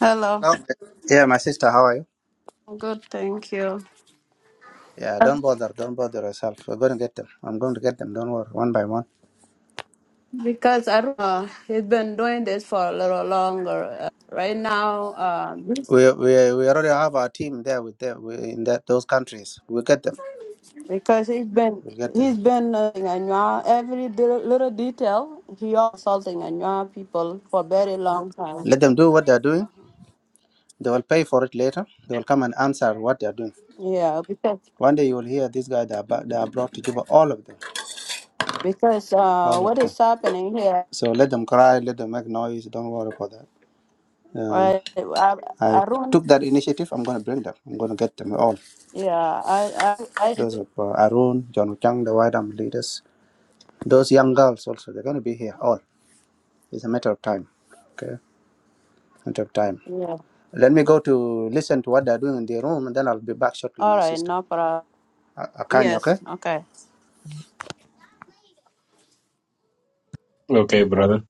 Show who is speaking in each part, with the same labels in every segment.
Speaker 1: Hello.
Speaker 2: Hello. Yeah, my sister, how are you?
Speaker 1: Good, thank you.
Speaker 2: Yeah,
Speaker 1: Uh,
Speaker 2: don't bother, don't bother yourself. We're going to get them. I'm going to get them. Don't worry, one by one.
Speaker 1: Because I don't know, he's been doing this for a little longer. Uh, right now, uh,
Speaker 2: We we we already have our team there with them we, in that those countries. We'll get them.
Speaker 1: because he's been
Speaker 2: We'll get them.
Speaker 1: he's been uh, in Anua, every de- little detail. He assaulting Anua people for a very long time.
Speaker 2: Let them do what they're doing. They will pay for it later. They will come and answer what they're doing.
Speaker 1: Yeah, because
Speaker 2: One day you will hear these guys that are, ba- that are brought to Juba. All of them,
Speaker 1: because uh,
Speaker 2: all of
Speaker 1: what
Speaker 2: them.
Speaker 1: is happening here?
Speaker 2: So let them cry. Let them make noise. Don't worry about that. Uh,
Speaker 1: Right, I,
Speaker 2: I
Speaker 1: I don't.
Speaker 2: took that initiative. I'm going to bring them. I'm going to get them all.
Speaker 1: Yeah, I I I.
Speaker 2: Those of uh, Arun, John Chang, the White Army leaders Those young girls also, they're going to be here all. It's a matter of time. Okay, matter of time.
Speaker 1: Yeah.
Speaker 2: Let me go to listen to what they're doing in the room, and then I'll be back shortly,
Speaker 1: All
Speaker 2: my
Speaker 1: right,
Speaker 2: sister.
Speaker 1: no problem.
Speaker 2: A- Akanya,
Speaker 1: Yes.
Speaker 2: okay?
Speaker 1: Okay.
Speaker 3: Okay,
Speaker 1: Yeah.
Speaker 3: brother.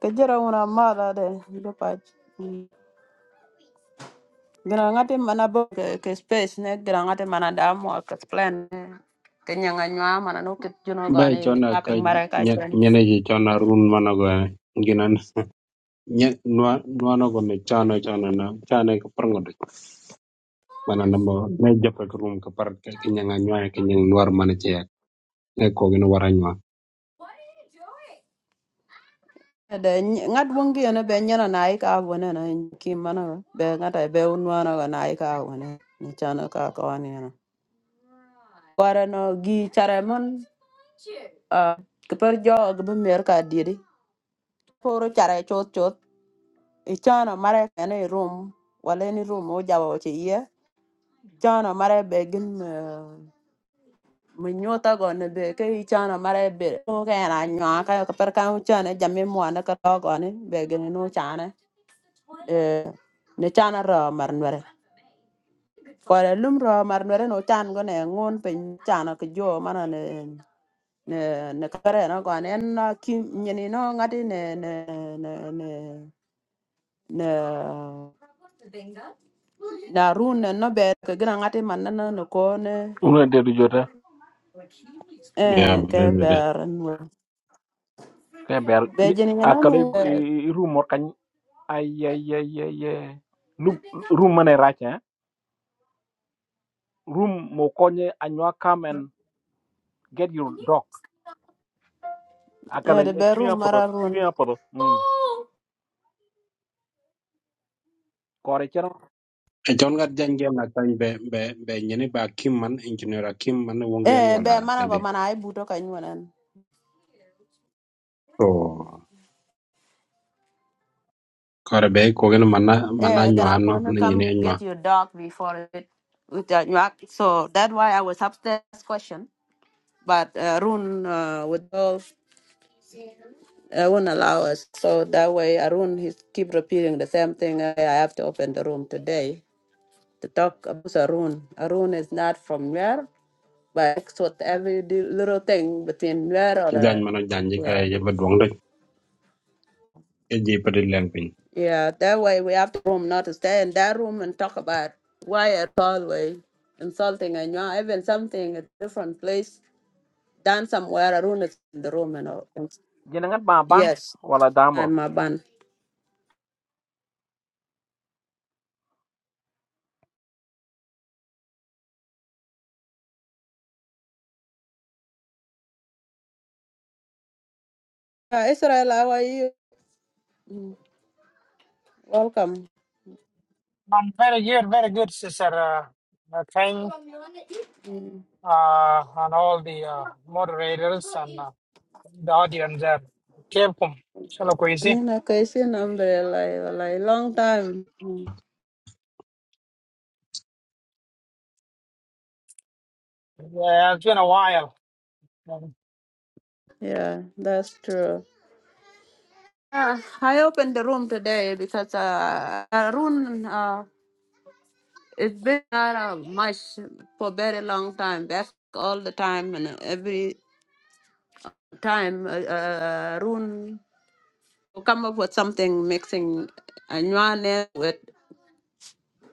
Speaker 1: Ke jere una mala de do pach. Gira ngati mana bo ke, ke space ne gira ngati mana da mo ke plan ne. Ke nyanga nywa mana no ke juno go
Speaker 3: Ba
Speaker 1: ne
Speaker 3: chona ka
Speaker 1: gaping mara ka
Speaker 3: nye-
Speaker 1: chen.
Speaker 3: nyene ji chona run mana go ginan nye nwa nwa go me chana chana na chana ka prango de mana na mo me japa ka room ka par ka kinya nga nywa ka nyang nwar mana che ya e ko gin wara nywa
Speaker 1: De ny- ngat wongi ne be nyana na ai ka wona na ki mana be ngata be unwa na go na ai ka wona. Ni chana ka ka wani na. Wara no gi chare mon ah, ke per jo ke be mer ka diri. Poro chare chot chot. Ichana mara ka ne room. Wale ni room o jawo che ye. Chana mare begin gin mi go ne be ke i chana mare be o ke na nya ka ka per ka chana jami mo na ka to go ne be no chana e ne chana ro mar nore ko le lum ro mar nore no chan go ne ngon pe chana ke jo mana ne ne ne kare na go ne na ki nyini no ngati ne ne ne ne ne na run ne no ber ke gina ngati man na no ko ne
Speaker 4: una dedu jota
Speaker 3: ya
Speaker 1: eh ke
Speaker 3: brother
Speaker 1: ber no
Speaker 4: ke ber
Speaker 1: be
Speaker 4: ni-
Speaker 1: jeni na
Speaker 4: akala
Speaker 1: no
Speaker 4: room or kany ay ay ay ay ay. lu room mane racha eh? room mo konye anywa come and get your dog akala
Speaker 1: Eh, the
Speaker 4: e kriya
Speaker 1: bedroom
Speaker 4: podo
Speaker 1: Maroon.
Speaker 4: kriya podo mm kore chero
Speaker 3: e chon ga jange na kan be be be nyene ba kim man engineer kim man wongen
Speaker 1: Eh, be
Speaker 3: wala na
Speaker 1: mana go
Speaker 3: de
Speaker 1: mana ai buto ka
Speaker 3: to kare be ko gin mana mana
Speaker 1: Eh,
Speaker 3: nywa
Speaker 1: gonna go
Speaker 3: no
Speaker 1: no
Speaker 3: ne
Speaker 1: come
Speaker 3: nyene nywa
Speaker 1: get your dog before it with that nyak. So that's why I was upstairs question. But uh, Arun uh, would go, uh, won't allow us. So that way Arun he keep repeating the same thing. I I have to open the room today to talk about Arun. Arun is not from where, but it's what every di- little thing between where or uh,
Speaker 3: jany mana janji ka
Speaker 1: yeah.
Speaker 3: e ba duong de e ji pa de
Speaker 1: Yeah, that way we have the room not to stay in that room and talk about why it's always insulting and you are even something a different place done somewhere Arun is in the room and all. And
Speaker 4: jina ngat ba ban
Speaker 1: Yes,
Speaker 4: wala damro
Speaker 1: I'm a ban. Uh, Israel, how are you? Welcome.
Speaker 5: Um, very good, very good, Sister uh, uh, Kang,
Speaker 1: Mm.
Speaker 5: uh, and all the uh, moderators and uh, the audience there. Welcome. Hello, Kwesi.
Speaker 1: Nina Kaisin umbrella like like, long time. Mm.
Speaker 5: Yeah, it's been a while. Um,
Speaker 1: Yeah, that's true. I opened the room today because uh, Arun uh, It's been not uh, much for very long time. Back all the time and every time uh, uh, Arun will come up with something mixing Anua name with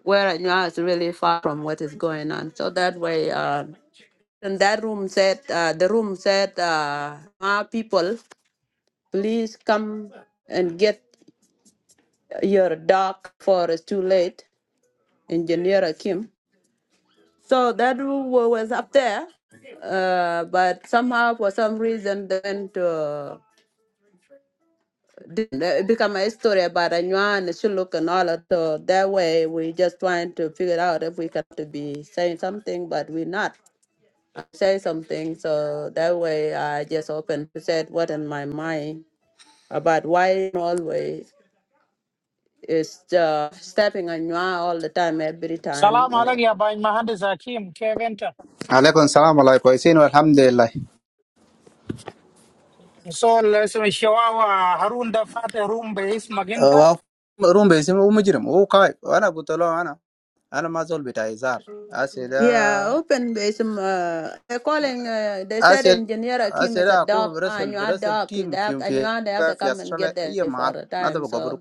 Speaker 1: where Anua is really far from what is going on. So that way, uh, and that room said, uh, the room said, uh, "Ah, people, please come and get your dog for it's too late, Engineer Kim. So that room wa- was up there, uh, but somehow for some reason they went to didn't, uh, it become a story about Anywa and Shuluk and all that. So that way we just trying to figure out if we got to be saying something, but we're not say something. So that way I just open said what in my mind about why always is uh, stepping Anywa all the time, every time.
Speaker 5: Salam
Speaker 1: when it.
Speaker 5: alaikum, by Mahandis Hakim, Kevinta.
Speaker 2: Alaikum salam alaikum. Isin alhamdulillah.
Speaker 5: So, let's show our Harun the Fat room base,
Speaker 2: Uh,
Speaker 5: Maginta.
Speaker 2: Wow. Room basin, who mujrim, who kai. Ana gutalo ana. Ana mazol bita izar.
Speaker 1: Yeah,
Speaker 2: Asida,
Speaker 1: open base. Um, uh, they're calling. Uh, they said
Speaker 2: asida,
Speaker 1: engineer Akim is a
Speaker 2: asida. Aku
Speaker 1: doc. I
Speaker 2: berasal
Speaker 1: knew a
Speaker 2: berasal
Speaker 1: doc. They
Speaker 2: team
Speaker 1: have
Speaker 2: film
Speaker 1: to, I knew
Speaker 2: fi
Speaker 1: they have to
Speaker 2: fi
Speaker 1: come and
Speaker 2: Australia.
Speaker 1: get there
Speaker 2: Iya
Speaker 1: before
Speaker 2: mahal.
Speaker 1: the time.
Speaker 2: Nada
Speaker 1: So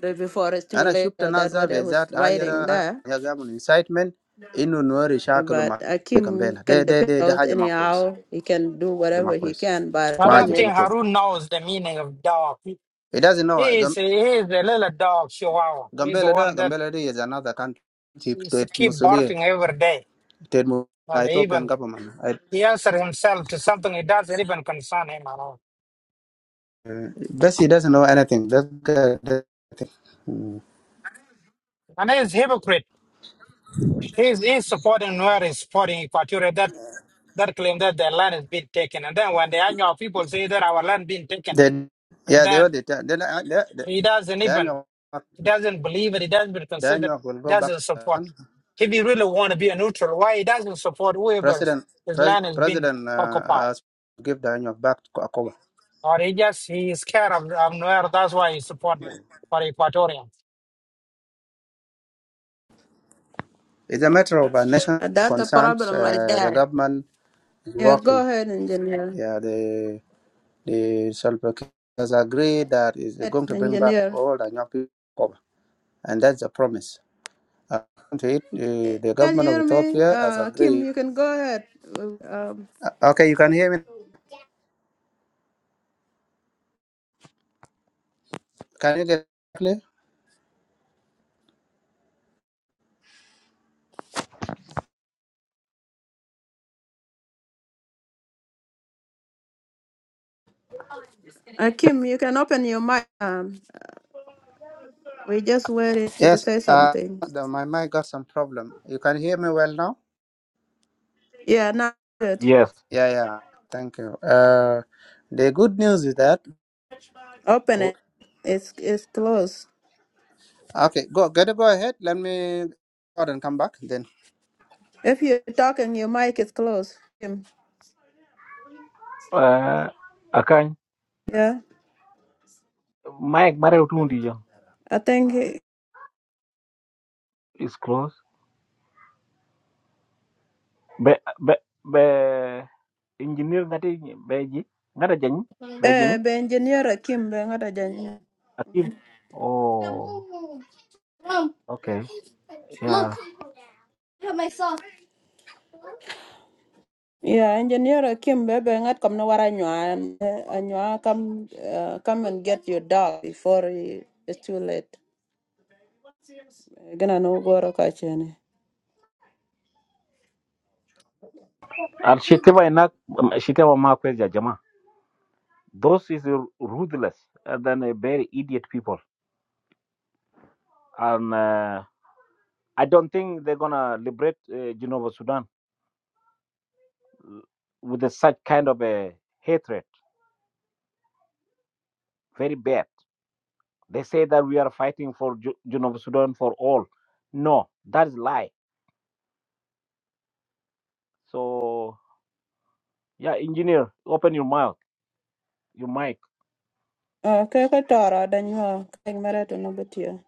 Speaker 1: the- before it's too
Speaker 2: انا
Speaker 1: late.
Speaker 2: شفت
Speaker 1: So
Speaker 2: ناس
Speaker 1: that's
Speaker 2: زي
Speaker 1: what I was
Speaker 2: ذات هاجر
Speaker 1: writing there.
Speaker 2: قاموا انسايتمنت انه نوري شاكله
Speaker 1: But
Speaker 2: مع
Speaker 1: Akim
Speaker 2: جامبيلا ده
Speaker 1: can
Speaker 2: ده
Speaker 1: depend
Speaker 2: ده ده
Speaker 1: out
Speaker 2: حاجه ما كويس
Speaker 1: anyhow. He can do
Speaker 2: حاجه ما
Speaker 1: whatever he
Speaker 2: كويس
Speaker 1: can. But
Speaker 5: I
Speaker 2: ما
Speaker 1: point
Speaker 5: don't
Speaker 1: is,
Speaker 2: عجبني
Speaker 5: think
Speaker 2: كل
Speaker 5: Harun knows the meaning of dog. He
Speaker 2: it doesn't know
Speaker 5: he is,
Speaker 2: Gam-
Speaker 5: he is a little dog, Chihuahua. He's the
Speaker 2: Gambela ده
Speaker 5: one that
Speaker 2: Gambela ده is another country chief
Speaker 5: is
Speaker 2: state
Speaker 5: keep
Speaker 2: مسؤولية
Speaker 5: barking every day
Speaker 2: state mu-
Speaker 5: and
Speaker 2: Ethiopian
Speaker 5: even.
Speaker 2: government I,
Speaker 5: He answered himself to something it doesn't even concern him at all.
Speaker 2: uh, بس he doesn't know anything that guy doesn't think. Mm.
Speaker 5: And he is hypocrite. He is, he is supporting Nuer, is supporting Equatorial that, that claim that their land is being taken. And then when the Anyar people say that our land being taken,
Speaker 2: then
Speaker 5: and
Speaker 2: yeah they were
Speaker 5: then
Speaker 2: the they they they
Speaker 5: he doesn't even,
Speaker 2: they
Speaker 5: he doesn't believe it, he doesn't even consider,
Speaker 2: they will go
Speaker 5: doesn't
Speaker 2: back
Speaker 5: support. If he really want to be a neutral, why he doesn't support whoever
Speaker 2: President
Speaker 5: his
Speaker 2: pres,
Speaker 5: land has been
Speaker 2: President uh,
Speaker 5: occupied?
Speaker 2: has to give the annual back to Akuba.
Speaker 5: Or he just, he is scared of, of Nuer, that's why he support them, for Equatorians.
Speaker 2: It's a matter of a national
Speaker 1: uh, that's the
Speaker 2: concern.
Speaker 1: problem right
Speaker 2: Uh, the
Speaker 1: there.
Speaker 2: government is
Speaker 1: Yeah, go
Speaker 2: working.
Speaker 1: ahead, engineer.
Speaker 2: Yeah, the the Salva Kiir has agreed that is
Speaker 1: Head
Speaker 2: going to bring back
Speaker 1: engineer.
Speaker 2: all the young people to Akuba, and that's a promise. According to it, the, the
Speaker 1: Can you
Speaker 2: government of
Speaker 1: hear me?
Speaker 2: Ethiopia has
Speaker 1: Uh, Akim,
Speaker 2: agreed.
Speaker 1: you can go ahead. Um,
Speaker 2: Uh, Okay, you can hear me. Can you get clear?
Speaker 1: Akim, you can open your mic. Um, We just waited to
Speaker 2: Yes.
Speaker 1: say
Speaker 2: Uh,
Speaker 1: something.
Speaker 2: the, my mic got some problem. You can hear me well now.
Speaker 1: Yeah, now good.
Speaker 4: yes
Speaker 2: Yeah, yeah. Thank you. Uh, the good news is that.
Speaker 1: Open it. It's it's closed.
Speaker 2: Okay, go. Gotta go ahead. Let me out and come back then.
Speaker 1: If you're talking, your mic is closed. Kim.
Speaker 4: uh, akany
Speaker 1: Yeah,
Speaker 4: mike mare utundi jo
Speaker 1: I think
Speaker 4: is close be be be engineer ngati beji ngata jani beji ni
Speaker 1: eh, be engineer Kim be ngata janya.
Speaker 4: akim oh okay ya
Speaker 1: Yeah, engineer Kim be be ngat kam na wara nyua nyua come uh, come and get your dog before he- it's too late. Gonna no goro ro ka chene.
Speaker 4: And she tell enough she tell my question, Jama. Those is ruthless and then uh, very idiot people. And uh, I don't think they're gonna liberate uh, Genova, Sudan with a, such kind of a hatred. Very bad. They say that we are fighting for Ju- Genova, Sudan for all. No, that is lie. So yeah, engineer, open your mouth, your mic.
Speaker 1: Ah, ke ka tara danyua keng mara to no betia.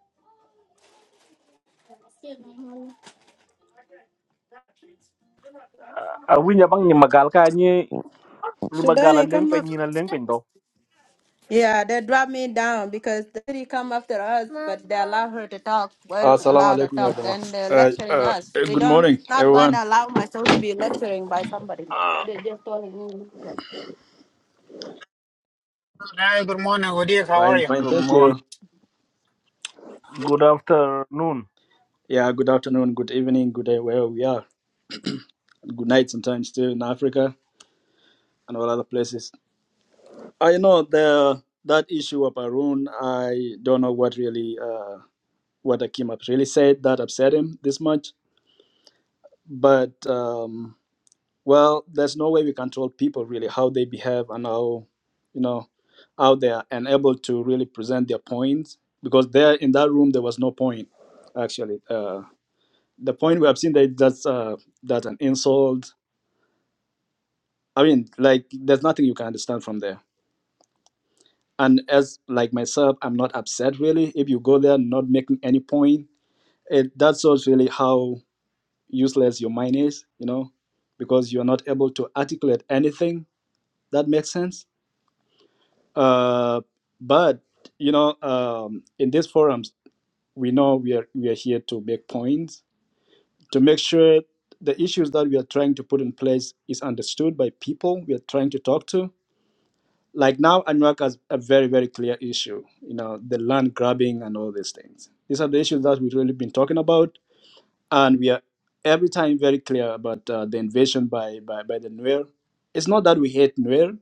Speaker 4: Uh, uh, we nyabang ni magal ka ni ni magala
Speaker 1: Sudani,
Speaker 4: leng
Speaker 1: come
Speaker 4: pe
Speaker 1: up.
Speaker 4: ni na leng pe ndo.
Speaker 1: Yeah, they drop me down because they really come after us, but they allow her to talk. We're not
Speaker 6: Assalamu
Speaker 1: allowed to
Speaker 6: alaikum, ya
Speaker 1: talk.
Speaker 6: jama.
Speaker 1: Then they're
Speaker 6: Uh,
Speaker 1: lecturing
Speaker 6: uh,
Speaker 1: us. We
Speaker 6: good
Speaker 1: don't
Speaker 6: morning,
Speaker 1: not going
Speaker 6: everyone.
Speaker 1: to allow myself to be lecturing by somebody. They just told me listen.
Speaker 5: Hi, good morning, Udik, how are
Speaker 6: Fine,
Speaker 5: you?
Speaker 6: fine,
Speaker 4: Good
Speaker 6: thank you.
Speaker 4: morning. Good afternoon.
Speaker 6: Yeah, good afternoon, good evening, good day, wherever we are. Good night sometimes too in Africa and all other places. I know the that issue of Arun, I don't know what really, uh, what Akim really said that upset him this much, but. Um, well there's no way we control people really how they behave and how you know how they are and able to really present their points because there in that room there was no point actually uh, the point we have seen that that's uh, that an insult i mean like there's nothing you can understand from there and as like myself i'm not upset really if you go there not making any point it that shows really how useless your mind is you know because you're not able to articulate anything that makes sense Uh, but you know, um, in these forums, we know we are we are here to make points to make sure the issues that we are trying to put in place is understood by people we are trying to talk to. Like now, Anuak has a very very clear issue. You know, the land grabbing and all these things. These are the issues that we've really been talking about, and we are every time very clear about uh, the invasion by by by the Nuer. It's not that we hate Nuer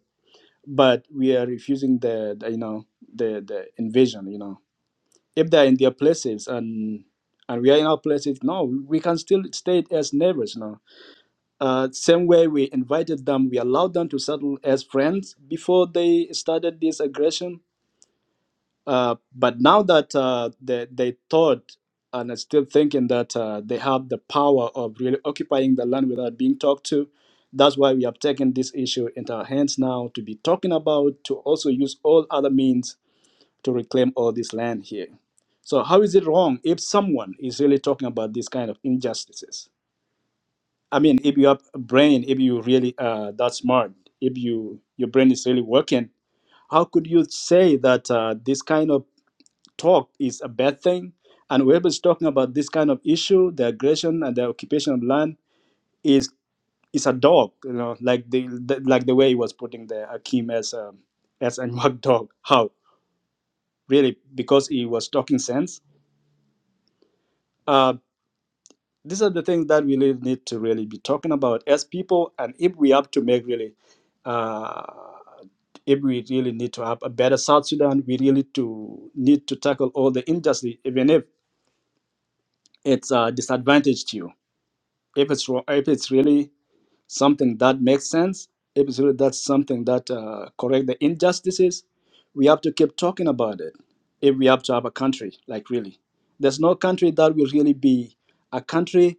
Speaker 6: but we are refusing the, the you know the the invasion you know if they're in their places and and we are in our places no we can still stay as neighbors you know uh, same way we invited them we allowed them to settle as friends before they started this aggression uh, but now that uh, they, they thought and are still thinking that uh, they have the power of really occupying the land without being talked to, that's why we have taken this issue into our hands now to be talking about, to also use all other means to reclaim all this land here. So, how is it wrong if someone is really talking about these kind of injustices? I mean, if you have a brain, if you really uh, that smart, if you your brain is really working, how could you say that uh, this kind of talk is a bad thing. And whoever is talking about this kind of issue, the aggression and the occupation of land, is is a dog, you know, like the, the like the way he was putting the Akim as a as a mock dog. How really? Because he was talking sense. Uh, these are the things that we really need to really be talking about as people, and if we have to make really. Uh, if we really need to have a better South Sudan, we really to need to tackle all the injustice, even if it's uh, disadvantaged you. if it's ro- if it's really something that makes sense, if it's really that's something that uh, correct the injustices, we have to keep talking about it. If we have to have a country, like really, there's no country that will really be a country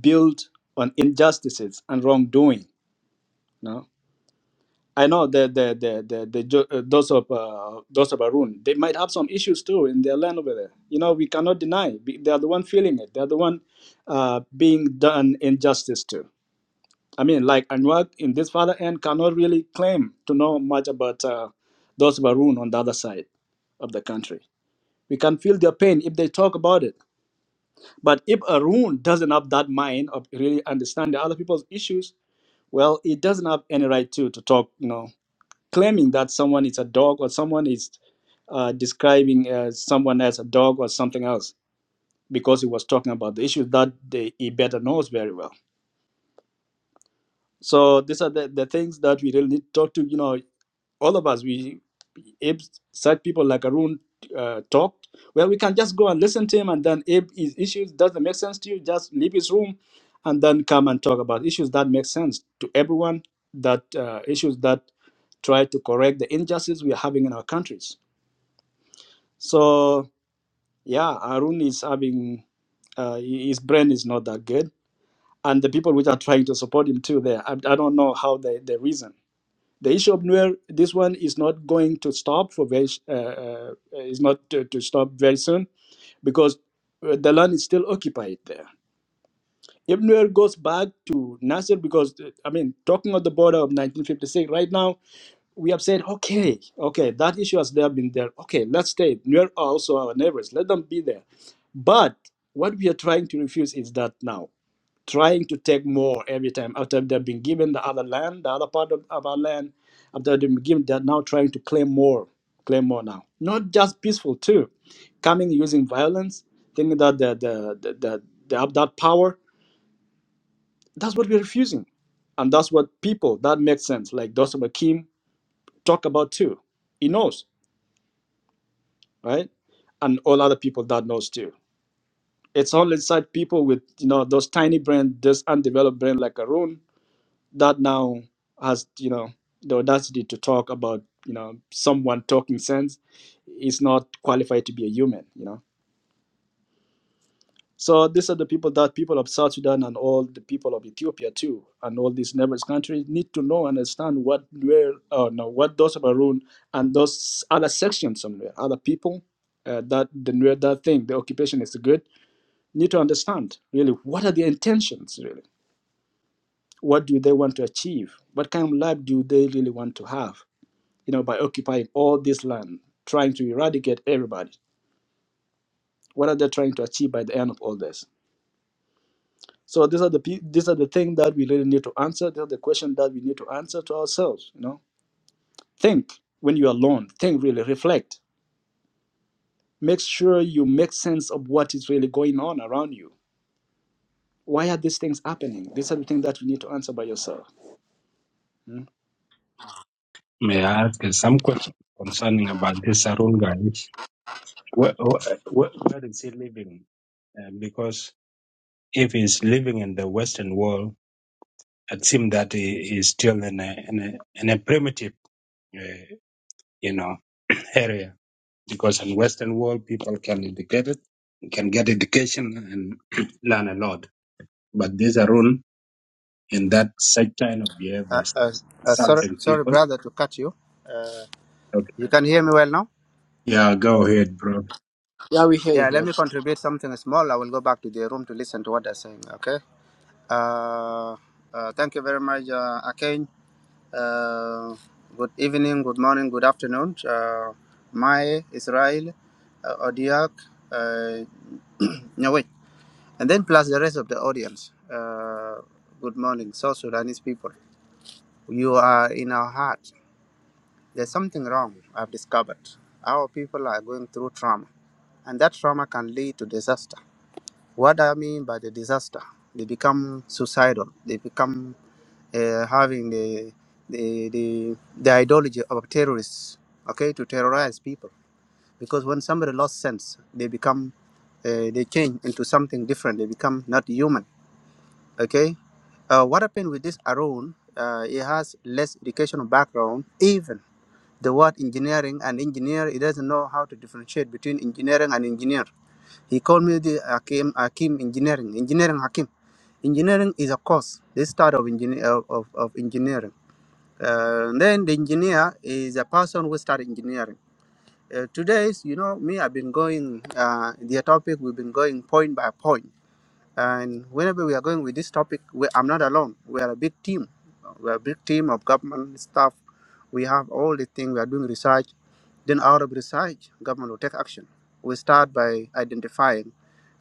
Speaker 6: built on injustices and wrongdoing. No, I know the the the the, the Jo- uh, those of uh, those of Arun, they might have some issues too in their land over there. You know, we cannot deny Be- they are the one feeling it. They are the one uh, being done injustice to I mean, like Anwar in this father end cannot really claim to know much about uh, those Barun on the other side of the country. We can feel their pain if they talk about it. But if Arun doesn't have that mind of really understanding other people's issues, well, he doesn't have any right to to talk. You know, claiming that someone is a dog or someone is uh, describing uh, someone as a dog or something else because he was talking about the issues that they, he better knows very well. So these are the, the things that we really need to talk to. You know, all of us, we abe such people like Arun uh, talked, well, we can just go and listen to him, and then abe his issues doesn't make sense to you, just leave his room, and then come and talk about issues that make sense to everyone. That uh, issues that try to correct the injustice we are having in our countries. So yeah, Arun is having uh, his brain is not that good, and the people which are trying to support him too. There, I, I don't know how they they reason the issue of Nuer, this one is not going to stop for very, uh, uh, is not to, to stop very soon because uh, the land is still occupied there. If Nuer goes back to Nasser, because uh, I mean, talking of the border of 1956, right now we have said, okay, okay, that issue has there been there. Okay, let's stay. Nuer are also our neighbors. Let them be there. But what we are trying to refuse is that now trying to take more every time after they've been given the other land, the other part of, of our land, after they've been given, they're now trying to claim more, claim more now. Not just peaceful too, coming using violence, thinking that the the the, the they have that power. That's what we're refusing, and that's what people that makes sense. Like those of Kim talk about too. He knows, right? And all other people that knows too. It's all inside people with you know those tiny brain, this undeveloped brain like Arun that now has you know the audacity to talk about you know someone talking sense is not qualified to be a human you know so these are the people that people of south sudan and all the people of ethiopia too and all these neighbors countries need to know and understand what where uh, no what those of Arun and those other sections somewhere other people uh, that the Nuer that thing the occupation is good need to understand really what are their intentions really what do they want to achieve what kind of life do they really want to have you know, by occupying all this land, trying to eradicate everybody. What are they trying to achieve by the end of all this? So these are the pe- these are the things that we really need to answer. These are the questions that we need to answer to ourselves. You know, think when you are alone. Think really, reflect. Make sure you make sense of what is really going on around you. Why are these things happening? These are the things that you need to answer by yourself. Mm.
Speaker 3: May I ask you some question concerning about this Arun guy? Where, where, where is he living? Uh, because if he's living in the Western world, it seems that he is still in a, in a, in a primitive, uh, you know, area. Because in Western world, people can educate it, can get education and learn a lot. But this Arun, in that such kind of
Speaker 2: Uh,
Speaker 3: behaviors,
Speaker 2: uh, uh, sorry,
Speaker 3: insulting
Speaker 2: sorry,
Speaker 3: people.
Speaker 2: brother, to cut you. Uh,
Speaker 3: Okay.
Speaker 2: you can hear me well now?
Speaker 3: Yeah, go ahead, bro.
Speaker 6: Yeah, we hear you.
Speaker 2: Yeah, let
Speaker 6: Here.
Speaker 2: me contribute something small. I will go back to the room to listen to what they're saying, okay? Uh, uh, thank you very much, uh, Akane. Uh, good evening, good morning, good afternoon. Uh, Mae, Israel, uh, Odiak, uh, Nyawit. And then plus the rest of the audience. Uh, good morning, South Sudanese people. You are in our heart. There's something wrong, I've discovered. Our people are going through trauma, and that trauma can lead to disaster. What I mean by the disaster, they become suicidal, they become uh, having the, the, the, the ideology of terrorists, okay, to terrorize people. Because when somebody lost sense, they become, uh, they change into something different, they become not human, okay? Uh, what happened with this Arun? Uh, he has less educational background, even the word engineering and engineer he doesn't know how to differentiate between engineering and engineer he called me the hakim hakim engineering engineering hakim engineering is a course this start of engineer of, of of engineering uh, then the engineer is a person who start engineering uh, today's you know me i've been going uh, the topic we've been going point by point and whenever we are going with this topic, we, I'm not alone. We are a big team. We are a big team of government staff. We have all the things. We are doing research. Then out of research, government will take action. We start by identifying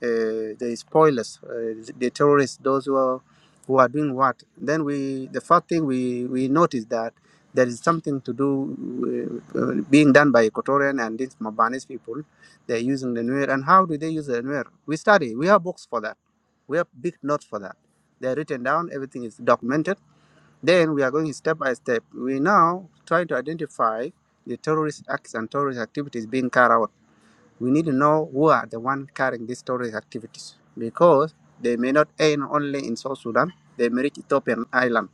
Speaker 2: uh, the spoilers, uh, the terrorists, those who are, who are doing what. Then we, the first thing we, we notice that there is something to do uh, uh, being done by Equatorian and these Mabanis people. They're using the Nuer. And how do they use the Nuer? We study. We have books for that we have big notes for that. They are written down, everything is documented. Then we are going step by step. We now trying to identify the terrorist acts and terrorist activities being carried out. We need to know who are the one carrying these terrorist activities because they may not end only in South Sudan. They may reach Ethiopian island.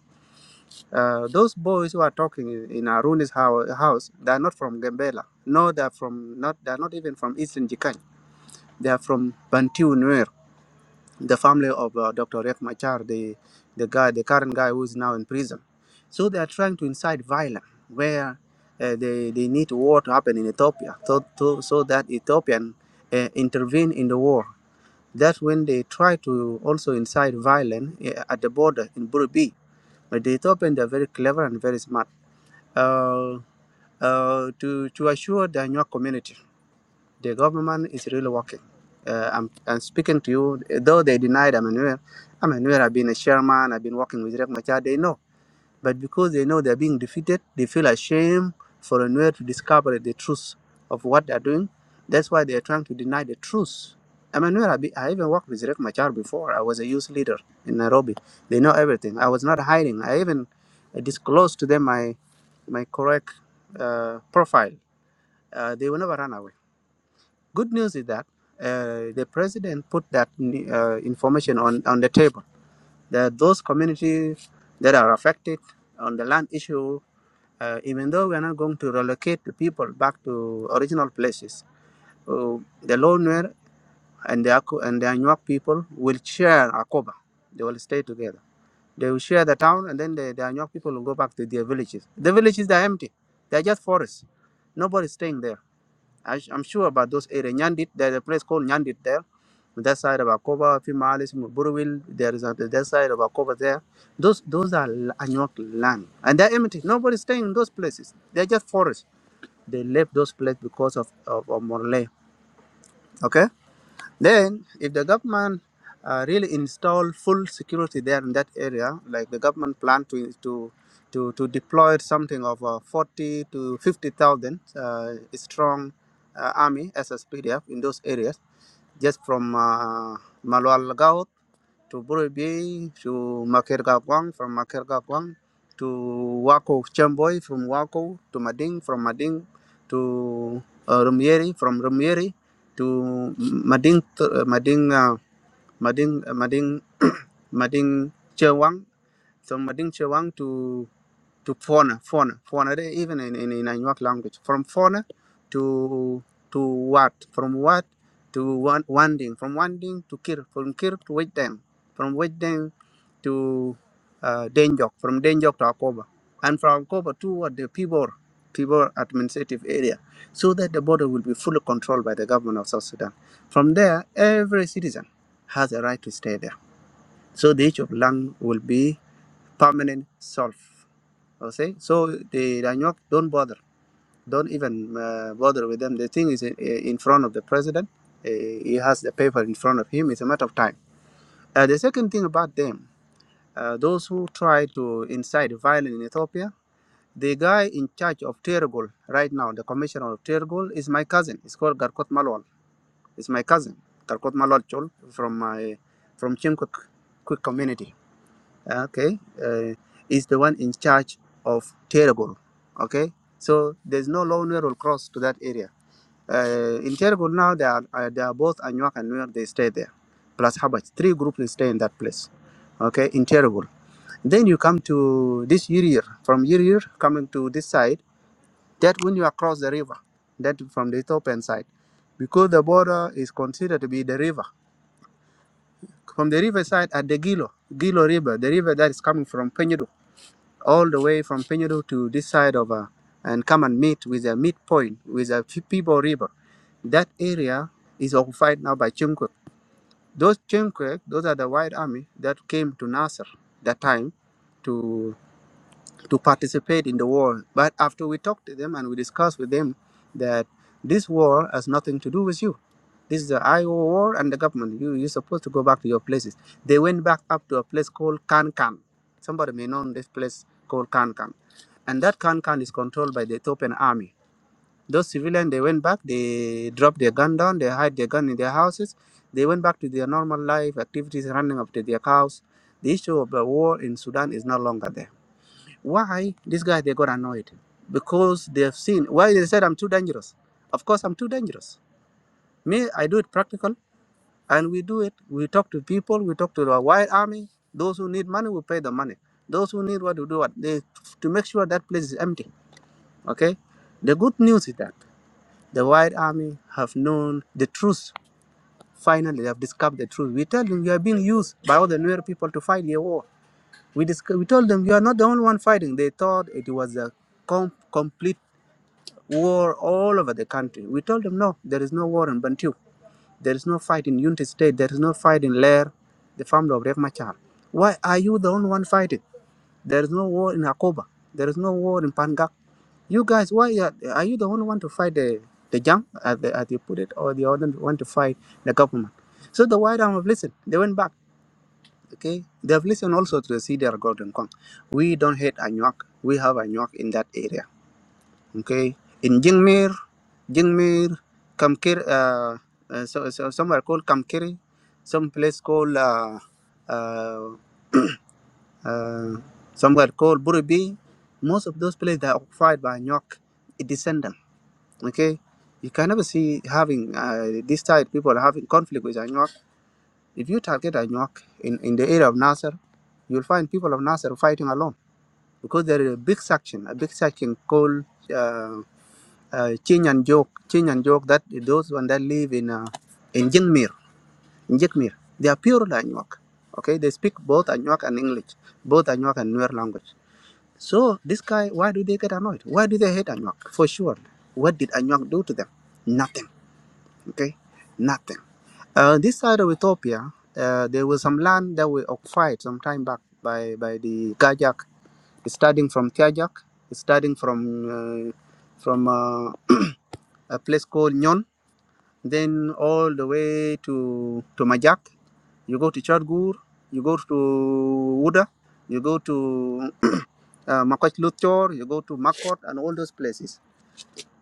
Speaker 2: Uh, those boys who are talking in in Aruni's hou- house, they are not from Gambela. No, they are from not. They are not even from Eastern Jikany. They are from Bantu Nuer the family of uh, Dr. Riek Machar, the, the guy, the current guy who is now in prison. So they are trying to incite violence where uh, they, they need war to happen in Ethiopia so, to, so that Ethiopian uh, intervene in the war. That's when they try to also incite violence uh, at the border in Burubi. But the Ethiopians are very clever and very smart uh, uh, to, to assure the Anuak community the government is really working. Uh, I'm, I'm speaking to you, though they denied I'm anywhere. I'm anywhere. I've been a chairman. I've been working with Riek Machar. They know, but because they know they're being defeated, they feel ashamed for Emmanuel to discover the truth of what they're doing. That's why they're trying to deny the truth. Emmanuel, I, be, I even worked with Riek Machar before. I was a youth leader in Nairobi. They know everything. I was not hiding. I even disclosed to them my my correct uh, profile. Uh, they will never run away Good news is that uh, the president put that uh, information on, on the table. That those communities that are affected on the land issue, uh, even though we are not going to relocate the people back to original places, uh, the Lonuer and the Aku and the Anuak people will share Akoba. They will stay together. They will share the town, and then the, the Anuak people will go back to their villages. The villages are empty. They are just forests. Nobody's staying there. I, I'm sure about those areas. Nyandit, there's a place called Nyandit there that side of Akoba, Fimalis, Buruwil, there is a that side of Akoba there. Those those are l- Anuak land. And they're empty. Nobody's staying in those places. They're just forests. They left those places because of, of, of Morley. Okay? Then if the government uh, really install full security there in that area, like the government plan to to to, to deploy something of uh, 40 to 50,000 uh, strong uh, army as a SPDF in those areas, just from uh, to Buri Bay to Makergakwang from Makergakwang to Wako Chamboy from Wako to Mading from Mading to uh, Rumieri from Rumieri to Mading uh, Mading uh, Mading uh, Mading Mading Chewang from Mading Chewang to to Fona Fona Fona they even in in, in Anuak language from Fona to to Wat from Wat to Wan- Wanding from Wanding to Kir from Kir to Wetang from Wetang to uh, Denjok, from Denjok to Akoba, and from Akoba to what the Pibor, Pibor administrative area, so that the border will be fully controlled by the government of South Sudan. From there, every citizen has a right to stay there. So the issue of land will be permanent solved. Okay, so the Danyok don't bother, don't even uh, bother with them. The thing is in, in front of the president. Uh, he has the paper in front of him. It's a matter of time. Uh, the second thing about them uh, those who try to incite violence in Ethiopia, the guy in charge of Tergol right now, the commissioner of Tergol, is my cousin. It's called Garkot Malol. It's my cousin, Garkot Malol Chol, from my from Chimkuk Quick community. Okay, uh, is the one in charge of Tergol. Okay, so there's no law near will cross to that area. Uh, in Tergol now, they are uh, they are both Anuak and Nuer. They stay there, plus Habach. Three groups stay in that place. Okay, in Tergol. Then you come to this Yirir, from Yirir coming to this side, that when you across the river, that from the Ethiopian side, because the border is considered to be the river. From the river side at the Gilo, Gilo River, the river that is coming from Penyudu, all the way from Penyudu to this side of, uh, and come and meet with a midpoint, with a People River. That area is occupied now by Chimkwe. Those Chimkwe, those are the white army that came to Nasser that time to. to participate in the war. But after we talked to them and we discussed with them that this war has nothing to do with you. This is the IO war and the government. You, you're supposed to go back to your places. They went back up to a place called Kankan. Somebody may know this place called Kankan. And that Kankan is controlled by the Ethiopian army. Those civilians, they went back, they dropped their gun down, they hide their gun in their houses. They went back to their normal life activities, running up to their cows. The issue of the war in Sudan is no longer there why this guy they got annoyed? Because they have seen why they said I'm too dangerous. Of course I'm too dangerous. Me, I do it practical and we do it. We talk to people, we talk to the white army. Those who need money we pay the money. Those who need what to do what they to make sure that place is empty. Okay? The good news is that the white army have known the truth. Finally, they have discovered the truth. We tell them you are being used by all the Nuer people to fight the war. We, disc- we told them you are not the only one fighting. They thought it was a com- complete war all over the country. We told them, no, there is no war in Bantu. There is no fight in Unity State. There is no fight in Lair, the family of Rev Machar. Why are you the only one fighting? There is no war in Akoba. There is no war in Pangak. You guys, why are, are you the only one to fight the, the jam, as, they- as you put it, or the other one to fight the government? So the White Arm have listened. They went back. Okay, they have listened also to the CDR Golden Kong. We don't hate Anuak. We have Anuak in that area okay in jingmir jingmir kamkir uh, uh, so, so somewhere called kamkiri some place called uh, uh, uh, somewhere called buribi most of those places they are occupied by nyok descendants. okay you can never see having uh, this type people having conflict with Anyuak. If you target Anyuak in, in the area of Nasser, you'll find people of Nasser fighting alone because there is a big section, a big section called uh, uh, Chin and Jok, Chin and Jok, that those one that live in uh, in Jinmir, in Jikmir, they are pure Anuak. Okay, they speak both Anuak and English, both Anuak and Nuer language. So this guy, why do they get annoyed? Why do they hate Anuak? For sure, what did Anuak do to them? Nothing. Okay, nothing. Uh, this side of Ethiopia, uh, there was some land that were occupied some time back by by the Gajak, starting from Tiajak, starting from uh, from uh, a place called Nyon then all the way to to Majak. You go to Chadgur, you go to Uda, you go to uh, Makwach Luthor, you go to Makot, and all those places.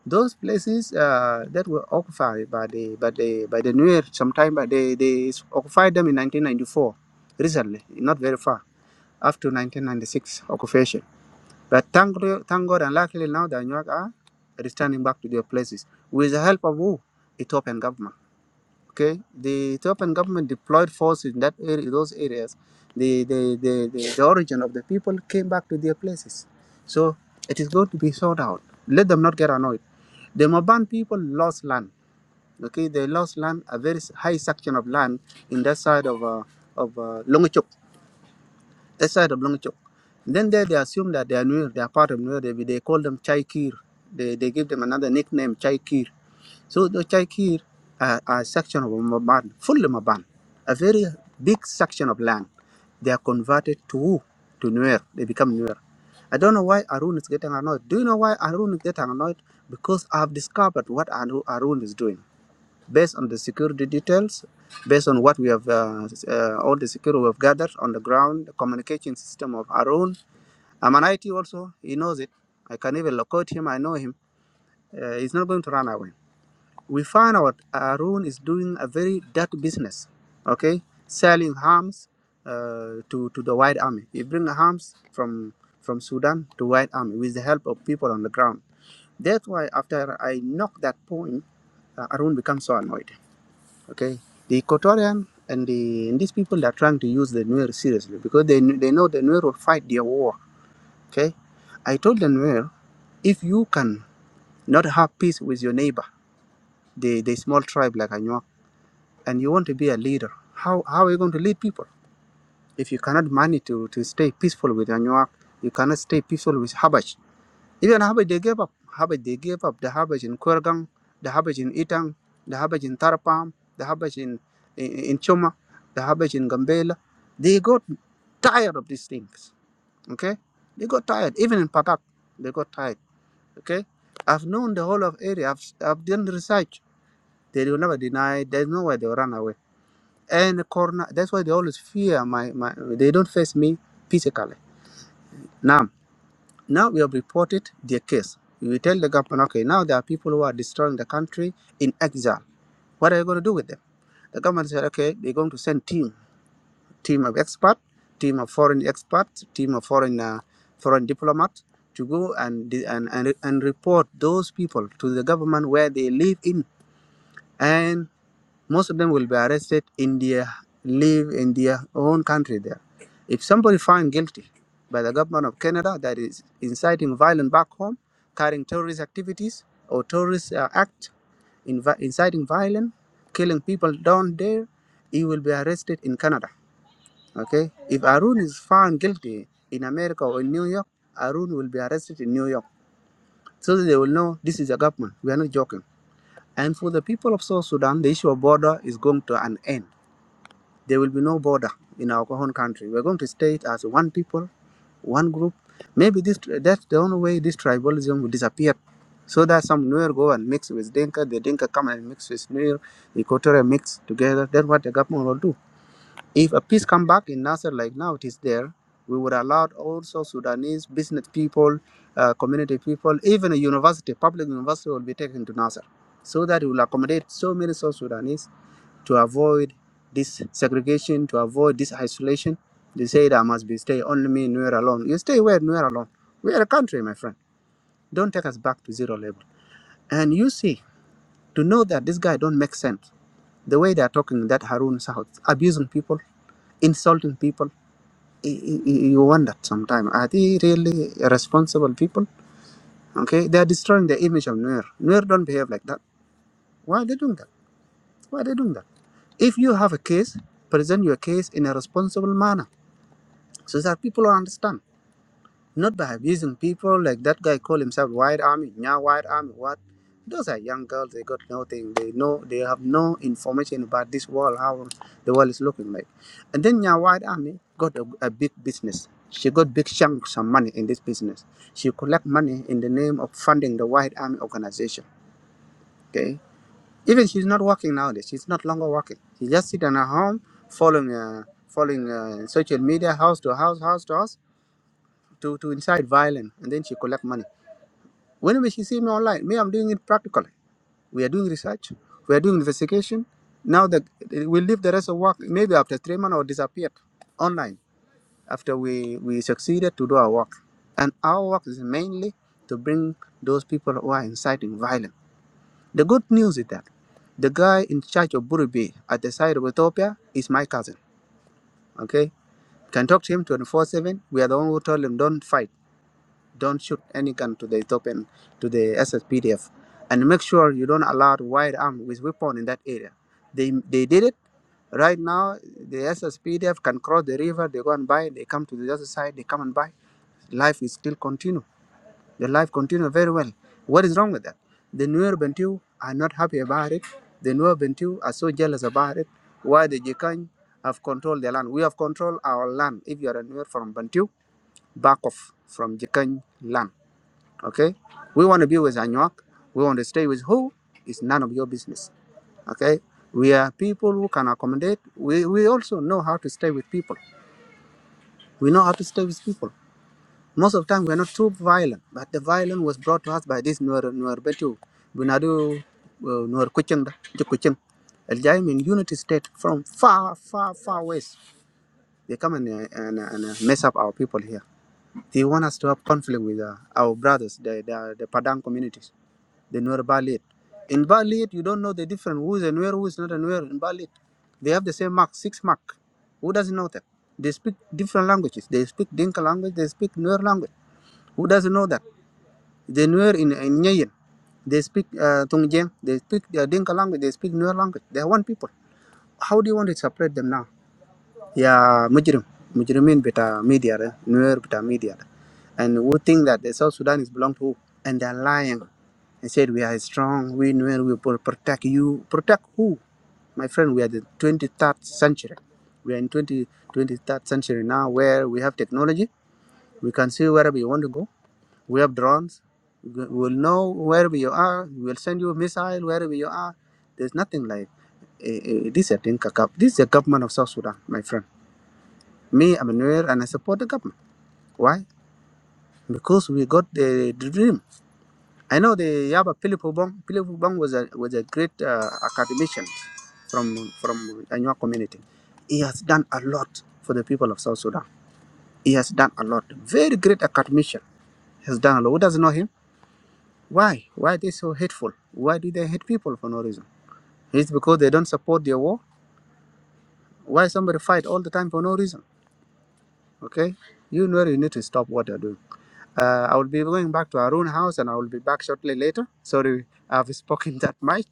Speaker 2: Those places uh, that were occupied by the by the by the Nuer sometime, but they they occupied them in 1994, recently, not very far after 1996 occupation. But thank, God- thank God, and luckily now the Anuak are returning back to their places with the help of who? Ethiopian government Okay, the Ethiopian government deployed forces in that area, those areas. The, the, the, the, the origin of the people came back to their places. So it is going to be sorted out. Let them not get annoyed. The Maban people lost land. Okay, they lost land, a very s- high section of land in that side of uh, of uh, Longchok, that side of Longchok. Then there they assume that they are Nuer, they are part of Nuer. They, they call them Chaikir. They, they give them another nickname, Chaikir so the Chaikir uh, are a section of Maban, full Maban, a very big section of land. They are converted to to Nuer. They become Nuer. I don't know why Arun is getting annoyed. Do you know why Arun is getting annoyed? Because I've discovered what Aru- Arun is doing. Based on the security details, based on what we have, uh, uh, all the security we have gathered on the ground, the communication system of Arun. I'm an IT also, he knows it. I can even locate him, I know him. Uh, he's not going to run away we found out Arun is doing a very dirty business, okay, selling arms uh, to to the White Army. He brings arms from from Sudan to White Army with the help of people on the ground. That's why after I knocked that point, uh, Arun becomes so annoyed. Okay, the Equatorian and the and these people are trying to use the Nuer seriously because they kn- they know the Nuer will fight their war. Okay, I told the Nuer if you can not have peace with your neighbor, the the small tribe like Anuak and you want to be a leader, how, how are you going to lead people? If you cannot manage to, to stay peaceful with Anuak, you cannot stay peaceful with Habaj. Even Habaj, they gave up. Habaj, they gave up. The Habaj in Kurgang, the Habaj in Itang, the Habaj in Tarapam, the Habaj in, in, in Choma, the Habaj in Gambela. They got tired of these things, okay? They got tired. Even in Pakak, they got tired, okay? I've known the whole of area. I've, I've done research. They will never deny. There's no way they'll run away and the corner. That's why they always fear my, my they don't face me physically. Now, now we have reported their case. We tell the government, okay, now there are people who are destroying the country in exile. What are you going to do with them? The government said, okay, they're going to send team, team of expert, team of foreign experts, team of foreign uh, foreign diplomat to go and, and and and report those people to the government where they live in, and. most of them will be arrested in their live in their own country there. If somebody found guilty by the government of Canada that is inciting violence back home, carrying terrorist activities or terrorist uh, act, invi- inciting violence, killing people down there, he will be arrested in Canada. Okay. If Arun is found guilty in America or in New York, Arun will be arrested in New York. So that they will know this is a government. We are not joking. And for the people of South Sudan, the issue of border is going to an end there will be no border in our own country. We're going to stay as one people, one group. Maybe this that's the only way this tribalism will disappear. So that some Nuer go and mix with Dinka, the Dinka come and mix with Nuer, the Equatorial mix together. That's what the government will do. If a peace come back in Nasser like now it is there, we would allow also Sudanese business people, uh, community people, even a university, public university will be taken to Nasser so that it will accommodate so many South Sudanese to avoid this segregation, to avoid this isolation. They say that I must be stay only me nowhere alone. You stay where nowhere alone. We are a country, my friend. Don't take us back to zero level. And you see, to know that this guy don't make sense. The way they are talking, that Harun South, abusing people, insulting people, y- y- y- you wonder sometimes, are they really responsible people? Okay, they are destroying the image of Nuer. Nuer don't behave like that. Why are they doing that? Why are they doing that? If you have a case, present your case in a responsible manner So that people will understand. Not by abusing people like that guy call himself White Army, Nya White Army, what? Those are young girls, they got nothing. They know they have no information about this world, how the world is looking like. And then Nya White Army got a, a big business. She got big chunks of money in this business. She collect money in the name of funding the White Army organization. Okay. Even she's not working nowadays. She's not longer working. She just sit in her home following uh, following uh, social media house to house, house to house to, to incite violence and then she collect money. Whenever she see me online, me, I'm doing it practically. We are doing research, we are doing investigation. Now that we leave the rest of work, maybe after three months or disappeared online after we, we succeeded to do our work. And our work is mainly to bring those people who are inciting violence. The good news is that the guy in charge of Burubi at the side of Ethiopia is my cousin. Okay? Can talk to him 24 7. We are the one who told him don't fight Don't shoot any gun to the Ethiopian, to the SSPDF, and make sure you don't allow wide arm with weapon in that area. They they did it. Right now, the SSPDF can cross the river. They go and buy. They come to the other side. They come and buy life is still continue. The life continue very well. What is wrong with that? The newer Bantu are not happy about it. The newer Bantu are so jealous about it. Why the Jikany have controlled their land? We have controlled our land. If you are a newer from Bantu, back off from Jikany land. Okay? We want to be with Anyuak. We want to stay with who? It's none of your business. Okay? We are people who can accommodate. We, we also know how to stay with people. We know how to stay with people. Most of the time, we're not too violent, but the violence was brought to us by this Nuer Nuer Betu, Bunadu, uh, Nuer Kuching, Kuching. Al Jaim in unity state from far, far, far west. They come and, uh, and, and uh, mess up our people here. They want us to have conflict with uh, our brothers, the, the, the Padang communities, the Nuer Balit. In Balit, you don't know the difference who's a Nuer, who's not a Nuer in Balit. They have the same mark, six mark. Who doesn't know that? They speak different languages. They speak Dinka language, they speak Nuer language. Who doesn't know that? The Nuer in, in Nyayin, they speak uh, Tungjang, they speak uh, Dinka language, they speak Nuer language. They are one people. How do you want to separate them now? Yeah, mujrim, mujrimin beta media, eh, nuer bita media. And who think that the South Sudan is belong to who? And they're lying and said we are strong, we nuer, we will protect you. Protect who? My friend, we are the 23rd century. We are in 20, 23rd century now where we have technology. We can see wherever you want to go. We have drones. We will know wherever you are. We will send you a missile wherever you are. There's nothing like uh, uh, this, I think, a gov- this is the government of South Sudan, my friend. Me, I'm a Nuer, and I support the government. Why? Because we got the, the dream. I know the Yaba Philip Obong. Philip Obong was a was a great uh, academician from from Anua community. He has done a lot for the people of South Sudan. He has done a lot. Very great academician. He has done a lot. Who doesn't know him? Why? Why are they so hateful? Why do they hate people for no reason? It's because they don't support their war. Why somebody fight all the time for no reason? Okay, you know you need to stop what they're doing. Uh, I will be going back to Arun house and I will be back shortly later. Sorry, I've spoken that much.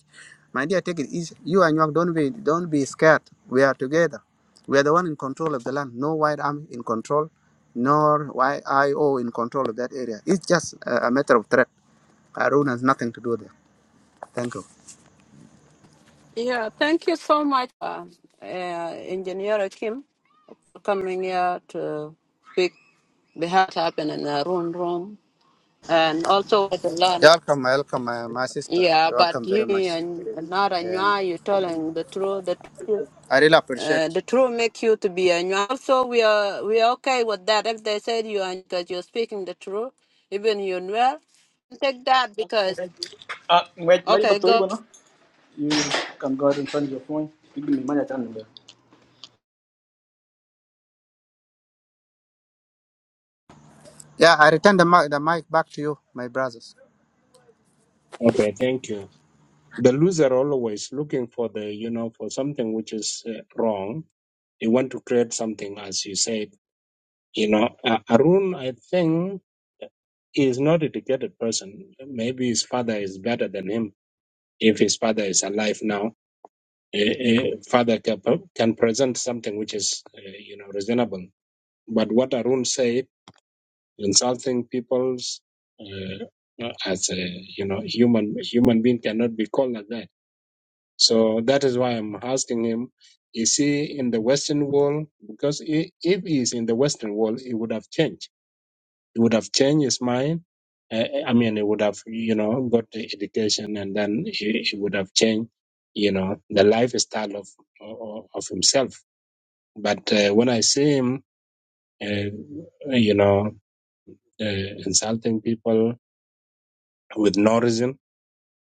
Speaker 2: My dear, take it easy. You and York, don't be, don't be scared. We are together. We are the one in control of the land. No white army in control, nor YIO in control of that area. It's just a, a matter of threat. Arun has nothing to do there. Thank you.
Speaker 1: Yeah, thank you so much, uh, uh, Engineer Kim, for coming here to speak behalf happen in the room room and also to
Speaker 2: You're
Speaker 1: learn.
Speaker 2: welcome, you're welcome, my, my sister.
Speaker 1: Yeah,
Speaker 2: You're
Speaker 1: but
Speaker 2: welcome very
Speaker 1: you
Speaker 2: much.
Speaker 1: and not and you
Speaker 2: Yeah,
Speaker 1: are you telling the truth. The truth.
Speaker 2: I really appreciate.
Speaker 1: Uh, the truth make you to be a new. Also, we are we are okay with that. If they said you are because you're speaking the truth, even you well, take that because
Speaker 6: Uh, wait, Mary
Speaker 1: okay,
Speaker 6: Batori,
Speaker 1: go.
Speaker 6: bueno, you can go ahead and find your point. Give me money, I can remember.
Speaker 2: Yeah, I return the mic, the mic back to you, my brothers.
Speaker 3: Okay, thank you. the loser always looking for the you know for something which is uh, wrong they want to create something as you said you know uh, arun i think is not a educated person maybe his father is better than him if his father is alive now eh, eh, father can, can present something which is uh, you know reasonable but what arun said insulting people's uh, as a you know human human being cannot be called like that So that is why I'm asking him, is he in the Western world? Because i- if he's in the Western world, it would have changed. He would have changed his mind. Uh, I mean, he would have, you know, got the education and then he it would have changed, you know, the lifestyle of of, of himself. But uh, when I see him, uh, you know, uh, insulting people with no reason,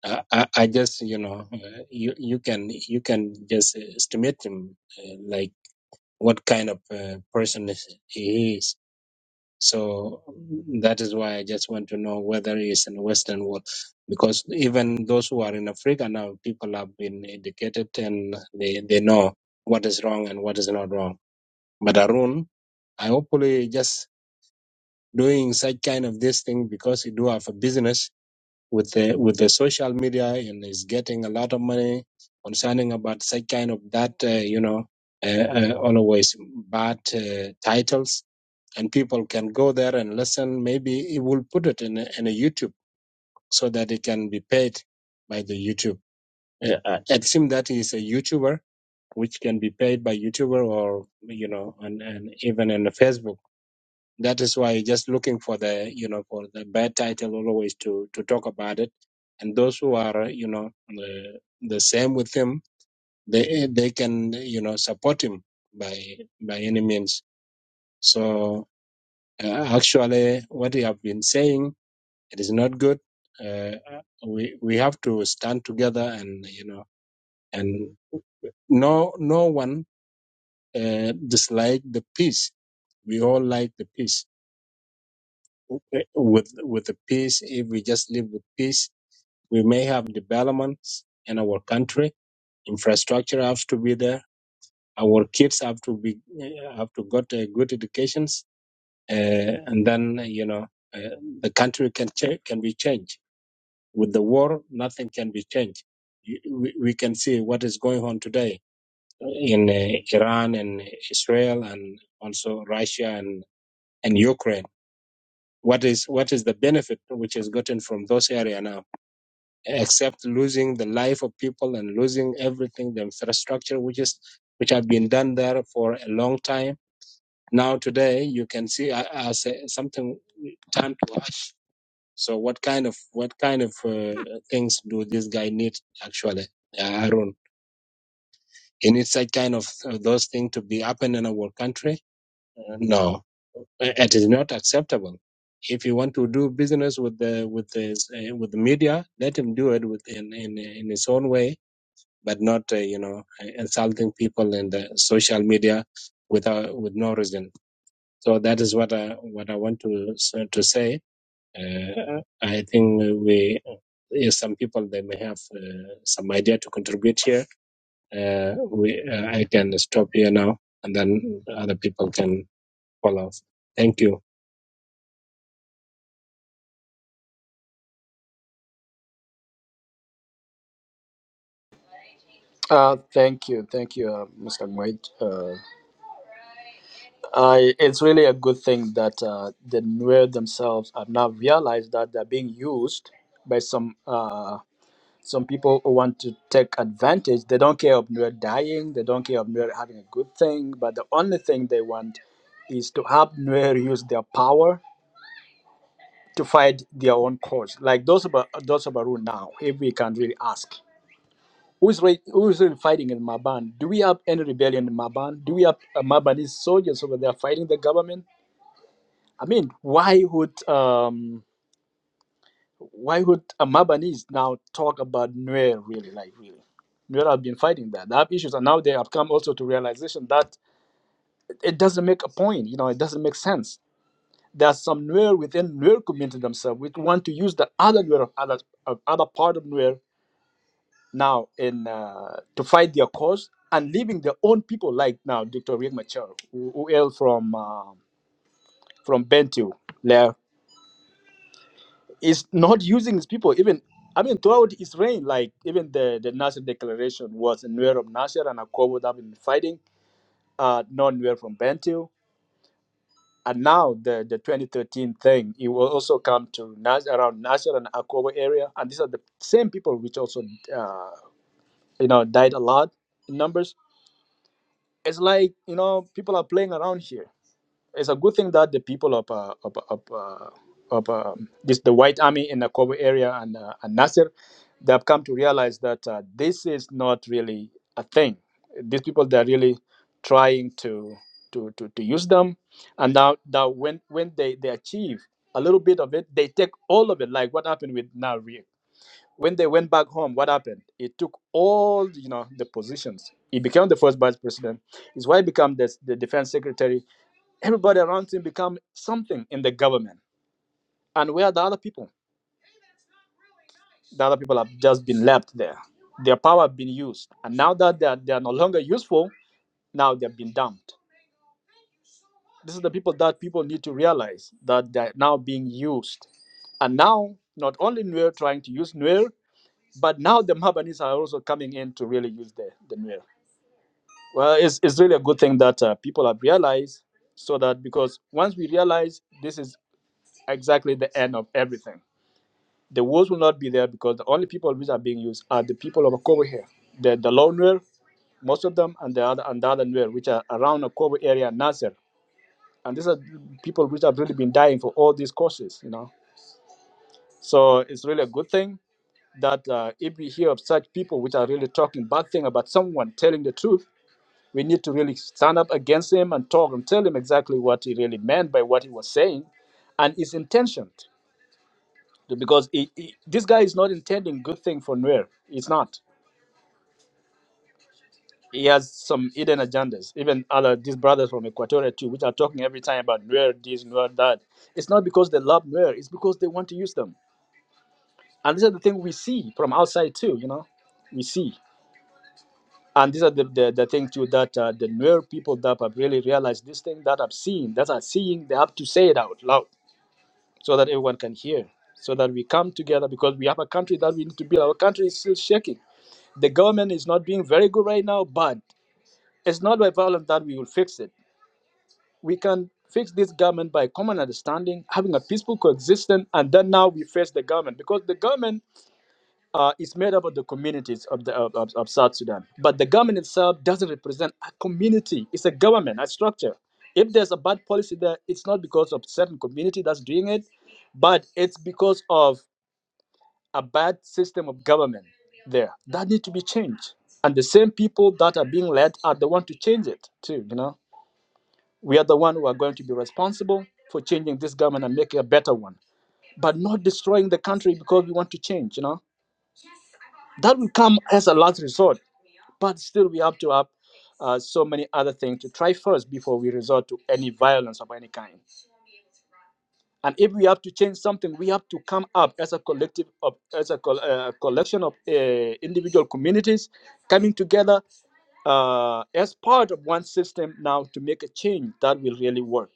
Speaker 3: I, I I just, you know, uh, you you can you can just estimate him uh, like. what kind of uh, person is- he is. So that is why I just want to know whether he's in the Western world, because even those who are in Africa now, people have been educated and they, they know what is wrong and what is not wrong. But Arun, I hopefully just doing such kind of this thing because he do have a business with the with the social media and is getting a lot of money concerning about such kind of that uh, you know uh, uh, always bad uh, titles and people can go there and listen. Maybe it will put it in a, in a YouTube so that it can be paid by the YouTube. Uh, uh, it seems that he's a YouTuber, which can be paid by YouTuber or you know, and, and even in the Facebook. That is why just looking for the you know for the bad title always to to talk about it. And those who are uh, you know the, the same with him, they they can you know support him by by any means. So uh, actually, what you have been saying It is not good. Uh, we we have to stand together and you know and no no one uh, dislike the peace. We all like the peace. With with the peace, if we just live with peace, we may have developments in our country. Infrastructure has to be there. Our kids have to be have to got uh, good educations, uh, and then you know uh, the country can cha- can be changed With the war, nothing can be changed. We, we can see what is going on today in uh, Iran and Israel and also Russia and, and Ukraine. What is what is the benefit which is gotten from those area now, except losing the life of people and losing everything, the infrastructure which is which have been done there for a long time. Now today, you can see uh, as uh, something turned to ash So what kind of what kind of uh, things do this guy need actually, uh, Arun? He needs such kind of uh, those things to be happen in our country. Uh, no, it is not acceptable. If you want to do business with the with the uh, with the media, let him do it with in in, in his own way, but not uh, you know insulting people in the social media without with no reason. So that is what I what I want to uh, to say uh, I think we, yes, some people they may have uh, some idea to contribute here. Uh, we, uh, I can stop here now, and then other people can follow. Thank you.
Speaker 6: Uh, thank you, thank you, uh, Mr. Nguyen. Uh, I, it's really a good thing that uh, the Nuer themselves have now realized that they're being used by some uh, some people who want to take advantage. They don't care of Nuer dying, they don't care of Nuer having a good thing, but the only thing they want is to have Nuer use their power to fight their own cause. Like those of those of Aru now, if we can really ask. Who's, re- who's really fighting in Maban? Do we have any rebellion in Maban? Do we have uh, Mabanese soldiers over there fighting the government? I mean, why would um, why would a Mabanese now talk about Nuer really? Like really, Nuer have been fighting that. They have issues, and now they have come also to realization that it doesn't make a point. You know, it doesn't make sense. There are some Nuer within Nuer community themselves which want to use the other Nuer of other of other part of Nuer now in uh, to fight their cause and leaving their own people like now Dr. Riek Machar, who, who hail from um from Bentiu, there is not using his people even. I mean, throughout his reign, like even the the Nasser declaration was Nuer of Nasser and Akobo that have been fighting, uh, not Nuer from Bentiu. And now the, the 2013 thing, it will also come to Nas- around Nasser and Akobo area, and these are the same people which also uh, you know died a lot in numbers it's like you know people are playing around here. It's a good thing that the people of uh, of of, uh, of um, this the White Army in the Kobo area and uh, and Nasser, they have come to realize that uh, this is not really a thing. These people they are really trying to to to, to use them, and now now when when they they achieve a little bit of it, they take all of it. Like what happened with Nauri when they went back home, what happened? He took all you know the positions. He became the first vice president. His wife became the, the defense secretary. Everybody around him became something in the government. And where are the other people? The other people have just been left there. Their power have been used. And now that they are, they are no longer useful, now they've been dumped. This is the people that people need to realize that they're now being used. And now, not only Nuer trying to use Nuer, but now the Mabanis are also coming in to really use the, the Nuer. Well, it's, it's really a good thing that uh, people have realized so that because once we realize this is exactly the end of everything, the wars will not be there because the only people which are being used are the people of Akobo here. The, the lone Nuer, most of them, and the other and the other Nuer, which are around Akobo area and Nasser. And these are people which have really been dying for all these causes, you know. So it's really a good thing that uh, if we hear of such people which are really talking bad thing about someone telling the truth, We need to really stand up against him and talk and tell him exactly what he really meant by what he was saying and his intention. Because he, he- this guy is not intending good thing for Nuer. It's not. He has some hidden agendas. Even other, these brothers from Equatorial too, which are talking every time about Nuer this, Nuer that. It's not because they love Nuer. It's because they want to use them. And this is the thing we see from outside too, you know. We see. and these are the, the, the thing too that uh, the newer people that have really realized this thing that I've seen, that are seeing, they have to say it out loud so that everyone can hear, so that we come together because we have a country that we need to build. Our country is still shaking. The government is not doing very good right now, but it's not by violence that we will fix it. We can fix this government by common understanding, having a peaceful coexistence, and then now we face the government because the government uh, is made up of the communities of, the, of, of, of South Sudan. But the government itself doesn't represent a community. It's a government, a structure. If there's a bad policy there, it's not because of certain community that's doing it, but it's because of a bad system of government there that need to be changed. And the same people that are being led are the one to change it too. You know, we are the one who are going to be responsible for changing this government and making a better one, but not destroying the country because we want to change. You know That will come as a last resort, but still we have to have uh, so many other things to try first before we resort to any violence of any kind. And if we have to change something, we have to come up as a collective of as a col- uh, collection of uh, individual communities coming together uh, as part of one system now to make a change that will really work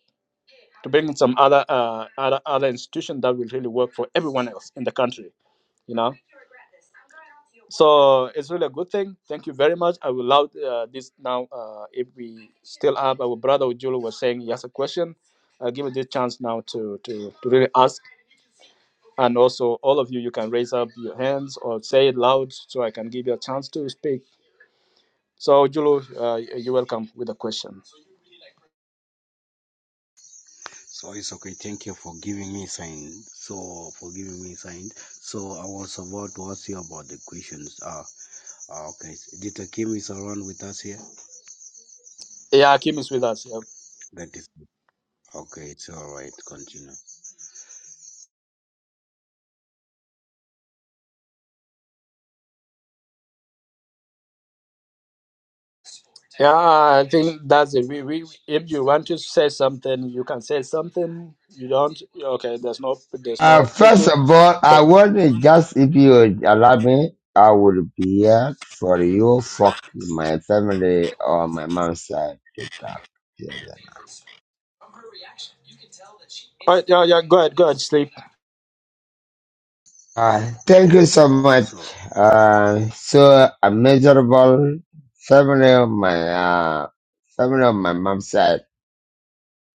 Speaker 6: to bring in some other uh, other other institution that will really work for everyone else in the country you know So it's really a good thing. Thank you very much. I will allow uh, this now. Uh, if we still have our brother Ojulu was saying he has a question, I'll give you this chance now to, to, to really ask. And also, all of you, you can raise up your hands or say it loud so I can give you a chance to speak. So, Julu, uh, you're welcome with a question.
Speaker 7: So it's okay. Thank you for giving me sign. So for giving me sign. So I was about to ask you about the questions. Ah, ah, okay. Dita Kim is around with us here.
Speaker 6: Yeah, Kim is with us. Yeah,
Speaker 7: That is okay. It's all right. Continue.
Speaker 6: yeah I think that's it. We, we, if you want to say something, you can say something. You don't, okay, there's no, there's
Speaker 8: Uh,
Speaker 6: no thing
Speaker 8: first
Speaker 6: to,
Speaker 8: of all, I
Speaker 6: but.
Speaker 8: want to just, if you would allow me, I would be here for you, for my family or my mom's side to talk together.
Speaker 6: Oh, yeah, yeah, go ahead, go ahead, sleep.
Speaker 8: Uh, thank you so much.
Speaker 7: So
Speaker 8: Uh, so a miserable family of my, uh, family of my mom's side,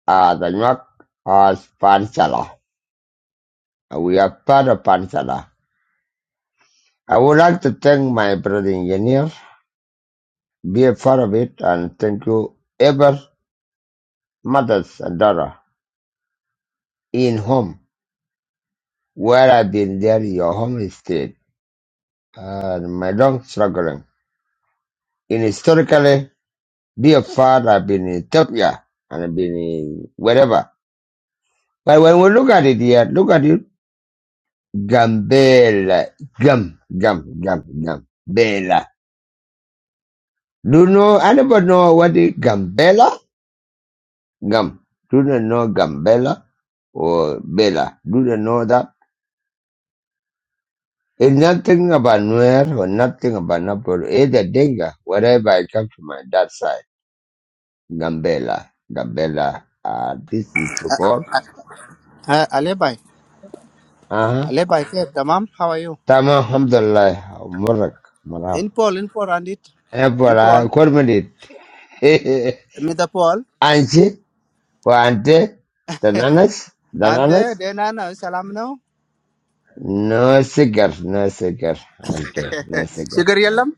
Speaker 8: uh, the York or Panchala. We are part of Panchala. I would like to thank my brother engineer, be a part of it, and thank you ever mothers and daughter in home where I've been there your home estate and my long struggling. In historically be a father I've been in Ethiopia and I've been in wherever. But when we look at it here, look at it Gambela Gum Gum Gum Gum Bela. Do you know anybody know what is Gambela? Gum. Do you know Gambela or Bela? Do you know that? It's nothing about Nuer or nothing about Napoli. It's a Dinka, wherever I come from, my that side. Gambela, Gambela, uh, this is Sukor.
Speaker 2: Uh, Alebai,
Speaker 8: Uh-huh.
Speaker 2: Alebai, Kev, Tamam, how are you?
Speaker 8: Tama, alhamdulillah, Murak, Marab.
Speaker 2: In Paul, in Paul, and it. In Paul,
Speaker 8: Ebola, Kormidit.
Speaker 2: Mr. Paul.
Speaker 8: Anchi, Wante, Dananas,
Speaker 2: And uh,
Speaker 8: Dananas.
Speaker 2: then I know, salam now.
Speaker 8: No cigar, no cigar, Ante, no cigar.
Speaker 2: Sugar yellam?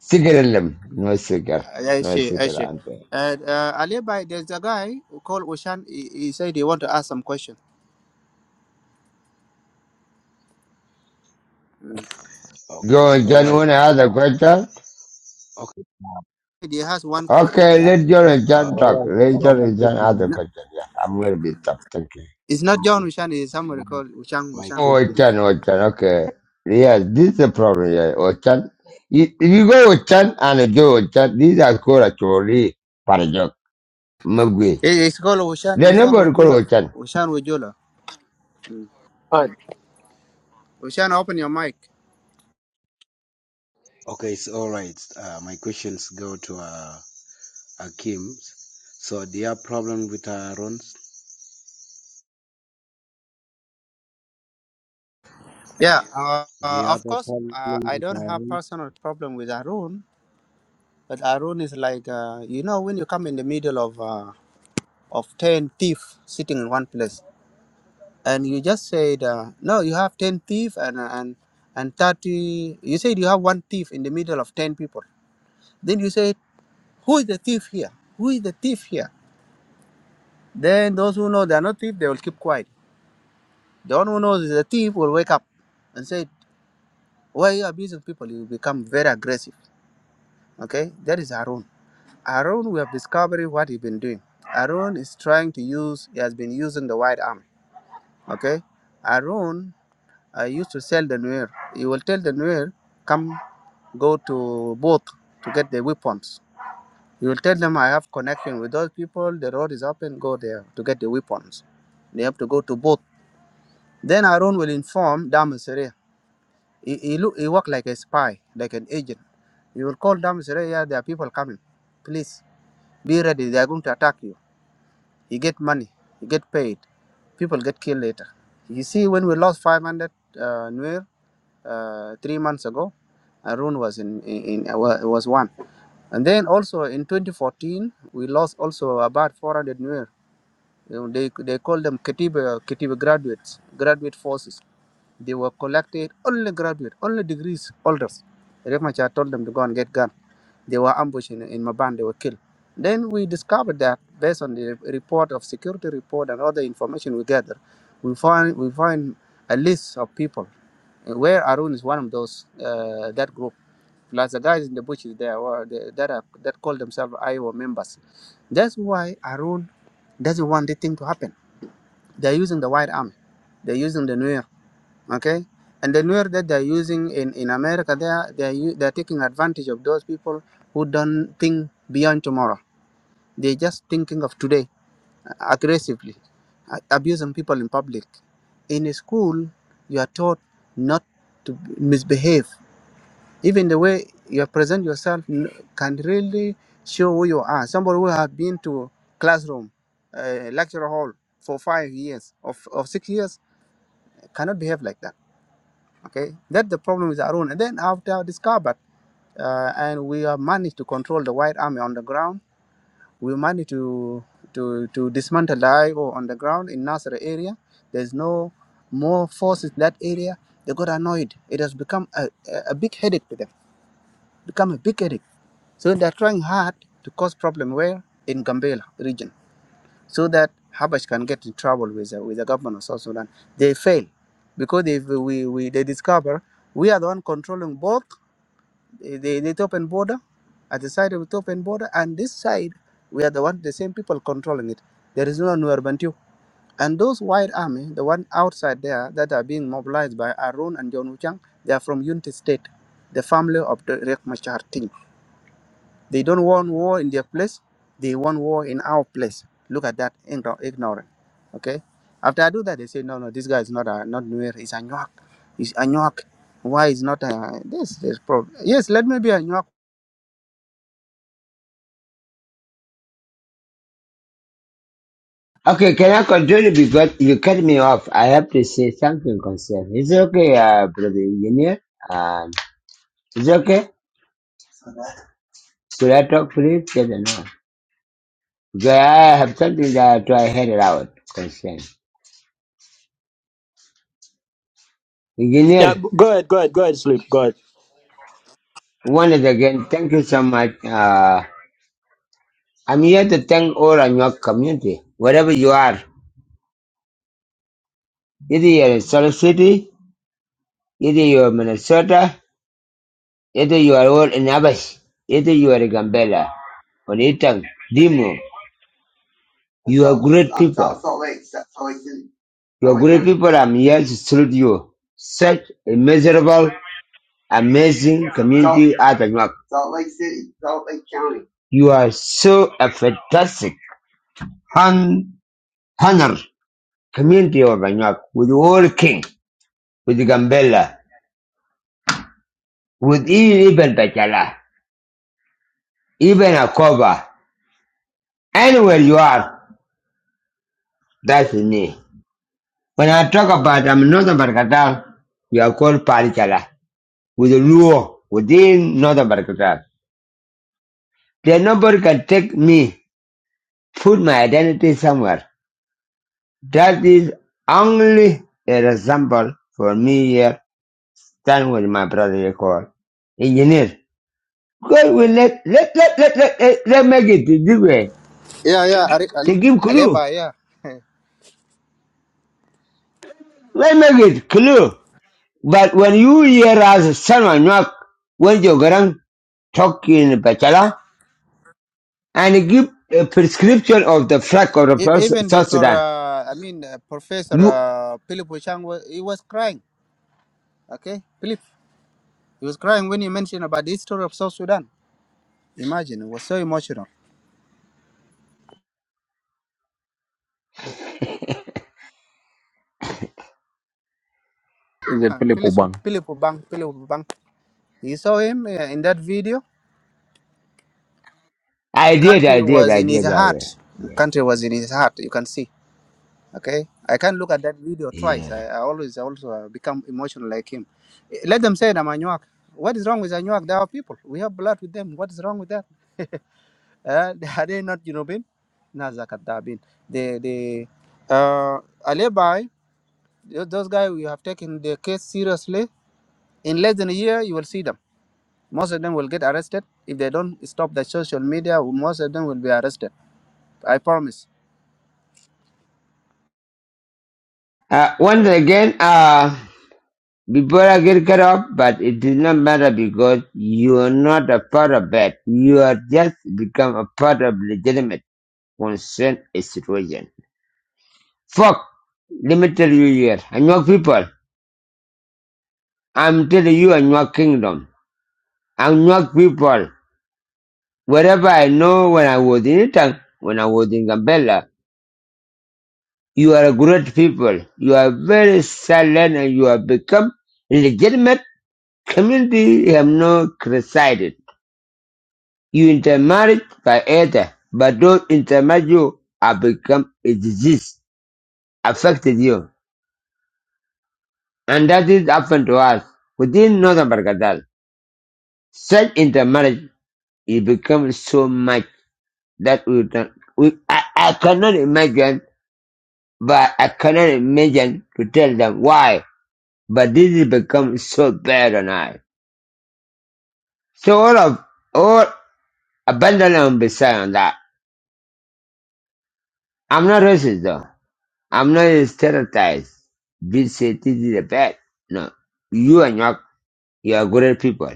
Speaker 8: Cigarilum, no cigar,
Speaker 2: I
Speaker 8: no
Speaker 2: see, I
Speaker 8: cigar,
Speaker 2: see.
Speaker 8: Ante.
Speaker 2: Uh, uh, Ali Bai, there's a guy who called Ushan. He, he said he want to ask some question.
Speaker 7: okay. It's
Speaker 8: Go,
Speaker 7: all
Speaker 8: John,
Speaker 7: right.
Speaker 8: one other
Speaker 7: Ah,
Speaker 8: question.
Speaker 7: okay. Ah,
Speaker 2: He has one question.
Speaker 8: Okay,
Speaker 7: Yeah.
Speaker 8: let John and
Speaker 7: Ah,
Speaker 8: talk.
Speaker 7: all right.
Speaker 8: Let
Speaker 7: So
Speaker 8: John
Speaker 7: my
Speaker 8: and ask
Speaker 7: question.
Speaker 8: the
Speaker 2: No,
Speaker 7: is-
Speaker 8: question. Yes, I'm going to be tough. Thank you.
Speaker 2: it's not John
Speaker 7: Okay.
Speaker 2: Ushan. It's somebody
Speaker 7: My,
Speaker 2: called Ushan.
Speaker 7: my
Speaker 2: Ushan.
Speaker 8: Oh,
Speaker 2: Mm.
Speaker 7: question.
Speaker 8: Ochan, Ochan, okay. Yes, this is the problem here, Ochan. You, you go Ochan and Joe Ochan, these are called actually Parajok, Mugwe.
Speaker 2: It- It's called Ushan.
Speaker 8: They're
Speaker 2: Ushan
Speaker 8: nobody
Speaker 2: Ujula.
Speaker 8: called Ochan.
Speaker 2: Ushan Ujula.
Speaker 6: All right.
Speaker 2: Ushan, open your mic.
Speaker 7: Okay. It's all right. Uh, my questions go to uh, Kim's. So do you have problem with Aaron's?
Speaker 2: Yeah. Uh,
Speaker 7: Do
Speaker 2: uh,
Speaker 7: you have
Speaker 2: of
Speaker 7: a
Speaker 2: course,
Speaker 7: problem
Speaker 2: uh, I
Speaker 7: with
Speaker 2: don't have
Speaker 7: Aaron?
Speaker 2: personal problem with Arun But Arun is like, uh, you know, when you come in the middle of uh, of ten thieves sitting in one place, and you just said, uh, no, you have ten thieves and uh, and and thirty. You said you have one thief in the middle of ten people. Then you said, who is the thief here? Who is the thief here? Then those who know they are not thief, they will keep quiet. The one who knows is a thief will wake up and say, why are you abusing people? You become very aggressive. Okay, that is Arun. Aaron, we have discovered what he's been doing. Aaron is trying to use, he has been using the white army. Okay? Aaron I used to sell the Nuer. He will tell the Nuer, come go to both to get the weapons. He will tell them, I have connection with those people, the road is open, go there to get the weapons. They have to go to both. Then Aaron will inform Damasere. He, he, look, he work like a spy, like an agent. He will call Damasere, yeah, there are people coming. Please be ready, they are going to attack you You get money, you get paid. People get killed later. You see, when we lost 500 uh, Nuer uh, three months ago, Arun was in, in, in wa- was one. And then also in 2014, we lost also about 400 Nuer. You know, they they call them Katiba Katiba graduates, graduate forces. They were collected only graduate, only degrees holders. Riek Machar told them to go and get gun. They were ambushed in, in Maban, they were killed. Then we discovered that based on the report of security report and other information we gathered, we find we find a list of people uh, where Arun is one of those uh, that group. Plus the guys in the bushes there were the, that are, that call themselves Iowa members. That's why Arun doesn't want the thing to happen. They're using the white army. They're using the Nuer okay and the newer that they're using in, in america they are they're, u- they're taking advantage of those people who don't think beyond tomorrow they're just thinking of today uh, aggressively uh, abusing people in public in a school you are taught not to misbehave even the way you present yourself n- can really show who you are somebody who has been to classroom uh, lecture hall for five years or, f- or six years cannot behave like that Okay, that's the problem with Arun. And then after discovered, uh, and we have managed to control the White Army on the ground. We managed to to to dismantle the IO on the ground in Nasser area. There's no more forces in that area. They got annoyed. It has become a, a a big headache to them. Become a big headache. So they're trying hard to cause problem where in Gambela region so that Habash can get in trouble with the, with the government of South Sudan. They fail because if we, we they discover we are the one controlling both eh, the, the Ethiopian border, at the side of Ethiopian border, and this side we are the one the same people controlling it. There is no Nuer Bantu. And those white army, the one outside there that are being mobilized by Arun and John Wuchang, they are from Unity State, the family of the Riek Machar Ting. They don't want war in their place. They want war in our place. Look at that igno- ignorant. Okay. After I do that, they say, no, no, this guy is not a, not Nuer. He's a Nyak. He's a Nyak. Why is not a, this this problem? Yes, let me be a Nyak.
Speaker 8: Okay, can I continue because you cut me off. I have to say something concern. Is it okay, uh, brother engineer? Um, is it okay? Could I talk please? Yes or no? Because I have something that I try to head it out concern.
Speaker 6: Yeah,
Speaker 8: Engineer,
Speaker 6: go ahead, go ahead, go ahead, sleep. Go ahead.
Speaker 8: once again, thank you so much. Uh, I'm here to thank all of your community, wherever you are. Either you're in Salt City, either you're in Minnesota, either you are all in Abbas, either you are in Gambela, Onitang, Dimo. You are great people. You are great people. I'm here to salute you. Such a miserable, amazing community out of York. You are so a fantastic hon- honor. community of Banyak, with all king, with Gambella, with even, even Bachala, even Akoba, anywhere you are, that's me. When I talk about I'm Northern Barakatal, we are called Parichala, with the Luo, within Northern Barakatal. Then nobody can take me, put my identity somewhere. That is only a example for me here, stand with my brother here called engineer. God will let let let let let let, let make it this way.
Speaker 2: Yeah, yeah, Ari-
Speaker 8: They
Speaker 2: Ali-
Speaker 8: give clue.
Speaker 2: Aleba, yeah.
Speaker 8: Let make it clue. But when you hear us someone knock when you grand talk in Bachala and give a prescription of the flag of the
Speaker 2: E-
Speaker 8: first
Speaker 2: Even
Speaker 8: South
Speaker 2: Doctor,
Speaker 8: Sudan.
Speaker 2: uh, I mean uh, Professor
Speaker 8: You
Speaker 2: uh, Philip Wishang, wa- he was crying. Okay, Philip, he was crying when he mentioned about the history of South Sudan. Imagine, it was so emotional.
Speaker 4: Is it
Speaker 2: Ah,
Speaker 4: Philip
Speaker 2: Philip,
Speaker 4: Obang?
Speaker 2: Philip Bang, Philip You saw him uh, in that video. The
Speaker 8: I did, I
Speaker 2: country
Speaker 8: did,
Speaker 2: was
Speaker 8: I
Speaker 2: in his
Speaker 8: did that way.
Speaker 2: heart. The
Speaker 8: Yeah.
Speaker 2: country was in his heart. You can see. Okay, I can't look at that video twice.
Speaker 8: Yeah.
Speaker 2: I, I always also uh, become emotional like him. Eh, Let them say it, I'm Anuak. What is wrong with Anuak? They are people. We have blood with them. What is wrong with that? uh, are they not Junubin? Nazakat Dabin. The the uh, Alebai. Those guys, we have taken their case seriously. In less than a year, you will see them. Most of them will get arrested if they don't stop the social media. Most of them will be arrested. I promise.
Speaker 8: Uh, once again, uh before I get cut off, but it did not matter because you are not a part of that. You are just become a part of legitimate. concern a situation. Fuck! Let me tell you here, Anuak people, I'm telling you Anuak kingdom. Anuak people, wherever I know when I was in Itang, when I was in Gambela, you are a great people. You are very silent and you have become legitimate community you have not criticized. You intermarried by either, but those intermarried you have become a disease, affected you. And that is happened to us within Northern Bargadal. Such in the marriage, it becomes so much that we don't, we, I, I cannot imagine, but I cannot imagine to tell them why. But this has become so bad on I. So all of, all abandon and beside on that. I'm not racist though. I'm not stereotyped. This say this is a bad. No. You are not, you are great people.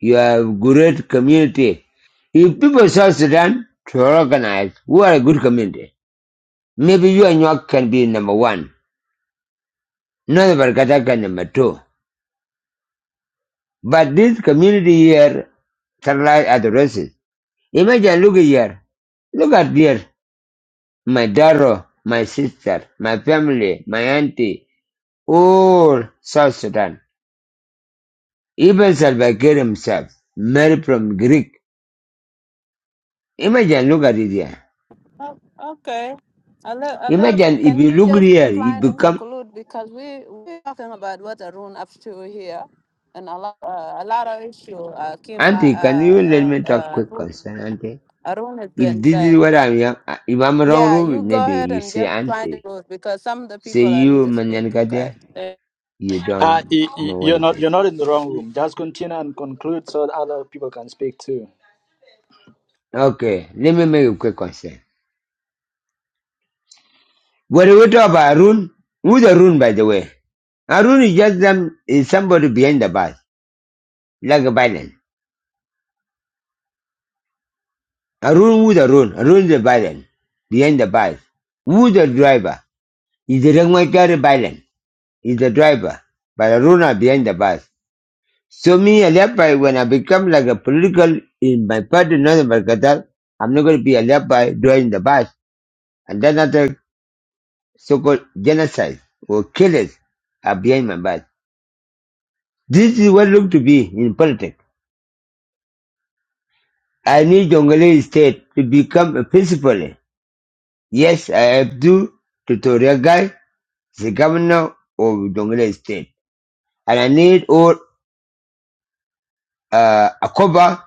Speaker 8: You are great community. If people of South Sudan to organize, we are a good community. Maybe you and your can be number one, not Barkata can number two. But this community here, Starlight at the races. Imagine, look here. Look at here. My Daro, my sister, my family, my auntie, all South Sudan. Even Salva Kiir himself, married from Greek. Imagine, look at it here.
Speaker 1: Oh, okay, a little, a little.
Speaker 8: Imagine if
Speaker 1: Can
Speaker 8: you
Speaker 1: you
Speaker 8: look
Speaker 1: just
Speaker 8: here, you
Speaker 1: trying to
Speaker 8: become.
Speaker 1: conclude because we we're talking about what Arun up to here, and a lot uh, a lot of issue. Uh, Kim, uh,
Speaker 8: Auntie, can you let
Speaker 1: uh,
Speaker 8: me talk
Speaker 1: uh,
Speaker 8: quick
Speaker 1: Arun,
Speaker 8: concern, Auntie?
Speaker 1: Arun has been
Speaker 8: If this is
Speaker 1: saying.
Speaker 8: what I'm, yeah, uh, if I'm wrong,
Speaker 1: Yeah,
Speaker 8: rule
Speaker 1: you go
Speaker 8: maybe
Speaker 1: ahead
Speaker 8: you
Speaker 1: and
Speaker 8: say
Speaker 1: just find it
Speaker 8: auntie,
Speaker 1: because some of the
Speaker 8: say
Speaker 1: people I need
Speaker 8: you
Speaker 1: to speak.
Speaker 8: manyankade,
Speaker 1: Okay.
Speaker 8: you
Speaker 6: Uh,
Speaker 8: don't
Speaker 6: y- y-
Speaker 8: know what
Speaker 6: you're
Speaker 8: it
Speaker 6: not, you're
Speaker 8: is.
Speaker 6: not in the wrong room. Just continue and conclude so that other people can speak too.
Speaker 8: Okay, let me make a quick question. What do we talk about Arun? Who's Arun, by the way? Arun is just them, is somebody behind the bus, like a Biden. Arun who's Arun? Arun is a Biden, behind the bus. Who's the driver? Is the Rangwachari Biden? Is the driver, but Arun are behind the bus. So me, Alibi, when I become like a political in my party, in Northern Barakatal, I'm not going to be Alibi during the bus. And then other so-called genocide or killers are behind my back. This is what look to be in politics. I need Jonglei state to become a principal. Yes, I have to tutorial guy, the governor of Jonglei state. And I need all, uh, a cover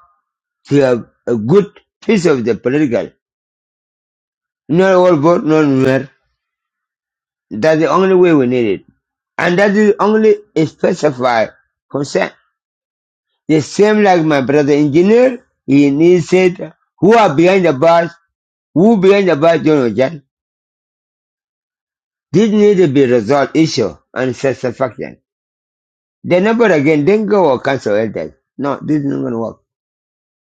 Speaker 8: to have a good piece of the political. Not all vote, not nowhere. That's the only way we need it. And that is only specified consent. The same like my brother engineer, he needs it. Who are behind the bars? Who behind the bars, John know, John? This need to be resolved issue and satisfaction. The number again, then go or cancel elders. No, this is not going to work.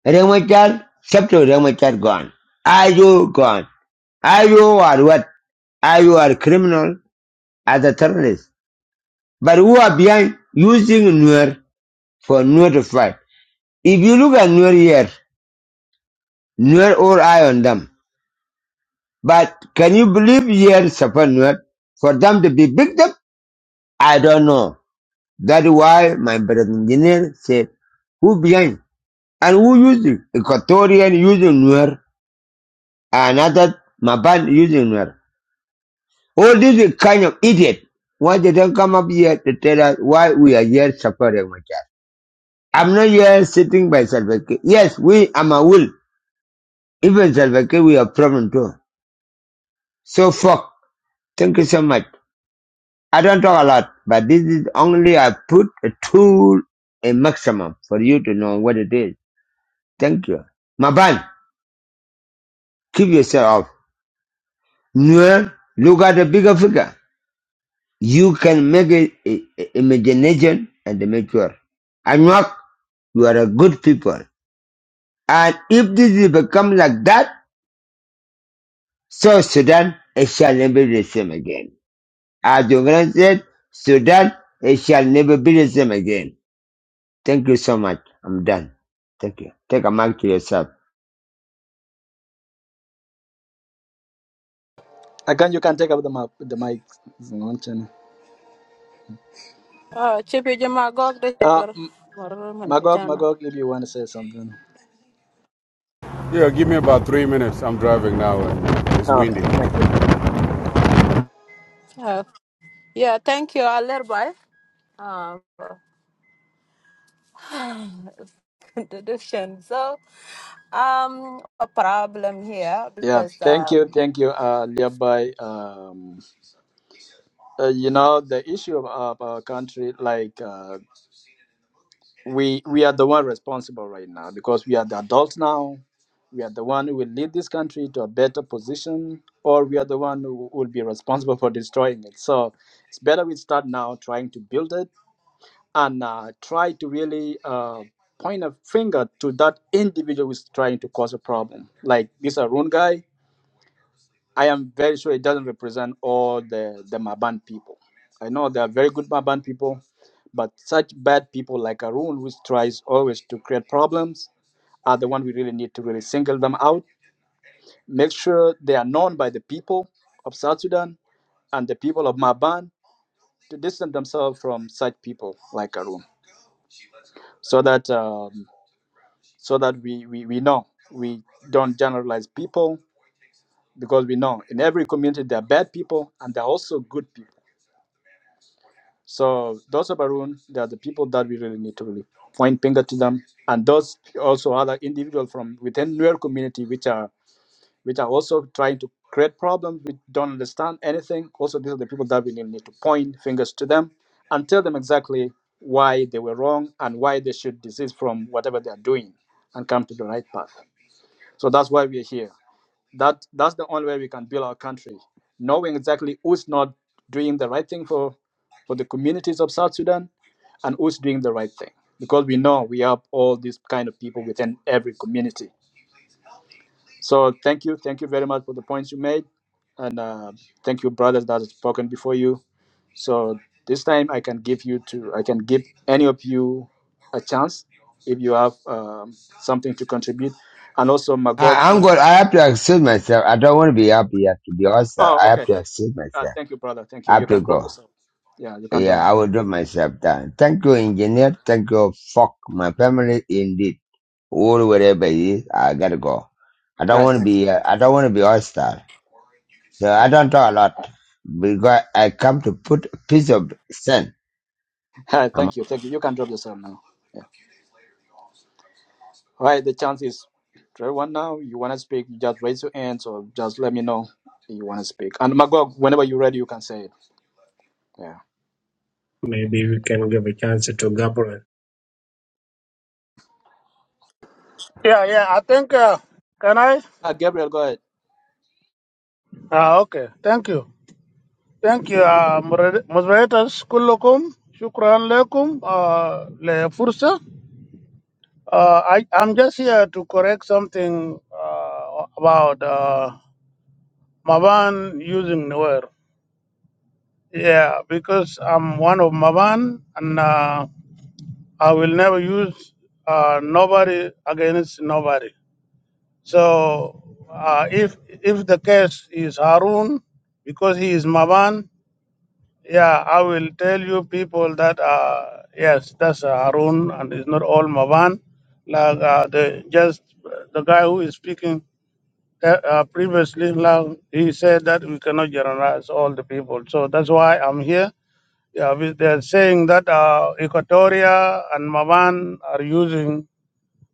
Speaker 8: Remachar, chapter Remachar gone. Are you gone? Are you or what? Are you a criminal as a terrorist? But who are behind using Nuer for Nuer to fight? If you look at Nuer here, Nuer all eye on them. But can you believe here support Nuer? For them to be victim? I don't know. That's why my brother engineer said, who behind? And who using? Equatorian using Nuer. Another Maban using Nuer. All these kind of idiot. Why they don't come up here to tell us why we are here supporting my child? I'm not here sitting by Salvaki. Yes, we, I'm a will. Even Salvaki, we have problem too. So fuck. Thank you so much. I don't talk a lot, but this is only I put a tool a maximum for you to know what it is. Thank you. Maban, keep yourself off. Nuer, look at the bigger figure. You can make it i- i- imagination and mature. Anuak, you are a good people. And if this is become like that, so Sudan, it shall never be the same again. As the Quran said, Sudan, it shall never be the same again. Thank you so much. I'm done. Thank you. Take a mic to yourself.
Speaker 6: Again, you can take up the mic. The mic. if you
Speaker 1: Uh, Chippy Jima Gog de
Speaker 6: Uh,
Speaker 1: Chipper.
Speaker 6: M-
Speaker 1: Maruman
Speaker 6: Magog,
Speaker 1: Chana.
Speaker 6: Magog, if you want to say something.
Speaker 9: Yeah, give me about three minutes. I'm driving now and it's
Speaker 6: Oh, okay,
Speaker 9: windy.
Speaker 6: thank you.
Speaker 1: Uh, Yeah, thank you, Alerbai. Uh, for introduction. So, um, a problem here
Speaker 6: Yeah,
Speaker 1: because,
Speaker 6: thank you,
Speaker 1: um,
Speaker 6: thank you, uh, Liabai. Um, uh, you know the issue of, of our country, like. Uh, we we are the one responsible right now because we are the adults now. We are the one who will lead this country to a better position, or we are the one who will be responsible for destroying it. So it's better we start now trying to build it and uh, try to really uh, point a finger to that individual who's trying to cause a problem. Like this Arun guy, I am very sure it doesn't represent all the, the Maban people. I know there are very good Maban people, but such bad people like Arun, which tries always to create problems, are the one we really need to really single them out. Make sure they are known by the people of South Sudan and the people of Maban to distance themselves from such people like Arun, so that um, so that we, we, we know we don't generalize people because we know in every community there are bad people and there are also good people So those of Arun, they are the people that we really need to really point finger to them, and those also other individuals from within Nuer community, which are which are also trying to create problems. We don't understand anything. Also, these are the people that we really need to point fingers to them and tell them exactly why they were wrong and why they should desist from whatever they are doing and come to the right path. So that's why we are here. That that's the only way we can build our country, knowing exactly who's not doing the right thing for for the communities of South Sudan and who's doing the right thing because we know we have all these kind of people within every community so thank you thank you very much for the points you made and uh, thank you brothers that has spoken before you so this time i can give you to i can give any of you a chance if you have um, something to contribute and also magog
Speaker 8: I, I'm good. I have to accept myself. I don't want to be up here to be hostile.
Speaker 6: oh
Speaker 8: I have
Speaker 6: okay
Speaker 8: to accept
Speaker 6: uh,
Speaker 8: myself.
Speaker 6: thank you brother thank you
Speaker 8: I
Speaker 6: you
Speaker 8: have to
Speaker 6: can drop
Speaker 8: go.
Speaker 6: yourself yeah you can drop
Speaker 8: Yeah, I
Speaker 6: all
Speaker 8: will drop myself down. Thank you, engineer. Thank you. Fuck my family indeed. Or wherever it is, I gotta go. I don't
Speaker 6: right
Speaker 8: want to
Speaker 6: thanks
Speaker 8: be. Uh, I don't want to be hostile. So
Speaker 6: all
Speaker 8: I
Speaker 6: right.
Speaker 8: don't talk a lot because I come to put a piece of sand.
Speaker 6: All right,
Speaker 8: I'm
Speaker 6: thank you thank you you can drop yourself now Right, the chance is try one now. You wanna speak, you just raise your hands or just let me know you wanna speak. And Magog, whenever you're ready you can say it. Yeah.
Speaker 3: Maybe we can give a chance to Gabriel.
Speaker 10: Yeah, yeah. I think, uh, can I?
Speaker 6: Uh, Gabriel, go ahead.
Speaker 10: Ah, okay. Thank you. Thank you, uh, moder- moderators. Kullukum. Shukran lekum. Uh, le fursa. Uh, I, I'm just here to correct something uh, about uh, Mavan using Nuer. Yeah, because I'm one of Maban, and uh, I will never use uh, nobody against nobody. So uh, if if the case is Harun, because he is Maban, yeah, I will tell you people that uh, yes, that's uh, Harun, and it's not all Maban. Like uh, the just the guy who is speaking uh, uh, previously, like, he said that we cannot generalize all the people. So that's why I'm here. Yeah, we- they're saying that uh, Equatoria and Maban are using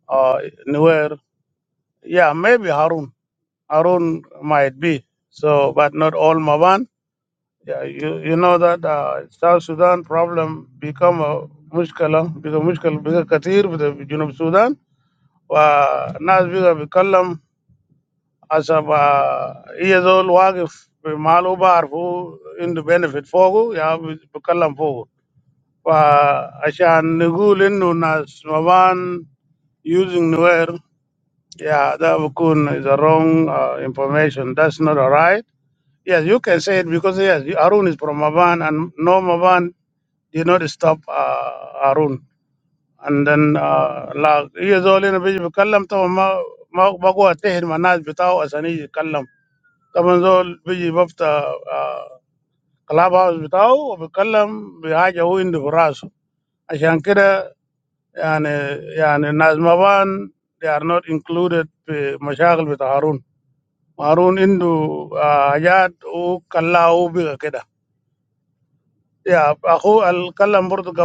Speaker 10: uh, Nuer. Yeah, maybe Harun. Arun might be. So, but not all Maban. Yeah, you, you know that uh, South Sudan problem become a mushkala because mushkal bigger kathir with the Junub Sudan. Wa nas وناس بيقى بيتكلم حسب هي زول واقف بماله بعرفه عنده بينفيت فوقه يا بيتكلم فوقه فعشان نقول انه nas Maban using نوير yeah, that بكون is a wrong uh, information. That's not alright. Yes, you can say it because yes, Arun is from a van, and no van did not stop uh, Arun. And then, you know, we just be call them to Ma, Ma, Ma, go to Tehran, manage to tell us any call them to be so busy about club house. Tell us, be call them be aja who in the garage. I say like that, and and Nazavan they are not included with Mashagel with Arun. Arun into Ajad or call out be like that. Yeah, I'll. I'll. I'll.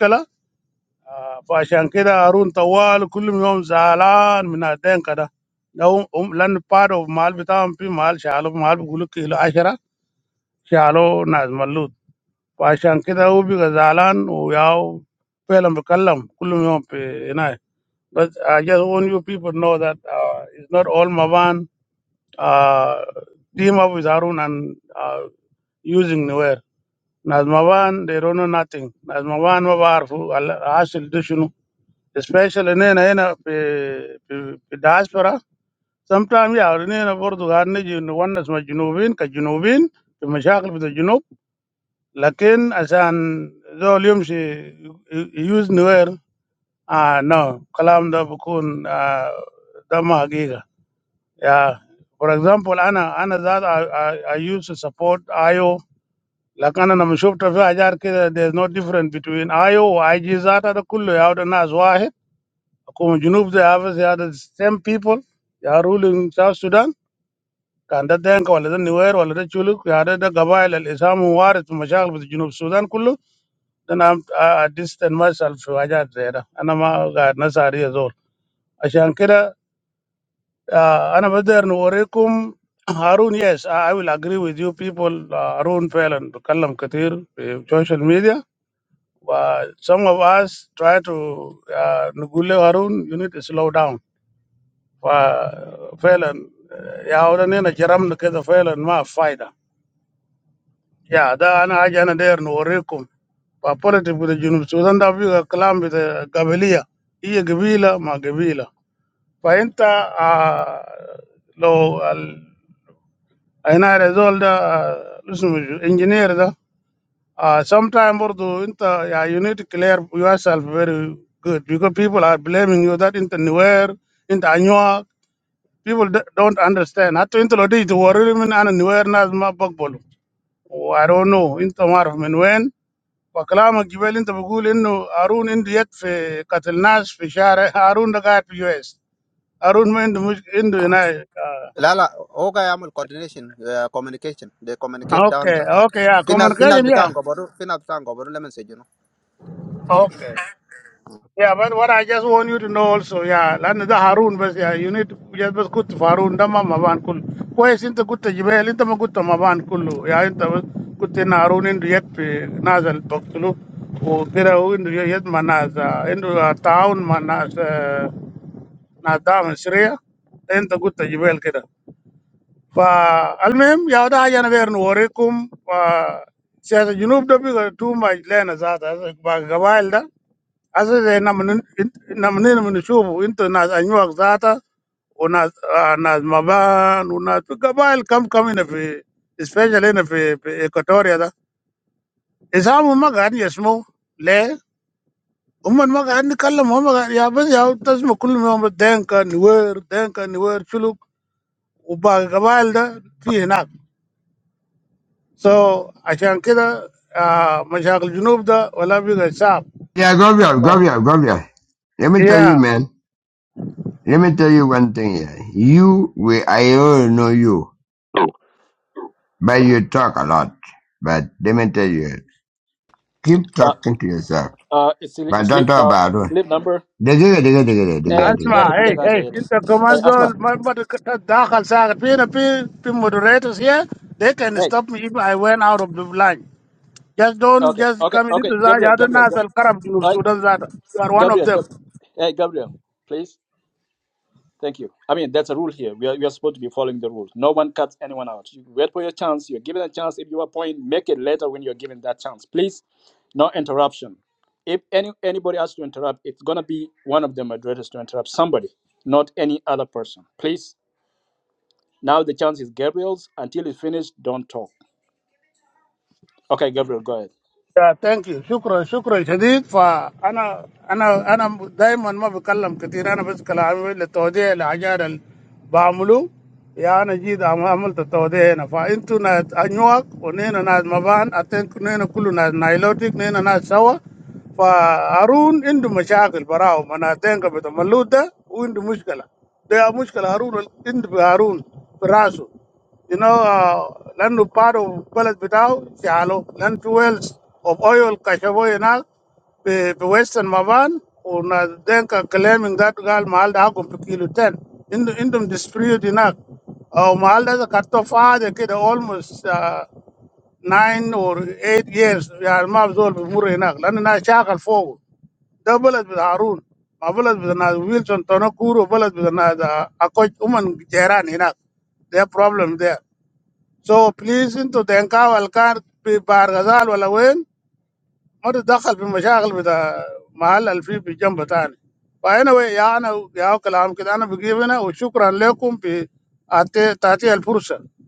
Speaker 10: I'll. آه، فعشان كده هارون طوال كل يوم زعلان من الدنكة ده لو أم- لأن part of مال بتاعهم في مال شالوا مال بيقولوا كيلو عشرة شالوا ناس ملوت، فعشان كده هو بيبقى زعلان وياو فعلا بيتكلم كل يوم في هناك. But I Just want you people to know that uh, it's not all Maban uh, team up with Harun and uh, using nowhere. Not Maban, they don't know nothing. Not Maban, Mabar who actually do you know? especially هنا هنا في في في الدياسبرا. sometimes يعني هنا برضه قاعد نجي نونس مع الجنوبيين كجنوبيين في مشاكل بتاع الجنوب، لكن عشان زول يمشي يوز نوير آه نو الكلام ده بكون آه ده ما حقيقة. يا for example أنا أنا ذات I, I, I used to support آيو، لكن أنا لما شفت في حاجات كده there's no difference between آيو و آي جي ذات، ده كله يعود الناس واحد. Kuma Junub they have they are the same people. They are ruling South Sudan. Can that then call the Nuer or the Chuluk? They are the Gabail al Islam who are to Mashal with Junub Sudan Kulu. Then I'm I I distance myself to Ajat there. And I'm a God Nasari as well. Ashan Kira, أنا بدر نوريكم هارون yes I I will agree with you people uh, هارون فعلا بتكلم كتير في social media و some of us try to uh, نقول له you need to slow down For example, yeah, ordinary chairman. Because for example, no fighter. Yeah, that I am going to there no work with you. For positive, you know, so that we go claim with the capability. He gave villa, my give villa. For into ah no, I know result. Listen, engineer. Ah, sometimes we do into yeah. You need to clear yourself very good because people are blaming you that into nowhere into any what. People d- don't understand. Ato intolodi it wari men anu awareness mapakbolu. Oh, I don't know. Into marf men when pagkalamagivel intobugulendo arun indyet fe katilnas fe share arun dagat US arun men indu indu yunai.
Speaker 2: لا لا هو قاعد يعمل coordination uh, communication they communicate down
Speaker 10: Okay,
Speaker 2: there
Speaker 10: okay. A
Speaker 2: في ناس
Speaker 10: comment
Speaker 2: في
Speaker 10: kaya
Speaker 2: ناس بتاعهم
Speaker 10: niya.
Speaker 2: قبروا في ناس بتاعهم قبروا لما سجنوا
Speaker 10: Okay. Yeah, but what I just want you to know also, yeah, like the Haroon, yeah, you need to just good Faroon, damn, Mavankul. Why isn't the good jobel? Why isn't the good Mavankul? Why isn't the good Naroon in the yet Nazal pocket? Oh, there, oh, in the yet manaz, in the a town manaz, Nadam Shree, in the good jobel, keda. For Almehm, yeah, that I can wear noorekum. For since the Junub day, the two months Lena Zada, for Gawai da. Ashe namni namni namni shubu into nas anyuak zata unas nas ah, nas maban unas fi gabail kam kam ina fi especially ina fi, fi Equatoria da. Isamu ma gani le umman ma gani kallam ma gani ya bas ya tasma kullu ma denka niwer denka niwer chuluk uba gabail da fi hinak. So عشان كده ah مشاكل الجنوب ده ولا بيقى صعب.
Speaker 8: yeah, go Gabriel, Gabriel, Gabriel. Let me tell you,
Speaker 10: Yeah.
Speaker 8: man. Let me tell you one thing here. You, we, I already know you, but you talk a lot. But let me tell you, keep
Speaker 6: Uh,
Speaker 8: talking to yourself,
Speaker 6: uh, it's sleep
Speaker 8: but don't talk
Speaker 6: now.
Speaker 8: about it.
Speaker 6: Sleep number.
Speaker 8: Digga, digga, digga, digga, digga, it,
Speaker 6: Eh,
Speaker 10: اسمع
Speaker 6: there are good
Speaker 10: اي
Speaker 6: guys
Speaker 10: اي
Speaker 6: here.
Speaker 10: انت كمان
Speaker 6: Hey, Asma.
Speaker 10: زول ما بتتدخل ساكت فينا في في moderators here they can
Speaker 6: Hey.
Speaker 10: stop me if I went out of the line just don't
Speaker 6: Okay,
Speaker 10: just
Speaker 6: okay,
Speaker 10: come into
Speaker 6: okay.
Speaker 10: the زاد
Speaker 6: Gabriel,
Speaker 10: هذا
Speaker 6: Gabriel,
Speaker 10: الناس
Speaker 6: Ga-
Speaker 10: الكرم في
Speaker 6: Hey,
Speaker 10: السودان زاد you are one of
Speaker 6: Gabriel,
Speaker 10: them
Speaker 6: Gab- hey, Gabriel, please. Thank you. I mean, that's a rule here. We are, we are supposed to be following the rules. No one cuts anyone out. You wait for your chance. You're given a chance. If you are point, make it later when you're given that chance. Please, no interruption. If any anybody has to interrupt, it's gonna be one of the moderators to interrupt somebody, not any other person. Please. Now the chance is Gabriel's. Until it's finished, don't talk. Okay, Gabriel, go ahead.
Speaker 10: Yeah, thank you. Shukra, shukra, chadid. Fa, ana ana ana daiman ma bikallam kathirana beshkalaam le tauday le ajral baamulu yaana jid amamul ta tauday na. Fa intu najnuak one na najmaban aten kune na kuluna nylonik ne na najshawa. Fa Arun intu machakil parao man aten kabe ta maluta. O intu mushkil. Dey a mushkil Arun intu b Arun parao. You know, land upar of village withao, chalo land twelve of oil kashibo you know, with western Maban or na denka claiming that gal mahal dah gump kilo ten. Into into dispute you know, ah mahal dah the kato far dekade almost uh, nine or eight years ya mabzol buri you know, land na chakal four double with Harun, double with na Wilson Tonokuru, double with na the Akotuman Jaran you know, their problem there. So please into thank you for the work by the visitors and for entering the challenges of the local people. And I thank you for your words. Thank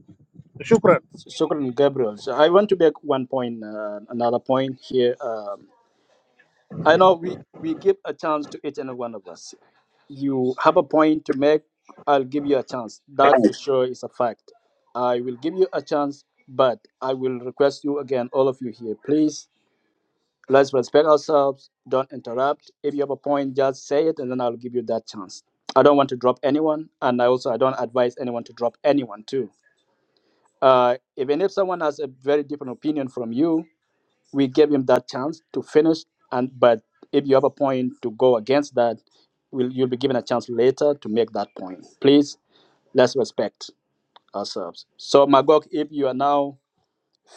Speaker 10: you.
Speaker 6: Shukran, Gabriel. So I want to make one point, uh, another point here. Um, I know we, we give a chance to each and one of us. You have a point to make, I'll give you a chance. That for sure is a fact. I will give you a chance, but I will request you again, all of you here, please, let's respect ourselves. Don't interrupt. If you have a point, just say it, and then I'll give you that chance. I don't want to drop anyone, and I also I don't advise anyone to drop anyone too. Uh, even if someone has a very different opinion from you, we gave him that chance to finish. And but if you have a point to go against that, will you'll be given a chance later to make that point. Please let's respect ourselves. So Magog, if you are now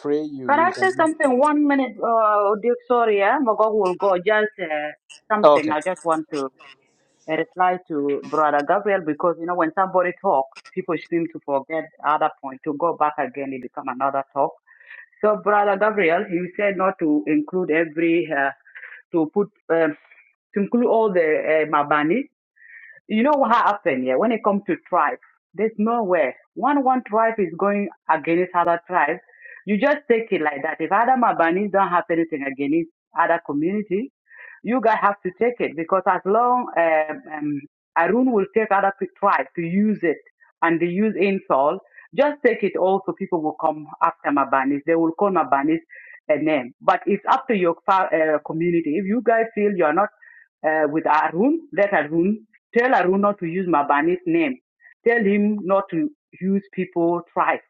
Speaker 6: free, you,
Speaker 11: Can
Speaker 6: you
Speaker 11: I
Speaker 6: can.
Speaker 11: say something? One minute, uh, Duke, sorry, eh? Magog will go. Just uh, something.
Speaker 6: Okay,
Speaker 11: I just want to uh, reply to Brother Gabriel because, you know, when somebody talk, people seem to forget other point. To go back again, it become another talk. So, Brother Gabriel, you said not to include every, uh, to put, um to include all the uh, Mabani. You know what happened here? When it comes to tribe, there's nowhere. One one tribe is going against other tribe. You just take it like that. If other Mabanis don't have anything against other community, you guys have to take it because as long um, um, Arun will take other pe- tribe to use it and they use insult, just take it also. People will come after Mabanis. They will call Mabanis a name. But it's up to your fa- uh, community. If you guys feel you're not uh, with Arun, let Arun. Tell Arun not to use my Banit name. Tell him not to use people tribe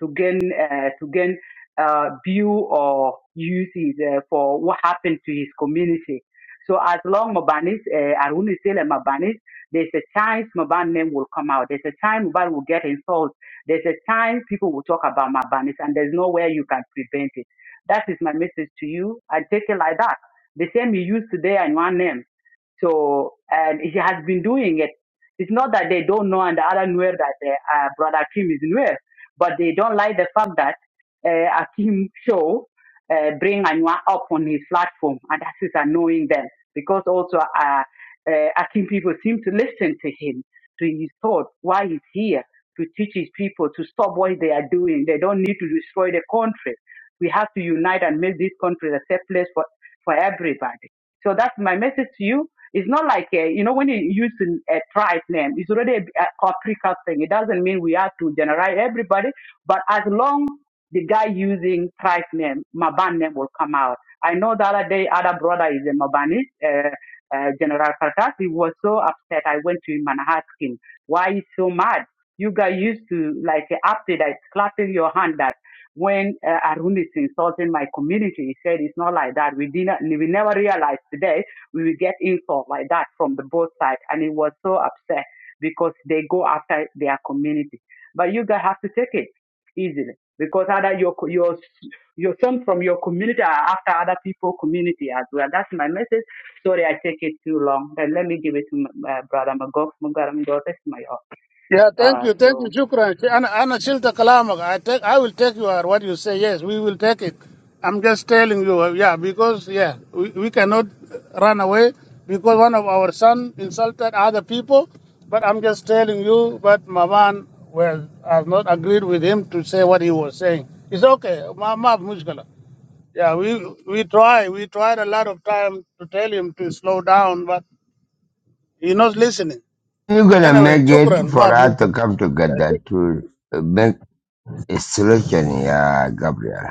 Speaker 11: to gain uh, to gain uh, view or use his, uh, for what happened to his community. So as long Mabanis, uh, Arun is still a Mabanis, there's a chance Maban name will come out. There's a time Maban will get insulted. There's a time people will talk about Mabanis and there's nowhere you can prevent it. That is my message to you. And take it like that. The same you use today and one name. So, and he has been doing it. It's not that they don't know and the other Nuer that uh, uh, Brother Kim is Nuer but they don't like the fact that uh, Akim Show uh, bring Anua up on his platform, and that is annoying them because also uh, uh, Akim people seem to listen to him, to his thought, why he's here to teach his people to stop what they are doing. They don't need to destroy the country. We have to unite and make this country a safe place for, for everybody. So that's my message to you it's not like, uh, you know, when you use a tribe name, it's already a, a paprika thing. It doesn't mean we have to generalize everybody, but as long the guy using tribe name, Maban name will come out. I know the other day, other brother is a Mabani, uh, uh, General Karkas. He was so upset. I went to him and asked him, why he's so mad? You guys used to like after that, clapping your hand that when uh, Arun is insulting my community, he said it's not like that. We didn't, we never realized today we will get insult like that from the both sides. And it was so upset because they go after their community. But you guys have to take it easily because other your your your some from your community are after other people community as well. That's my message. Sorry, I take it too long. Then let me give it to my, uh, brother Magog. Magog, this is my uh
Speaker 10: Yeah, thank
Speaker 11: uh,
Speaker 10: you, thank you,
Speaker 11: your.
Speaker 10: Shukran.
Speaker 11: um,
Speaker 10: Ana Ana Shilta Kalamak. I take, I will take you or what you say. Yes, we will take it. I'm just telling you, uh, yeah, because yeah, we, we cannot run away because one of our son insulted other people. But I'm just telling you, but Maman well has not agreed with him to say what he was saying. It's okay, Mama Mushkala. Yeah, we we try, we tried a lot of time to tell him to slow down, but he's not listening.
Speaker 8: You're gonna
Speaker 10: Anyway,
Speaker 8: make it
Speaker 10: Shukran,
Speaker 8: for
Speaker 10: Maaf
Speaker 8: us to
Speaker 10: Mushkala.
Speaker 8: come together to uh, make a solution, yeah, Gabriel.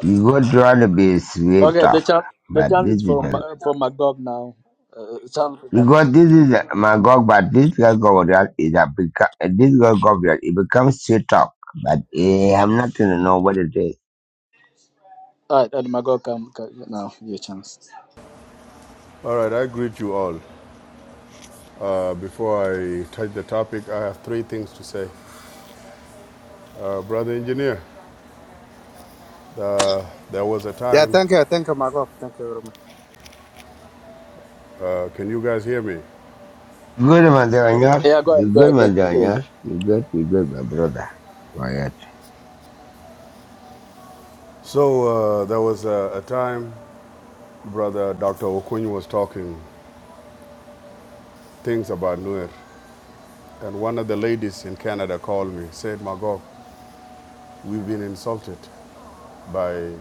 Speaker 8: You go try to be sweet
Speaker 6: okay. The
Speaker 8: talk,
Speaker 6: chance the
Speaker 8: but
Speaker 6: chance
Speaker 8: this
Speaker 6: is
Speaker 8: is
Speaker 6: for Ma-
Speaker 8: it.
Speaker 6: for Magog now. Uh, chance for Magog.
Speaker 8: Because this is my God, but this girl Gabriel is a beca- this girl Gabriel, it becomes sweet talk, but eh, I'm not gonna know what it is.
Speaker 6: All right, and Magog, come, come now. Your chance.
Speaker 9: All right, I greet you all. Uh, before I touch the topic, I have three things to say. Uh, Brother engineer, there was a
Speaker 2: Yeah,
Speaker 9: time,
Speaker 2: thank you, thank you, Marco. Thank you very much.
Speaker 9: uh, can you guys hear me?
Speaker 8: Good man, Señor.
Speaker 6: Yeah, go ahead,
Speaker 8: You
Speaker 6: go
Speaker 8: good
Speaker 6: ahead. let
Speaker 8: man,
Speaker 6: me hear you.
Speaker 8: Señor. You good, you good, my brother. Quiet.
Speaker 9: So uh, there was a, a time Brother Dr. Okuny was talking things about Nuer, and one of the ladies in Canada called me, said, Magog, we've been insulted by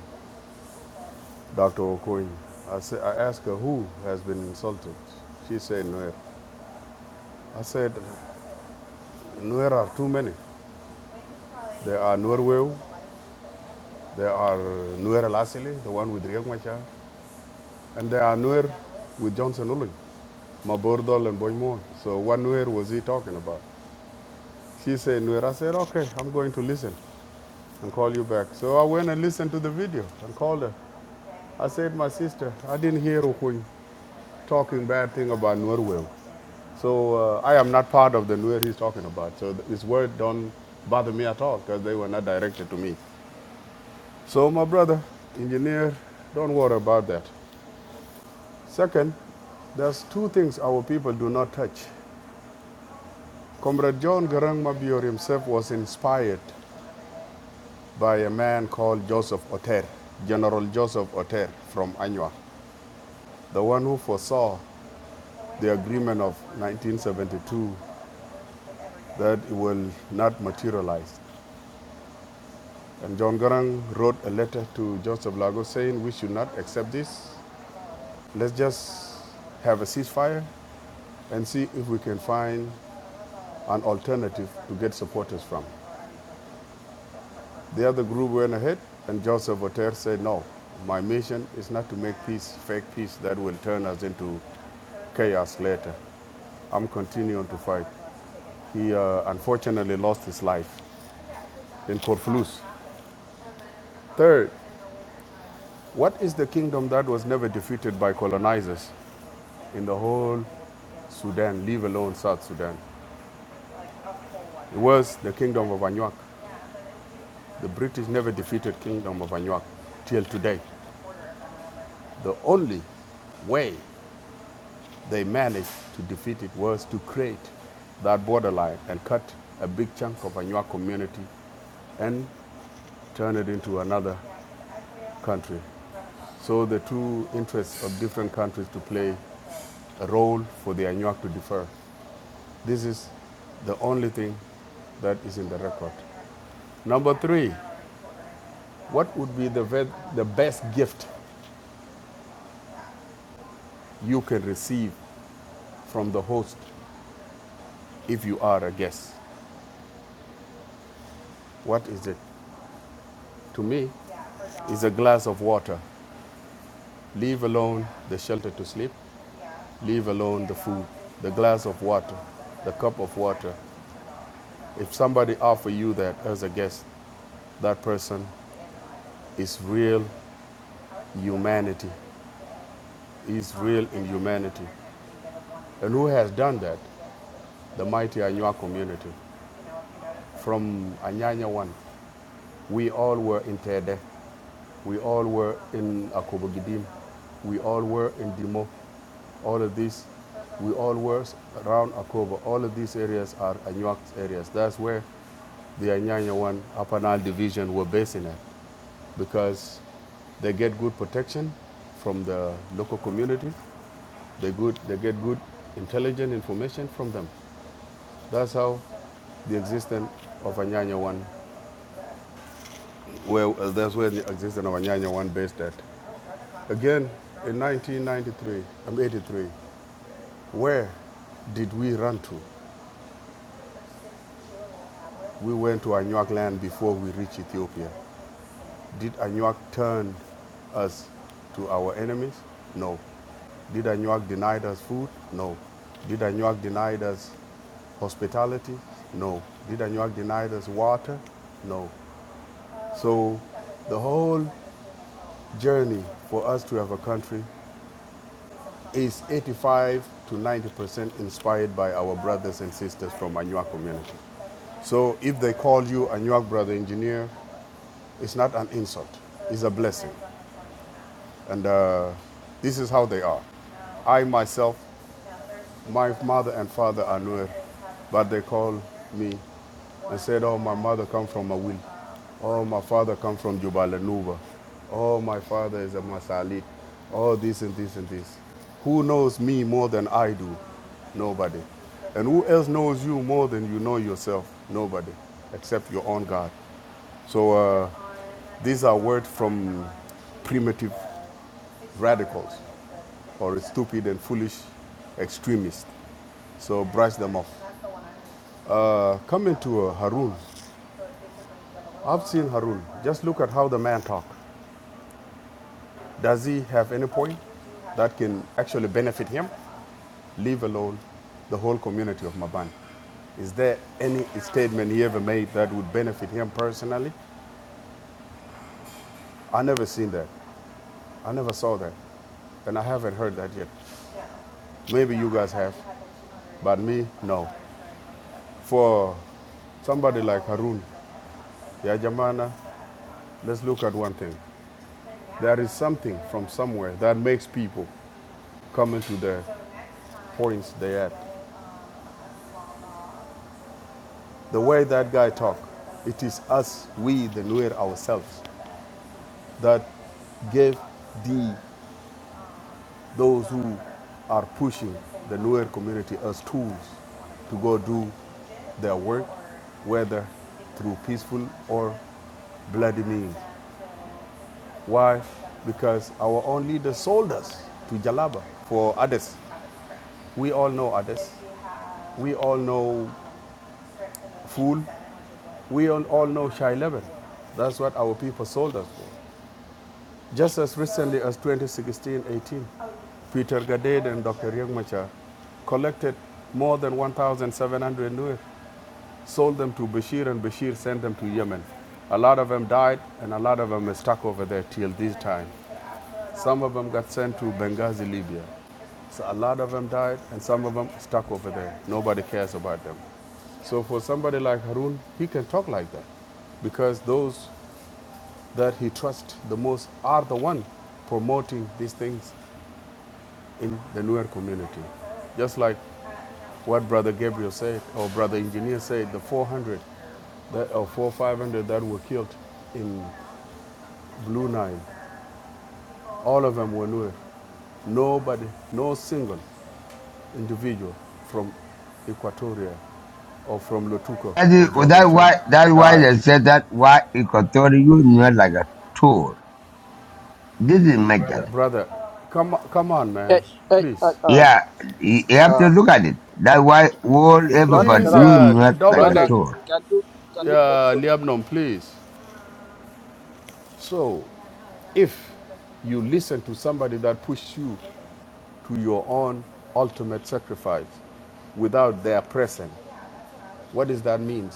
Speaker 9: Dr. Okuny. I, sa- I asked her, who has been insulted? She said, Nuer. I said, Nuer are too many. There are Nuer Weu, there are Nuer Lasili, the one with Riek Machar, and there are Nuer with Johnson Ulun, Mabordol and Boimon. So what Nuer was he talking about? She said Nuer. I said, okay, I'm going to listen and call you back. So I went and listened to the video and called her. I said, my sister, I didn't hear Okuny talking bad thing about Nuer Weu. So uh, I am not part of the Nuer he's talking about. So th- his word don't bother me at all because they were not directed to me. So, my brother, engineer, don't worry about that. Second, there's two things our people do not touch. Comrade John Garang Mabior himself was inspired by a man called Joseph Otter, General Joseph Otter from Anua, the one who foresaw the agreement of 1972 that it will not materialize. And John Garang wrote a letter to Joseph Lago saying, We should not accept this. Let's just have a ceasefire and see if we can find an alternative to get supporters from. The other group went ahead, and Joseph Voltaire said, No, my mission is not to make peace, fake peace that will turn us into chaos later. I'm continuing to fight. He uh, unfortunately lost his life in Corfluz. Third, what is the kingdom that was never defeated by colonizers in the whole Sudan, leave alone South Sudan. It was the kingdom of Anuak. The British never defeated kingdom of Anuak till today. The only way They managed to defeat it was to create that borderline and cut a big chunk of Anua community and turn it into another country. So the two interests of different countries to play a role for the Anuak to defer. This is the only thing that is in the record. Number three, what would be the, ve- the best gift you can receive from the host if you are a guest? What is it? To me, is a glass of water Leave alone the shelter to sleep, leave alone the food, the glass of water, the cup of water. If somebody offer you that as a guest, that person is real humanity, is real in humanity. And who has done that? The mighty Anua community. From Anyanya 1, we all were in Tede. We all were in Akobogidim. We all were in Dimo. All of these, we all were around Akobo. All of these areas are Anuak areas. That's where the Anyanya 1 Upper Nile Division were basing at because they get good protection from the local community. They, good, they get good intelligent information from them. That's how the existence of Anyanya 1, well, that's where the existence of Anyanya 1 based at. Again, in 1993, I'm 83. Where did we run to? We went to Anuak land before we reached Ethiopia. Did Anuak turn us to our enemies? No. Did Anuak deny us food? No. Did Anuak deny us hospitality? No. Did Anuak deny us water? No. So the whole journey for us to have a country is 85 to 90% inspired by our brothers and sisters from Anuak community. So if they call you Anuak brother engineer, it's not an insult, it's a blessing. And uh, this is how they are. I myself my mother and father are Nuer, but they call me and said, "Oh, my mother come from Awil. Oh, my father come from Jubalanuba. Oh, my father is a Masalit. Oh, this and this and this. Who knows me more than I do? Nobody. And who else knows you more than you know yourself? Nobody, except your own God. So uh, these are words from primitive radicals or stupid and foolish extremists. So brush them off. Uh, coming to uh, Harun, I've seen Harun. Just look at how the man talk. Does he have any point that can actually benefit him? Leave alone the whole community of Maban. Is there any statement he ever made that would benefit him personally? I never seen that. I never saw that. And I haven't heard that yet. Maybe you guys have, but me, no. For somebody like Harun, Ya Jamana, let's look at one thing. There is something from somewhere that makes people come into the points they had. The way that guy talked, it is us, we, the Nuer ourselves, that gave the those who are pushing the Nuer community as tools to go do their work, whether through peaceful or bloody means. Why? Because our own leaders sold us to Jalaba for others. We all know others. We all know Fool. We all know Shai Leban. That's what our people sold us for. Just as recently as 2016-18, Peter Gadade and Dr. Riek Machar collected more than 1,700 Nuer, sold them to Bashir, and Bashir sent them to Yemen. A lot of them died, and a lot of them are stuck over there till this time. Some of them got sent to Benghazi, Libya. So a lot of them died, and some of them stuck over there. Nobody cares about them. So for somebody like Harun, he can talk like that because those that he trusts the most are the one promoting these things in the newer community. Just like what Brother Gabriel said, or Brother Engineer said, the 400 that, or 4 500 that were killed in Blue Nile, all of them were Nuer. Nobody, no single individual from Equatoria or from Lotuko
Speaker 8: That is
Speaker 9: of John
Speaker 8: that
Speaker 9: Uchang
Speaker 8: why that why
Speaker 9: died.
Speaker 8: they said that why he control you not like a tool. This is Megan.
Speaker 9: Brother, come, come on,
Speaker 6: Hey,
Speaker 9: man,
Speaker 6: hey,
Speaker 9: please.
Speaker 6: uh, um,
Speaker 8: Yeah, you you have
Speaker 6: uh,
Speaker 8: to look at it. That why all
Speaker 6: don't
Speaker 8: everybody
Speaker 9: Please,
Speaker 6: interrupt,
Speaker 8: you
Speaker 6: br-
Speaker 9: uh,
Speaker 8: not like a
Speaker 6: brother.
Speaker 9: Dominic,
Speaker 8: tool.
Speaker 6: Can you can you close
Speaker 9: Yeah,
Speaker 6: your?
Speaker 9: Liabnon, please. So, if you listen to somebody that pushed you to your own ultimate sacrifice without their presence, what does that mean?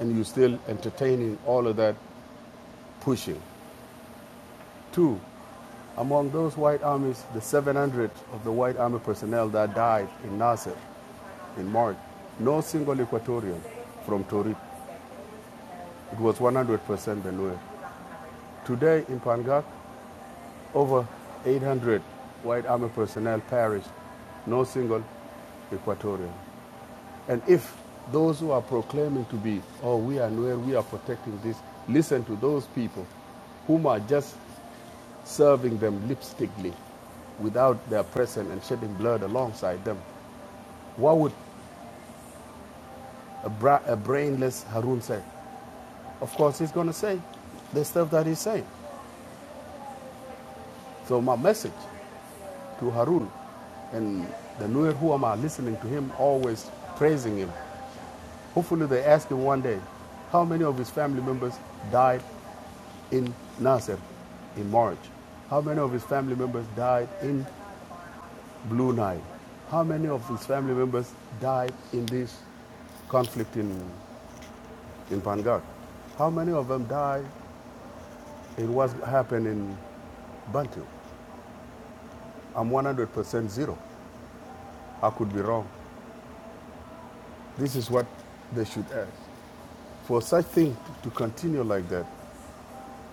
Speaker 9: And you still entertaining all of that pushing. Two, among those white armies, the 700 of the white army personnel that died in Nasser in March, no single Equatorian from Torit. It was 100% Benue. Today in Pangak, Over 800 White Army personnel perished, no single Equatorian. And if those who are proclaiming to be, oh, we are where we are protecting this, listen to those people whom are just serving them lipstickly without their presence and shedding blood alongside them. What would a, bra- a brainless Harun say? Of course, he's going to say the stuff that he's saying. So, my message to Harun. And the Nuer who are listening to him always praising him. Hopefully they ask him one day, how many of his family members died in Nasser in March? How many of his family members died in Blue Nile? How many of his family members died in this conflict in, in Vanguard? How many of them died in what happened in Bantu? I'm 100% zero. I could be wrong. This is what they should ask. For such thing to continue like that,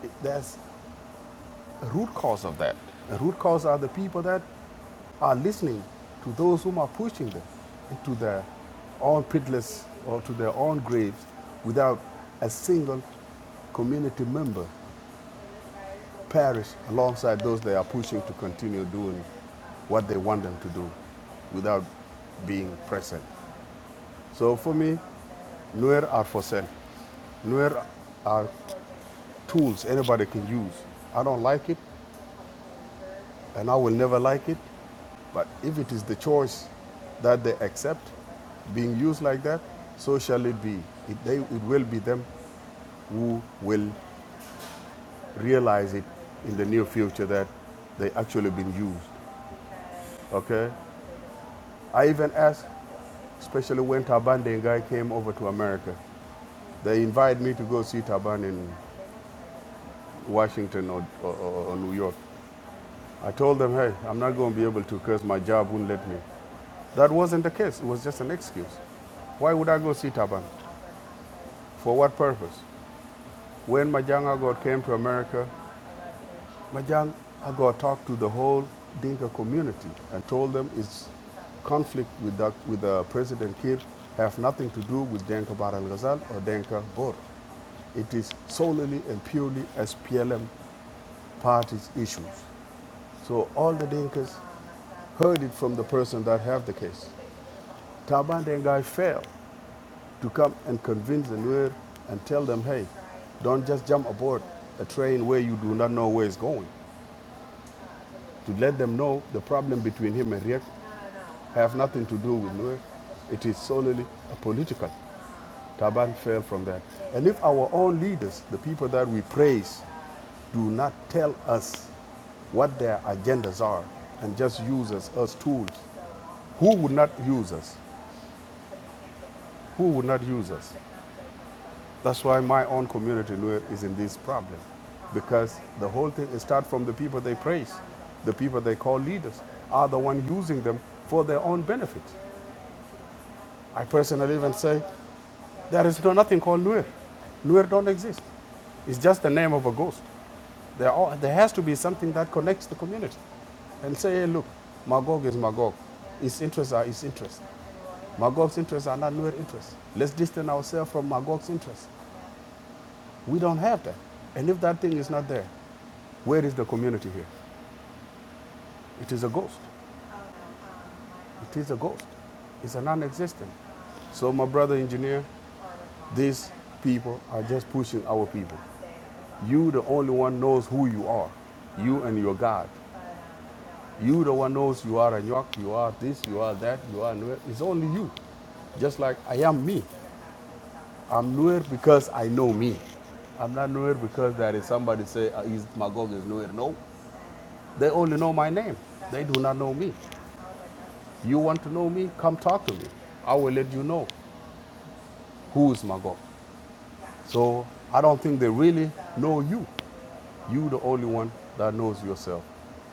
Speaker 9: it- there's a root cause of that. The root cause are the people that are listening to those whom are pushing them into their own pitless or to their own graves without a single community member perish alongside those they are pushing to continue doing what they want them to do without being present. So for me, Nuer are for sale. Nuer are tools anybody can use. I don't like it, and I will never like it. But if it is the choice that they accept being used like that, so shall it be. It, they, it will be them who will realize it in the near future that they actually been used. Okay? I even asked, especially when Taban and guy came over to America, they invited me to go see Taban in Washington or, or, or New York. I told them, hey, I'm not going to be able to because my job won't let me. That wasn't the case. It was just an excuse. Why would I go see Taban? For what purpose? When Majang Agot came to America, Majang Agot talked to the whole Dinka community and told them its conflict with, that, with uh, President Kir have nothing to do with Denka Bar al Ghazal or Denka Bor. It is solely and purely SPLM party's issues. So all the Dinkas heard it from the person that have the case. Taban Dengai failed. to come and convince the Nuer and tell them, hey, don't just jump aboard a train where you do not know where it's going. To let them know the problem between him and Riek have nothing to do with Nuer. It is solely a political. Taban fell from that. And if our own leaders, the people that we praise, do not tell us what their agendas are and just use us as tools, who would not use us? Who would not use us? That's why my own community, Luo, is in this problem. Because the whole thing starts from the people they praise, the people they call leaders, are the one using them for their own benefit. I personally even say there is no nothing called Nuer. Nuer don't exist. It's just the name of a ghost. There, are, there has to be something that connects the community and say, hey, look, Magog is Magog. His interests are his interests. Magog's interests are not Nuer interests. Let's distance ourselves from Magog's interests. We don't have that. And if that thing is not there, where is the community here? It is a ghost. It is a ghost. It's a non existent. So, my brother engineer, these people are just pushing our people. You, the only one, knows who you are. You and your God. You, the one, knows you are a York, you are this, you are that, you are Nuer. It's only you. Just like I am me. I'm Nuer because I know me. I'm not Nuer because that is somebody say uh, he's Magog is Nuer. No, They only know my name. They do not know me. You want to know me? Come talk to me. I will let you know who is Magog. So I don't think they really know you. You the only one that knows yourself.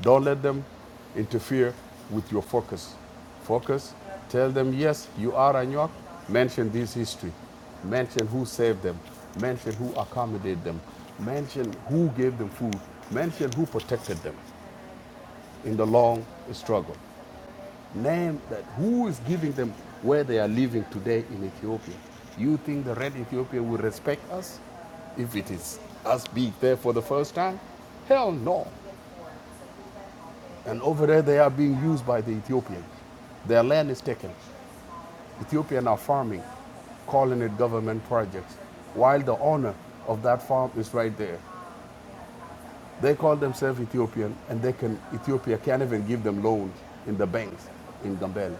Speaker 9: Don't let them interfere with your focus. Focus. Tell them yes, you are Anyok. Mention this history. Mention who saved them. Mention who accommodated them. Mention who gave them food. Mention who protected them in the long struggle. Name that who is giving them where they are living today in Ethiopia. You think the red Ethiopia will respect us if it is us being there for the first time? Hell no. And over there they are being used by the Ethiopians. Their land is taken. Ethiopians are farming, calling it government projects, while the owner of that farm is right there. They call themselves Ethiopian and they can Ethiopia can't even give them loans in the banks in Gambela.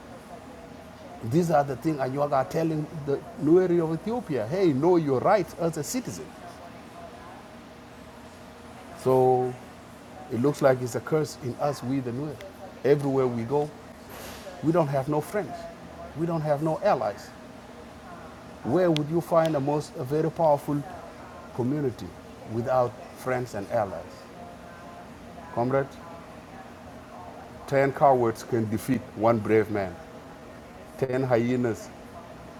Speaker 9: These are the things, and you are telling the Nueri of Ethiopia, hey, know your rights as a citizen. So it looks like it's a curse in us, we the Nuer. Everywhere we go, we don't have no friends. We don't have no allies. Where would you find a most a very powerful community without friends and allies? Comrade, ten cowards can defeat one brave man. Ten hyenas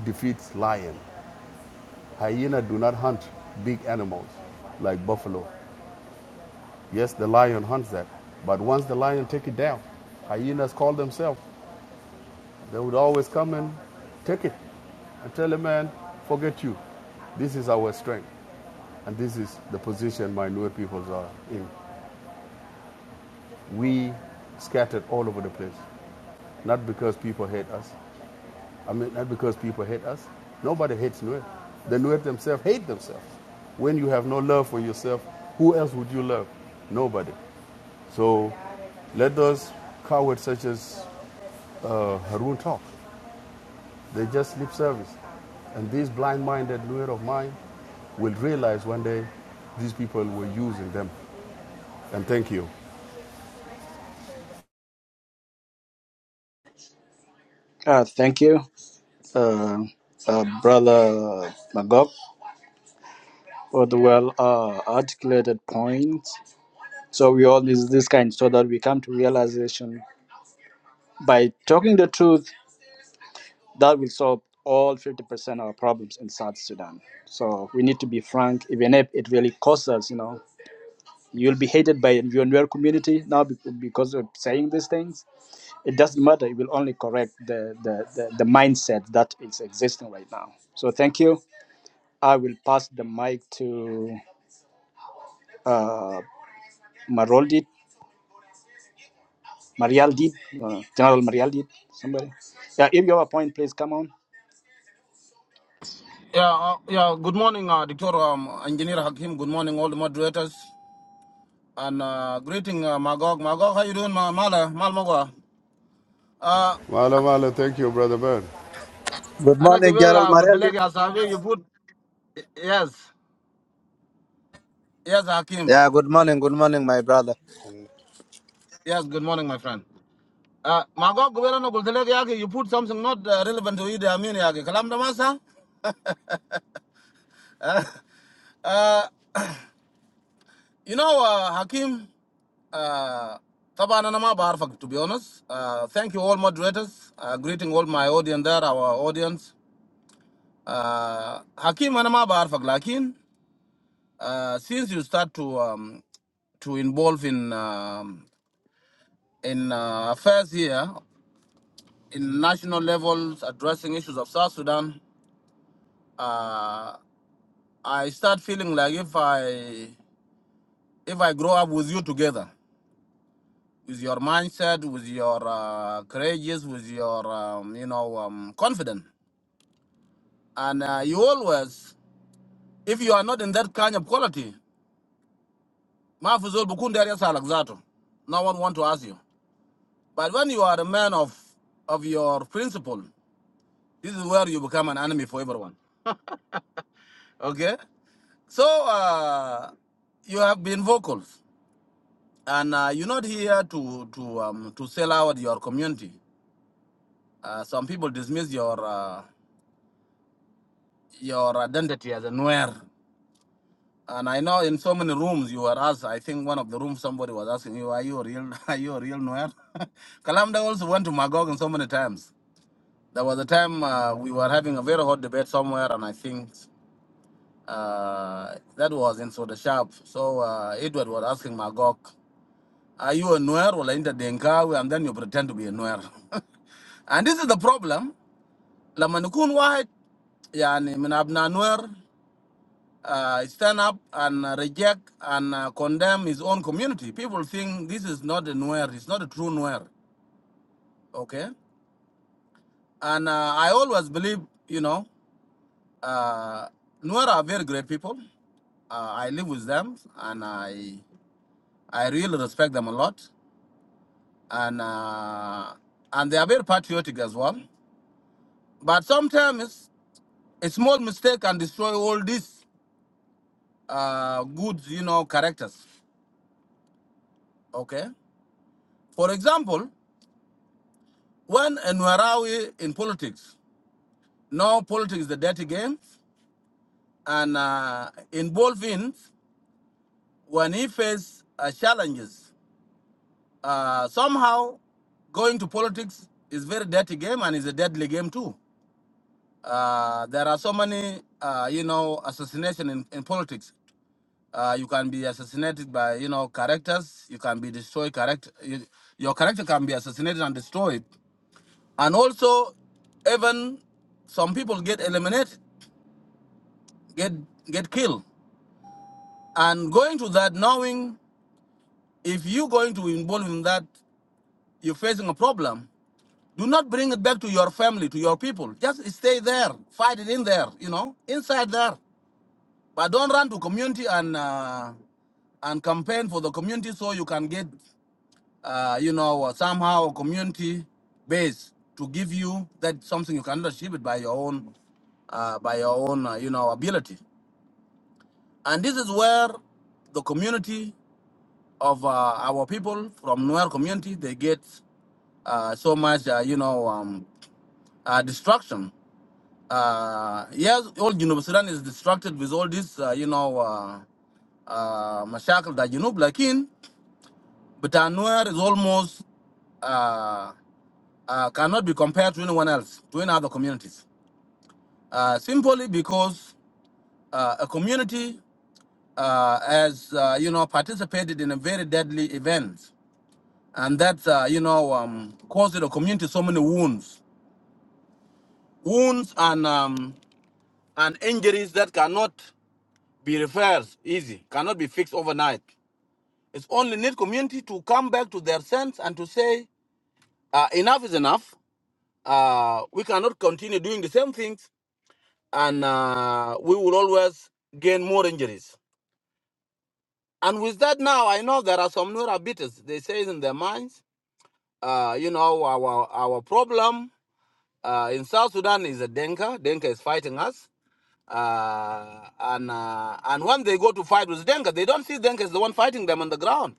Speaker 9: defeats lion. Hyena do not hunt big animals like buffalo. Yes, the lion hunts that. But once the lion take it down, hyenas call themselves. They would always come and take it and tell a man, forget you. This is our strength. And this is the position my Nuer peoples are in. We scattered all over the place. Not because people hate us. I mean, not because people hate us. Nobody hates Nuer. The Nuer themselves hate themselves. When you have no love for yourself, who else would you love? Nobody. So let those cowards such as Harun talk. They just lip service. And this blind-minded lawyer of mine will realize one day these people were using them. And thank you.
Speaker 6: Uh, thank you. uh, uh, Brother Magog for the well uh, articulated points. So we all is this kind so that we come to realization by talking the truth that will solve all 50% of our problems in South Sudan. So we need to be frank, even if it really costs us, you know. You'll be hated by your newer community now be- because of saying these things. It doesn't matter. It will only correct the, the, the, the mindset that is existing right now. So thank you. I will pass the mic to uh, Marol did, Marial did, uh, General Marial did, somebody. Yeah, if you have a point, please come on.
Speaker 12: Yeah, uh, yeah. Good morning, uh, Dr. Um, Engineer Hakim. Good morning, all the moderators. And uh, greeting, uh, Magog. Magog, how you doing, Ma- Mala? Mal Magwa? Uh,
Speaker 9: Mala Mala, thank you, Brother Bird.
Speaker 2: Good
Speaker 12: Ana
Speaker 2: morning, Gerald
Speaker 12: Givela, good
Speaker 2: Mariel.
Speaker 12: beleg, Asavi, you put... Yes. Yes,
Speaker 2: yeah
Speaker 12: Hakim.
Speaker 2: good morning good morning my brother
Speaker 12: Yes, good morning, my friend. Uh, Magog, Givela, no, good beleg, Yagi, you put something not uh, relevant to you, the Amin, Yagi. Kalam Damasa? Uh, uh, You know, uh, Hakim, uh, طبعا أنا ما بعرفك to be honest. Uh, thank you all moderators. Uh, greeting all my audience there, our audience. Uh, Hakim أنا ما بعرفك لكن uh, since you start to um, to involve in um, in uh, affairs here in national levels addressing issues of South Sudan, uh, I start feeling like if I if I grow up with you together. with your mindset, with your uh, courageous, with your um, you know um, confident, and uh, you always, if you are not in that kind of quality, mafuzol bukunderia salakzato. No one want to ask you. But when you are a man of of your principle, this is where you become an enemy for everyone. Okay, so uh, you have been vocal, and uh, you're not here to to um, to sell out your community. Uh, some people dismiss your uh, your identity as a Nuer. And I know in so many rooms you were asked, I think one of the rooms somebody was asking you, are you a real, are you a real Nuer? Kalamda also went to Magog in so many times. There was a time uh, we were having a very hot debate somewhere, and I think uh, that was in Soda Sharp. So uh, Edward was asking Magog, are you a Nuer or Inter Denkawi? And then you pretend to be a Nuer. and this is the problem. Lamanukun Wahid, yani, min abna Nuer. uh, stand up and uh, reject and uh, condemn his own community. People think this is not a Nuer, it's not a true Nuer, okay? And uh, I always believe, you know, uh, Nuer are very great people. Uh, I live with them and I I really respect them a lot. And uh, and they are very patriotic as well. But sometimes a small mistake can destroy all these uh, good, you know, characters, okay? For example, When and where are we in politics? No politics is the dirty game. And uh, involving when he faces uh, challenges, uh, somehow going to politics is very dirty game and is a deadly game too. Uh, there are so many, uh, you know, assassination in, in politics. Uh, you can be assassinated by, you know, characters. You can be destroyed. Character, you, your character can be assassinated and destroyed. And also, even some people get eliminated get get killed. And going to that, knowing if you're going to involve in that, you're facing a problem. Do not bring it back to your family, to your people. Just stay there, fight it in there, you know, inside there. But don't run to community and uh, and campaign for the community so you can get, uh, you know, somehow community base to give you that something you cannot achieve it by your own, uh, by your own, uh, you know, ability. And this is where the community of uh, our people from Nuer community. They get uh, so much, uh, you know, um, uh, destruction. Uh, yes, all Junub Sudan is distracted with all this, uh, you know, uh, uh, mashakal that Junub like in, but our Nuer is almost uh, uh, cannot be compared to anyone else, to any other communities, uh, simply because uh, a community uh, has, uh, you know, participated in a very deadly event and that, uh, you know um, caused the community so many wounds, wounds and um, and injuries that cannot be reversed. easy, cannot be fixed overnight. It's only need community to come back to their sense and to say uh, enough is enough. Uh, we cannot continue doing the same things, and uh, we will always gain more injuries. And with that, now I know there are some neurobitters. They say in their minds, uh, you know, our our problem. Uh, in South Sudan is a Denka. Denka is fighting us. Uh, and uh, and when they go to fight with Denka, they don't see Denka as the one fighting them on the ground.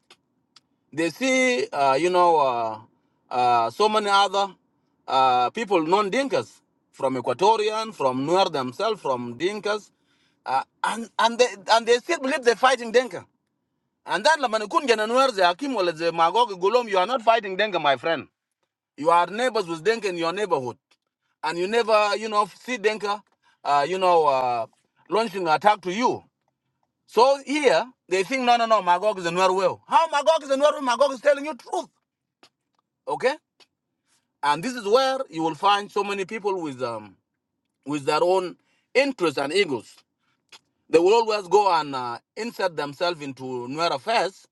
Speaker 12: They see, uh, you know, uh, uh, so many other uh, people, non-Dinkas, from Equatorian, from Nuer themselves, from Dinkas, uh, and and they and they still believe they're fighting Denka. And then Lamanikun Nuer, the Akim, the Magog, Golom, you are not fighting Denka, my friend. You are neighbors with Denka in your neighborhood and you never, you know, see Denka, uh, you know, uh, launching an attack to you. So here they think, no, no, no, Magog is a Norwell. How Magog is a Norwell? Magog is telling you truth, okay? And this is where you will find so many people with um with their own interests and egos. They will always go and uh, insert themselves into Nuer affairs.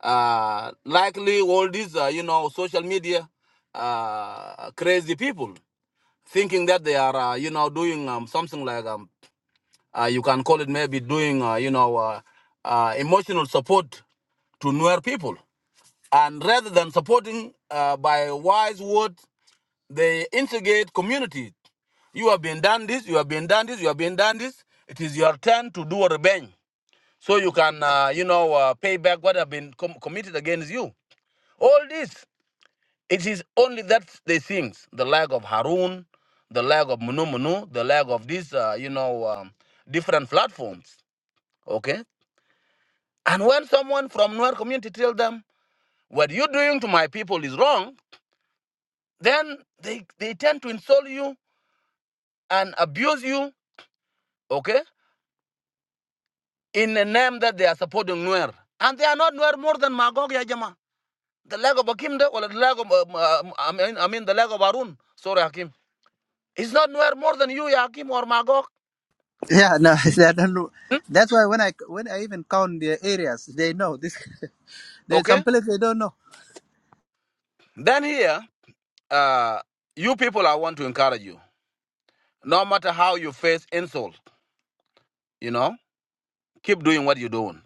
Speaker 12: Uh, likely all these, uh, you know, social media uh, crazy people thinking that they are, uh, you know, doing um, something like um. Uh, you can call it maybe doing, uh, you know, uh, uh, emotional support to Nuer people. And rather than supporting uh, by wise words, they instigate community. You have been done this, you have been done this, you have been done this. It is your turn to do a revenge. So you can, uh, you know, uh, pay back what have been com- committed against you. All this, it is only that they things, the lack of Harun, the lack of Munu Munu, the lack of these, uh, you know, um, different platforms. Okay, And when someone from Nuer community tells them, what you're doing to my people is wrong, then they, they tend to insult you and abuse you, okay, in the name that they are supporting Nuer. And they are not Nuer more than Magog Yajama. The leg of Akimde or the leg of, um, um, I, mean, I mean, the leg of Arun. Sorry, Hakim. It's not Nuer more than you, ya Hakim, or Magog.
Speaker 2: Yeah, no, I don't know.
Speaker 12: Hmm?
Speaker 2: That's why when I when I even count the areas, they know this. There's
Speaker 12: Okay?
Speaker 2: some places they don't know.
Speaker 12: Then here, uh, you people, I want to encourage you. No matter how you face insult, you know, keep doing what you're doing.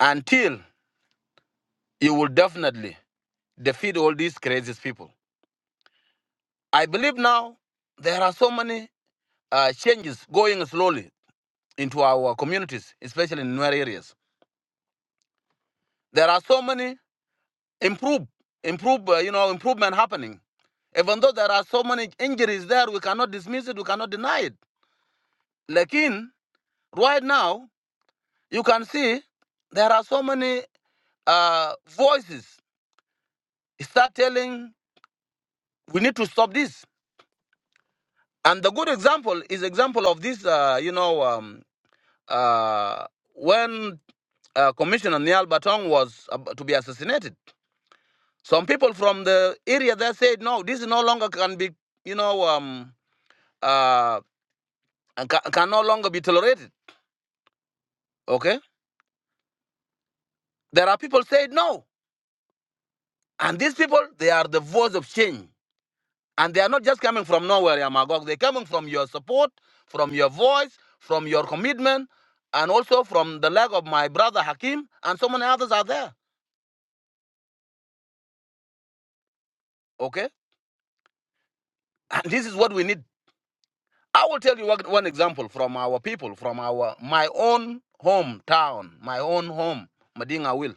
Speaker 12: Until you will definitely defeat all these crazy people. I believe now there are so many uh, changes going slowly into our communities, especially in rural areas. There are so many improve, improve, uh, you know, improvement happening. Even though there are so many injuries there, we cannot dismiss it, we cannot deny it. Like right now, you can see there are so many uh, voices start telling we need to stop this And the good example is example of this, uh, you know, um, uh, when uh, Commissioner Niall Batong was ab- to be assassinated, some people from the area there said, no, this no longer can be, you know, um, uh, can, can no longer be tolerated. Okay, there are people said no, and these people they are the voice of change. And they are not just coming from nowhere, Yamagog. They're coming from your support, from your voice, from your commitment, and also from the leg of my brother Hakim, and so many others are there. Okay? And this is what we need. I will tell you one one example from our people, from our my own hometown, my own home, Madinga Will.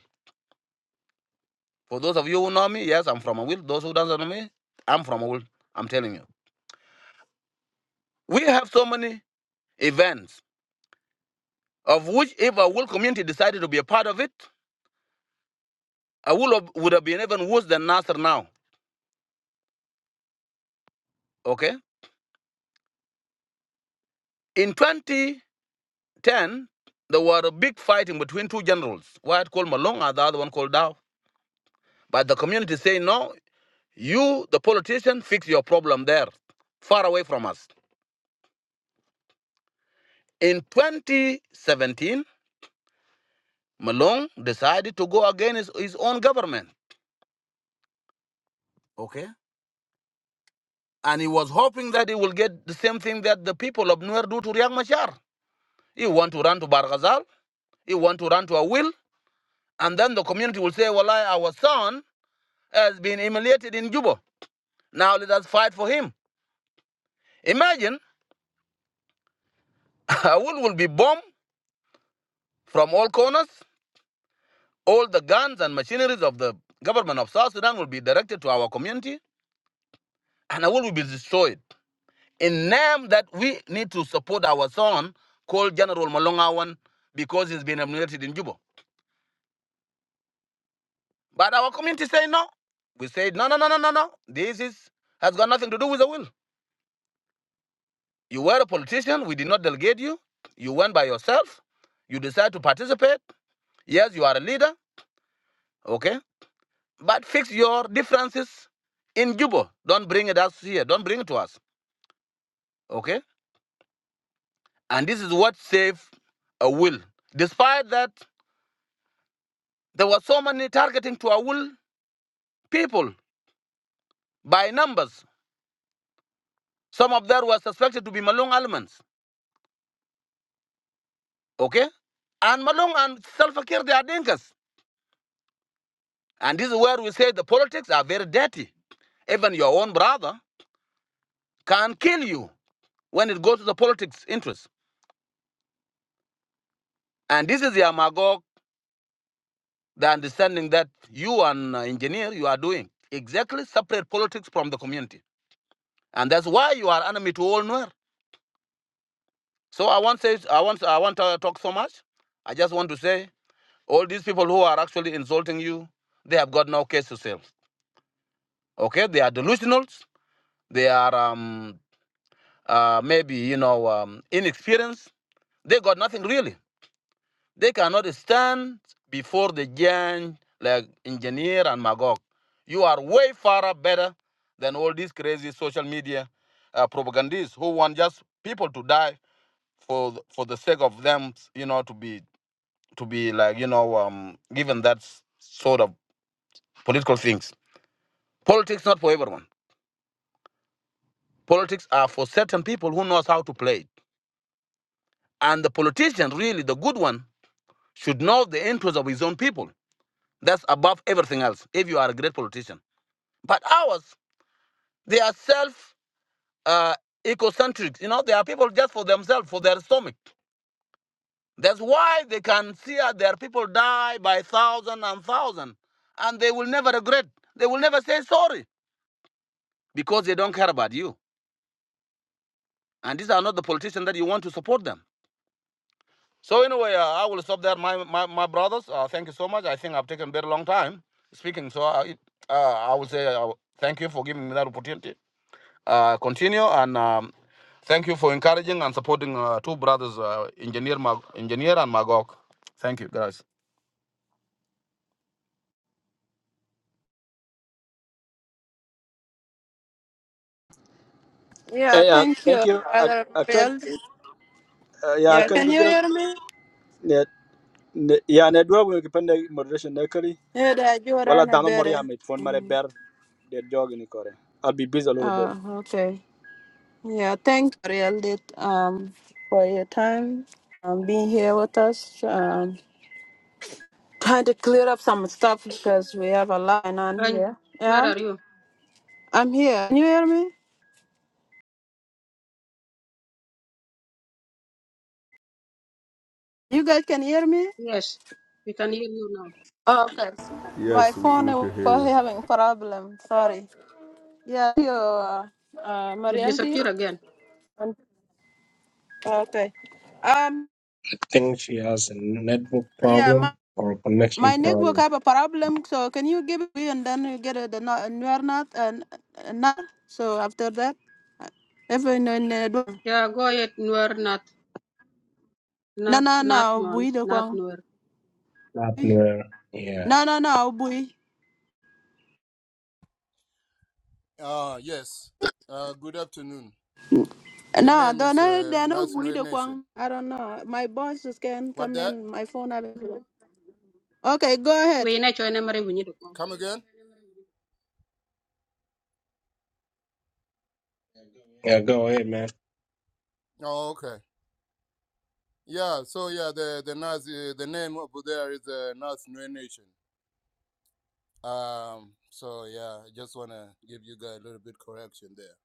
Speaker 12: For those of you who know me, yes, I'm from a Those who don't know me, I'm from a I'm telling you. We have so many events of which if a will community decided to be a part of it, I would have, would have been even worse than Nasser now. Okay. In 2010, there were a big fighting between two generals, one called Malong and the other one called Dow. But the community say no, you, the politician, fix your problem there, far away from us. In 2017, Malong decided to go against his, his own government. Okay. And he was hoping that he will get the same thing that the people of Nuer do to Riek Machar. He want to run to Barghazal. He want to run to Awil And then the community will say, well, our son has been humiliated in Juba. Now let us fight for him. Imagine, Awul will will be bombed from all corners. All the guns and machineries of the government of South Sudan will be directed to our community. And Awul will will be destroyed. In name that we need to support our son called General Malongawan because he's been humiliated in Juba. But our community say no. We say, no, no, no, no, no, no. This is, has got nothing to do with the will. You were a politician. We did not delegate you. You went by yourself. You decided to participate. Yes, you are a leader. Okay. But fix your differences in Juba. Don't bring it us here. Don't bring it to us. Okay. And this is what saved a will. Despite that, there were so many targeting to our will people by numbers. Some of them were suspected to be Malung elements. Okay. And Malung and Salva Kiir, they are dinkas. And this is where we say the politics are very dirty. Even your own brother can kill you when it goes to the politics interest. And this is the Amagog, the understanding that you and uh, engineer you are doing exactly separate politics from the community, and that's why you are enemy to all Nuer. So I won't say I won't I won't uh, talk so much. I just want to say all these people who are actually insulting you, they have got no case to sell. Okay, they are delusional. They are um, uh, maybe you know um, inexperienced. They got nothing really. They cannot stand before the giant like engineer and Magog. You are way far up better than all these crazy social media uh, propagandists who want just people to die for th- for the sake of them, you know, to be to be like you know um, given that s- sort of political things. Politics not for everyone. Politics are for certain people who knows how to play it. And the politician, really the good one, should know the interest of his own people. That's above everything else. If you are a great politician. But ours, they are self uh, ecocentric. You know, they are people just for themselves, for their stomach. That's why they can see uh, their people die by thousand and thousand, and they will never regret. They will never say sorry because they don't care about you. And these are not the politicians that you want to support them. So anyway, uh, I will stop there, my my, my brothers. Uh, thank you so much. I think I've taken very long time speaking, so I, uh, I will say uh, thank you for giving me that opportunity. Uh, continue and um, thank you for encouraging and supporting uh, two brothers, uh, engineer Mag- engineer and Magog. Thank you guys.
Speaker 6: Eh,
Speaker 1: yeah,
Speaker 6: yeah,
Speaker 1: thank you,
Speaker 6: thank you. I,
Speaker 1: Brother
Speaker 6: I can,
Speaker 1: Bill.
Speaker 6: uh, yeah, I
Speaker 1: Yeah,
Speaker 6: can
Speaker 1: can
Speaker 6: give
Speaker 1: you
Speaker 6: you
Speaker 1: hear me?
Speaker 6: ne, ne, yeah, ne dua will depend on moderation locally.
Speaker 1: Yeah, that you are
Speaker 6: Well, I
Speaker 1: on a
Speaker 6: don't know mori
Speaker 1: better.
Speaker 6: amit phone mare
Speaker 1: Mm.
Speaker 6: bear de jog ni kore. I'll be busy a little bit.
Speaker 1: Uh, okay. Yeah, thank you, Real, Lit, um, for your time um, being here with us. Um, Trying to clear up some stuff because we have a line on
Speaker 13: Ryan,
Speaker 1: here.
Speaker 13: where
Speaker 1: Yeah,
Speaker 13: are you?
Speaker 1: I'm here. Can you hear me? You guys can hear me?
Speaker 13: Yes, we can hear you now.
Speaker 1: Okay. My
Speaker 9: Yes, we
Speaker 1: phone is
Speaker 9: can hear you.
Speaker 1: probably having problem. Sorry. Yeah, you, uh, uh,
Speaker 13: You
Speaker 1: Marielle
Speaker 13: disappear again.
Speaker 1: Um, Okay. Um,
Speaker 3: I think she has a network
Speaker 1: yeah, my,
Speaker 3: problem or a connection
Speaker 1: my network
Speaker 3: problem.
Speaker 1: have a problem, so can you give me and then you get a, the no- a newer not and not? So after that, uh, everyone if in, uh,
Speaker 13: Yeah, go ahead, Nuer, not,
Speaker 1: no,
Speaker 13: not,
Speaker 1: no,
Speaker 13: not
Speaker 1: no,
Speaker 13: money,
Speaker 1: we the
Speaker 13: not
Speaker 1: one.
Speaker 13: Nuer.
Speaker 3: Not near. Yeah.
Speaker 1: No, no, no, we.
Speaker 14: Uh, yes. Uh, good afternoon. The
Speaker 1: No,
Speaker 14: name
Speaker 1: don't
Speaker 14: is
Speaker 1: know.
Speaker 14: uh,
Speaker 1: They are not bully
Speaker 14: National
Speaker 1: the
Speaker 14: Nation.
Speaker 1: Kwang. I don't know. My boss just can
Speaker 14: What
Speaker 1: come
Speaker 14: that?
Speaker 1: in. My phone. have- Okay, go ahead.
Speaker 13: We need to memory, we need to go.
Speaker 14: Come again?
Speaker 3: Yeah. Go ahead, man.
Speaker 14: Oh, okay. Yeah. So yeah, the the Nas, uh, the name over there is uh, National Nation. Um. So yeah, I just wanna give you guys a little bit correction there.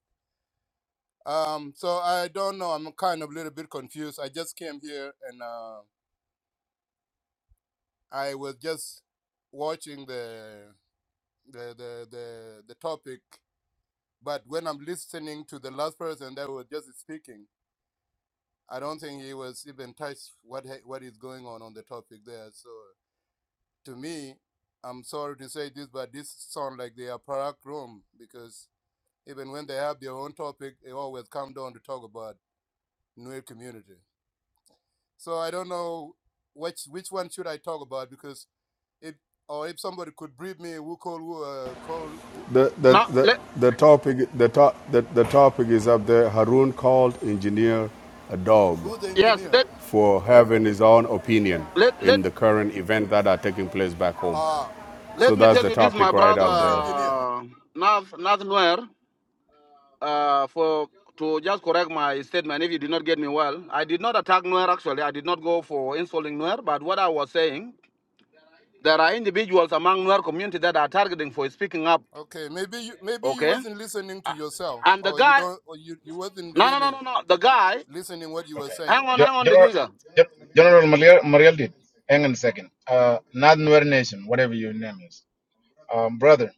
Speaker 14: Um. So I don't know. I'm kind of a little bit confused. I just came here and uh, I was just watching the the the the, the topic but when I'm listening to the last person that was just speaking. I don't think he was even touched what what is going on on the topic there. So to me, I'm sorry to say this, but this sound like they are parak room because even when they have their own topic, they always come down to talk about Nuer community. So I don't know which which one should I talk about because if or if somebody could brief me, who call who uh, call who,
Speaker 9: The, the,
Speaker 12: Now,
Speaker 9: the,
Speaker 12: let,
Speaker 9: the, topic, the, to, the, the topic is up there. Harun called engineer a dog
Speaker 14: who the
Speaker 12: yes,
Speaker 14: engineer?
Speaker 12: let
Speaker 9: for having his own opinion
Speaker 12: let let
Speaker 9: in the current event that are taking place back home.
Speaker 14: Ah, who,
Speaker 9: So
Speaker 12: let me
Speaker 9: that's
Speaker 14: who
Speaker 12: tell
Speaker 9: the
Speaker 12: you this, my
Speaker 9: topic right
Speaker 12: brother
Speaker 9: up
Speaker 14: who's the
Speaker 9: there.
Speaker 14: engineer?
Speaker 12: uh, Nav Nav Nuer, uh, for to just correct my statement. If you did not get me well, I did not attack Nuer. Actually, I did not go for insulting Nuer. But what I was saying, there are individuals among Nuer community that are targeting for speaking up.
Speaker 14: Okay, maybe you maybe you
Speaker 12: Okay,
Speaker 14: wasn't listening to
Speaker 12: Uh,
Speaker 14: yourself,
Speaker 12: and the
Speaker 14: or you
Speaker 12: guy,
Speaker 14: don't, or you, you wasn't
Speaker 12: no, no, no,
Speaker 14: really
Speaker 12: no, no. The guy
Speaker 14: listening what you were
Speaker 15: Okay.
Speaker 14: saying.
Speaker 12: Hang on,
Speaker 15: Ge-
Speaker 12: hang on,
Speaker 15: General,
Speaker 12: Degiga.
Speaker 15: Ge- General Mariel, Mariel did. Hang on a second. Uh, not Nuer Nation, whatever your name is. Um, brother,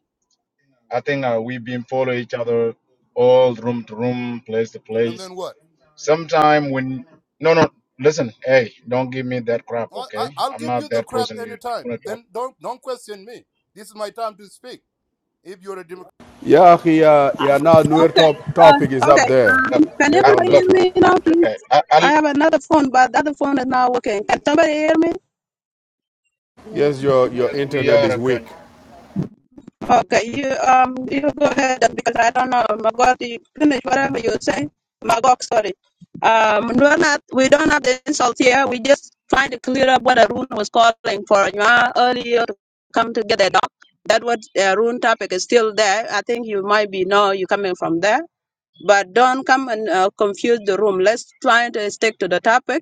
Speaker 15: I think uh, we've been following each other all room to room, place to
Speaker 14: And
Speaker 15: place.
Speaker 14: then what?
Speaker 15: Sometime when, no, no, listen, hey, don't give me that crap,
Speaker 14: I,
Speaker 15: okay?
Speaker 14: I, I'll
Speaker 15: I'm
Speaker 14: give
Speaker 15: not
Speaker 14: you the
Speaker 15: that
Speaker 14: crap
Speaker 15: person you
Speaker 14: anytime.
Speaker 15: want to talk.
Speaker 14: Then don't don't question me. This is my time to speak. If you're a Democrat,
Speaker 9: Yeah, he, uh, yeah, now newer
Speaker 16: Okay,
Speaker 9: top,
Speaker 16: uh,
Speaker 9: topic is up
Speaker 16: okay.
Speaker 9: there.
Speaker 16: Uh,
Speaker 15: Look,
Speaker 16: can
Speaker 9: Get
Speaker 15: I,
Speaker 9: on
Speaker 16: everybody
Speaker 9: the
Speaker 15: look,
Speaker 16: hear
Speaker 9: top.
Speaker 16: me now, please?
Speaker 15: okay. I, I,
Speaker 16: I have another phone, but the other phone is not working. Can somebody hear me?
Speaker 13: Yes,
Speaker 9: Yes, your, your
Speaker 15: yes, we
Speaker 9: internet
Speaker 15: are
Speaker 9: is
Speaker 15: a
Speaker 9: weak.
Speaker 15: country.
Speaker 16: Okay, you um, you go ahead because I don't know. My God, you finish whatever you say. My God, sorry. Um, we're not, we don't have the insult here. We just trying to clear up what Arun was calling for you earlier to come to get a dog. That what uh, Arun topic is still there. I think you might be know you coming from there but don't come and uh, confuse the room. Let's try to stick to the topic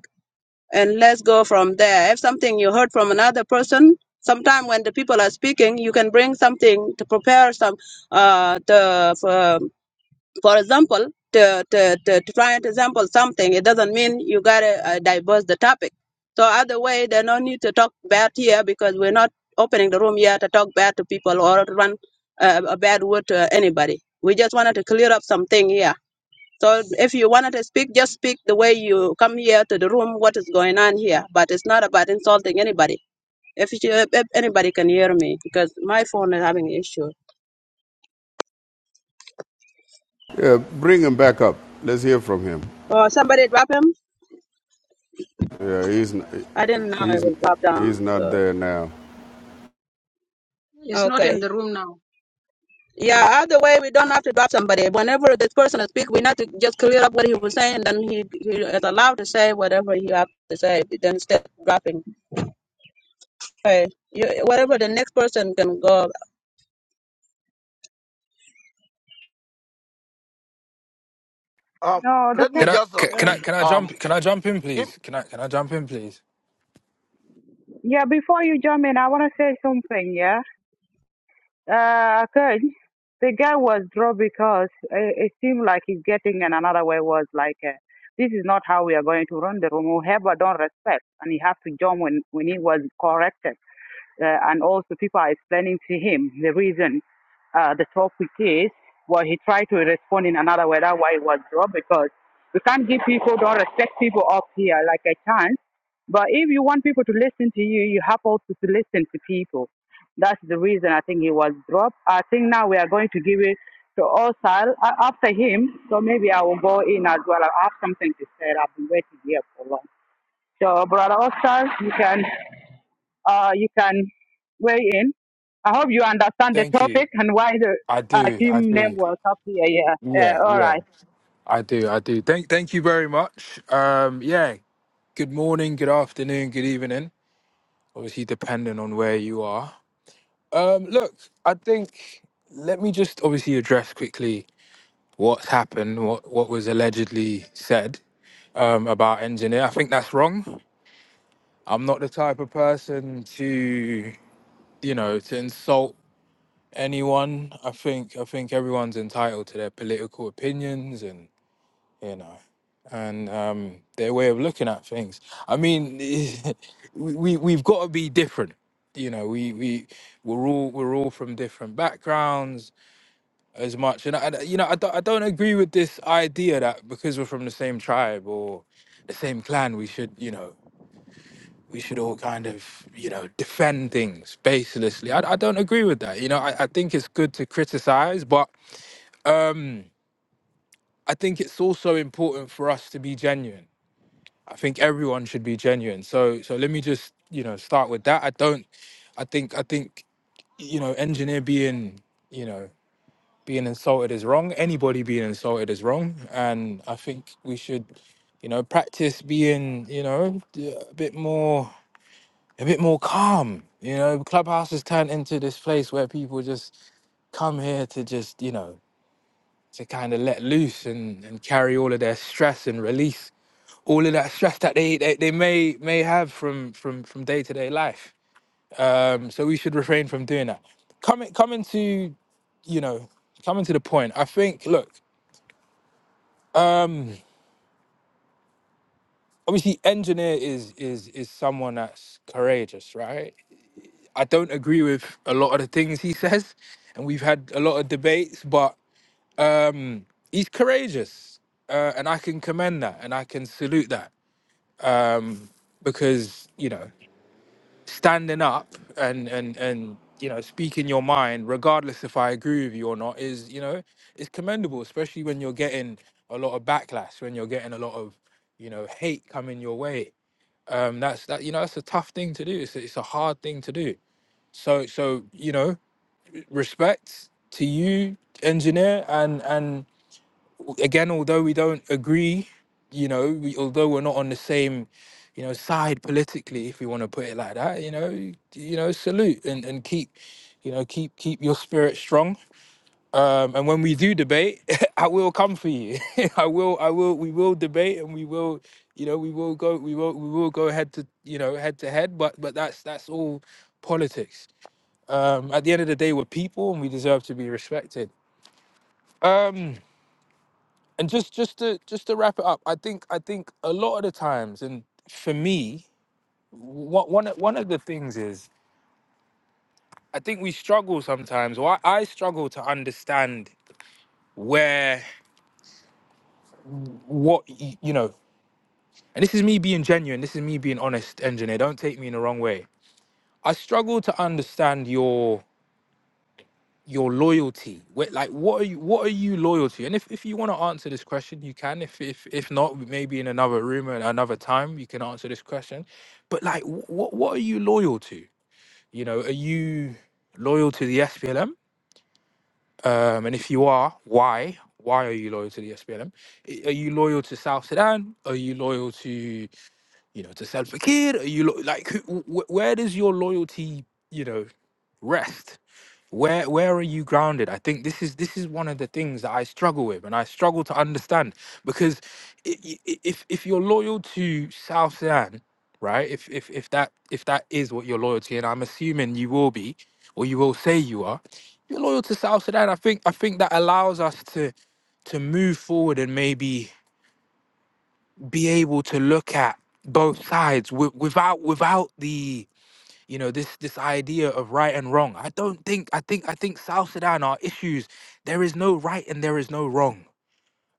Speaker 16: and let's go from there. If something you heard from another person, sometime when the people are speaking, you can bring something to prepare some, uh, the, for, for example, to, to, to, to try and example something. It doesn't mean you gotta uh, diverse the topic. So other way, there's no need to talk bad here because we're not opening the room here to talk bad to people or to run uh, a bad word to anybody. We just wanted to clear up something here. So if you wanted to speak, just speak the way you come here to the room, what is going on here. But it's not about insulting anybody. If, you, if anybody can hear me, because my phone is having issue.
Speaker 9: Yeah, bring him back up. Let's hear from him.
Speaker 16: Oh, somebody drop him?
Speaker 9: Yeah, he's,
Speaker 16: I didn't know it
Speaker 9: he's,
Speaker 16: was dropped down.
Speaker 9: he's not
Speaker 16: So,
Speaker 9: there now.
Speaker 13: it's not in
Speaker 16: okay.
Speaker 13: the room now. Mm.
Speaker 16: Yeah, either way, we don't have to drop somebody. Whenever this person speak, we need to just clear up what he was saying. Then he, he is allowed to say whatever he has to say. Then instead of dropping. Okay. You, whatever the next person can go
Speaker 12: Um,
Speaker 11: No, that's
Speaker 12: let me
Speaker 17: Can
Speaker 11: next,
Speaker 17: I
Speaker 12: just uh,
Speaker 17: ca- can
Speaker 11: uh,
Speaker 17: I can I
Speaker 12: um
Speaker 17: jump can I jump in
Speaker 12: give
Speaker 17: please? Can I can I jump in please?
Speaker 11: yeah, before you jump in, I want to say something, yeah? Uh, okay. The guy was dropped because it, it seemed like he's getting in another way was like, uh, this is not how we are going to run the room. Whoever don't respect, and he have to jump when, when he was corrected uh, and also people are explaining to him the reason uh, the topic is. Well, he tried to respond in another way. That's why it was dropped because we can't give people, don't respect people up here like a chance. But if you want people to listen to you, you have also to listen to people. That's the reason I think he was dropped. I think now we are going to give it to Osal uh, after him. So maybe I will go in as well. I have something to say. I've been waiting here for long. So, Brother Osal, you can uh, you can weigh in. I hope you understand the
Speaker 17: Thank you.
Speaker 11: topic and why the
Speaker 17: I
Speaker 11: uh,
Speaker 17: do. I
Speaker 11: team name
Speaker 17: do.
Speaker 11: was up here. Yeah.
Speaker 17: Yeah,
Speaker 11: Uh, all
Speaker 17: yeah.
Speaker 11: right.
Speaker 17: I do. I do. Thank thank you very much. Um yeah, good morning, good afternoon, good evening. Obviously depending on where you are. Um look, I think let me just obviously address quickly what's happened, what what was allegedly said um about engineer. I think that's wrong. I'm not the type of person to, you know, to insult anyone. I think I think everyone's entitled to their political opinions and you know and um, their way of looking at things. I mean, we we- we've got to be different. You know, we we we're all we're all from different backgrounds as much. And I, I- you know, I don't, I don't agree with this idea that because we're from the same tribe or the same clan, we should you know we should all kind of you know defend things baselessly. I, I don't agree with that. You know, I, I think it's good to criticize, but um, I think it's also important for us to be genuine. I think everyone should be genuine. So so let me just, you know, start with that. I don't I think I think, you know, engineer being, you know, being insulted is wrong. Anybody being insulted is wrong. And I think we should, you know, practice being, you know, d- a bit more a bit more calm. You know, clubhouse has turned into this place where people just come here to just, you know, to kind of let loose and, and carry all of their stress and release all of that stress that they, they, they may may have from from from day to day life. Um, so we should refrain from doing that. Coming coming to, you know, coming to the point. I think look, um, obviously engineer is is is someone that's courageous, right? I don't agree with a lot of the things he says, and we've had a lot of debates, but um, he's courageous, uh, and I can commend that, and I can salute that because you know standing up and and and you know speaking your mind regardless if i agree with you or not is you know is commendable especially when you're getting a lot of backlash when you're getting a lot of you know hate coming your way um that's that you know that's a tough thing to do it's, a- it's a hard thing to do so so you know respect to you engineer and and again, although we don't agree, you know, we, although we're not on the same, you know, side politically, if you want to put it like that, you know, you, you know, salute and, and keep, you know, keep keep your spirit strong. Um, and when we do debate, I will come for you. I will, I will, we will debate and we will, you know, we will go, we will, we will go head to, you know, head to head. But but that's that's all politics. Um, at the end of the day, we're people and we deserve to be respected. Um, and just just to just to wrap it up i think i think a lot of the times and for me what one of- one of the things is i think we struggle sometimes or i, I struggle to understand where what y- you know and this is me being genuine this is me being honest engineer don't take me in the wrong way i struggle to understand your your loyalty Wh- like what are you what are you loyal to and if, if you want to answer this question you can if if if not maybe in another room at another time you can answer this question but like what what are you loyal to you know are you loyal to the SPLM um and if you are why why are you loyal to the SPLM are you loyal to South Sudan are you loyal to you know to Salva Kiir are you lo- like who, wh- where does your loyalty you know rest where where are you grounded i think this is this is one of the things that i struggle with and i struggle to understand because i- i- i- if if you're loyal to south sudan right if if if that if that is what your loyalty and i'm assuming you will be or you will say you are you're loyal to south sudan i think i think that allows us to to move forward and maybe be able to look at both sides wi- without without the you know this this idea of right and wrong i don't think i think i think south sudan are issues there is no right and there is no wrong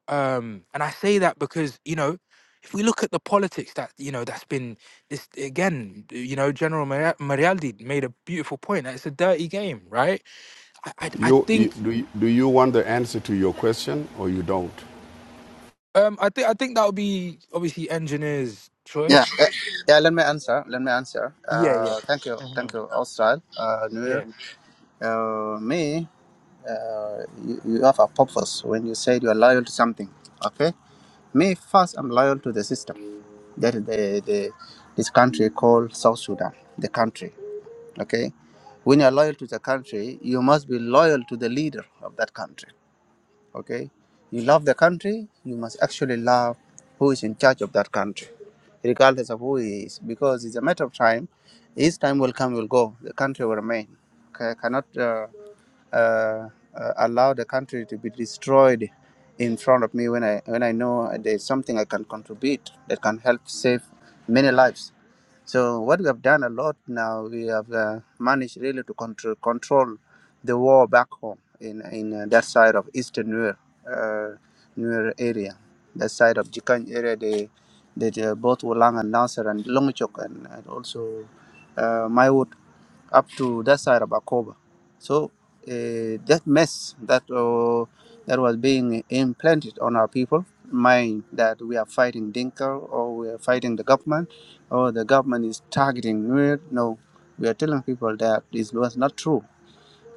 Speaker 17: um and i say that because you know if we look at the politics that you know that's been this again you know general Mari- marialdi made a beautiful point that it's a dirty game right i i, I
Speaker 9: You, you,
Speaker 17: think
Speaker 9: do, you, do you want the answer to your question or you don't?
Speaker 17: um i think i think that would be obviously engineers
Speaker 2: Yeah, uh,
Speaker 17: choice
Speaker 2: yeah. Let me answer. Let me answer.
Speaker 17: yeah
Speaker 2: Uh, thank you, thank you, Austral, uh,
Speaker 17: yeah
Speaker 2: Nuer. Uh, me, uh, you, you have a purpose when you say you are loyal to something. Okay. Me first, I'm loyal to the system. That is the, the this country called South Sudan, the country. Okay. When you are loyal to the country, you must be loyal to the leader of that country okay you love the country you must actually love who is in charge of that country regardless of who he is because it's a matter of time his time will come will go the country will remain okay cannot uh, uh, uh, allow the country to be destroyed in front of me when i when i know there's something i can contribute that can help save many lives so what we have done a lot now, we have uh, managed really to control, control the war back home in, in uh, that side of eastern Nuer, uh, Nuer area, that side of Jikany area, they, they, uh, both Wulang and Nasser and Longchok and, and also uh, Maiwut up to that side of Akoba. So uh, that mess that uh, that was being implanted on our people, mind that we are fighting Dinka or we are fighting the government or the government is targeting Nuer. No, we are telling people that this was not true.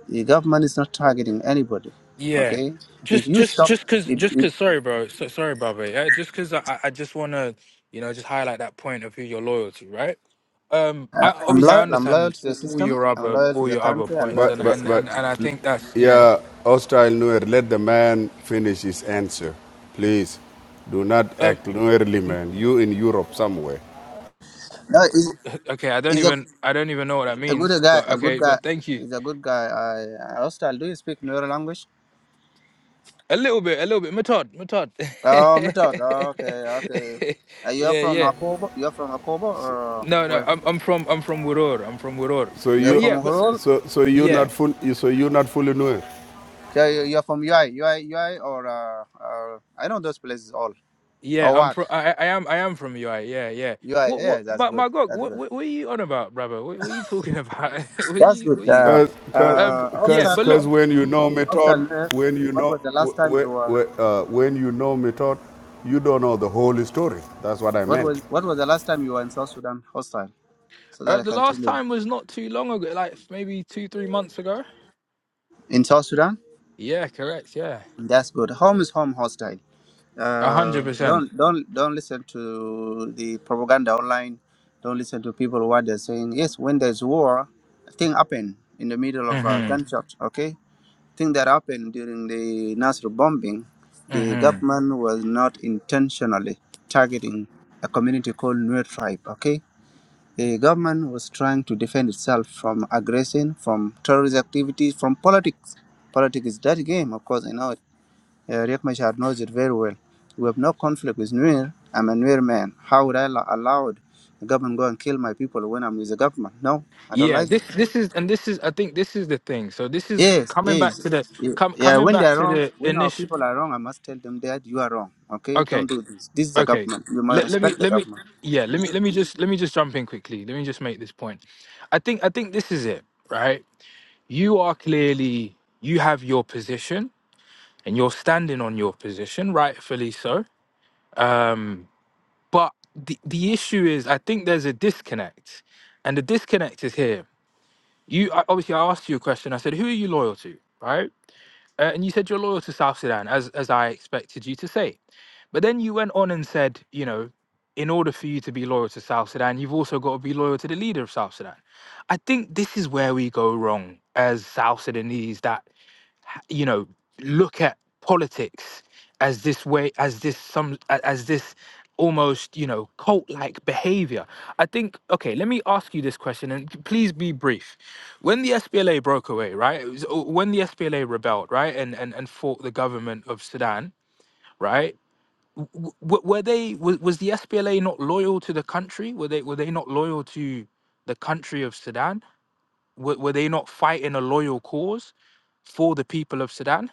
Speaker 2: The government is not targeting anybody.
Speaker 17: Yeah,
Speaker 2: Okay, if
Speaker 17: just
Speaker 2: you
Speaker 17: just
Speaker 2: stop.
Speaker 17: just cause
Speaker 2: If,
Speaker 17: just
Speaker 2: if,
Speaker 17: cause sorry, bro. So, sorry, brother. Uh, just cause I I I just wanna you know just highlight that point of who you're loyal to, right? Um,
Speaker 2: uh,
Speaker 17: I
Speaker 2: I'm
Speaker 17: obviously I
Speaker 2: loyal. I'm loyal
Speaker 17: understand
Speaker 2: to the
Speaker 17: all all
Speaker 2: system.
Speaker 17: your
Speaker 2: I'm
Speaker 17: other
Speaker 2: loyal to
Speaker 17: all
Speaker 2: the
Speaker 17: your other
Speaker 2: country. I'm
Speaker 17: points,
Speaker 2: loyal
Speaker 9: But,
Speaker 17: and
Speaker 2: to the
Speaker 9: but,
Speaker 17: and
Speaker 9: but
Speaker 2: system.
Speaker 17: and and I think that's you know
Speaker 9: yeah, hostile Nuer, let the man finish his answer. Please, do not
Speaker 17: um
Speaker 9: act Nuerly, man. You in Europe somewhere.
Speaker 2: No, is
Speaker 17: okay. I don't
Speaker 2: it's a
Speaker 17: even I don't even know what that
Speaker 2: A good
Speaker 17: means,
Speaker 2: guy,
Speaker 17: but
Speaker 2: a good
Speaker 17: okay.
Speaker 2: guy.
Speaker 17: But thank you.
Speaker 2: He's a good guy. I, I hostile. Do you speak Nuer language?
Speaker 17: A little bit, a little bit. Matod, Matod.
Speaker 2: Oh, me too. Oh, Okay, okay. Uh, you're
Speaker 17: yeah,
Speaker 2: from
Speaker 17: yeah.
Speaker 2: Akobo? You're from Akobo or
Speaker 17: No, no.
Speaker 2: where?
Speaker 17: I'm I'm from I'm from Wiror. I'm from Wiror.
Speaker 9: So
Speaker 2: You're
Speaker 17: But
Speaker 9: you,
Speaker 17: yeah,
Speaker 2: from
Speaker 17: but
Speaker 2: Horor?
Speaker 9: so so you
Speaker 2: Yeah.
Speaker 17: yeah.
Speaker 9: not full, so you not fully know it,
Speaker 2: So you- you're from UI, UI, UI, or uh, uh, I know those places all.
Speaker 17: Yeah,
Speaker 2: Or
Speaker 17: I'm
Speaker 2: what?
Speaker 17: from. I, I am. I am from UI. Yeah, yeah.
Speaker 2: UI.
Speaker 17: What? What?
Speaker 2: Yeah, that's
Speaker 17: My,
Speaker 2: good.
Speaker 17: my God.
Speaker 2: That's
Speaker 17: What,
Speaker 2: good.
Speaker 17: what? What are you on about, brother? What, what are you talking about? what are
Speaker 2: That's
Speaker 17: you? What
Speaker 2: good.
Speaker 17: are you?
Speaker 2: Uh,
Speaker 9: cause cause
Speaker 17: Um.
Speaker 2: uh,
Speaker 9: cause
Speaker 17: Yeah.
Speaker 9: cause
Speaker 2: hostile,
Speaker 17: But look,
Speaker 9: when you know method,
Speaker 2: hostile. Nuer,
Speaker 9: when you
Speaker 2: What
Speaker 9: know
Speaker 2: was the last time
Speaker 9: when
Speaker 2: you were?
Speaker 9: uh, when you know method, you don't know the whole story. That's what I
Speaker 2: What was
Speaker 9: meant.
Speaker 2: what was the last time you were in South Sudan? Hostile. So that
Speaker 17: uh,
Speaker 2: I
Speaker 17: the
Speaker 2: can tell
Speaker 17: last
Speaker 2: you.
Speaker 17: time was not too long ago. Like maybe two, three months ago.
Speaker 2: In South Sudan.
Speaker 17: Yeah. Correct. Yeah.
Speaker 2: That's good. Home is home hostile.
Speaker 17: A
Speaker 2: Uh,
Speaker 17: hundred percent.
Speaker 2: don't don't don't listen to the propaganda online. Don't listen to people what they're saying. Yes, when there's war, thing happen in the middle of a
Speaker 17: Mhm.
Speaker 2: gunshot. Okay, thing that happened during the Nasr bombing, the
Speaker 17: Mhm.
Speaker 2: government was not intentionally targeting a community called Nuer tribe. Okay, the government was trying to defend itself from aggression, from terrorist activities, from politics. Politics is dirty game, of course. I know it uh, Riek Machar knows it very well. We have no conflict with Nuer. I'm a Nuer man. How would I allow allow the government go and kill my people when I'm with the government? No, I don't
Speaker 17: Yeah.
Speaker 2: like
Speaker 17: This.
Speaker 2: that.
Speaker 17: This is. And this is. I think this is the thing. So this is
Speaker 2: Yes,
Speaker 17: coming back
Speaker 2: yes.
Speaker 17: to the.
Speaker 2: Ye-
Speaker 17: Com-
Speaker 2: Yeah,
Speaker 17: coming
Speaker 2: when they
Speaker 17: back
Speaker 2: are
Speaker 17: to
Speaker 2: wrong,
Speaker 17: the
Speaker 2: when our
Speaker 17: initial.
Speaker 2: people are wrong, I must tell them that you are wrong. Okay, don't
Speaker 17: Okay.
Speaker 2: do this. This is the
Speaker 17: okay
Speaker 2: government. You must
Speaker 17: let, let me
Speaker 2: respect the
Speaker 17: let me
Speaker 2: government.
Speaker 17: yeah let me let me just let me just jump in quickly let me just make this point i think i think this is it right you are clearly you have your position and you're standing on your position rightfully so um, but the, the issue is i think there's a disconnect and the disconnect is here you I- obviously i asked you a question i said who are you loyal to right Uh, and you said you're loyal to South Sudan, as as I expected you to say. But then you went on and said, you know, in order for you to be loyal to South Sudan, you've also got to be loyal to the leader of South Sudan. I think this is where we go wrong as South Sudanese. That you know look at politics as this way as this some a- as this almost you know cult like behavior i think okay let me ask you this question and p- please be brief when the spla broke away right it was- uh, when the spla rebelled right and and, and fought the government of sudan right w- w- were they was, was the spla not loyal to the country were they were they not loyal to the country of sudan were, were they not fighting a loyal cause for the people of sudan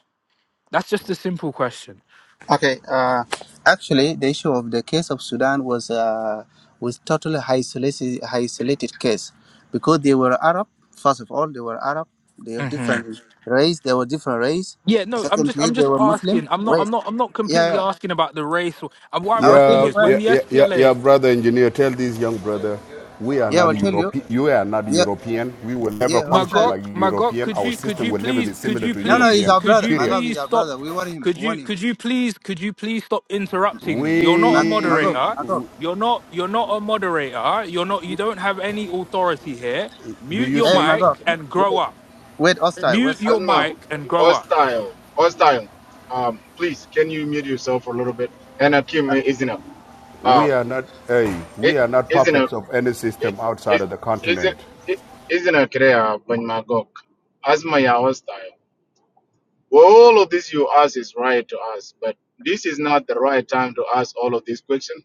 Speaker 17: that's just a simple question.
Speaker 2: Okay, uh, actually, the issue of the case of Sudan was uh, was totally isolated, isolated case because they were Arab. First of all, they were Arab. They have
Speaker 17: hmm
Speaker 2: different race. They were different race.
Speaker 17: Yeah, no, I'm just
Speaker 2: Secondly,
Speaker 17: I'm
Speaker 2: they
Speaker 17: just
Speaker 2: were Muslim.
Speaker 17: asking. I'm not
Speaker 2: Wait,
Speaker 17: I'm not I'm not completely
Speaker 2: yeah, yeah.
Speaker 17: asking about the race. Or, uh, what I'm
Speaker 2: I will tell
Speaker 17: asking
Speaker 9: Yeah,
Speaker 2: you
Speaker 17: is
Speaker 2: why.
Speaker 17: when
Speaker 9: yeah,
Speaker 17: the
Speaker 9: yeah, yeah, yeah
Speaker 17: SPLA
Speaker 9: brother engineer, tell this young brother, we are
Speaker 2: Yeah, I
Speaker 9: not
Speaker 2: will tell you.
Speaker 9: European. You are not
Speaker 2: Yeah,
Speaker 9: European. We will never
Speaker 2: yeah,
Speaker 9: function
Speaker 2: hostile.
Speaker 17: Magok
Speaker 9: like
Speaker 17: Magok,
Speaker 9: European.
Speaker 17: could
Speaker 9: Our
Speaker 17: you could
Speaker 9: system
Speaker 17: you
Speaker 9: will never be
Speaker 17: please could
Speaker 9: similar
Speaker 17: you
Speaker 9: to
Speaker 2: No, no,
Speaker 17: please
Speaker 2: he's
Speaker 9: European.
Speaker 2: our
Speaker 17: could
Speaker 2: brother.
Speaker 17: you
Speaker 9: Period.
Speaker 2: Magog
Speaker 17: please
Speaker 2: is our
Speaker 17: stop
Speaker 2: brother. We want him.
Speaker 17: could
Speaker 2: We
Speaker 17: you
Speaker 2: want him.
Speaker 17: could you please could you please stop interrupting me? You're not a
Speaker 2: Mag- Magog,
Speaker 9: We
Speaker 17: moderator.
Speaker 2: Magog.
Speaker 17: You're not you're not a moderator. You're not you don't have any authority here.
Speaker 9: do
Speaker 17: Mute
Speaker 9: you
Speaker 17: your
Speaker 2: Hey,
Speaker 9: see?
Speaker 2: Magog.
Speaker 17: mic
Speaker 2: huh?
Speaker 17: and grow
Speaker 2: Wait,
Speaker 17: up.
Speaker 2: wait, hostile.
Speaker 17: Mute
Speaker 2: What's
Speaker 17: your
Speaker 2: right?
Speaker 15: Asma,
Speaker 17: mic and grow up.
Speaker 15: hostile, hostile. Um, please, can you mute yourself for a little bit? And Akim isn't up.
Speaker 9: We
Speaker 15: Um,
Speaker 9: are not a.
Speaker 15: it
Speaker 9: We are not
Speaker 15: isn't a
Speaker 9: puppets of any
Speaker 15: it
Speaker 9: system outside
Speaker 15: is
Speaker 9: of the continent.
Speaker 15: isn't it isn't a Korea when Magog. Asma ya hostile. Well, all of this you ask is right to ask, but this is not the right time to ask all of these questions.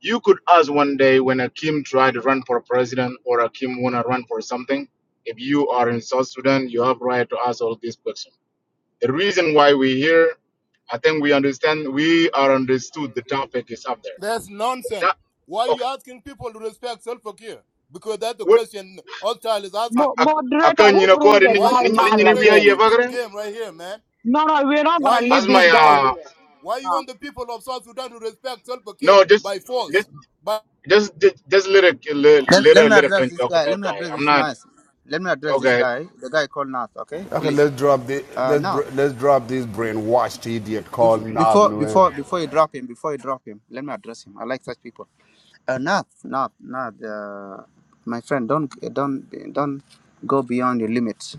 Speaker 15: You could ask one day when Akim tried to run for president or Akim wanna run for something. If you are in South Sudan, you have right to ask all these questions The reason why we're here, I think we understand, we are understood the topic is up there.
Speaker 14: that's nonsense.
Speaker 15: That,
Speaker 14: Why are you
Speaker 15: okay.
Speaker 14: asking people to respect self care? Because that's the
Speaker 15: What,
Speaker 14: question Hostile is
Speaker 15: I,
Speaker 14: asking.
Speaker 11: Mo-
Speaker 15: I, I
Speaker 11: moderator,
Speaker 15: can, you
Speaker 11: who
Speaker 15: know, go
Speaker 11: bring
Speaker 15: ahead and,
Speaker 11: the
Speaker 14: Why
Speaker 15: and-
Speaker 14: are you
Speaker 11: guy
Speaker 15: and-
Speaker 14: trying
Speaker 15: and
Speaker 14: to
Speaker 11: Mal
Speaker 15: and
Speaker 14: play
Speaker 15: we
Speaker 14: a
Speaker 15: are here,
Speaker 11: again?
Speaker 14: stupid
Speaker 15: Bagre?
Speaker 14: game right here, man?
Speaker 11: No, no, we're not
Speaker 14: Why
Speaker 11: gonna
Speaker 14: you
Speaker 15: as
Speaker 11: leave
Speaker 15: my,
Speaker 14: why
Speaker 11: this
Speaker 14: you
Speaker 11: guy
Speaker 14: want
Speaker 15: uh,
Speaker 11: here.
Speaker 14: Why you
Speaker 11: No.
Speaker 14: want the people of South Sudan to respect Salva Kiir
Speaker 15: no, just,
Speaker 14: by
Speaker 15: just,
Speaker 14: force? But
Speaker 15: just, just, just let it, let,
Speaker 2: Let,
Speaker 15: let
Speaker 2: let
Speaker 15: it,
Speaker 2: me
Speaker 15: let a
Speaker 2: address
Speaker 15: can
Speaker 2: this
Speaker 15: talk with
Speaker 2: guy.
Speaker 15: that
Speaker 2: Let me
Speaker 15: guy.
Speaker 2: address
Speaker 15: I'm
Speaker 2: this
Speaker 15: not,
Speaker 2: nice. Let me address this
Speaker 15: okay.
Speaker 2: guy. The guy called Nath. Okay,
Speaker 9: Okay,
Speaker 2: please.
Speaker 9: let's drop the
Speaker 2: Uh,
Speaker 9: let's
Speaker 2: Nath.
Speaker 9: let's drop this brainwashed idiot
Speaker 2: bef-
Speaker 9: called Nad
Speaker 2: Before
Speaker 9: Nuer.
Speaker 2: before before you drop him, before you drop him, let me address him. I like such people. Uh, Nath, Nath, Nath. Uh, my friend, don't don't don't go beyond your limits.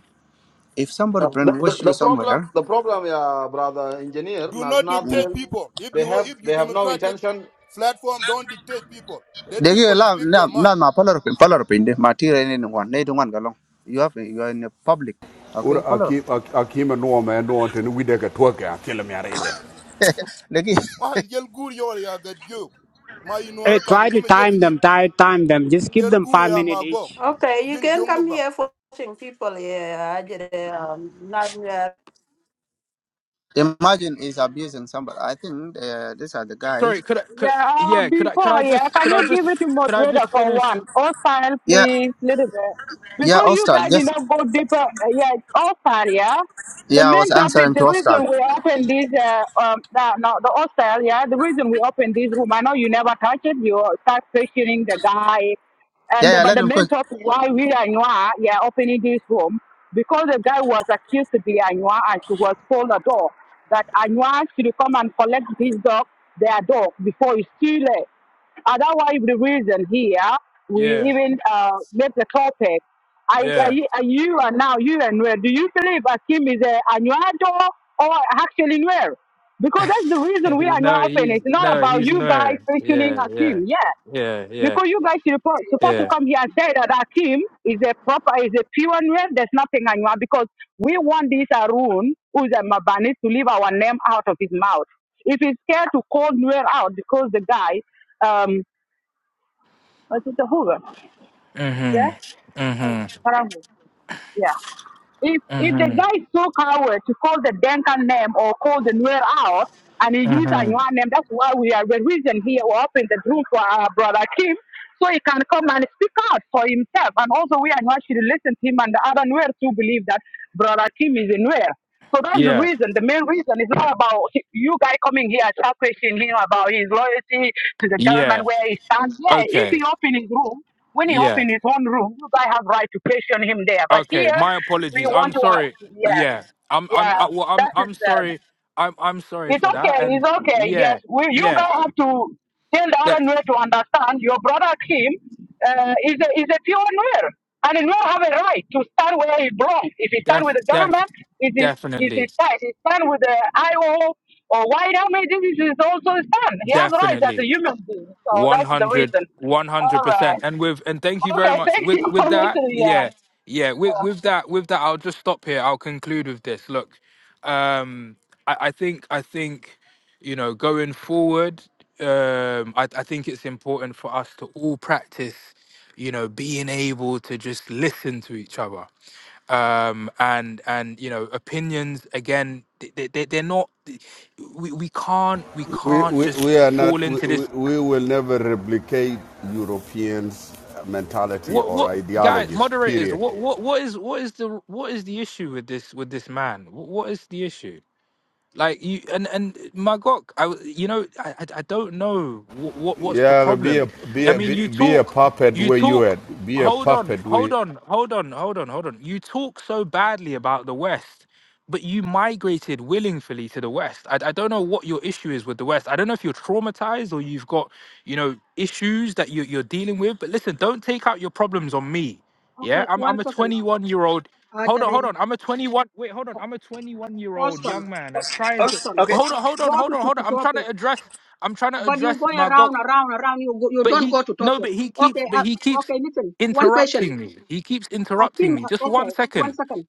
Speaker 2: If somebody
Speaker 12: uh, the, the,
Speaker 2: brainwash you
Speaker 12: the problem
Speaker 2: somewhere,
Speaker 12: the problem, yeah, brother engineer
Speaker 14: do not
Speaker 2: mm,
Speaker 14: dictate
Speaker 12: Naznathgal,
Speaker 14: people. If
Speaker 12: they
Speaker 14: you
Speaker 12: have
Speaker 14: if you
Speaker 12: they have no
Speaker 14: democratic
Speaker 12: intention.
Speaker 14: platform, don't dictate people. Let
Speaker 2: they give you
Speaker 14: people
Speaker 2: love.
Speaker 14: speak their
Speaker 2: Nath,
Speaker 14: mind.
Speaker 2: Nath, ma follow up, follow up in the material anyone. They don't want galong. You have you are in the public. Okay,
Speaker 9: Ura
Speaker 2: follow
Speaker 9: aki- ak- akima nuoma en nuon teni wideke twoke akilo miara ide.
Speaker 2: up.
Speaker 14: Ah, jël guur yow yaa gat jëw. Ma yi
Speaker 18: Hey,
Speaker 14: noore ko ak
Speaker 18: try to
Speaker 14: ngume jël ko
Speaker 18: time
Speaker 14: ji.
Speaker 18: them. Try to time them. Just give
Speaker 14: Jël
Speaker 18: them
Speaker 14: guur
Speaker 18: five
Speaker 14: yaa
Speaker 18: minutes
Speaker 14: ma
Speaker 18: each.
Speaker 1: Okay, you can
Speaker 14: jong mu
Speaker 1: come here for watching people. Yeah, I did. Um, not yet.
Speaker 2: Imagine he's abusing somebody. I think uh, these are the guys.
Speaker 17: Sorry, could I could
Speaker 11: Yeah, uh,
Speaker 17: yeah, could I could I
Speaker 11: before, yeah,
Speaker 17: just
Speaker 11: can
Speaker 17: could I
Speaker 11: you
Speaker 17: just
Speaker 11: give it to
Speaker 17: could I
Speaker 11: moderator
Speaker 17: just
Speaker 11: for
Speaker 17: finish?
Speaker 11: one? Hostile,
Speaker 2: Yeah,
Speaker 11: please, little bit.
Speaker 2: yeah,
Speaker 11: Because you
Speaker 2: Ostal.
Speaker 11: guys
Speaker 2: Yes,
Speaker 11: did not go deeper, uh, yeah, hostile, yeah. The
Speaker 2: yeah, I was
Speaker 11: main topic,
Speaker 2: answering to
Speaker 11: the
Speaker 2: Ostal.
Speaker 11: reason we open this, uh, um, the, no, the hostile, yeah, the reason we open this room, I know you never touch it, you start questioning the guy, and
Speaker 2: Yeah,
Speaker 11: the,
Speaker 2: yeah,
Speaker 11: but
Speaker 2: let
Speaker 11: the
Speaker 2: him
Speaker 11: main
Speaker 2: quick.
Speaker 11: topic why we are Anwa, yeah, opening this room, because the guy was accused to be Anua, and she was told a dog that Anua should come and collect his dog, their dog, before it's too late. And that's why the reason here we
Speaker 17: Yeah,
Speaker 11: even uh, made the topic. I, I,
Speaker 17: yeah.
Speaker 11: I, you are now, you and where do you believe Akim is a Anwa dog or actually where? Because that's the reason we are now
Speaker 17: no,
Speaker 11: open.
Speaker 17: he's
Speaker 11: It's not
Speaker 17: no,
Speaker 11: about
Speaker 17: he's
Speaker 11: you guys
Speaker 17: no.
Speaker 11: questioning
Speaker 17: Yeah, yeah.
Speaker 11: Akim. Yeah.
Speaker 17: Yeah, yeah,
Speaker 11: Because you guys are suppo- supposed to
Speaker 17: yeah.
Speaker 11: come here and say that Akim is a proper, is a pure name. There's nothing anymore because we want this Arun, who's a Mabani, to leave our name out of his mouth. If he's scared to call Nuer out because the guy, um, was it the Hoover? Yeah?
Speaker 17: Mm-hmm. Mm-hmm.
Speaker 11: Parangu. Yeah. if if the guy
Speaker 17: Mm-hmm.
Speaker 11: is so coward to call the Denka name or call the Nuer out and he used a
Speaker 17: Mm-hmm.
Speaker 11: Nuer name, that's why we are the reason here we open the group for our brother Kim, so he can come and speak out for himself. And also we are Nuer should listen to him and the other Nuer to believe that brother Kim is a Nuer. So that's the
Speaker 17: Yeah.
Speaker 11: reason. The main reason is not about he- you guy coming here start questioning him about his loyalty to the government
Speaker 17: Yeah.
Speaker 11: where he stands. Yeah, if
Speaker 17: Okay.
Speaker 11: he open his room, when he
Speaker 17: Yeah.
Speaker 11: open his own room, you guys have right to question him there. But
Speaker 17: Okay.
Speaker 11: here
Speaker 17: My
Speaker 11: we
Speaker 17: apologies. I'm
Speaker 11: want to ask.
Speaker 17: sorry.
Speaker 11: Yeah,
Speaker 17: Yeah. I'm I'm
Speaker 11: yeah.
Speaker 17: I, well I'm
Speaker 11: That is
Speaker 17: I'm
Speaker 11: uh,
Speaker 17: sorry. I'm I'm sorry
Speaker 11: it's
Speaker 17: for
Speaker 11: okay.
Speaker 17: that. And
Speaker 11: It's okay. Yes,
Speaker 17: yeah,
Speaker 11: we, you
Speaker 17: yeah.
Speaker 11: guys have to tell the
Speaker 17: De-
Speaker 11: other Nuer to understand. Your brother Kim uh, is a, is a pure Nuer, and a Nuer have a right to stand where he belongs. If he stand
Speaker 17: def
Speaker 11: with the
Speaker 17: def
Speaker 11: government, it is it
Speaker 17: definitely.
Speaker 11: is right. He stand with the IO or white army. This is his also his stand. He has rights as a
Speaker 17: Definitely.
Speaker 11: human being. So
Speaker 17: One
Speaker 11: that's the
Speaker 17: hundred,
Speaker 11: reason.
Speaker 17: one
Speaker 11: All
Speaker 17: hundred
Speaker 11: right.
Speaker 17: percent and with and thank you very
Speaker 11: Okay.
Speaker 17: much
Speaker 11: Thank
Speaker 17: with
Speaker 11: you
Speaker 17: with
Speaker 11: for
Speaker 17: that
Speaker 11: listening.
Speaker 17: yeah
Speaker 11: Yeah.
Speaker 17: yeah with with that with that i'll just stop here i'll conclude with this look um i, I think i think you know going forward um I, I think it's important for us to all practice you know being able to just listen to each other um and and you know opinions again they, they, they- they're not we, we can't we
Speaker 9: We,
Speaker 17: can't
Speaker 9: we,
Speaker 17: just
Speaker 9: we are not,
Speaker 17: fall
Speaker 9: we,
Speaker 17: into
Speaker 9: we
Speaker 17: this
Speaker 9: we will never replicate Europeans' mentality
Speaker 17: What
Speaker 9: or
Speaker 17: what guys
Speaker 9: ideologies,
Speaker 17: moderators?
Speaker 9: period.
Speaker 17: What what what is what is the what is the issue with this with this man? What, what is the issue? Like you and and my God, I w- you know I I, I don't know what, what what's the
Speaker 9: Yeah, be a,
Speaker 17: problem.
Speaker 9: be
Speaker 17: I
Speaker 9: a,
Speaker 17: mean,
Speaker 9: be,
Speaker 17: you
Speaker 9: be a
Speaker 17: talk,
Speaker 9: puppet
Speaker 17: you
Speaker 9: where you
Speaker 17: talk.
Speaker 9: at. Be a
Speaker 17: Hold on,
Speaker 9: puppet where
Speaker 17: hold on, hold on, hold on, hold on. You talk so badly about the West, but you migrated willingly to the West. I, I don't know what your issue is with the West. I don't know if you're traumatized or you've got you know issues that you, you're dealing with. But listen, don't take out your problems on me. Yeah,
Speaker 13: Okay,
Speaker 17: I'm
Speaker 13: one
Speaker 17: I'm a
Speaker 13: second now.
Speaker 17: 21 year old Hold on,
Speaker 13: Ajade,
Speaker 17: hold on. I'm a 21. Wait, hold on. I'm a 21 year old
Speaker 13: Austin,
Speaker 17: young man that's trying
Speaker 6: Okay,
Speaker 17: to.
Speaker 13: Austin,
Speaker 6: okay,
Speaker 17: Hold on, hold
Speaker 13: go
Speaker 17: on, hold
Speaker 13: to,
Speaker 17: on,
Speaker 13: to,
Speaker 17: hold
Speaker 13: to
Speaker 17: on. I'm trying
Speaker 13: topic.
Speaker 17: to address. I'm trying to
Speaker 13: But you
Speaker 17: address
Speaker 13: going
Speaker 17: my God.
Speaker 13: around, around, around, you, go, you
Speaker 17: But
Speaker 13: don't
Speaker 17: he
Speaker 13: go to
Speaker 17: no,
Speaker 13: topic.
Speaker 17: but he keeps,
Speaker 13: Okay,
Speaker 17: but
Speaker 13: uh,
Speaker 17: he keeps
Speaker 13: okay, listen, one question.
Speaker 17: interrupting me. He keeps
Speaker 13: Akim,
Speaker 17: interrupting me. Just
Speaker 13: uh, okay,
Speaker 17: one
Speaker 13: one
Speaker 17: second.
Speaker 13: second.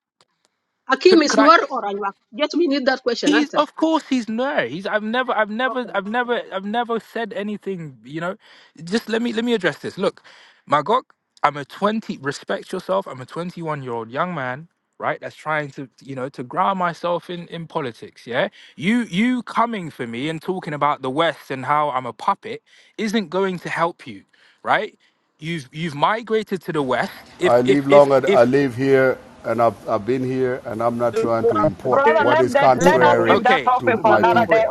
Speaker 13: Akim
Speaker 17: Could
Speaker 13: is
Speaker 17: could I?
Speaker 13: Nuer or Anwar? Just we need that question
Speaker 17: He's
Speaker 13: answered.
Speaker 17: of course he's no. He's I've never I've never
Speaker 13: Okay.
Speaker 17: I've never I've never said anything, you know. Just let me let me address this. Look, Magok, I'm a 20 respect yourself. I'm a 21-year-old young man, right? That's trying to, you know, to ground myself in in politics, yeah? You you coming for me and talking about the West and how I'm a puppet isn't going to help you, right? You've you've migrated to the West.
Speaker 9: I
Speaker 17: If if
Speaker 9: live
Speaker 17: if
Speaker 9: long and I
Speaker 17: if
Speaker 9: live here and I've, I've been here and I'm not trying to import
Speaker 11: Brother,
Speaker 9: what
Speaker 11: let
Speaker 9: is
Speaker 11: that let us
Speaker 9: contrary
Speaker 11: leave that
Speaker 17: okay,
Speaker 9: to
Speaker 11: topic for
Speaker 9: my
Speaker 11: another day.
Speaker 9: people.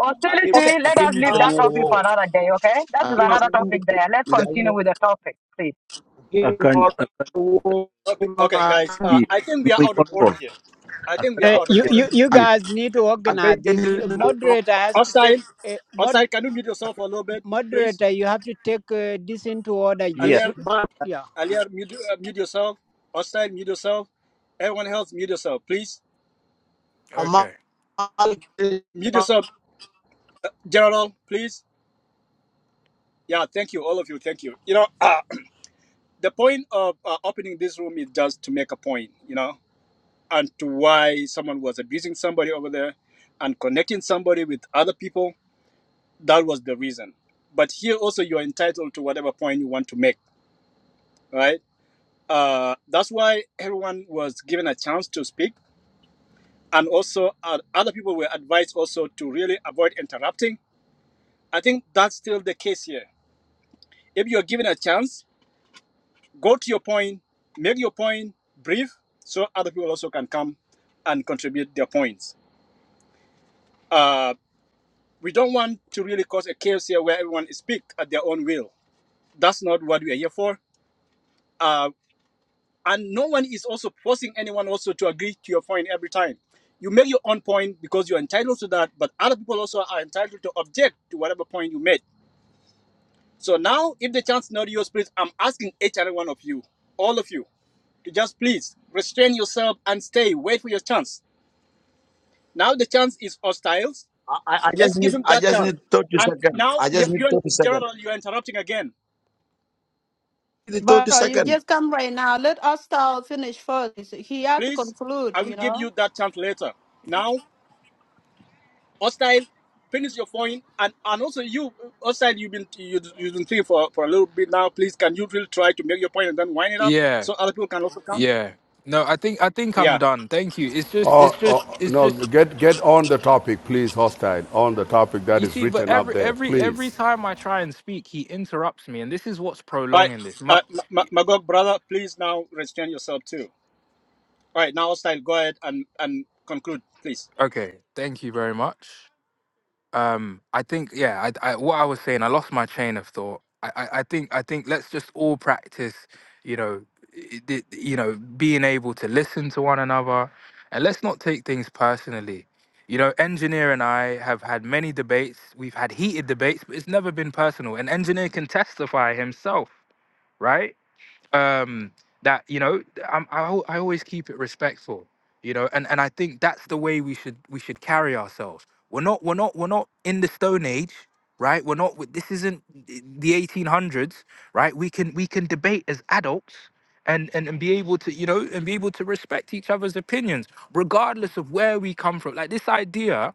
Speaker 6: okay.
Speaker 11: Hostility, let us leave
Speaker 6: Uh,
Speaker 11: that topic for another day, okay? That is another topic there. Let's continue with the topic, please.
Speaker 4: akan akan
Speaker 6: okay, okay,
Speaker 19: uh,
Speaker 6: guys. Uh,
Speaker 4: di
Speaker 6: I think we are
Speaker 4: we
Speaker 6: out of order
Speaker 4: control
Speaker 6: here. I think
Speaker 4: akan
Speaker 6: we are
Speaker 18: Hey,
Speaker 6: out of
Speaker 18: you,
Speaker 4: volunteer
Speaker 6: order.
Speaker 18: you, you
Speaker 4: please
Speaker 18: guys need to organize this. You- Moderator has to take
Speaker 6: Outside,
Speaker 18: uh, mod,
Speaker 6: outside. Can you mute yourself for a little bit, please,
Speaker 18: moderator. You have to take uh, this into order.
Speaker 4: yes
Speaker 18: Just
Speaker 6: Alier?
Speaker 18: yeah,
Speaker 6: Alia, mute, uh, mute yourself. Outside, mute yourself. Everyone else, mute yourself, please.
Speaker 17: okay.
Speaker 6: Mute yourself, General, please. Yeah, thank you, all of you. Thank you. You know, uh, the point of uh, opening this room is just to make a point, you know, and to why someone was abusing somebody over there and connecting somebody with other people. That was the reason. But here also, you're entitled to whatever point you want to make, right? Uh, that's why everyone was given a chance to speak and also uh, other people were advised also to really avoid interrupting. I think that's still the case here. If you're given a chance, go to your point, make your point brief, so other people also can come and contribute their points. Uh, we don't want to really cause a chaos here where everyone speaks at their own will. That's not what we are here for. Uh, and no one is also forcing anyone also to agree to your point every time. You make your own point because you're entitled to that, but other people also are entitled to object to whatever point you made So now, if the chance not yours, please, I'm asking each and every one of you, all of you, to just please restrain yourself and stay. Wait for your chance. Now the chance is hostile.
Speaker 19: I, just
Speaker 6: Let's give
Speaker 19: need
Speaker 6: him
Speaker 19: I
Speaker 6: that
Speaker 19: just
Speaker 6: chance.
Speaker 19: need thirty
Speaker 6: And
Speaker 19: seconds.
Speaker 6: now,
Speaker 19: I
Speaker 6: you-
Speaker 19: just need
Speaker 6: you're
Speaker 19: thirty seconds.
Speaker 6: General, you're interrupting again.
Speaker 19: The thirty
Speaker 1: But uh, you
Speaker 19: second.
Speaker 1: just come right now. Let Ostal finish first. He had to
Speaker 6: Please, I
Speaker 1: conclude,
Speaker 6: will
Speaker 1: you
Speaker 6: give
Speaker 1: know.
Speaker 6: you that chance later. Now, hostile, finish your point, and and also you, hostile, you've been you, you've been thinking for for a little bit now. Please, can you really try to make your point and then wind it up
Speaker 17: Yeah.
Speaker 6: so other people can also come?
Speaker 17: Yeah. No, I think I think I'm
Speaker 6: Yeah.
Speaker 17: done. Thank you. It's just
Speaker 9: Oh,
Speaker 17: it's just
Speaker 9: oh,
Speaker 17: it's
Speaker 9: no,
Speaker 17: just
Speaker 9: get, get on the topic, please, hostile, on the topic that
Speaker 17: you
Speaker 9: is
Speaker 17: see, but
Speaker 9: written up
Speaker 17: every
Speaker 9: there,
Speaker 17: every every
Speaker 9: please.
Speaker 17: time I try and speak, he interrupts me, and this is what's
Speaker 6: All right,
Speaker 17: prolonging this. Mu-
Speaker 6: uh, M- M- Magog brother, please now restrain yourself too. All right, now style, go ahead and and conclude, please.
Speaker 17: Okay, thank you very much. Um, I think yeah. I, I what I was saying, I lost my train of thought. I, I, I think I think let's just all practice. You know, i- i- you know, being able to listen to one another, and let's not take things personally. You know, engineer and I have had many debates. We've had heated debates, but it's never been personal. And engineer can testify himself, right? um, that you know I'm, I, al- I always keep it respectful you know and, and i think that's the way we should we should carry ourselves we're not we're not we're not in the stone age right? We're not. This isn't the 1800s, right? We can we can debate as adults. And, and, and be able to you know and be able to respect each other's opinions regardless of where we come from like this idea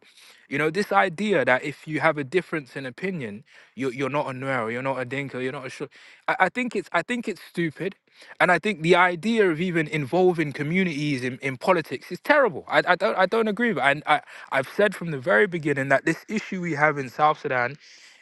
Speaker 17: you know this idea that if you have a difference in opinion you're, you're not a nuer you're not a dinka you're not a Shul. I, I think it's i think it's stupid and I think the idea of even involving communities in, in politics is terrible. I, I don't I don't agree with it. And I, I've said from the very beginning that this issue we have in South Sudan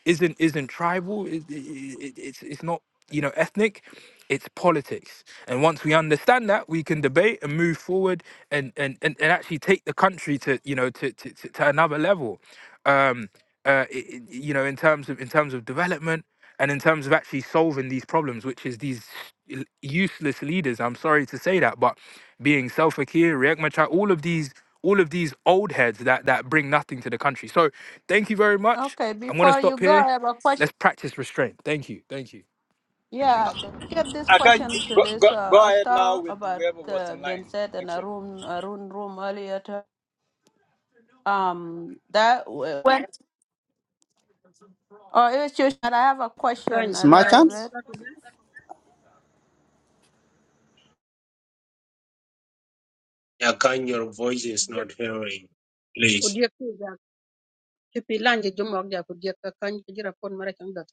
Speaker 17: isn't isn't tribal. It, it, it, it's it's not you know ethnic. It's politics. And once we understand that, we can debate and move forward and and, and, and actually take the country to you know to to, to, to another level. Um, uh, i i- you know in terms of in terms of development and in terms of actually solving these problems, which is these l- useless leaders. I'm sorry to say that, but being Self Akir, Riek Machar, all of these, all of these old heads that that bring nothing to the country. So, thank you very much.
Speaker 1: Okay,
Speaker 17: I'm gonna
Speaker 1: before you
Speaker 17: stop
Speaker 1: go,
Speaker 17: here.
Speaker 1: I have a question.
Speaker 17: Let's practice restraint. Thank you. Thank you.
Speaker 1: Yeah, th- get this
Speaker 6: I can
Speaker 1: question to
Speaker 6: go, go
Speaker 1: this
Speaker 6: go
Speaker 1: uh,
Speaker 6: ahead now
Speaker 1: Ostal
Speaker 6: with
Speaker 1: about
Speaker 6: whoever was
Speaker 1: uh,
Speaker 6: in
Speaker 1: Ben
Speaker 6: line.
Speaker 1: said in
Speaker 6: Thank
Speaker 1: a
Speaker 6: you.
Speaker 1: room, a room, room earlier. To, um, that when. Oh, it's you. And I have a
Speaker 13: Kany
Speaker 1: question
Speaker 2: It's
Speaker 1: a
Speaker 2: my
Speaker 1: little
Speaker 13: nyirikuni
Speaker 2: chance.
Speaker 1: bit.
Speaker 13: tatu ne
Speaker 3: Yeah, can your voice is
Speaker 13: odiek
Speaker 3: not hearing. Please.
Speaker 13: odiek ki ja tipi lanji jumo ak ja odiek Akany, kany ki jira pon mara chang dat.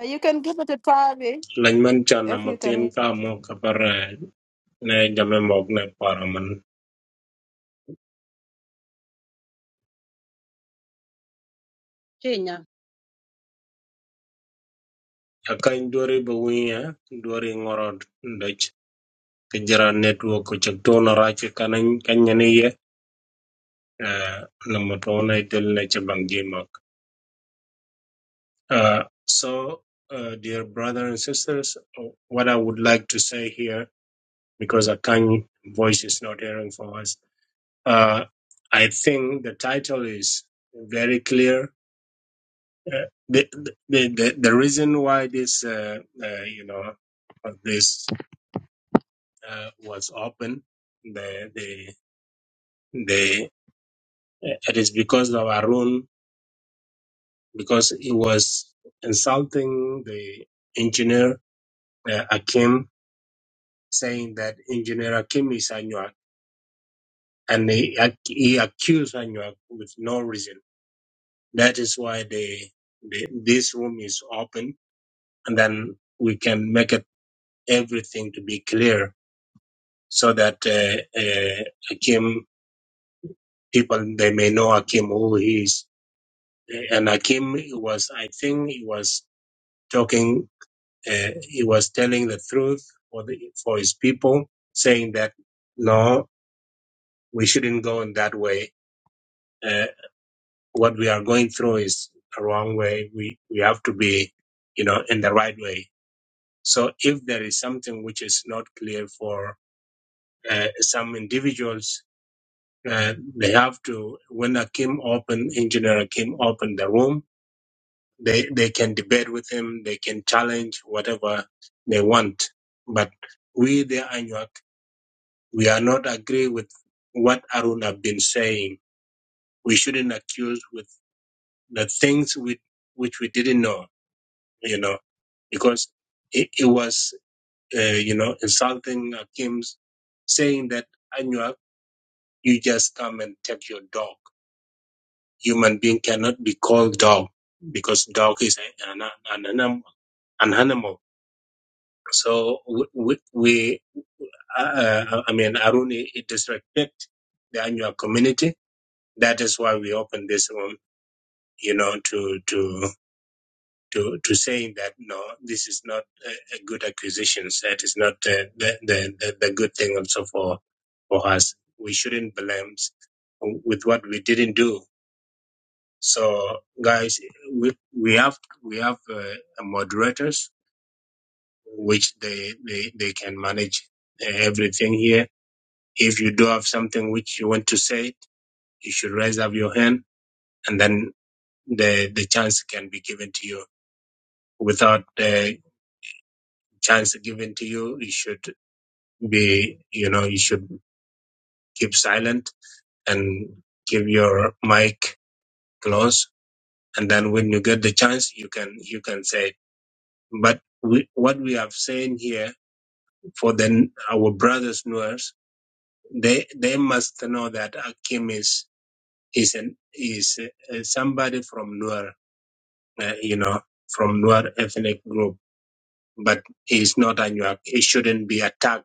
Speaker 1: Uh, You can give it to Tavi
Speaker 3: Lanyman chan
Speaker 1: if you
Speaker 3: namatin
Speaker 1: can.
Speaker 3: ka mo kapar na jamme mogne
Speaker 13: Chinya.
Speaker 3: akany dwari ba winya dwari ŋorot dec kejira network cök tun arac kanañ kanyani ye uh, nama tona itel na caban jimak uh, so uh, dear brothers and sisters what i would like to say here because akany voice is not hearing for us uh, i think the title is very clear uh, the, the, the, the reason why this uh, uh, you know of this uh, was open, the the the uh, it is because of Arun because he was insulting the engineer uh, Akim, saying that engineer Akim is Anuak, and he, ac- he accused Anuak with no reason. That is why the, the this room is open, and then we can make it everything to be clear so that uh, uh, Akim people they may know Akim who he is and Akim was, I think, he was talking, uh, he was telling the truth for the for his people, saying that no, we shouldn't go in that way. Uh, what we are going through is the wrong way. We we have to be, you know, in the right way. So if there is something which is not clear for uh, some individuals, uh, they have to when Akim opened, engineer Akim opened the room They they can debate with him. They can challenge whatever they want. But we, the Anuak, we are not agree with what Arun have been saying. We shouldn't accuse with the things we, which we didn't know, you know, because it, it was, uh, you know, insulting Akim's saying that Anuak, you just come and take your dog. Human being cannot be called dog because dog is an, an, an animal. An animal So we, we, uh, I mean, Aruni, it disrespect the annual community. That is why we open this room, you know, to to to to saying that no, this is not a, a good acquisition. That is not the the, the the the good thing also for for us. We shouldn't blame s- with what we didn't do. So guys, we we have we have uh, moderators which they they they can manage uh, everything here If you do have something which you want to say, you should raise up your hand, and then the the chance can be given to you. Without the chance given to you, you should be, you know, you should keep silent and keep your mic close. And then when you get the chance, you can you can say. it. But we, what we have saying here for then our brothers Nuers, they they must know that Akim is is an is uh, somebody from Nuer uh, you know, from Nuer ethnic group, but he's not a Nuer. He shouldn't be attacked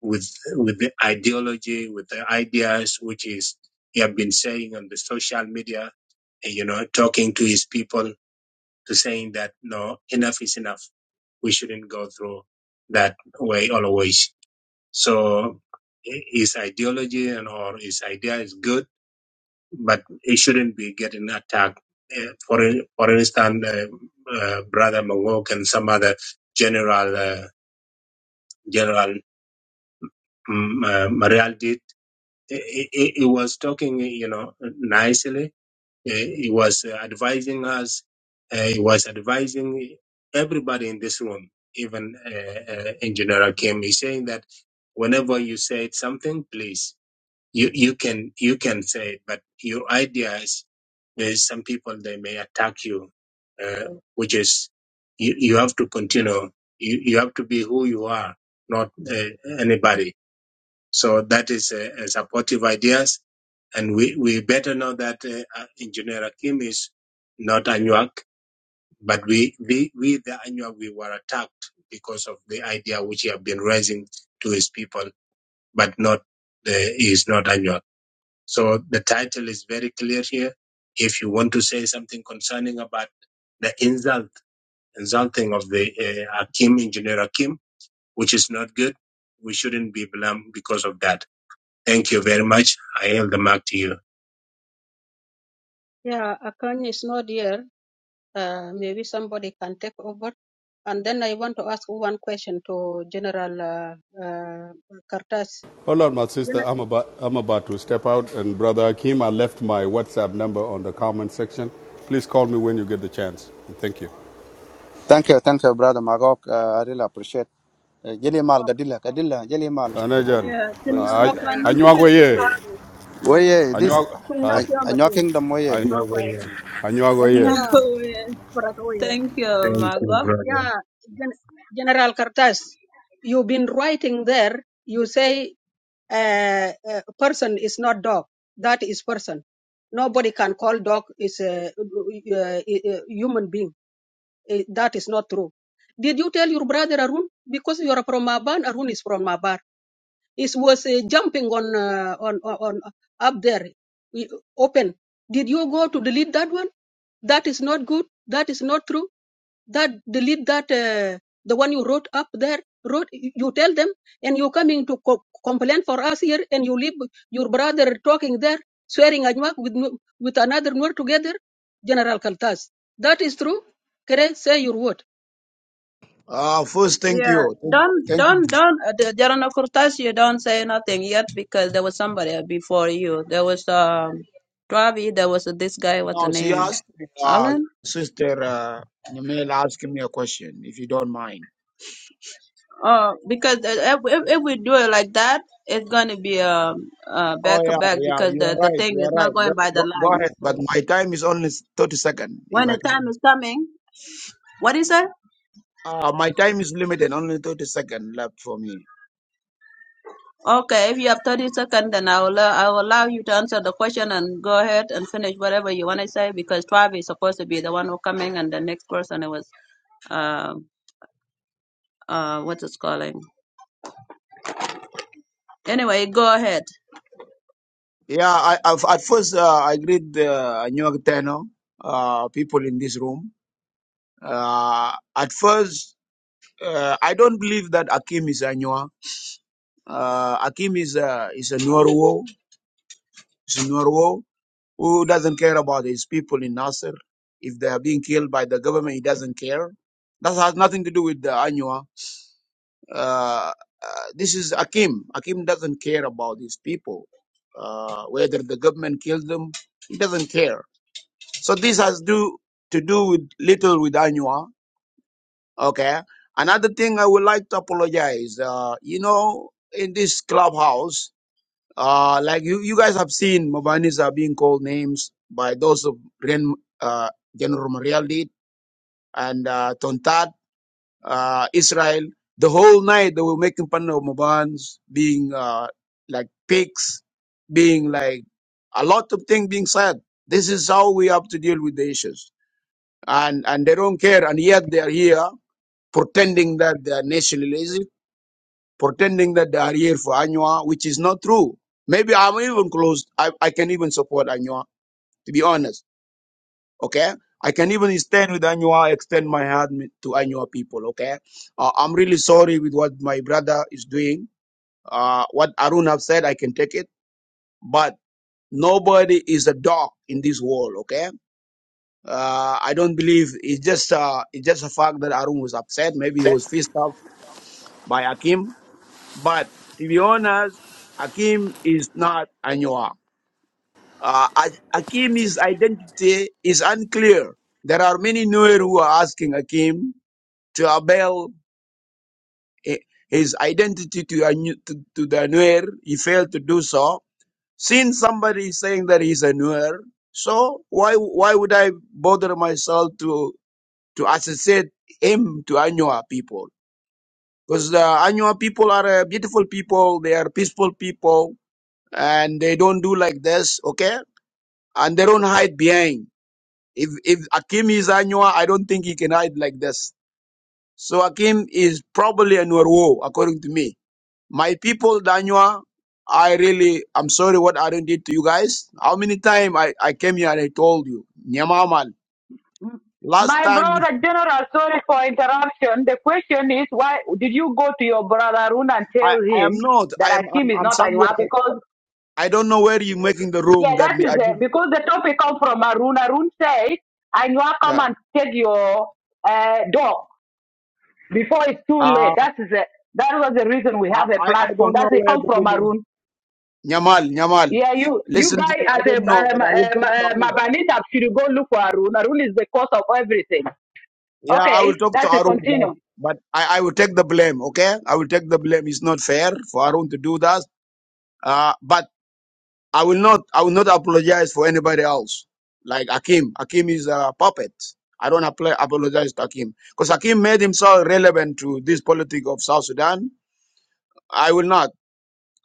Speaker 3: with with the ideology, with the ideas, which is he have been saying on the social media, and, you know, talking to his people to saying that no, enough is enough. We shouldn't go through that way always. So his ideology and or his idea is good but he shouldn't be getting attacked. Eh, For for instance, uh, uh, Brother Mangok and some other general uh, General mm, uh, Marial did. He, he, he was talking, you know, nicely. Eh, He was uh, advising us. Uh, he was advising everybody in this room, even uh, uh, Engineer Akim. He's saying that whenever you say something, please you you can you can say, it, but your ideas There's some people they may attack you, uh, which is you, you have to continue. You, you have to be who you are, not uh, anybody. So that is uh, uh, supportive ideas, and we, we better know that uh, uh, Engineer Akim is not Anuak, but we we, we the Anuak we were attacked because of the idea which he have been raising to his people, but not uh, he is not Anuak. So the title is very clear here if you want to say something concerning about the insult, insulting of the uh, Akim, Engineer Akim, which is not good. We shouldn't be blamed because of that. Thank you very much. I yield the mic to you.
Speaker 13: Yeah, Akany is not here. Uh, maybe somebody can take over. And then I want to ask one question to General uh, uh, Kartas.
Speaker 9: Hold on, my sister.
Speaker 13: Gen-
Speaker 9: I'm about, I'm about to step out. And Brother Akim, I left my WhatsApp number on the comment section. Please call me when you get the chance. Thank you.
Speaker 2: Thank you, thank you, brother Magok. Uh, I really appreciate. Uh, Jelly mal,
Speaker 13: okay,
Speaker 2: gadilla, gadilla, jelly mal.
Speaker 9: Anajan,
Speaker 16: Yeah,
Speaker 2: Where is the
Speaker 9: I,
Speaker 16: Tinaru,
Speaker 2: one?
Speaker 16: I
Speaker 13: okay.
Speaker 9: I,
Speaker 16: non
Speaker 9: I,
Speaker 16: people with the power.
Speaker 2: Where
Speaker 16: Mm.
Speaker 2: yeah, this?
Speaker 13: Tingna
Speaker 9: I,
Speaker 2: I,
Speaker 13: pia
Speaker 2: I your
Speaker 13: matin.
Speaker 2: kingdom where yeah.
Speaker 9: I,
Speaker 3: No
Speaker 13: Okay.
Speaker 3: way.
Speaker 9: I, I, I,
Speaker 13: Yeah,
Speaker 16: Anyway,
Speaker 13: Barack Oye.
Speaker 16: thank you,
Speaker 3: Thank you,
Speaker 16: Margot.
Speaker 3: brother.
Speaker 13: Yeah, Gen- General Kartas, you've been writing there. You say uh, uh, person is not dog. That is person. Nobody can call dog is a, a, a human being. Eh, That is not true. Did you tell your brother Arun? Because you are from Maban, Arun is from Mabar. It was uh, jumping on, uh, on on on up there, eh, open. Did you go to delete that one? That is not good. That is not true that delete that uh, the one you wrote up there wrote you tell them and you coming to co- complain for us here and you leave your brother talking there swearing Ajmak with Nu- with another Nur together general kaltas that is true kere say your word
Speaker 19: Uh, first, thank
Speaker 16: Yeah,
Speaker 19: you. Thank,
Speaker 16: don't,
Speaker 19: thank
Speaker 16: don't,
Speaker 19: you.
Speaker 16: don't, uh, the Jarana Kurtas, you don't say nothing yet because there was somebody before you. There was, um, Travi, there was uh, this guy, what's
Speaker 19: Now
Speaker 16: the
Speaker 19: she
Speaker 16: name?
Speaker 19: asked uh,
Speaker 16: Alan?
Speaker 19: sister uh, Nyamel asked me a question, if you don't mind.
Speaker 16: Oh, because uh, if, if if we do it like that, it's going to be um uh,
Speaker 19: Oh
Speaker 16: back to
Speaker 19: yeah,
Speaker 16: back
Speaker 19: yeah,
Speaker 16: because
Speaker 19: you
Speaker 16: the,
Speaker 19: are
Speaker 16: the
Speaker 19: right.
Speaker 16: thing
Speaker 19: You are
Speaker 16: is
Speaker 19: right.
Speaker 16: not going
Speaker 19: Go,
Speaker 16: by the
Speaker 19: go, go
Speaker 16: line.
Speaker 19: ahead. But
Speaker 16: So
Speaker 19: my time is only 30 seconds. If
Speaker 16: when
Speaker 19: I
Speaker 16: the time
Speaker 19: can,
Speaker 16: is coming, what is it?
Speaker 19: uh, my time is limited. Only 30 seconds left for me.
Speaker 16: Okay, if you have 30 seconds, then I will, uh, I will allow you to answer the question and go ahead and finish whatever you want to say because Travi is supposed to be the one who coming and the next person it was, uh, uh, what is calling. Anyway, go ahead.
Speaker 19: Yeah, I, I at first uh, I greet the New York uh, people in this room. Uh, at first, uh, I don't believe that Akim is a Nua. Uh, Akim is a is a Nuaruo. Is a Nuaruo. Who doesn't care about his people in Nasser? If they are being killed by the government, he doesn't care. That has nothing to do with the Anua. Uh, uh, this is Akim. Akim doesn't care about his people. Uh, whether the government kills them, he doesn't care. So this has do to do with little with Anua. Okay. Another thing I would like to apologize. Uh, you know, in this clubhouse, uh, like you, you guys have seen, Mobanis are being called names by those of Ren, uh, General Mariel did and uh, Tontat, uh, Israel. The whole night they were making fun of Mobans being uh, like pigs, being like a lot of things being said. This is how we have to deal with the issues, and and they don't care, and yet they are here pretending that they are nationalism pretending that they are here for Anywa, which is not true. Maybe I'm even close. I, I can even support Anywa, to be honest. Okay. I can even stand with Anywa, extend my hand mi- to Anywa people. Okay. Uh, I'm really sorry with what my brother is doing. Uh, what Arun have said, I can take it, but nobody is a dog in this world. Okay. Uh, I don't believe it's just, uh, it's just a fact that Arun was upset. Maybe he
Speaker 20: Hey.
Speaker 19: was pissed off by Akim But to be honest, Akim is not Anywa. Uh, A- Akim's identity is unclear. There are many Nuer who are asking Akim to avail i- his identity to, a Nu- to, to the Nuer. He failed to do so. Since somebody is saying that he's a Nuer, so why why would I bother myself to to associate him to Anywa people? Because the Anywa people are a beautiful people. They are peaceful people and they don't do like this, okay? And they don't hide behind. If if Akim is Anywa, I don't think he can hide like this. So Akim is probably a Nuerwo, according to me. My people, Danua, I really, I'm sorry what I done did to you guys. How many times I, I came here and I told you, Nyamaman,
Speaker 11: M-
Speaker 19: last
Speaker 11: My
Speaker 19: time if
Speaker 11: brother General, sorry for interruption. The question is why did you go to your brother Arun and
Speaker 19: I,
Speaker 11: tell
Speaker 19: I am
Speaker 11: him
Speaker 19: not, I
Speaker 11: that
Speaker 19: am, I'm,
Speaker 11: Akim is
Speaker 19: I'm
Speaker 11: not
Speaker 19: somewhere,
Speaker 11: Anwa?
Speaker 19: I,
Speaker 11: Because
Speaker 19: I don't know where you're making the
Speaker 11: yeah,
Speaker 19: room that
Speaker 11: that is
Speaker 19: I did.
Speaker 11: it. Because the topic come from Arun. Arun said Anwa come
Speaker 19: Yeah.
Speaker 11: and take your uh, dog before it's too late.
Speaker 19: Uh,
Speaker 11: That is it. That was the reason we
Speaker 19: I,
Speaker 11: have a
Speaker 19: I I
Speaker 11: platform.
Speaker 19: don't know
Speaker 11: That's it
Speaker 19: where
Speaker 11: come
Speaker 19: the
Speaker 11: from
Speaker 19: room is.
Speaker 11: Arun.
Speaker 19: Nyamal, Nyamal.
Speaker 11: Yeah, you you
Speaker 19: Listen to me.
Speaker 11: guys
Speaker 19: I
Speaker 11: as a
Speaker 19: don't know,
Speaker 11: um,
Speaker 19: but I will
Speaker 11: um,
Speaker 19: talk to
Speaker 11: uh,
Speaker 19: Arun.
Speaker 11: Mabanita should go look for Arun. Arun is the cause of everything.
Speaker 19: Yeah, I will
Speaker 11: Okay,
Speaker 19: talk to
Speaker 11: that's it.
Speaker 19: Arun, but
Speaker 11: Continue.
Speaker 19: but I, I will take the blame. Okay, I will take the blame. It's not fair for Arun to do that. Uh, but I will not. I will not apologize for anybody else. Like Akim. Akim is a puppet. I don't apply, apologize to Akim because Akim made himself relevant to this politic of South Sudan. I will not.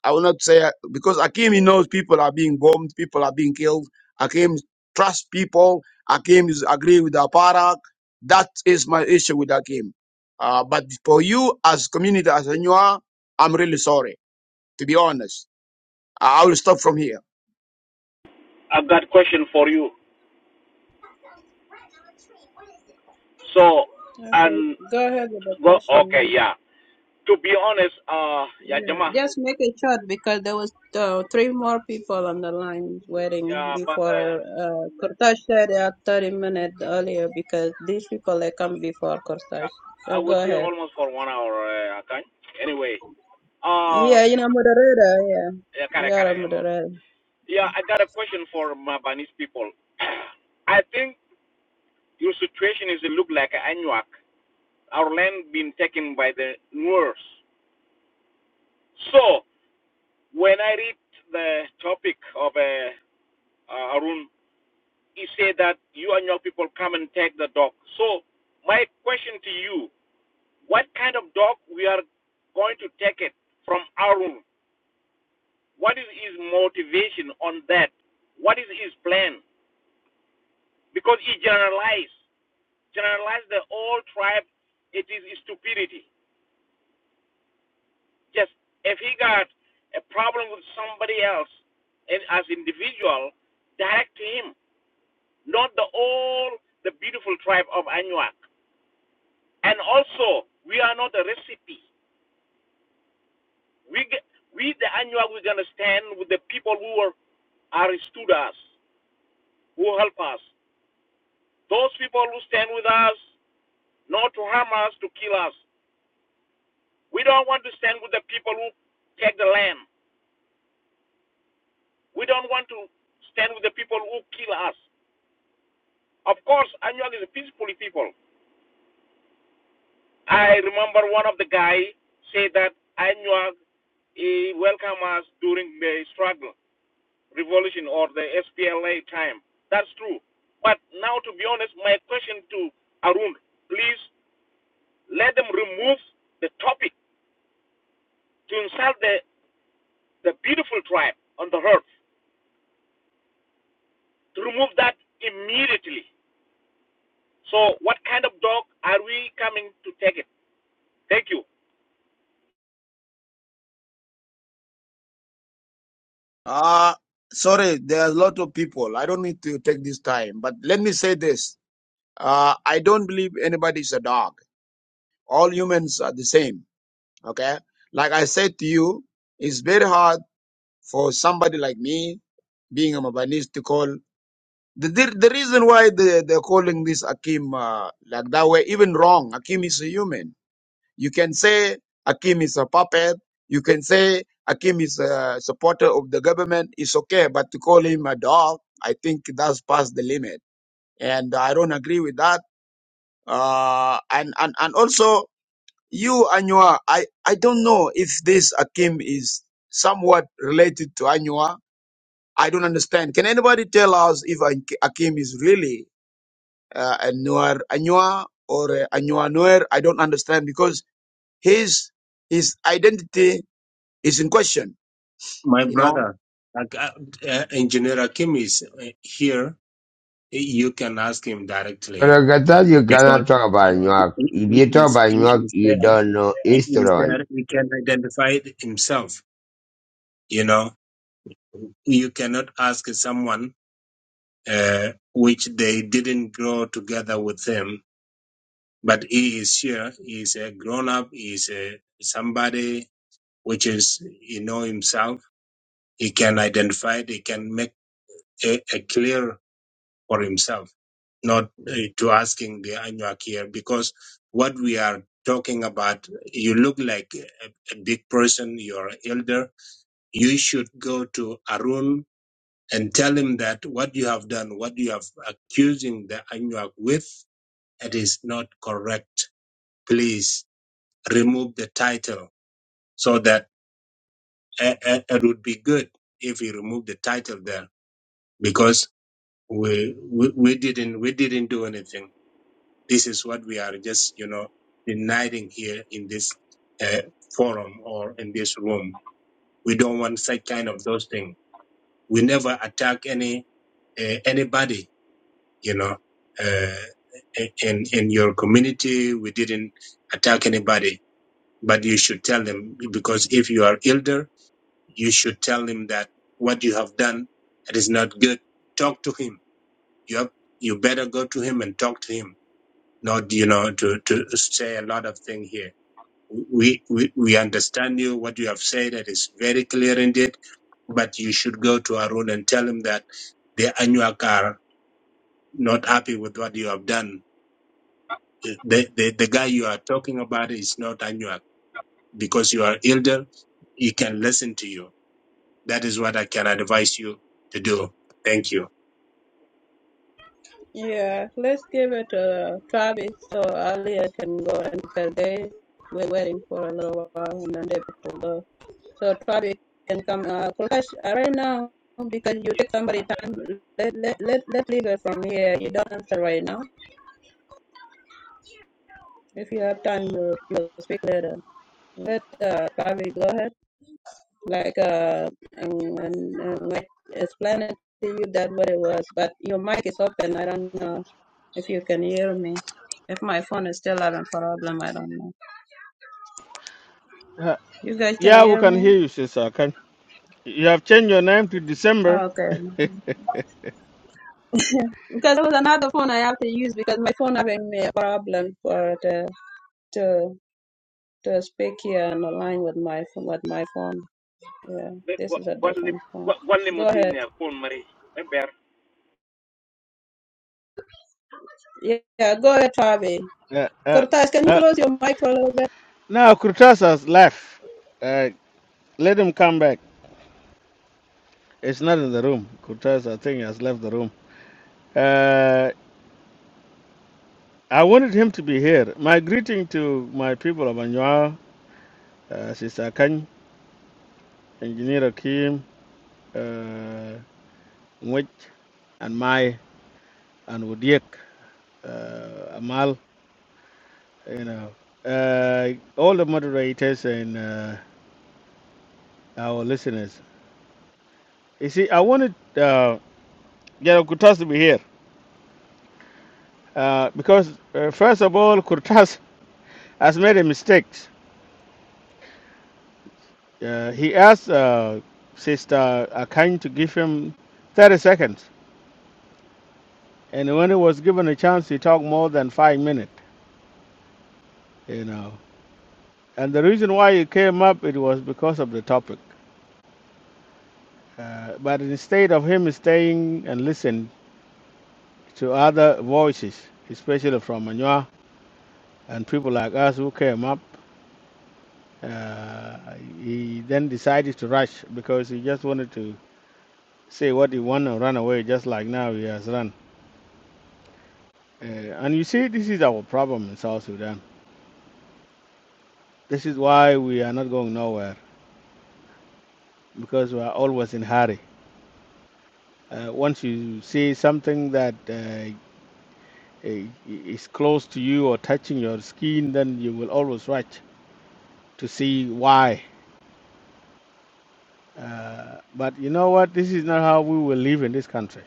Speaker 19: I will not say because Akim he knows people are being bombed, people are being killed. Akim trusts people. Akim is agree with Aparak. That is my issue with Akim. Uh, but for you as community as you I'm really sorry. To be honest, I I will stop from here.
Speaker 4: You,
Speaker 16: Okay,
Speaker 4: mm,
Speaker 16: go ahead with the question.
Speaker 4: yeah,
Speaker 16: Yeah, just make it short because there was uh, three more people on the line waiting
Speaker 4: yeah, but
Speaker 16: before.
Speaker 4: uh,
Speaker 16: Uh, Kurtash said they had 30 minutes earlier because these people they come before Kurtash.
Speaker 4: yeah, I
Speaker 16: So
Speaker 4: was
Speaker 16: go
Speaker 4: here
Speaker 16: ahead.
Speaker 4: almost for one hour. Uh, Akany. Anyway, uh,
Speaker 16: Yeah, you know, moderator. Yeah,
Speaker 4: yeah,
Speaker 16: you
Speaker 4: kare,
Speaker 16: are
Speaker 4: kare,
Speaker 16: a
Speaker 4: um,
Speaker 16: moderator.
Speaker 4: yeah, I got a question for Mabanese people. I think your situation is look like Anuak. Our land being taken by the Moors. So when I read the topic of uh, uh, Arun he said that you and your people come and take the dog. So my question to you, what kind of dog we are going to take it from Arun? What is his motivation on that? What is his plan? Because he generalized, generalized the whole tribe. It is stupidity. Just if he got a problem with somebody else, and as individual, direct to him, not the all the beautiful tribe of Anuak. And also, we are not a recipe. We, ge- we the Anuak, we're going to stand with the people who are, are stood us, who help us. Those people who stand with us, not to harm us, to kill us. We don't want to stand with the people who take the land. We don't want to stand with the people who kill us. Of course, Anuak is a peaceful people. I remember one of the guy said that Anuak, he welcomed us during the struggle. revolution or the SPLA time. That's true. But now, to be honest, my question to Arun, please let them remove the topic to insult the, the beautiful tribe on the earth, to remove that immediately. So, what kind of dog are we coming to take it? Thank you.
Speaker 19: Uh sorry. There are a lot of people. I don't need to take this time. But let me say this. Uh, I don't believe anybody is a dog. All humans are the same. Okay. Like I said to you, it's very hard for somebody like me being a Mabanese to call the, the the reason why they they're calling this Akim uh, like that way even wrong. Akim is a human. You can say Akim is a puppet. You can say Akim is a supporter of the government. It's okay, but to call him a dog, I think that's past the limit, and I don't agree with that. Uh, and and and also you Anua, I I don't know if this Akim is somewhat related to Anua I don't understand. Can anybody tell us if Akim is really uh, a Nuer Anua or a Anua Nuer? I don't understand because his his identity is in question.
Speaker 3: My
Speaker 19: You know.
Speaker 3: brother, like, uh, uh, Engineer Akim is uh, here. You can ask him
Speaker 8: When I
Speaker 3: directly
Speaker 8: get out, you
Speaker 3: because
Speaker 8: cannot talk about
Speaker 3: he,
Speaker 8: Newark.
Speaker 3: he,
Speaker 8: If
Speaker 3: he,
Speaker 8: you talk
Speaker 3: is,
Speaker 8: about
Speaker 3: he
Speaker 8: Newark,
Speaker 3: is
Speaker 8: you
Speaker 3: there.
Speaker 8: don't know
Speaker 3: He is
Speaker 8: history.
Speaker 3: there. He can identify it himself. You know, you cannot ask someone uh, which they didn't grow together with them. But he is here. He is a grown up. He is a, somebody which is, you know, himself. He can identify it. He can make a, a clear for himself, not uh, to asking the Anuak here, because what we are talking about, you look like a, a big person. You're an elder. You should go to Arun and tell him that what you have done, what you have accusing the Anuak with, it is not correct. Please remove the title so that it, it, it would be good if you remove the title there because we, we we didn't we didn't do anything. This is what we are just you know denying here in this uh, forum or in this room. We don't want such kind of those things. We never attack any uh, anybody. You know. Uh, in in your community, we didn't attack anybody But you should tell him because if you are elder, you should tell him that what you have done it is not good. Talk to him. You have, you better go to him and talk to him. Not you know to to say a lot of things here. We we we understand you. What you have said it is very clear indeed but you should go to Arun and tell him that the Anuak are not happy with what you have done. The, the, the guy you are talking about is not Anuak because you are elder. He can listen to you That is what I can advise you to do. Thank you.
Speaker 16: Yeah, let's give it to Travis so Alia can go and because they were waiting for a little while and then they will go. So Travis can come. Uh, Kulkash, uh, right now because you take somebody time. Let let let let leave it from here. You don't answer right now. If you have time, you will speak later. Let uh, Travis go ahead. like uh and, and, and like explaining to you that what it was but your mic is open i don't know if you can hear me if my phone is still having problem i don't know
Speaker 21: Uh,
Speaker 16: you guys can
Speaker 21: yeah, we
Speaker 16: hear
Speaker 21: can
Speaker 16: me
Speaker 21: hear you, Sister Akan. You have changed your name to December.
Speaker 16: Oh, okay because there was another phone i have to use because my phone having me a problem for the to to speak here and align with my with my phone yeah this is a different phone go ahead yeah, yeah go ahead Fabi.
Speaker 21: Uh, uh,
Speaker 16: cortez can you
Speaker 21: uh,
Speaker 16: close your mic for a little bit
Speaker 21: now, Kurtas has left. Uh, let him come back. It's not in the room. Kurtas, I think, has left the room. Uh, I wanted him to be here. My greeting to my people of Anua, uh, Sister Akan, Engineer Akim, uh, Nwech, and Mai, and Wudiek, uh, Amal, you know, uh, all the moderators and uh, our listeners. You see, I wanted uh, General Kurtas to be here uh, because, uh, first of all, Kurtas has made a mistake. Uh, he asked uh, Sister Akany to give him 30 seconds, and when he was given a chance, he talked more than five minutes. You know, and the reason why he came up it was because of the topic. Uh, but instead of him staying and listening to other voices, especially from Manua and people like us who came up. Uh, he then decided to rush because he just wanted to say what he wanted and run away, just like now he has run. Uh, and you see, this is our problem in South Sudan. This is why we are not going nowhere because we are always in a hurry. Uh, once you see something that uh, is close to you or touching your skin, then you will always rush to see why. Uh, but you know what? This is not how we will live in this country.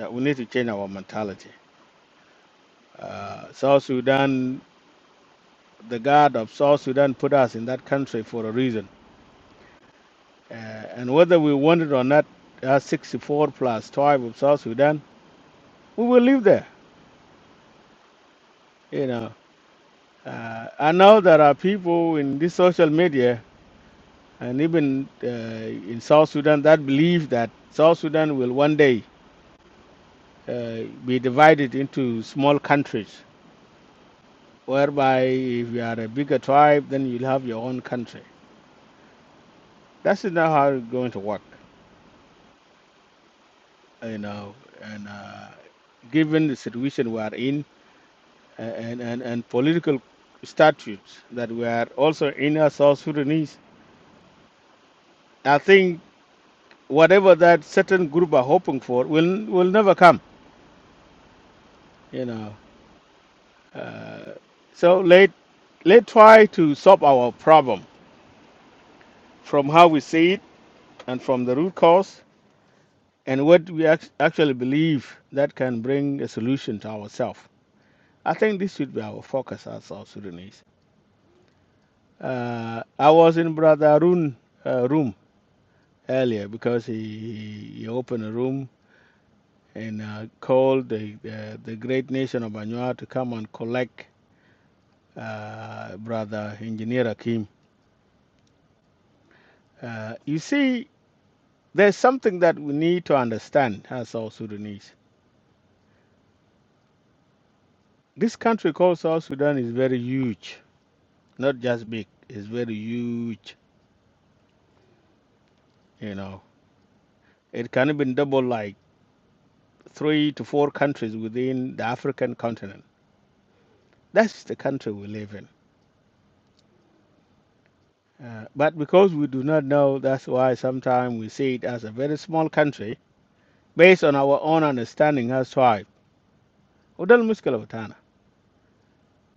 Speaker 21: Uh, we need to change our mentality. Uh, South Sudan the God of South Sudan put us in that country for a reason. Uh, and whether we want it or not, our 64 plus tribe of South Sudan, we will live there. You know, uh, I know there are people in this social media and even uh, in South Sudan that believe that South Sudan will one day uh, be divided into small countries, whereby if you are a bigger tribe, then you'll have your own country. That's not how it's going to work. you know, and uh, given the situation we are in uh, and, and, and political statutes that we are also in as South Sudanese, I think whatever that certain group are hoping for will will never come, you know. Uh, so let let try to solve our problem from how we see it and from the root cause and what we act- actually believe that can bring a solution to ourselves. I think this should be our focus as South Sudanese. Uh, I was in Brother Arun uh, room earlier because he, he opened a room and uh, called the, the the great nation of Anua to come and collect uh, Brother Engineer Akim. Uh, you see, there's something that we need to understand as South Sudanese. This country called South Sudan is very huge, not just big. It's very huge. You know, it can even double like three to four countries within the African continent. That's the country we live in Uh, but because we do not know, that's why sometimes we see it as a very small country based on our own understanding as tribe. وده المشكلة بتاعنا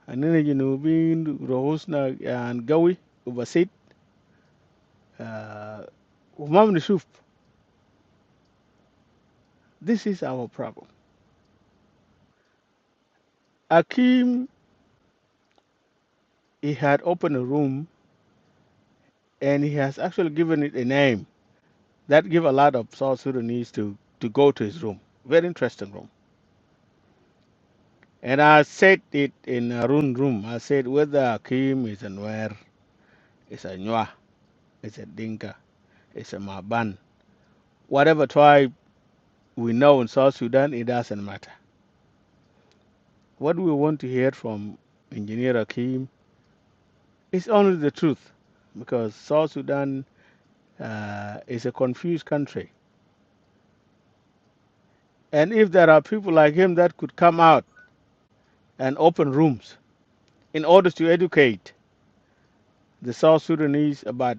Speaker 21: أننا جنوبيين رؤوسنا يعني قوي وبسيط آه، وما بنشوف This is our problem. Akim, he had opened a room and he has actually given it a name that give a lot of South Sudanese to, to go to his room. Very interesting room. And I said it in Arun room. I said whether Akim is aware it's a Nwa, it's a Dinka, it's a Maban. Whatever tribe we know in South Sudan, it doesn't matter. What we want to hear from Engineer Akim is only the truth because South Sudan uh, is a confused country. And if there are people like him that could come out and open rooms in order to educate the South Sudanese about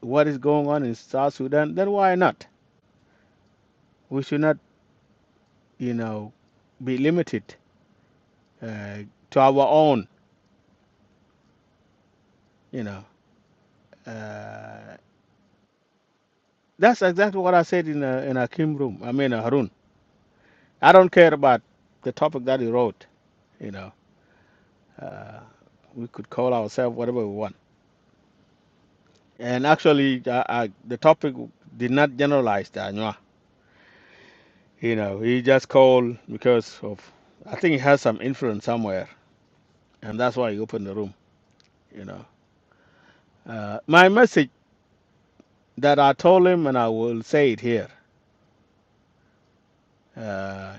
Speaker 21: what is going on in South Sudan, then why not? We should not, you know, be limited uh, to our own, you know, uh, That's exactly what I said in uh, in Akim room. I mean uh, Harun. I don't care about the topic that he wrote. You know, uh, we could call ourselves whatever we want. And actually, uh, uh, the topic did not generalize the Anywa. You know, he just called because of I think he has some influence somewhere, and that's why he opened the room. You know, uh, my message that I told him, and I will say it here, uh,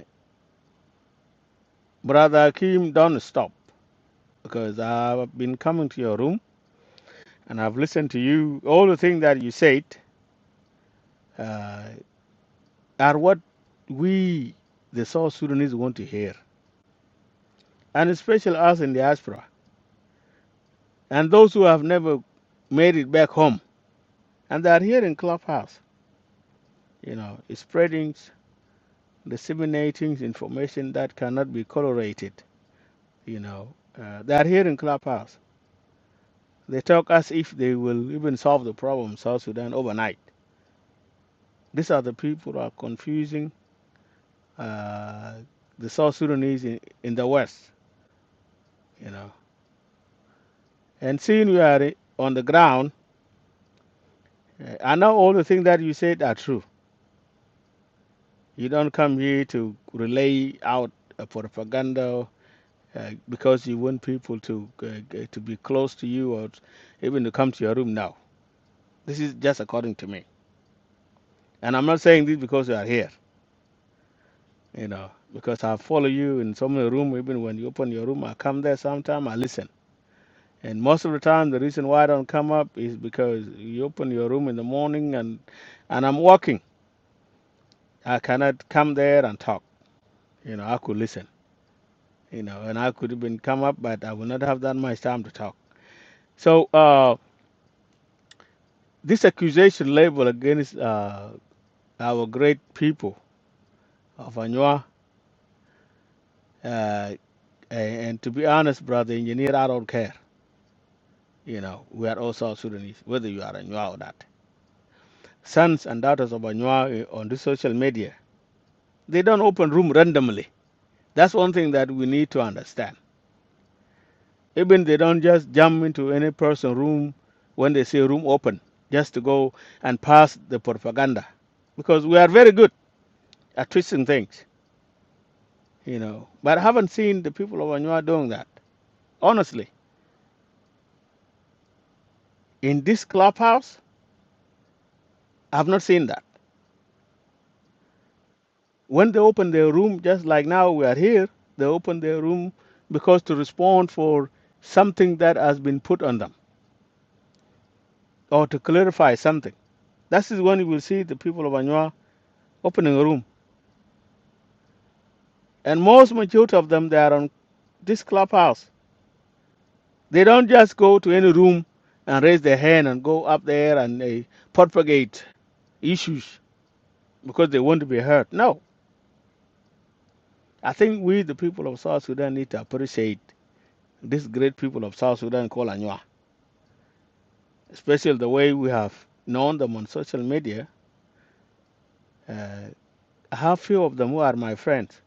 Speaker 21: brother Akim, don't stop because I've been coming to your room and I've listened to you. All the things that you said uh, are what we, the South Sudanese, want to hear, and especially us in diaspora and those who have never made it back home and they are here in Clubhouse, you know, spreading, disseminating information that cannot be corroborated. You know, uh, they are here in Clubhouse. They talk as if they will even solve the problem in South Sudan overnight. These are the people who are confusing uh, the South Sudanese in, in the West. you know. And seeing you are on the ground, uh, I know all the things that you said are true. You don't come here to relay out uh, propaganda uh, because you want people to uh, g- to be close to you or t- even to come to your room now. This is just according to me, and I'm not saying this because you are here, you know, because I follow you in some of the room. Even when you open your room, I come there sometime. I listen. And most of the time, the reason why I don't come up is because you open your room in the morning and and I'm walking I cannot come there and talk. You know, I could listen, you know, and I could even come up, but I will not have that much time to talk. So, uh, this accusation label against uh, our great people of Anua, uh, and to be honest, brother engineer, I don't care. You know, we are all South Sudanese, whether you are Anua or not. Sons and daughters of Anua eh, on the social media, they don't open room randomly. That's one thing that we need to understand Even they don't just jump into any person's room when they say room open, just to go and pass the propaganda. Because we are very good at twisting things, you know. But I haven't seen the people of Anua doing that. Honestly, in this clubhouse, I've not seen that. When they open their room, just like now we are here, they open their room because to respond for something that has been put on them or to clarify something. That is when you will see the people of Anua opening a room. And most majority of them, they are on. this clubhouse. They don't just go to any room and raise their hand and go up there and they propagate issues because they want to be heard. No. I think we, the people of South Sudan, need to appreciate these great people of South Sudan called Anywa, especially the way we have known them on social media. Uh, I have few of them who are my friends,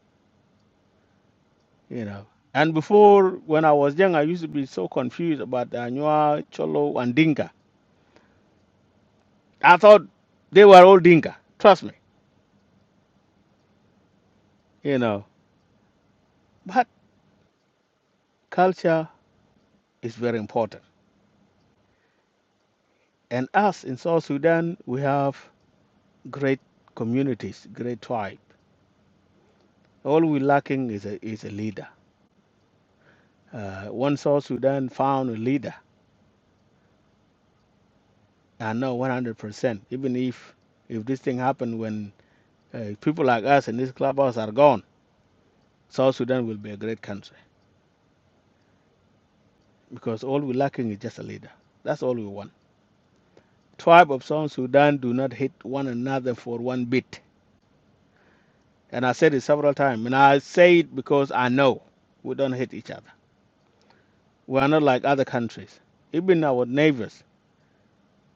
Speaker 21: you know. And before, when I was young, I used to be so confused about the Anywa, Cholo, and Dinka. I thought they were all Dinka. Trust me, you know. But Culture is very important. And us in South Sudan, we have great communities, great tribe. All we're lacking is a, is a leader. Uh, once South Sudan found a leader, I know 100%, even if, if this thing happened when uh, people like us in this clubhouse are gone, South Sudan will be a great country because all we're lacking is just a leader. That's all we want. Tribe of South Sudan do not hate one another for one bit. And I said it several times. And I say it because I know we don't hate each other. We are not like other countries. Even our neighbors,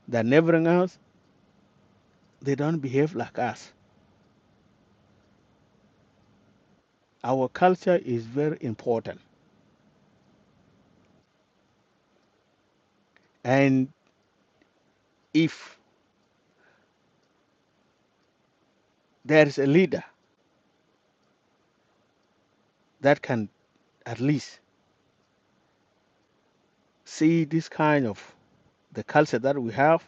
Speaker 21: the neighboring us, they don't behave like us. Our culture is very important. And if there is a leader that can at least see this kind of the culture that we have,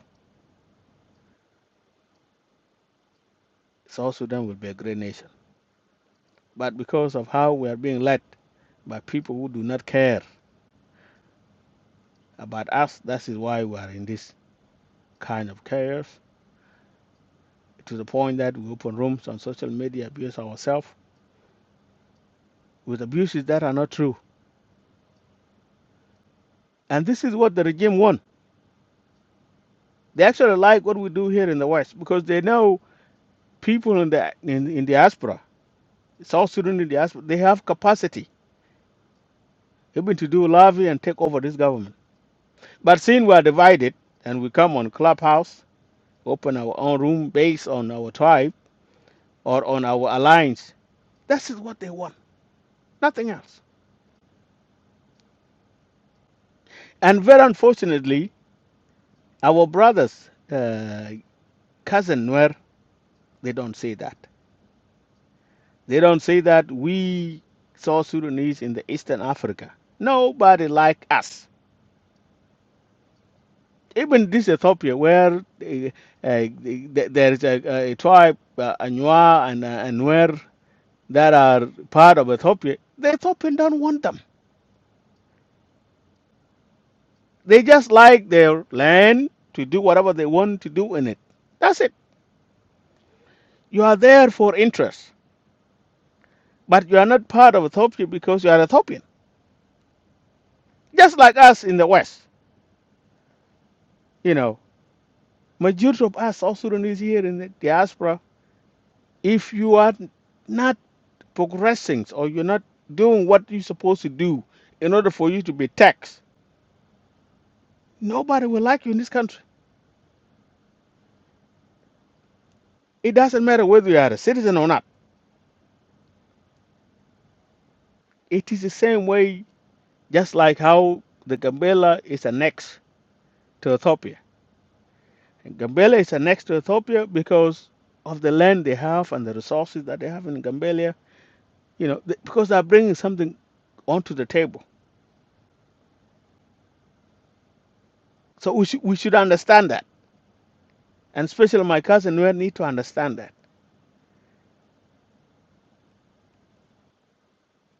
Speaker 21: South Sudan will be a great nation. But because of how we are being led by people who do not care about us, that is why we are in this kind of chaos to the point that we open rooms on social media, abuse ourselves with abuses that are not true. And this is what the regime want. They actually like what we do here in the West because they know people in the in, in diaspora, South Sudan in diaspora, they have capacity even to do lobby and take over this government. But seeing we are divided and we come on Clubhouse, open our own room based on our tribe or on our alliance, this is what they want, nothing else. And very unfortunately, our brothers, uh, cousin Nuer They don't say that. They don't say that we South Sudanese in the Eastern Africa, nobody like us. Even this Ethiopia, where uh, uh, th- there is a, a tribe, uh, Anua and uh, Anwer, that are part of Ethiopia, the Ethiopian don't want them. They just like their land to do whatever they want to do in it. That's it. You are there for interest, but you are not part of Ethiopia because you are Ethiopian. Just like us in the West, you know. Majority of us South Sudanese here in the diaspora, if you are not progressing or you're not doing what you're supposed to do in order for you to be taxed, nobody will like you in this country. It doesn't matter whether you are a citizen or not. It is the same way, just like how the Gambela is annexed to Ethiopia. And Gambela is annexed to Ethiopia because of the land they have and the resources that they have in Gambela. You know, th- because they are bringing something onto the table. So we should we should understand that. And especially my cousin, we need to understand that.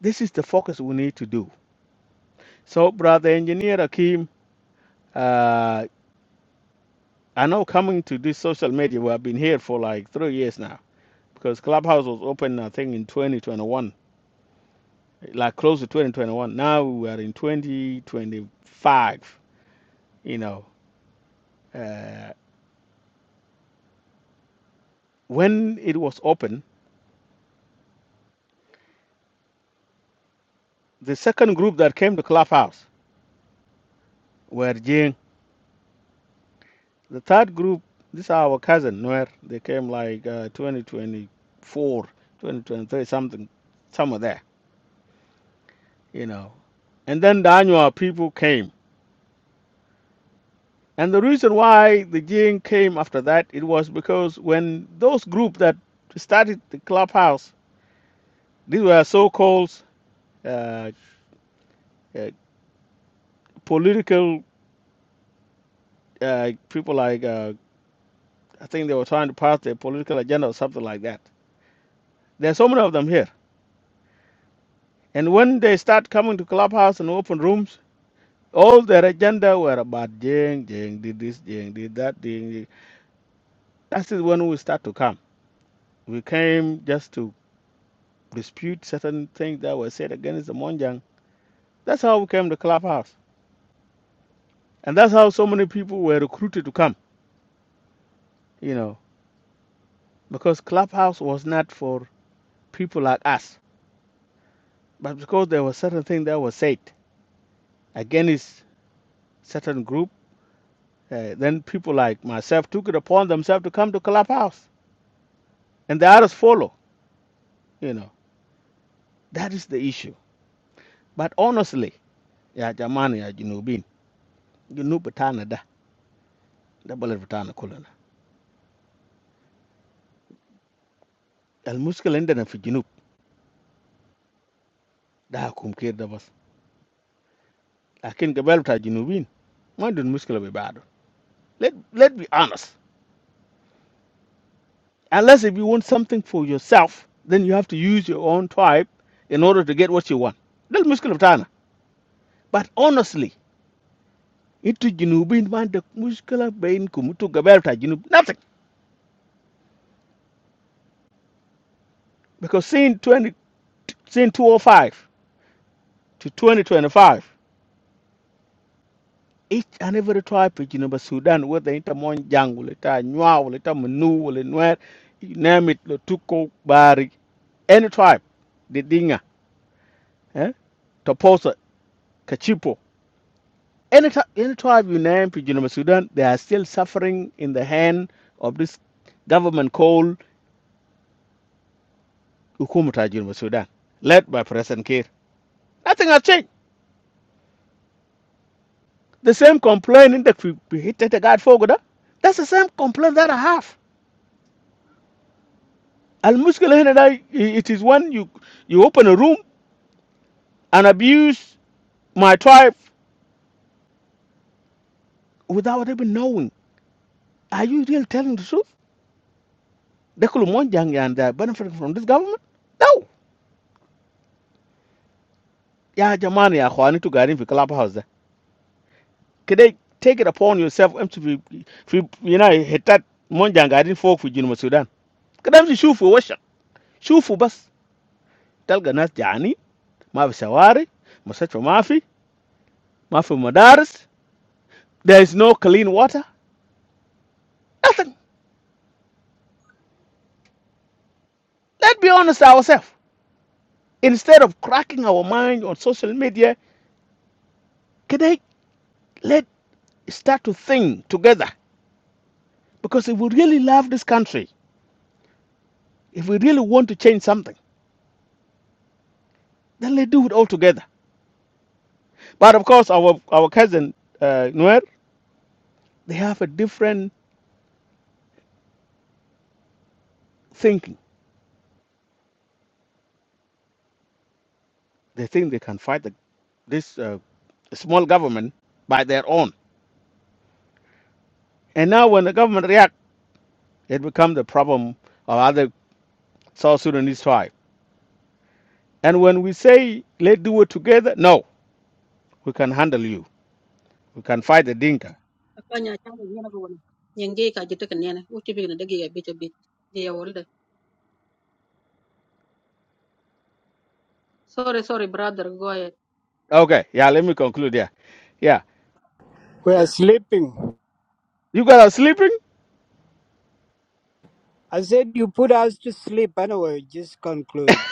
Speaker 21: This is the focus we need to do. So, brother engineer Akim, uh, I know coming to this social media, we have been here for like three years now because Clubhouse was open, I think, in 2021, like close to 2021. Now we are in 2025, you know. Uh, when it was open, the second group that came to Clubhouse were Jing. The third group, these are our cousins. Where They came like uh, 2024, something, somewhere there, you know. And then the Anua people came. And the reason why the Jing came after that, it was because when those group that started the clubhouse, these were so-called uh, uh, political uh, people like, uh, I think they were trying to pass their political agenda or something like that. There are so many of them here. And when they start coming to clubhouse and open rooms, All their agenda were about Jing, Jing did this, Jing did that, Jing. did- That is when we start to come. We came just to dispute certain things that were said against the Monjang. That's how we came to Clubhouse. And that's how so many people were recruited to come, you know, because Clubhouse was not for people like us, but because there were certain things that were said against certain group, uh, then people like myself took it upon themselves to come to Clubhouse. And the others follow, you know. That is the issue. But honestly, Ya Jamaan ya jinubin, jinubetana da. Da baler betana kolana. El muskela endena fi jinub. Da akumker da bas. Akin ke belta jinubin, man do muskela be bad. Let let be honest. Unless if you want something for yourself, then you have to use your own tribe in order to get what you want. Da muskela betana. But honestly, into jinubin man do muskela be in kumu tu ke belta jinub. Nothing. Because sin 20 sin 205 to 2025. each and every tribe in Juba, Sudan, whether it's Monjang, whether it's Nwa, whether it's Manu, whether it's Nuer, you name it, Lotuko, Bari, any tribe, the Dinga, eh? Toposa, Kachipo, any, tri- any tribe you name in Juba, Sudan, they are still suffering in the hand of this government called Hukumata Juba, Sudan, led by President Kiir. Nothing has changed. The same complaint in the we hit the guard for Goda. That's the same complaint that I have. المشكلة هنا ده it is when you you open a room and abuse my tribe without even knowing. Are you really telling the truth? ده كله monjang يعني they are benefiting from this government? No. يا جماعة يا أخواني انتوا قاعدين في club house ده كده take it upon yourself امشي في في you know حتات monjang قاعدين فوق في جنوب السودان كده امشي شوفوا وشك شوفوا بس تلقى ناس جعانين ما في شوارع مستشفى ما في ما في مدارس there is no clean water nothing let's be honest ourselves Instead of cracking our mind on social media, can I let start to think together? Because if we really love this country, if we really want to change something, then let's do it all together. But of course, our our cousin uh, Nuer, they have a different thinking. They think they can fight the, this uh, small government by their own. And now when the government react, it becomes the problem of other South Sudanese tribe. And when we say let's do it together, no, we can handle you. We can fight the Dinka
Speaker 13: Afanya chama yana kwa wana. Nyenge ikajiteka nene. Uchi bigina degi ya bicha bi- bi ya wolde. sorry sorry brother go ahead
Speaker 21: Okay, yeah, let me conclude there. Yeah,
Speaker 18: we are sleeping.
Speaker 21: you guys are sleeping?
Speaker 18: I said you put us to sleep anyway. Just conclude.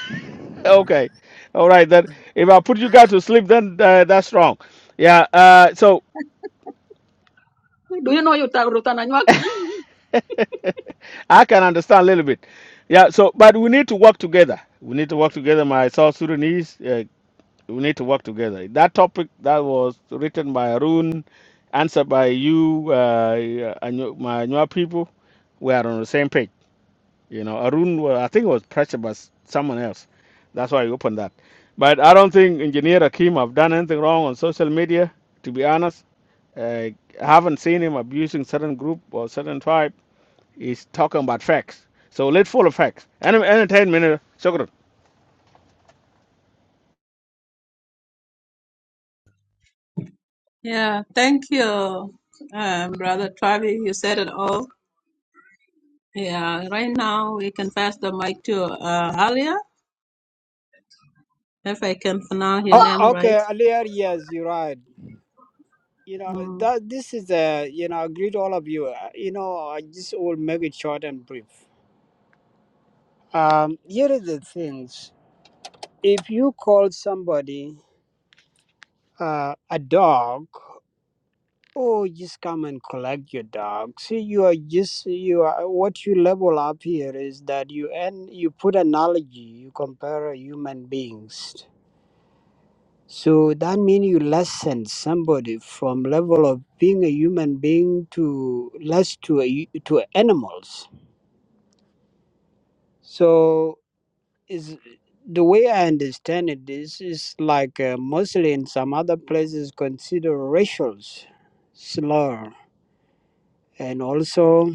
Speaker 21: Okay, all right, then if I put you guys to sleep, then uh, that's wrong. Yeah, uh, so
Speaker 13: do you know you ta rutan Ajmak?
Speaker 21: I can understand a little bit. Yeah, so but we need to work together. We need to work together, my South Sudanese. Uh, we need to work together. That topic that was written by Arun, answered by you, uh, and your- my Nua people, we are on the same page. You know, Arun, wa- I think it was pressured by s- someone else. That's why he opened that. But I don't think Engineer Akim have done anything wrong on social media, to be honest. Uh, I haven't seen him abusing certain group or certain tribe. He's talking about facts. So let's follow facts. Enter- Entertainment, uh, shukran.
Speaker 16: Yeah, thank you, um, Brother Travi. You said it all. Yeah, right now we can pass the mic to uh, Alia, if I can pronounce your
Speaker 18: Oh,
Speaker 16: name right.
Speaker 18: okay, earlier yes, you're right. You know
Speaker 16: Mm.
Speaker 18: that this is a you know I greet all of you. Uh, You know I just will make it short and brief. Um, here is the things. If you call somebody uh, a dog, oh, just come and collect your dog. See, you are just you are what you level up here is that you and you put analogy, you compare human beings. So that means you lessen somebody from level of being a human being to less to a, to animals. So is the way I understand it. This is like uh, mostly in some other places consider racial slur, and also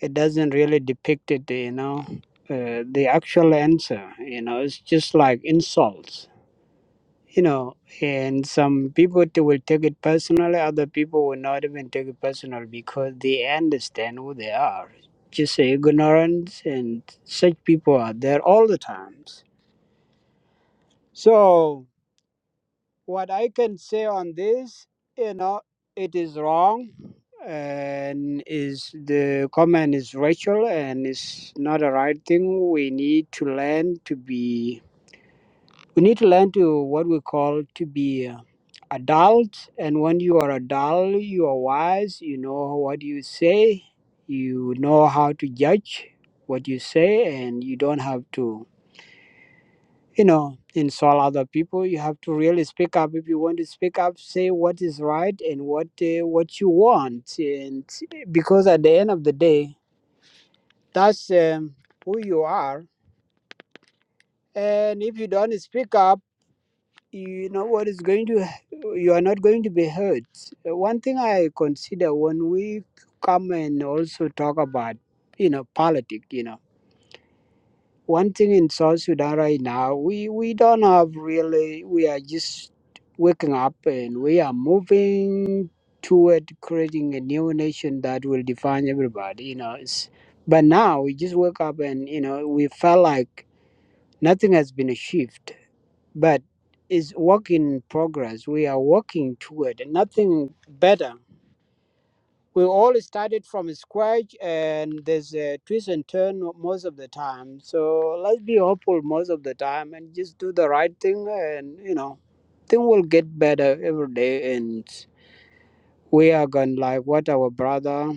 Speaker 18: it doesn't really depict it. You know, uh, the actual answer. You know, it's just like insults. You know, and some people t- will take it personally. Other people will not even take it personal because they understand who they are. Just ignorance, and such people are there all the times. So What I can say on this, you know, it is wrong and is the comment is racial and it's not a right thing. We need to learn to be we need to learn to what we call to be uh, adult and when you are adult you are wise, you know what you say, you know how to judge what you say and you don't have to you know, insult other people. You have to really speak up. If you want to speak up, say what is right and what uh, what you want. And eh, because at the end of the day, that's um, who you are. And if you don't speak up, you know what is going to. You are not going to be heard. Uh, One thing I consider when we come and also talk about, you know, politics. You know. one thing in South Sudan right now, we, we don't have really, we are just waking up and we are moving toward creating a new nation that will define everybody, you know. It's, but now we just wake up and, you know, we felt like nothing has been achieved, but it's work in progress. We are working toward nothing better we all started from scratch and there's a twist and turn most of the time so let's be hopeful most of the time and just do the right thing and you know thing will get better every day and we are going like what our brother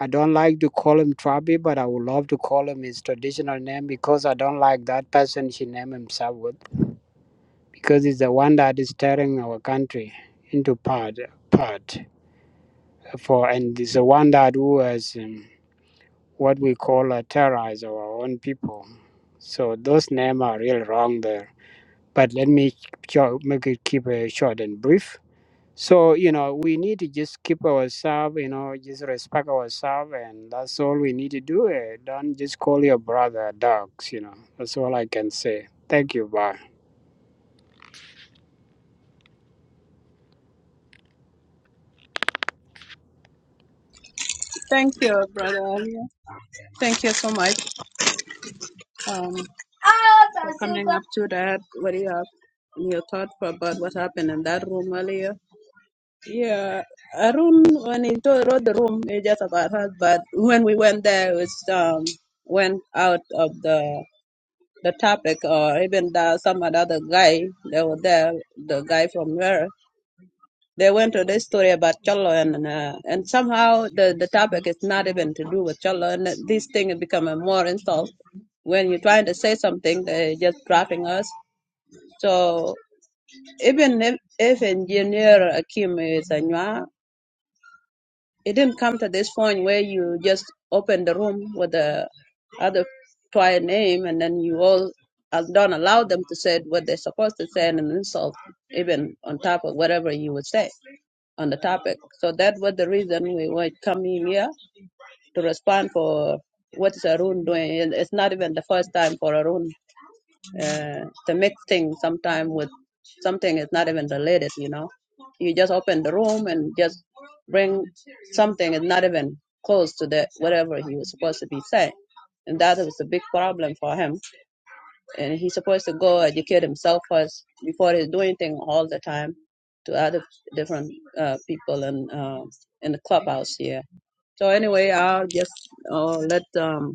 Speaker 18: i don't like to call him trabi but i would love to call him his traditional name because i don't like that person she named himself with because he's the one that is tearing our country into part part for and he's the one that who has um, what we call uh, terrorize our own people. So those names are really wrong there. But let me cho- make it keep it short and brief. So you know we need to just keep ourselves, you know, just respect ourselves, and that's all we need to do. eh, Don't just call your brother dogs, you know. That's all I can say. Thank you. Bye.
Speaker 16: Thank you, Brother Alia. Thank you so much um, for coming up to that. What do you have in your thought about what happened in that room earlier? Yeah, Arun, when he do- wrote the room, he just about us, but when we went there, it was, um, went out of the the topic or even the, some other guy they were there the guy from where they went to this story about cholo and uh, and somehow the the topic is not even to do with cholo and this thing has become a more insult when you're trying to say something they're just dropping us so even if, if engineer akim is a Nwa, it didn't come to this point where you just open the room with the other prior name and then you all uh, don't allow them to say what they're supposed to say and an insult even on top of whatever you would say on the topic. So that was the reason we were coming here to respond for what is Arun doing. And It's not even the first time for Arun uh, the mixed thing sometime with something is not even related, you know. You just open the room and just bring something is not even close to the whatever he was supposed to be saying. And that was a big problem for him. And he's supposed to go educate himself first before he's doing things all the time to other different uh, people in, uh, in the clubhouse here. So anyway, I'll just uh, let um,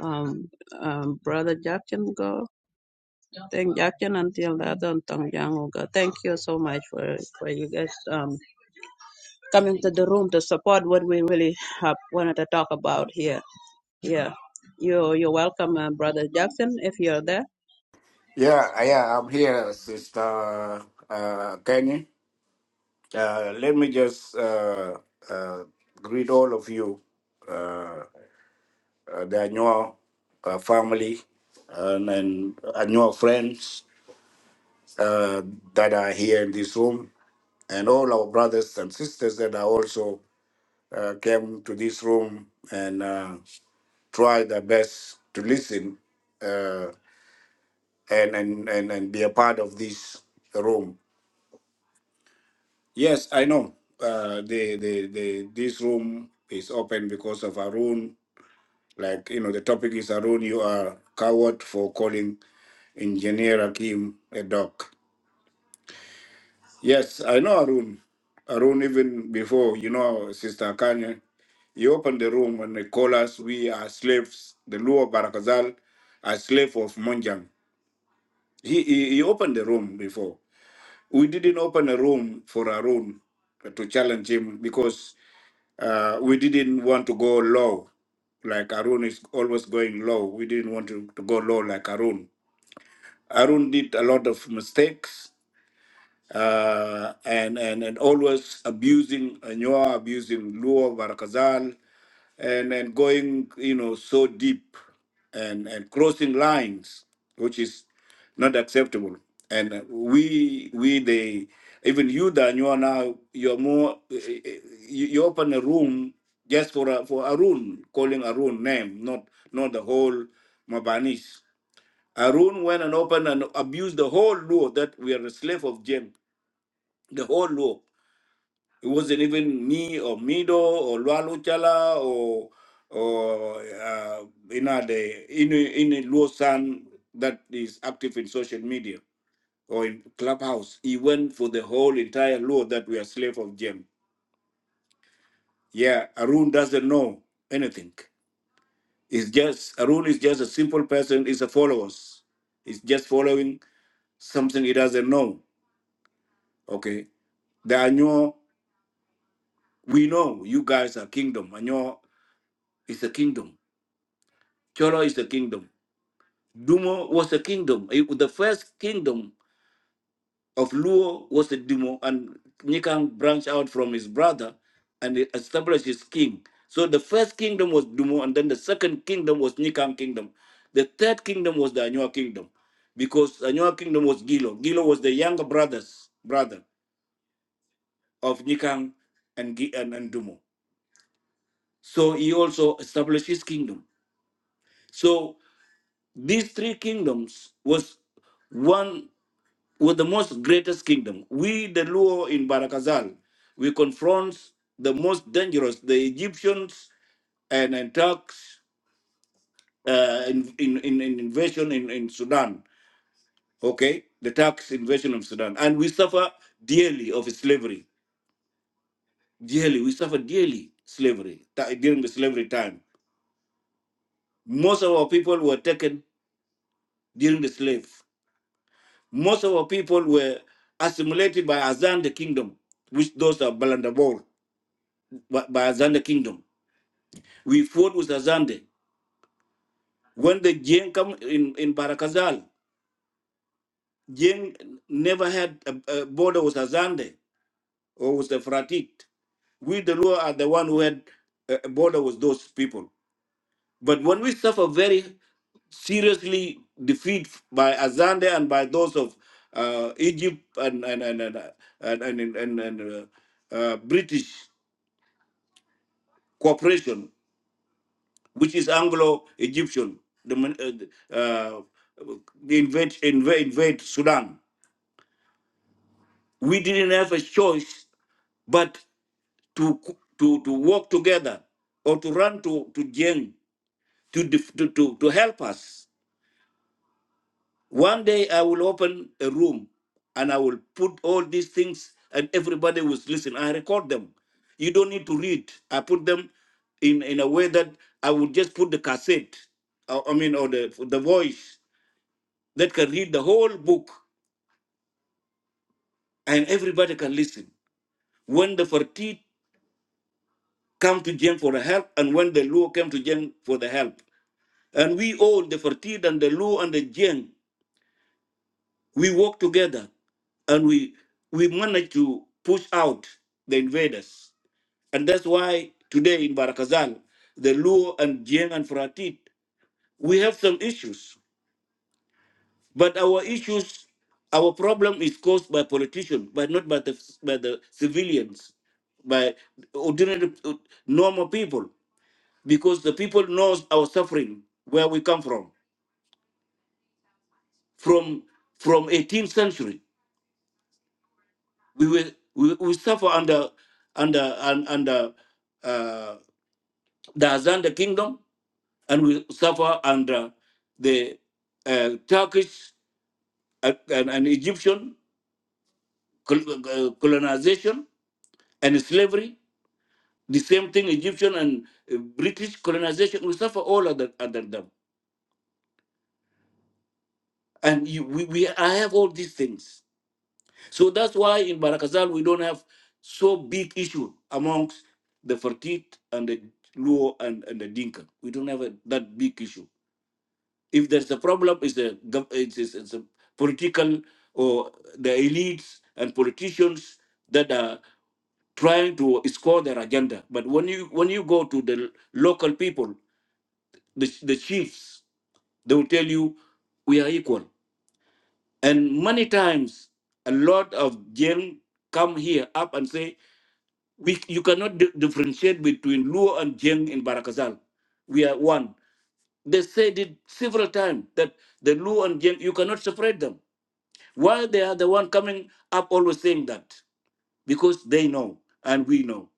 Speaker 16: um, um, Brother Jackson go. Thank Jackson until the other Tong Yang will Thank you so much for, for you guys um coming to the room to support what we really have wanted to talk about here. Yeah. You you're welcome, uh, brother Jackson, if you're there.
Speaker 22: Yeah, yeah, I'm here, Sister uh, Kenny. Uh, let me just uh, uh, greet all of you, uh, the Anua uh, family and, and Anua friends uh, that are here in this room, and all our brothers and sisters that are also uh, came to this room and uh, try their best to listen uh, and, and, and, and be a part of this room. Yes, I know. Uh, the, the the this room is open because of Arun. Like you know, the topic is Arun. You are coward for calling engineer Akim a dog. Yes, I know Arun. Arun, even before you know, Sister Kanye, you opened the room and they call us. We are slaves. The Luo Barakazal are slave of Monjang. He, he he opened the room before. We didn't open a room for Arun to challenge him because Uh, we didn't want to go low, like Arun is always going low. We didn't want to, to go low like Arun. Arun did a lot of mistakes uh, and, and, and always abusing Anyoa, abusing Luo, Barakazal and and going you know so deep and and crossing lines which is not acceptable and uh, we we they even you dan you are now you're more eh, eh, you, you open a room just for a, for arun calling arun name not not the whole mabanis arun went and opened and abused the whole law that we are a slave of jem the whole law it wasn't even me or Mido or Lualu Chala or or uh, you know the in in Luo San that is active in social media or in clubhouse. He went for the whole entire Luo that we are slave of Jem. Yeah, Arun doesn't know anything. It's just Arun is just a simple person. He's a followers. He's just following something he doesn't know. Okay, the Anyo we know you guys are kingdom. Anyo is a kingdom Cholo is the kingdom. Dumo was the kingdom. It- The first kingdom of Luo was the Dumo, and Nikang branched out from his brother and he established his king. So the first kingdom was Dumo, and then the second kingdom was Nikang kingdom. The third kingdom was the Anua kingdom, because Anua kingdom was Gilo. Gilo was the younger brother's brother of Nikang and, Gi- and, and Dumo. So he also established his kingdom. So these three kingdoms was one with the most greatest kingdom. We, the Luo in Barakazal, we confront the most dangerous, the Egyptians and, and Turks uh, in, in, in, in invasion in, in Sudan, okay? The Turks invasion of Sudan. And we suffer dearly of slavery. Dearly, we suffer dearly slavery ti- during the slavery time. Most of our people were taken during the slave. Most of our people were assimilated by Azan the kingdom, which those are Balandabor, by by Azan the kingdom. We fought with Azande. When the Jane come in, in Barakazal, Jane never had a, a border with Azande or with the Fratik. We, the Luo, are the one who had a a border with those people. But when we suffer very seriously defeat by Azande and by those of uh, Egypt and and and and, and, and, and, and, uh, uh, British cooperation, which is Anglo-Egyptian, the, min- uh, the uh, they invade, invade, invade Sudan. We didn't have a choice but to co- to to work together or to run to to Jeng to, def- to to to help us. One day I will open a room and I will put all these things and everybody will listen. I record them. You don't need to read. I put them in in a way that I would just put the cassette. I I mean, or the the voice that can read the whole book and everybody can listen. When the Fertit come to Jem for the help and when the Luo came to Jem for the help. And we all, the Fertit and the Luo and the Jem, we work together and we we managed to push out the invaders. And that's why today in Barakazal, the Luo and Jem and Fertit, we have some issues But our issues, our problem is caused by politicians, but not by the by the civilians, by ordinary uh, normal people, because the people knows our suffering where we come from. From from 18th century, we were we, we suffer under under un- under uh, the Azanda kingdom, and we suffer under the uh, Turkish uh, and, and Egyptian col- uh, colonization and slavery The same thing Egyptian and uh, British colonization, we suffer all under, under them. And you, we, we, I have all these things. So that's why in Barakazal, we don't have so big issue amongst the Fertit and the Luo and, and the Dinka. We don't have a, that big issue. If there's a problem, it's a, gov- it's, it's, it's a political or the elites and politicians that are trying to score their agenda. But when you when you go to the local people, the, the chiefs. They will tell you we are equal. And many times, a lot of Jeng come here up and say, we, you cannot di- differentiate between Luo and Jeng in Barakazal. We are one. They said it several times that the Luo and Jeng, you cannot separate them. Why they are the one coming up always saying that? Because they know and we know.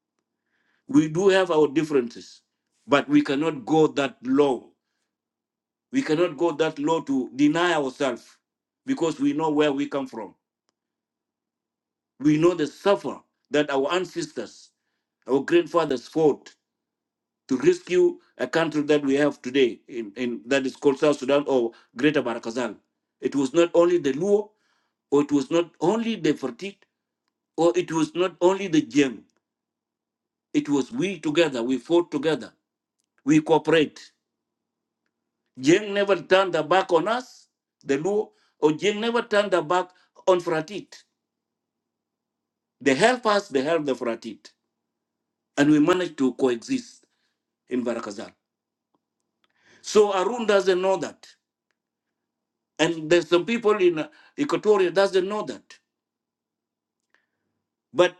Speaker 22: We do have our differences, but we cannot go that low We cannot go that low to deny ourselves because we know where we come from. We know the suffer that our ancestors, our grandfathers fought to rescue a country that we have today in, in that is called South Sudan or Greater Barakazal. It was not only the Luo, or it was not only the Fertit, or it was not only the Jeng. It was we together, we fought together, we cooperate. Jeng never turned their back on us, the Luo, or Jeng never turned their back on Fratit. They help us, they help the Faratit. And we manage to coexist in Barakazal. So Arun doesn't know that. And there's some people in Equatoria doesn't know that. But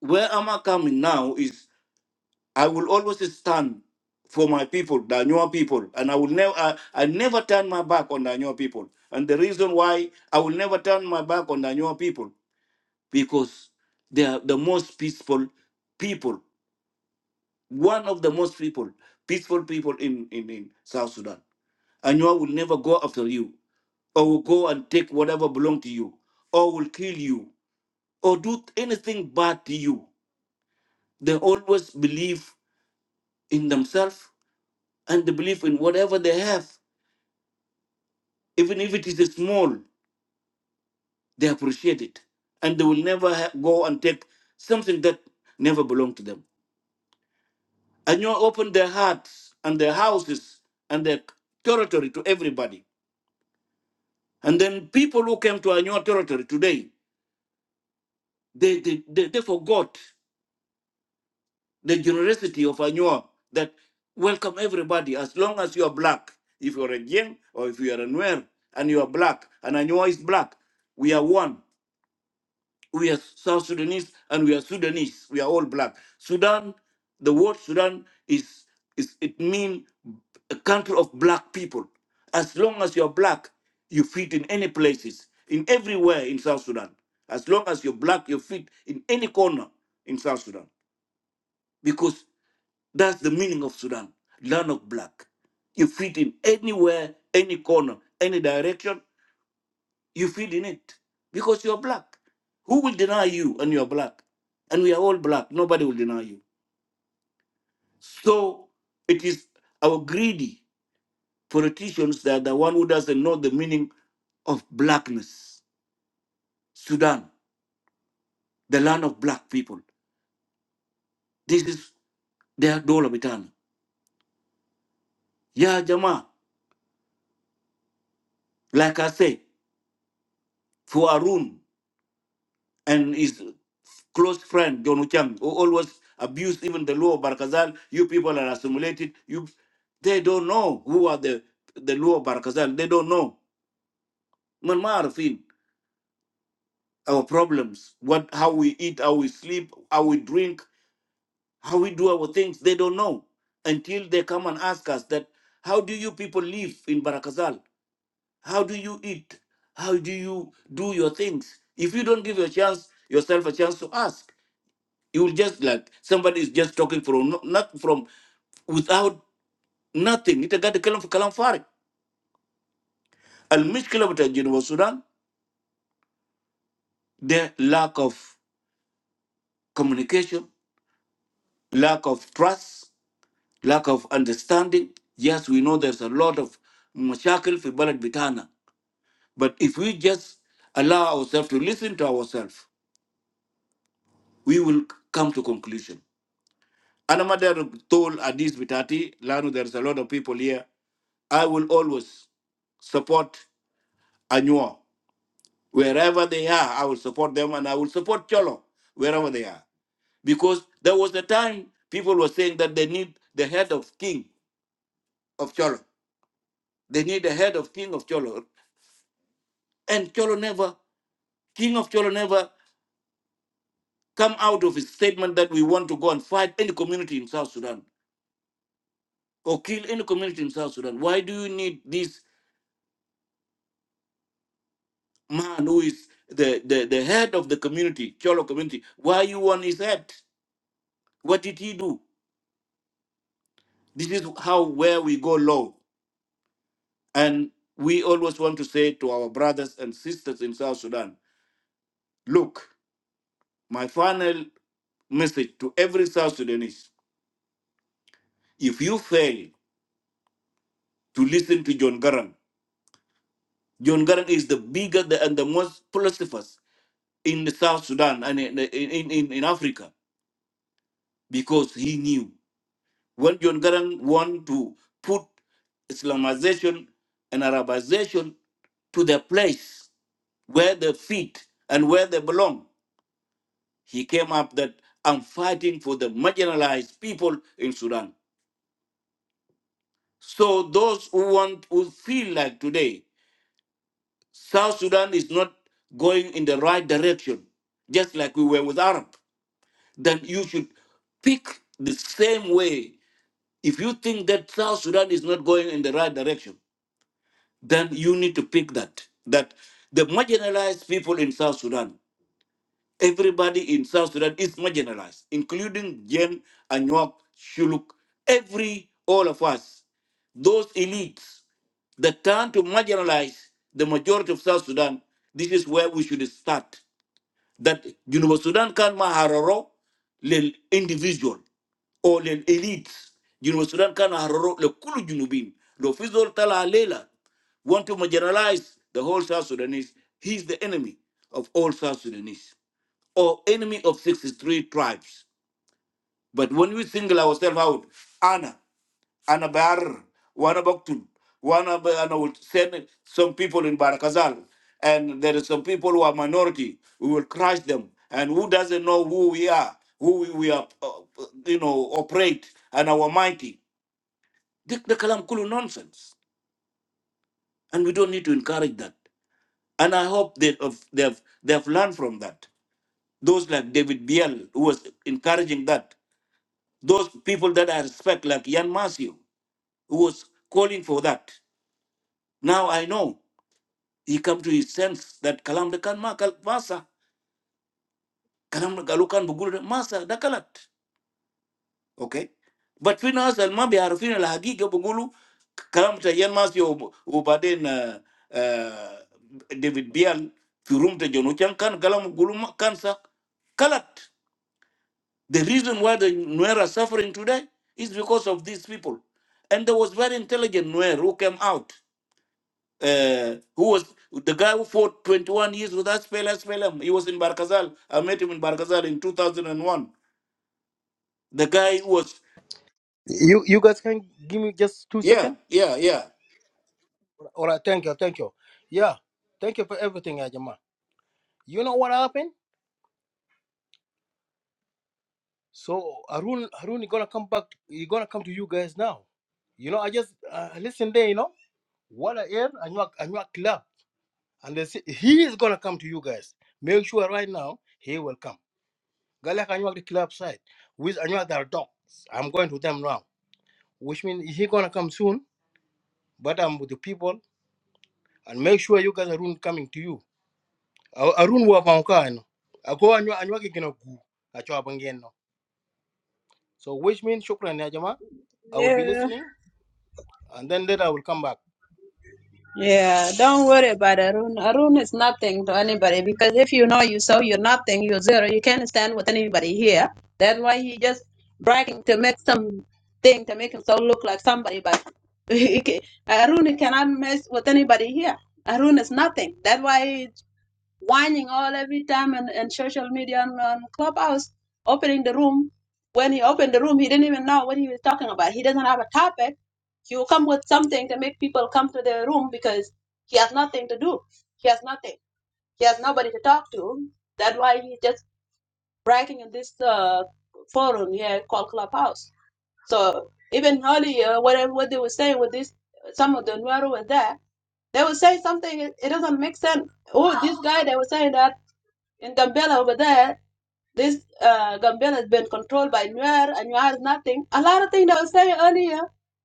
Speaker 22: where am I coming now is I will always stand for my people, the Anua people, and I will never, I, I never turn my back on the Anua people. And the reason why I will never turn my back on the Anua people because they are the most peaceful people, one of the most people, peaceful people in in, in South Sudan. and will never go after you, or will go and take whatever belong to you, or will kill you, or do anything bad to you. They always believe in themselves and they believe in whatever they have, even if it is small, they appreciate it, and they will never ha- go and take something that never belonged to them. And opened their hearts and their houses and their territory to everybody. And then people who came to our territory today, they, they, they, they forgot the generosity of Anua that welcome everybody as long as you are black. If you are a Jing or if you are a Nuer and you are black and Anua is black, we are one. We are South Sudanese and we are Sudanese. We are all black. Sudan, the word Sudan is is it means a country of black people. As long as you are black, you fit in any places, in everywhere in South Sudan. As long as you're black, you fit in any corner in South Sudan. Because that's the meaning of Sudan, land of black. You fit in anywhere, any corner, any direction, you fit in it because you're black. Who will deny you and you're black? And we are all black. Nobody will deny you. So it is our greedy politicians that are the one who doesn't know the meaning of blackness. Sudan, the land of black people. This is their Dolabitana. Yeah, Jama, like I say, for Arun. and his close friend John Uchang, who always abused even the Luo of Barkazal. You people are assimilated. You, they don't know who are the the Luo of Barkazal. They don't know. Man, ma arfin, our problems, what, how we eat, how we sleep, how we drink, how we do our things. They don't know until they come and ask us that. How do you people live in Barakazal? How do you eat? How do you do your things? If you don't give your chance yourself a chance to ask, You will just like somebody is just talking from no- not from without nothing. It got the kalam kalam farik. Al mishkila with Geneva Sudan, the lack of communication, lack of trust, lack of understanding. Yes, we know there's a lot of mashakil fi balad bitana. But if we just allow ourselves to listen to ourselves, we will come to conclusion. Another told Adis Bitati, Lanu, there's a lot of people here. I will always support Anyua, wherever they are, I will support them and I will support Cholo wherever they are. Because there was a time people were saying that they need the head of king of Cholo. They need the head of king of Cholo. And Cholo never, king of Cholo never come out of his statement that we want to go and fight any community in South Sudan or kill any community in South Sudan. Why do you need this man who is the, the, the head of the community, Cholo community? Why you want his head? What did he do? This is how where we go low. And we always want to say to our brothers and sisters in South Sudan, look, my final message to every South Sudanese, if you fail to listen to John Garang, John Garang is the bigger the, and the most philosophers in the South Sudan and in, in, in, in Africa because he knew when John Garang wanted to put Islamization and Arabization to their place where they fit and where they belong he came up that I'm fighting for the marginalized people in Sudan. So those who want who feel like today South Sudan is not going in the right direction, just like we were with Arab, then you should pick the same way. If you think that South Sudan is not going in the right direction, then you need to pick that that the marginalized people in South Sudan Everybody in South Sudan is marginalized, including Jen, Anyuak, Shuluk, every, all of us. Those elites that turn to marginalize the majority of South Sudan, this is where we should start that Junuba Sudan can mahararo lil individual or lil elite. Junuba Sudan can mahararo le kulu Junubin. Lo fizol tala alela want to marginalize the whole South Sudanese. He's the enemy of all South Sudanese or enemy of 63 tribes. But when we single ourselves out, Anna, Anna Bar, Wana Baktul, Wana Ba- Anna will send some people in Barakazal, and there are some people who are minority. We will crush them, and who doesn't know who we are, who we, we are, uh, uh, you know, operate, and our mighty. The, the Kalam Kulu nonsense, and we don't need to encourage that. And I hope they have, they have, they have learned from that. Those like David Biel, who was encouraging that. Those people that I respect, like Jan Masio, who was calling for that. Now I know he come to his sense that kalam dakan ma kal masa kalam galukan bugulu masa dakalat. Okay. But fi nas al ma biarfin al haqiqa bugulu kalam ta yan mas yo ubaden uh, uh, David Bial fi room ta jono chan kan kalam gulu ma- kansa kalat. The reason why the Nuer are suffering today is because of these people. And there was very intelligent Nuer who came out uh, who was the guy who fought 21 years with us, SPLM. him? He was in Barkazal. I met him in Barkazal in 2001. The guy who was,
Speaker 23: You you guys can give me just two
Speaker 22: yeah,
Speaker 23: seconds?
Speaker 22: yeah, yeah.
Speaker 23: All right, thank you, thank you. Yeah, thank you for everything, Ajama. You know what happened? So Harun, Harun, is gonna come back. He's gonna come to you guys now. You know, I just uh, listen there. You know what I hear? I know, I know, club, and they say he is gonna come to you guys. Make sure right now he will come. Galak I know the club side with I know their dogs. I'm going to them now, which means he gonna come soon. But I'm with the people, and make sure you guys Harun coming to you. A- Arun wa fa ka no. Ako anyo anyo ke gina gu. Acho abangen no. So which means shukran ya jama. I will be
Speaker 16: Yeah.
Speaker 23: listening and then later I will come back.
Speaker 16: Yeah, don't worry about Arun. Arun is nothing to anybody because if you know you so you're nothing, you're zero. You can't stand with anybody here. That's why he just bragging to make some thing to make himself look like somebody. But he ca- Arun cannot mess with anybody here. Arun is nothing. That's why whining all every time and, and social media and, and clubhouse opening the room when he opened the room he didn't even know what he was talking about he doesn't have a topic he will come with something to make people come to the room because he has nothing to do he has nothing he has nobody to talk to that's why he's just bragging in this uh, forum here called clubhouse so even earlier whatever what they were saying with this some of the Nuero was there they will say something it, it doesn't make sense oh this guy they were saying that in Gambela over there, this uh, Gambela has been controlled by Nuer, and Nuer is nothing. A lot of things I was saying earlier,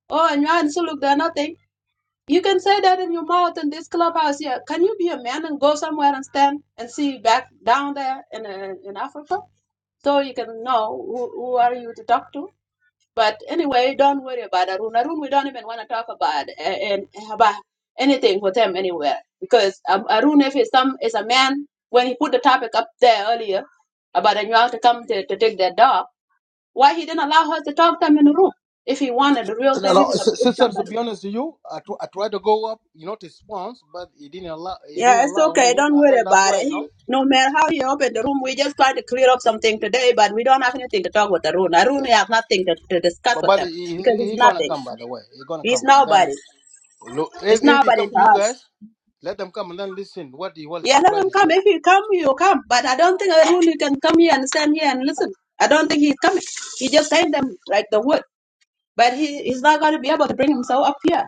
Speaker 16: oh, Nuer and Suluk, they're nothing. You can say that in your mouth in this clubhouse here. Can you be a man and go somewhere and stand and see back down there in uh, in Africa? So you can know who, who are you to talk to? But anyway, don't worry about Arun. Arun, we don't even want to talk about uh, and about anything with him anywhere because um, Arun, if he's some is a man, when he put the topic up there earlier about a to come to, to take their dog, why he didn't allow her to talk to him in the room if he wanted the real thing,
Speaker 23: No, no,
Speaker 16: if he's, a,
Speaker 23: s-
Speaker 16: if
Speaker 23: sister. To
Speaker 16: somebody.
Speaker 23: be honest with you, I tr- I tried to go up, you know, to sponsor, but he didn't allow. He didn't
Speaker 16: Yeah, it's
Speaker 23: allow
Speaker 16: okay.
Speaker 23: me,
Speaker 16: Don't
Speaker 23: and
Speaker 16: worry
Speaker 23: then that's
Speaker 16: about
Speaker 23: why,
Speaker 16: it.
Speaker 23: you know.
Speaker 16: He, no matter how he opened the
Speaker 23: Mm.
Speaker 16: room, we just try to clear up something today, but we don't have anything to talk with Arun. Arun,
Speaker 23: Yeah.
Speaker 16: we have nothing to, to discuss
Speaker 23: But,
Speaker 16: with
Speaker 23: but
Speaker 16: him
Speaker 23: he's
Speaker 16: because he's
Speaker 23: he gonna
Speaker 16: nothing.
Speaker 23: come. By the way, he gonna
Speaker 16: He's
Speaker 23: come, and
Speaker 16: nobody.
Speaker 23: then look,
Speaker 16: It's
Speaker 23: if if he
Speaker 16: nobody
Speaker 23: come to you
Speaker 16: to us.
Speaker 23: guys, let them come and then listen what he will
Speaker 16: Yeah, let
Speaker 23: try
Speaker 16: him
Speaker 23: to
Speaker 16: come.
Speaker 23: say.
Speaker 16: If he come, you come. But I don't think a Hulu can come here and stand here and listen. I don't think he's coming. He just saying them like the wood. But he, he's not going to be able to bring himself up here.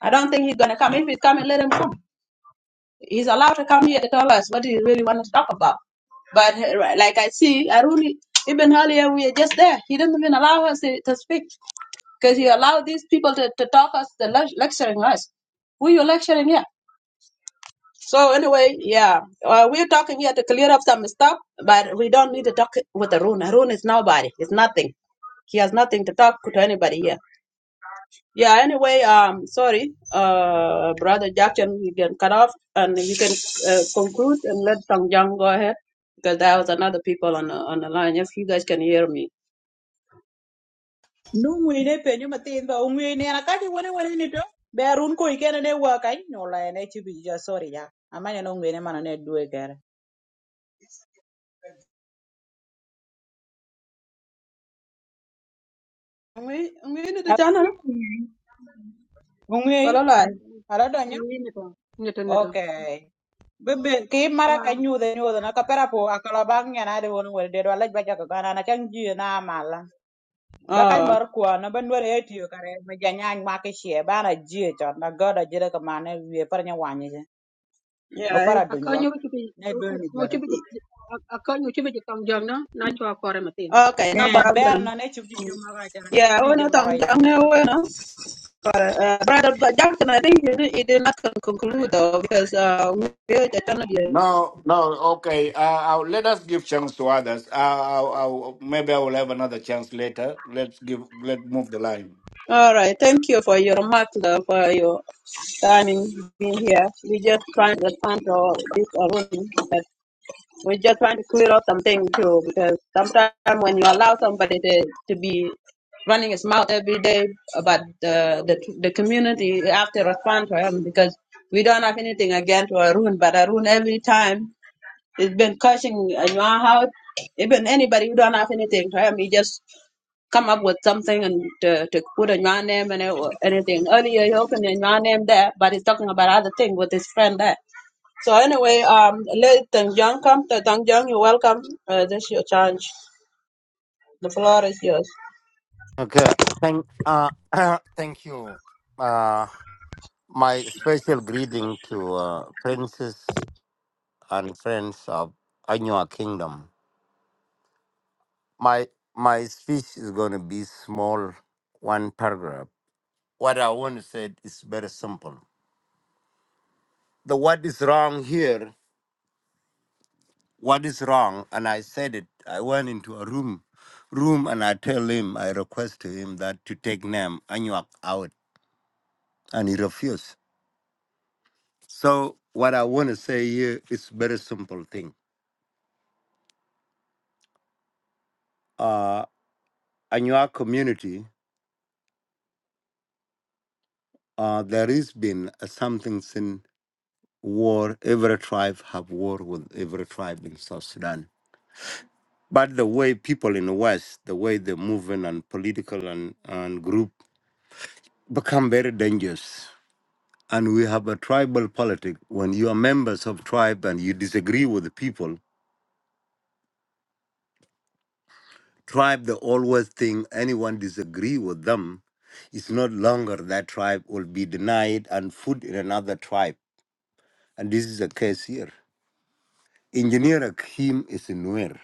Speaker 16: I don't think he's going to come. If he's coming, let him come. He's allowed to come here to tell us what he really wants to talk about. But uh, right, like I see, I really, even earlier we are just there. He didn't even allow us to, to speak because he allowed these people to, to talk us, to lec- lecturing us. Who you lecturing here? So anyway, yeah, uh, we're talking here to clear up some stuff, but we don't need to talk with Arun. Arun is nobody. It's nothing. He has nothing to talk to anybody here. Yeah. Anyway, um, sorry, uh, brother Jackson, you can cut off and you can uh, conclude and let Tong Jiang go ahead because there was another people on the, on the line. If you guys can hear me.
Speaker 11: nungwine penyo mathin ba ungwine an akati wane wane ni to be arun ko ikene ne waka inyola ene chibi jo sorry ya amanya no ngwine mana ne dwe kere
Speaker 16: We we need the channel. Hello,
Speaker 11: ungwe
Speaker 16: line.
Speaker 13: Mm,
Speaker 11: ara donyo
Speaker 13: mm, Nito, nito.
Speaker 11: okay bebe ki mara ka
Speaker 13: Yeah.
Speaker 11: nyudha nyudha na kapera po akala bang yana de won wede do laj baja ko gana na chang ji na mala ba kany
Speaker 16: Oh,
Speaker 11: mar kwan ba nwongo ëë tio karë më janyany makö ï cë ba na jee cö na gödö ajëda këman wie pïrë n'ëwangö ïcë
Speaker 16: yeah.
Speaker 11: opara döny
Speaker 13: akanyo
Speaker 11: wök
Speaker 13: bi cubi
Speaker 11: n'edwong nï
Speaker 13: no
Speaker 11: jödö
Speaker 13: cubi akanyo cubi ji tong jam na na chwa kore matin
Speaker 16: Okay, no
Speaker 11: ëë bër
Speaker 16: problem.
Speaker 11: na n'ecüp jïï jö mökö ëcölö cüp
Speaker 16: Yeah, we
Speaker 11: jïï jö
Speaker 16: know Tong
Speaker 11: mökö ya it's okay
Speaker 16: Jiang. Uh, Brother Jackson, I think you did, you did not conclude though, because uh, we heard a
Speaker 22: No, no, okay. Uh, I'll, let us give chance to others. Uh, I'll, I'll, maybe I will have another chance later. Let's give. Let's move the line.
Speaker 16: All right, thank you for your remark, uh, for your timing being here. We just trying to respond to all this already, but we're just trying to clear up some too, because sometimes when you allow somebody to, to be running his mouth every day about the, the the community, you have to respond to him because we don't have anything against Arun, but Arun every time. It's been cursing in my house. Even anybody who don't have anything to him, he just come up with something and to, to put in your name and it- or anything. Earlier he opened in your name there, but he's talking about other thing with his friend there. So anyway, um, let Tang Jiang come. Tang Jiang, you're welcome. Uh, this is your chance. The floor is yours.
Speaker 24: Okay. Thank uh thank you. Uh my special greeting to uh, princes and friends of Anua Kingdom. My my speech is gonna be small, one paragraph. What I want to say is very simple. The what is wrong here, what is wrong, and I said it. I went into a room room and I tell him, I request to him that to take name Anuak out and he refused. So what I want to say here is very simple thing. Uh, in your community, uh, there has been a something since war. Every tribe have war with every tribe in South Sudan. But the way people in the West, the way they move in and political and, and group become very dangerous. And we have a tribal politic. When you are members of tribe and you disagree with the people, tribe they always think anyone disagree with them it's not longer that tribe will be denied and put in another tribe and this is the case here engineer akim is in nuer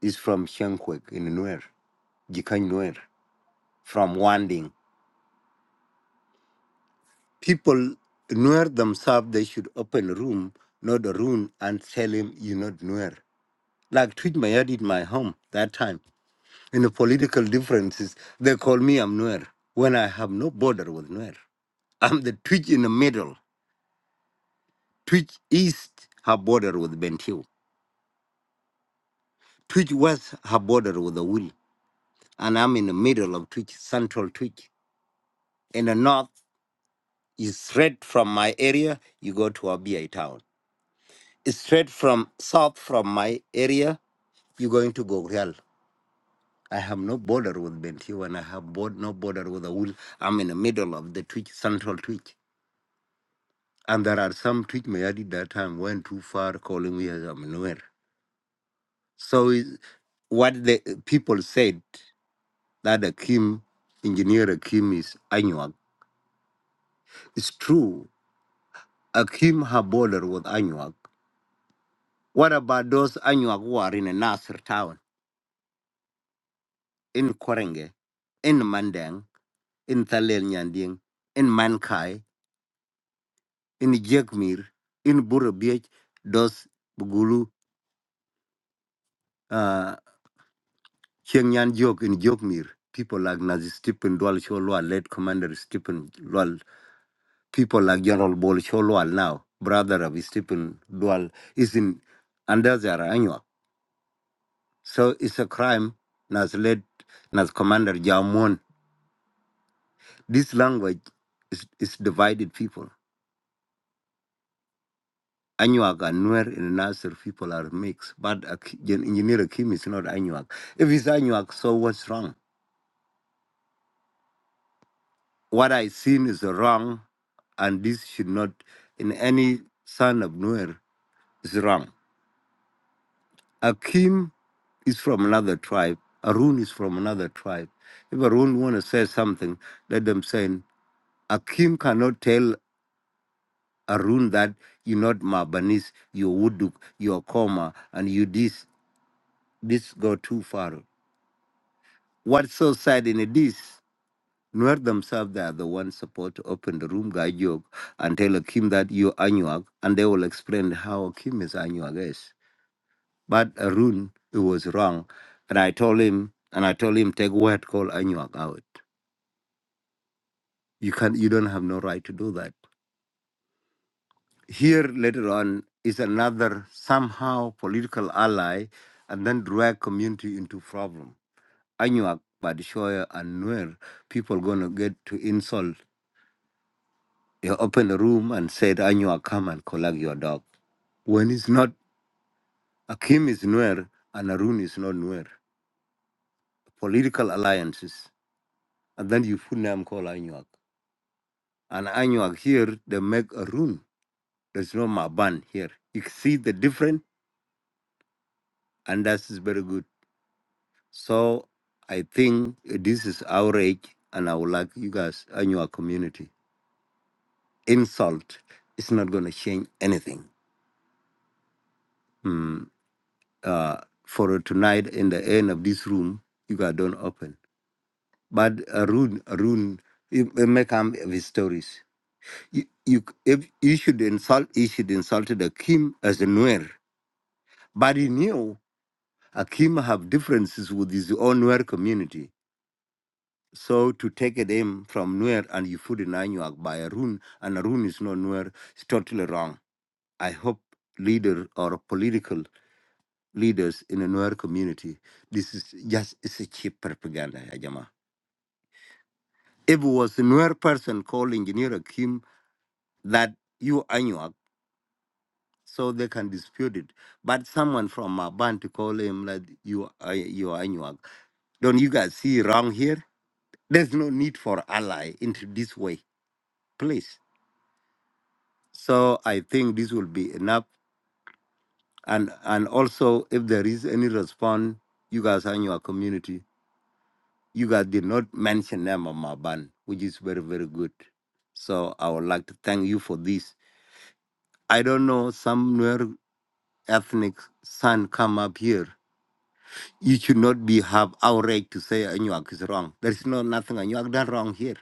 Speaker 24: is from shenkwek in nuer jikany nuer from wanding people nuer themselves they should open a room not a room and tell him you're not nuer like treat Maya did in my home that time in the political differences they call me i'm nuer when i have no border with nuer I'm the Twitch in the middle. Twitch east her border with Bentiu. Twitch west her border with the Wool. And I'm in the middle of Twitch, central Twitch. In the north, is straight from my area, you go to Abia town. It's Straight from south from my area, you're going to Gogrial. I have no border with Bentiu and I have board, no border with the Wool. I'm in the middle of the Twitch, central Twitch. And there are some Twitch Mayadi that time went too far calling me as a Manuel. So is- what the people said that Akim, engineer Akim is Anuak, it's true. Akim have border with Anuak. What about those Anuak who are in Nasser town, in Korenge, in Mandang, in Thalel Nyanding, in Mankai, in Jekmir, in Burabich, those Bugulu, uh, Chiang Nyan Jok in Jokmir, people like Nazi Stephen Dwal Sholwa, late Commander Stephen Dwal people like General Bolsholwal now, brother of Stephen Dual, is in under their annual. So it's a crime Nas led Nas Commander Jamon. This language is, is divided people. Anuak and Nuer and Nasser people are mixed, but a K- Gen- engineer Kim is not Anuak. If it's Anuak, so what's wrong? What I seen is wrong, and this should not, in any son of Nuer, is wrong. Akim is from another tribe. Arun is from another tribe. If Arun want to say something, let them say, Akim cannot tell Arun that you're not Mabanis, you're Wuduk, you're Koma, and you this. This go too far. What's so sad in it is, Nuer themselves, they are the ones supposed to open the room, guide you, and tell Akim that you're Anuak, and they will explain how Akim is Anuak is. But Arun, it was wrong. And I told him, and I told him, take word called Anuak out. You can not you don't have no right to do that. Here later on is another somehow political ally and then drag community into problem. Anuak, Badishoya and Nuer, people gonna get to insult. You open a room and said Anuak come and collect your dog. When it's not Akim is Nuer and Arun is not Nuer. Political alliances. And then you put name called Anuak. and Anuak here, they make a room. There's no Maban here. You can see the difference, and that is very good. So I think this is outrage, and I would like you guys, Anuak community, insult. It's not going to change anything. Mm, uh, for tonight, in the end of this room, you guys don't open. But Arun, Arun, it, it may come with his stories. You, you, if you should insult, you should insult the Kim as a Nuer. But he knew. Akim have differences with his own Nuer community. So to take it in from Nuer and you put in Anyuak by Arun, and Arun is not Nuer, it's totally wrong. I hope leader or political leaders in the Nuer community, this is just it's a cheap propaganda, Ajama. If it was a Nuer person called Engineer Akim that you Anyuak, so they can dispute it. But someone from Maban to call him like you, are- you Anyuak. Don't you guys see wrong here? There's no need for ally into this way, please. So I think this will be enough. And and also, if there is any response, you guys are in your community. You guys did not mention them on my ban, which is very very good. So I would like to thank you for this. I don't know some Nuer ethnic son come up here. You should not be have outrage to say Anuak is wrong. There is no nothing Anuak done wrong here.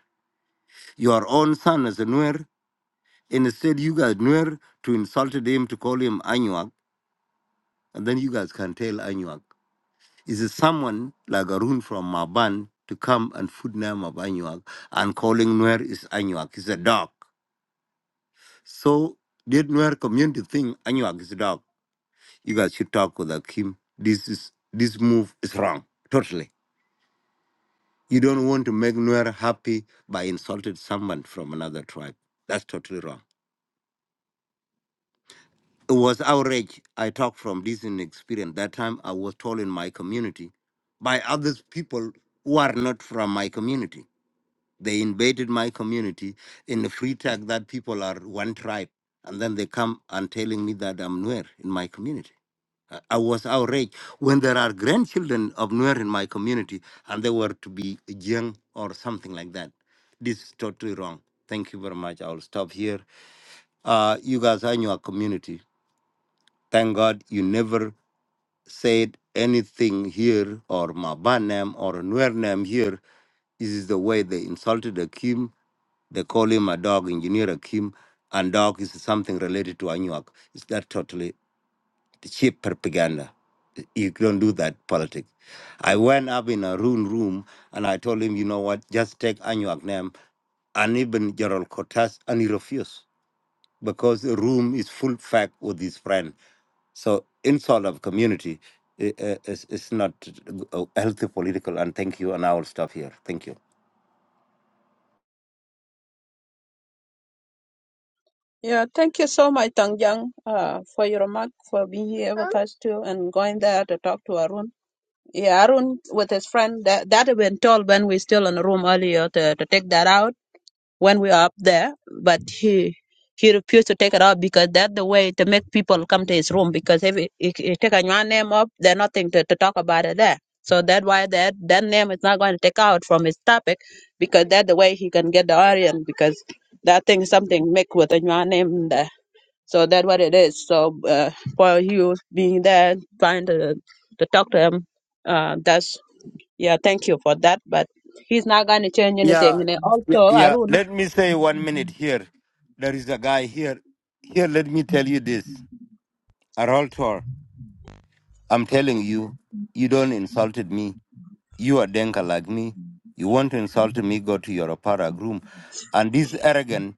Speaker 24: Your own son is a Nuer Instead, you guys Nuer to insulted him to call him Anuak, and then you guys can tell Anuak. Is it someone like Arun from Maban to come and food name of Anuak and calling Nuer is Anuak? Is a dog. So did Nuer community think Anuak is a dog? You guys should talk with Akim. This is this move is wrong. Totally. You don't want to make Nuer happy by insulted someone from another tribe. That's totally wrong. It was outrage. I talk from this in experience. That time I was told in my community by other people who are not from my community. They invaded my community in the free tag that people are one tribe. And then they come and telling me that I'm Nuer in my community. I I was outraged when there are grandchildren of Nuer in my community and they were to be young or something like that. This is totally wrong. Thank you very much. I'll stop here. Uh, you guys are in your community. Thank God you never said anything here or Maban or Nuer here. This is the way they insulted Akim. They call him a dog, engineer Akim, and dog is something related to Anuak. Is that totally cheap propaganda? You don't do that politics. I went up in a room room and I told him, you know what, just take Anuak name and even Gerald Cortez and he refused because the room is full fact with his friend. So insult of community i- i- is is not a healthy political. And thank you, and I will stop here. Thank you.
Speaker 16: Yeah, thank you so much, Tang Jiang, uh, for your remark, for being here with us too, and going there to talk to Arun. Yeah, Arun with his friend that that had been told when we still in the room earlier to, to take that out when we are up there, but he he refused to take it out because that's the way to make people come to his room because if you take a new name up, there's nothing to, to talk about it there. So that's why that that name is not going to take out from his topic because that's the way he can get the audience because that thing is something make with a new name there. So that's what it is. So uh, for you being there, trying to to talk to him, uh, that's yeah. Thank you for that. But he's not going to change
Speaker 24: Yeah,
Speaker 16: anything. And then
Speaker 24: yeah,
Speaker 16: also
Speaker 24: yeah.
Speaker 16: Arun.
Speaker 24: Let me say one minute here. There is a guy here. Here, let me tell you this, Araltor. I'm telling you, you don't insulted me. You are denka like me. You want to insult me? Go to your para room. And this arrogant.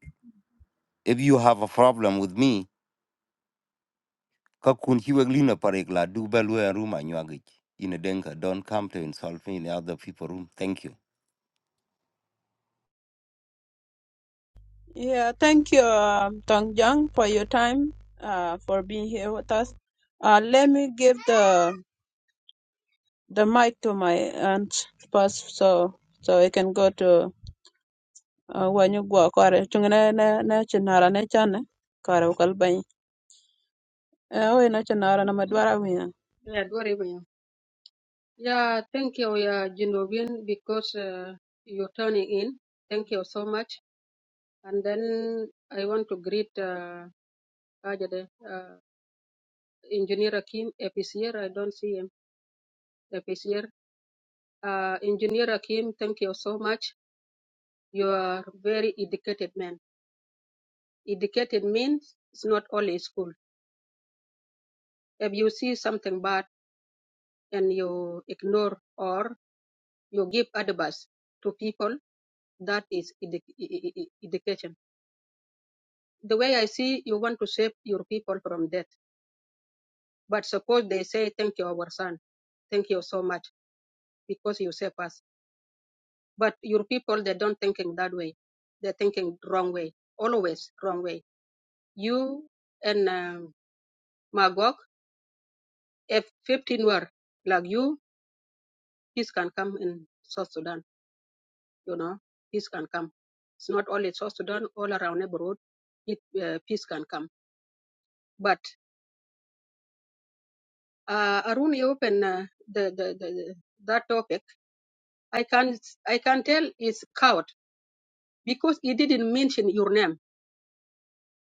Speaker 24: If you have a problem with me, ka kun chi wek lino parik la du ba lu room anywagich in a denka don't come to insult me in other people room thank you
Speaker 16: Yeah, thank you, um, Tong Jung, for your time, uh, for being here with us. Uh, let me give the the mic to my aunt first, so so I can go to uh, when you go. Kare chungene ne ne chinara ne chane kare ukalbany. Eh, we na chinara na madwara wiya.
Speaker 13: ya dwari ba ya ya thank you ya Genovian because uh, you turning in thank you so much and then i want to greet uh, Ajade, uh, engineer akim epicier i don't see him epicier uh, engineer akim thank you so much you are very educated man educated means it's not only school if you see something bad and you ignore or you give advice to people that is edu- e- e- e- education the way i see you want to save your people from death but suppose they say thank you our son thank you so much because you save us but your people they don't thinking that way they're thinking wrong way always wrong way you and um, magog if 15 were like you peace can come in south sudan you know, peace can come. It's not only South Sudan, all around neighborhood, it, uh, peace can come. But uh, Arun, you open uh, the, the, the the- that topic. I can I can tell it's coward because he didn't mention your name.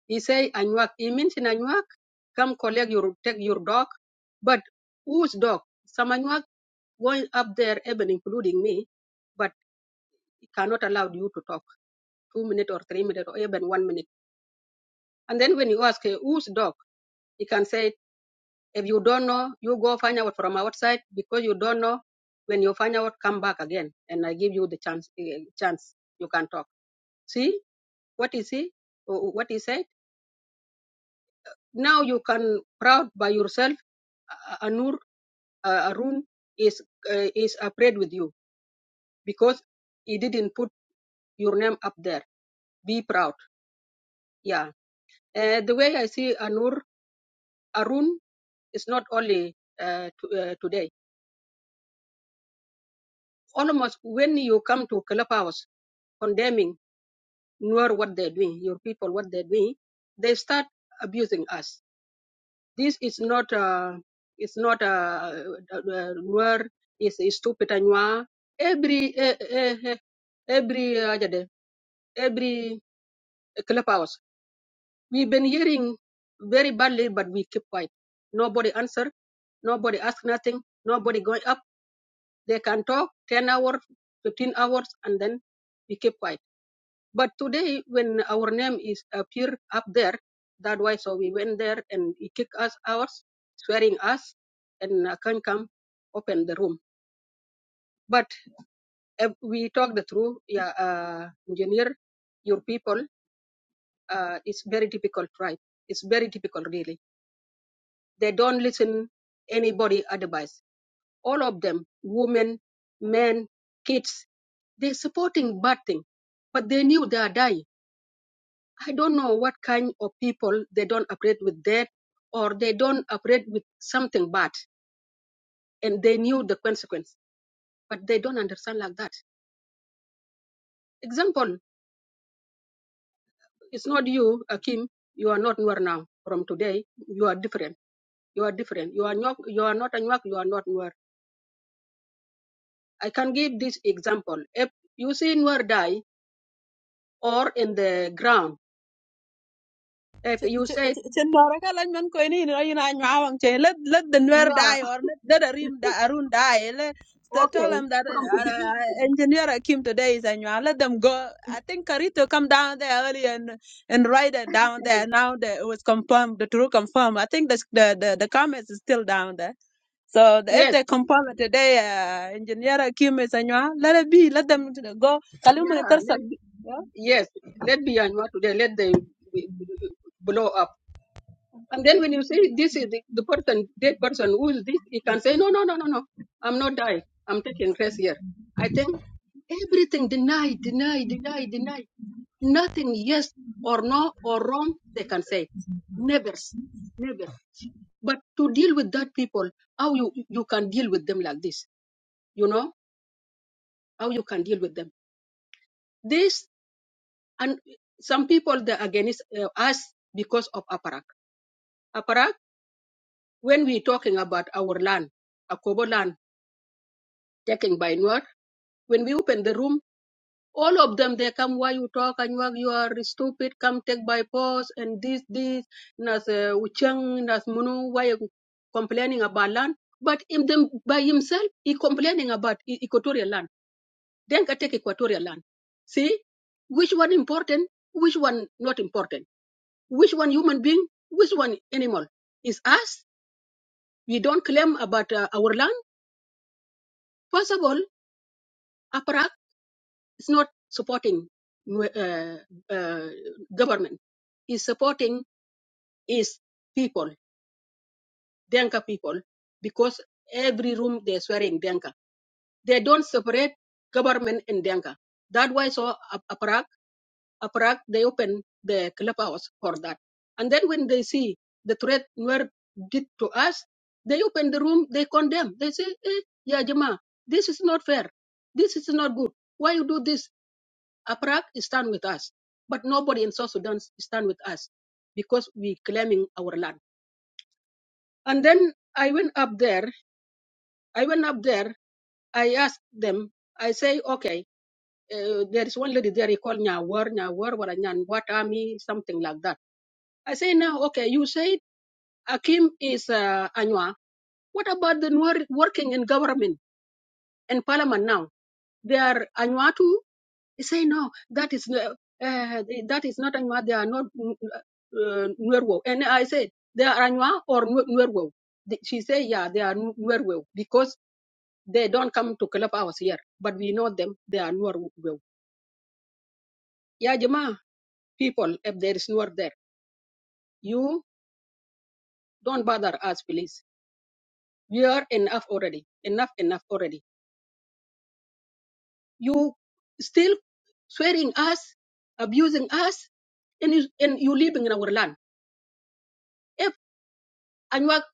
Speaker 13: He say Anuak. He mentioned Anuak. Come collect your take your dog. But whose dog? Some Anuak going up there, even including me. But he cannot allow you to talk two minutes or three minutes or even one minute. And then when you ask uh, whose dog, he can say If you don't know, you go find out from outside because you don't know. When you find out, come back again, and I give you the chance. eh, Chance you can talk. See what is he? wh- What he said. Now you can proud by yourself. uh, Anur uh, Arun is uh, is afraid with you because he didn't put your name up there. Be proud. Yeah. Uh, the way I see Anur Arun is not only uh, to, uh, today. Almost when you come to clubhouse condemning Nuer what they're doing, your people what they're doing, they start abusing us. This is not uh, it's not uh, uh, Nuer is is stupid Anywa, Nuer. Every eh, eh, eh, every uh, jade, every clubhouse, we've been hearing very badly, but we keep quiet. Nobody answer, nobody ask nothing, nobody going up. They can talk ten hours, fifteen hours, and then we keep quiet But today, when our name is appear up there, that why so we went there and he kicked us out, swearing us, and I can't come open the room. But if we talk the truth, yeah, uh, engineer, your people uh, is very difficult tribe. It's very difficult, really. They don't listen anybody advice. All of them, women, men, kids, they're supporting bad thing, but they knew they are dying I don't know what kind of people they don't operate with death or they don't operate with something bad and they knew the consequence, but they don't understand like that. Example, it's not you, Akim, you are not Nuer now. From today, you are different. You are different. You are not, you are not a you are not Nuer. I can give this example. If you see Nuer die or in the ground, if you say,
Speaker 16: cin ka lan man koy ni ra ina nyaa wang che let let the nuer
Speaker 13: yeah,
Speaker 16: die or let the arim da arun die let to tell
Speaker 13: okay,
Speaker 16: them that
Speaker 13: from today,
Speaker 16: uh, engineer Akim today is a let them go i think karito come down there early and and write it down there now the, it was confirmed the true confirmed i think the the the, the comments is still down there so the, if
Speaker 13: yes,
Speaker 16: they confirm it today uh, engineer Akim is a let it be let them go kalimu ni
Speaker 13: yeah,
Speaker 16: tarsa
Speaker 13: let. Yes, let Myanmar today, let them b- b- blow up. And then when you say this is the, the person, dead person, who is this? He can say, no, no, no, no, no, I'm not dying. I'm taking rest here. I think everything deny, deny, deny, deny. Nothing yes or no or wrong they can say. Never, never. But to deal with that people, how you, you can deal with them like this, you know, how you can deal with them. This, and some people, they're against uh, us because of aparak. when we talking about our land, Akobo land taken by Nuer, when we open the room, all of them they come why you talk and you are stupid, come take by force and this, this, nas uh, Ucheng, nas Munu, why you complaining about land? But in them by himself he complaining about e- equatorial land. Then I take equatorial land. See which one important, which one not important, which one human being, which one animal. Is us. We don't claim about uh, our land. First of all, aparak is not supporting uh, uh, government. Is supporting is people, Denka people, because every room they're swearing Denka. They don't separate government and Denka. That why so ap- aparak, aparak, they open the clubhouse for that. And then when they see the threat Nuer did to us, they open the room, they condemn. They say, eh, yeah, Jama, this is not fair. This is not good. Why you do this? Aparak stand with us, but nobody in South Sudan stand with us because we claiming our land. And then I went up there. I went up there. I asked them. I say, okay, uh, there is one lady there. He called Nyawar, Nyawar, what what army, something like that. I say now, okay, you said Akim is uh, Anywa. What about the Nuer working in government and parliament now? They are Anywa too? He say no that is uh, uh, that is not Anua. They are not uh, Nuerwo. And I said they are Anua or Nu- Nuerwo. The- She say yeah, they are Nu- Nuerwo because they don't come to club hours here, but we know them. They are Nuerwo. Yeah, Jama people, if there is Nuer there, you don't bother us, please. We are enough already. Enough, enough already. You still swearing us, abusing us, and you, and you living in our land. Anyak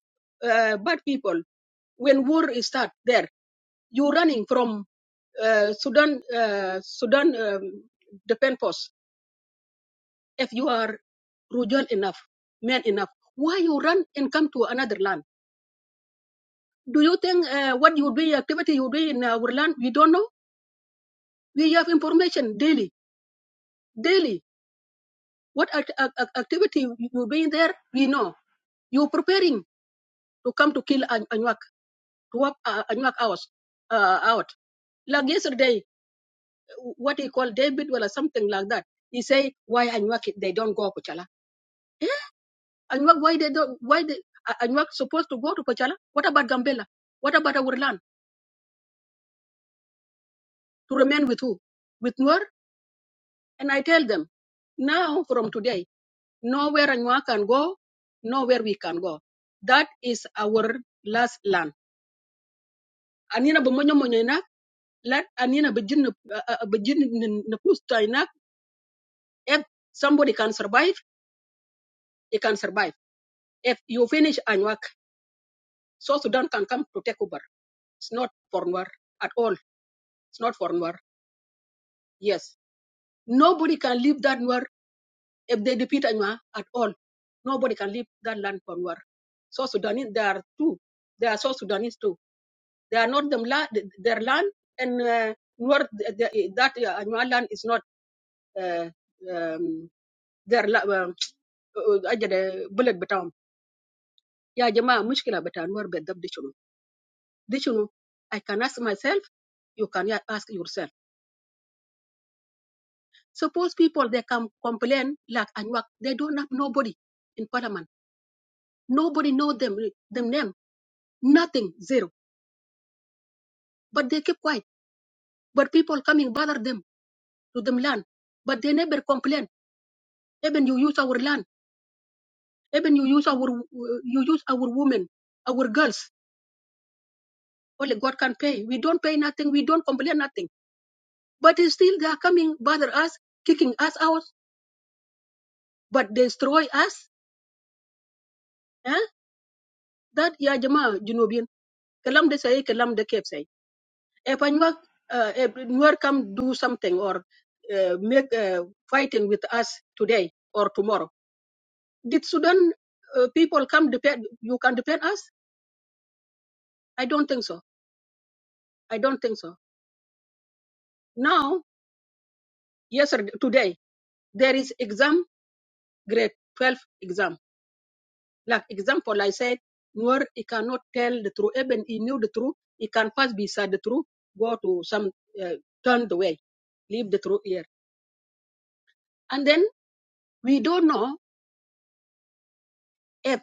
Speaker 13: uh, bad people, when war is start there, you running from uh, Sudan, uh, Sudan um, defense force. If you are rural enough, man enough, why you run and come to another land? Do you think uh, what you do, activity you do in our land, we don't know? We have information daily, daily. What act- act- act- activity you doing there, we know. You preparing to come to kill An- Anyak, to wipe uh, Anyak out. Uh, out. Like yesterday, what he called David well or something like that. He say why Anwak they don't go Kochala. Anwak why they don't why they A- Anwak supposed to go to Kochala? What about Gambela? What about our land? To remain with who? With Nur? And I tell them now from today, nowhere Anwak can go, nowhere we can go. That is our last land. Anina bumonyo monyo ina, let Anina begin uh, uh, begin n- push to If somebody can survive, he can survive. If you finish Anwak South Sudan can come to take over. It's not for Nuer at all. It's not for Nuer. Yes. Nobody can leave that Nuer if they defeat Nuer at all. Nobody can leave that land for Nuer. South Sudanese, there are two. There are South Sudanese too. They are not them la- their land and uh, Nuer, th- that uh, Anwar land is not uh, um, their la- um, أجل بلد بتاعهم. يا جماعة مشكلة بتاع نور بالضبط دي شنو؟ دي شنو؟ I can ask myself, you can ask yourself. Suppose people they come complain like Anuak, they don't have nobody in parliament. Nobody know them them name. Nothing, zero. But they keep quiet. But people coming bother them to them land. But they never complain. Even you use our land. Even you use our you use our women, our girls. Only God can pay. We don't pay nothing. We don't complain nothing. But it's still they are coming bother us, kicking us out. But destroy us. Eh? That ya jama Junubian. Kalam de say, kalam de kep say. if Anyuak, uh, if Nuer come do something or uh, make uh, fighting with us today or tomorrow, did Sudan uh, people come depend? You can depend us? I don't think so. I don't think so. Now, yesterday, today, there is exam, grade 12 exam. Like example, I said, Nuer, he cannot tell the truth. Even he knew the truth, he can pass beside the truth, go to some, uh, turn the way, leave the truth here. And then we don't know if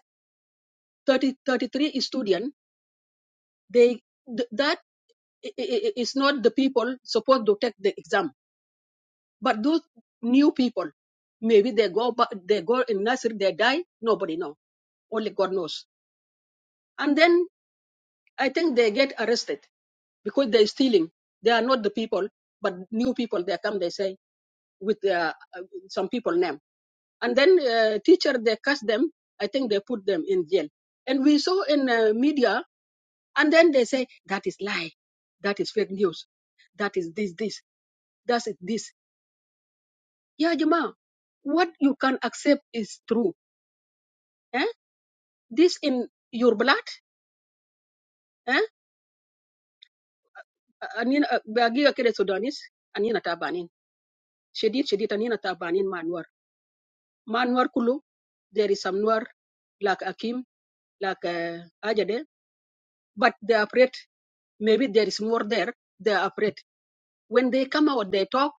Speaker 13: thirty thirty three 33 students they th- that i- i- i- not the people supposed to take the exam but those new people maybe they go but they go in nursery they die nobody know only god knows and then i think they get arrested because they're stealing they are not the people but new people they come they say with uh, uh, some people name and then uh, teacher they catch them i think they put them in jail and we saw in uh, media and then they say that is lie that is fake news that is this this does it this. Yeah, Jama, what you can accept is true. Eh? This in your blood. Eh? Anina bagiga kede Sudanese. Anina tabanin. Shedid shedid anina tabanin manuar. Manuar kulu. There is some nuar like Akim, like uh, Ajade. But they are afraid. Maybe there is more there. They are afraid. When they come out, they talk.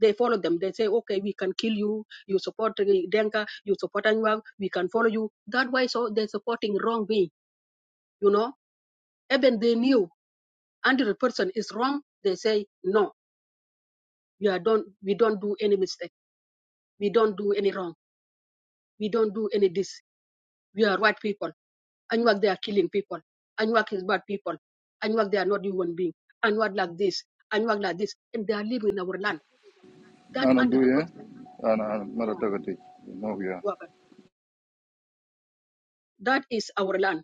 Speaker 13: They follow them. They say, okay, we can kill you. You support uh, Denka. You support Anwag. We can follow you. That way, so they're supporting wrong way. You know Even they knew 100 percent is wrong. They say no. We are don't we don't do any mistake. We don't do any wrong. We don't do any this. We are white people. Anuak they are killing people. Anuak is bad people. Anuak they are not human being. Anuak like this. Anuak like this. And they are living in our land. That
Speaker 25: أنا
Speaker 13: one hundred
Speaker 25: دوية
Speaker 13: percent,
Speaker 25: أنا مرة
Speaker 13: yeah,
Speaker 25: تغتي نوغيا
Speaker 13: Waban. that is our land.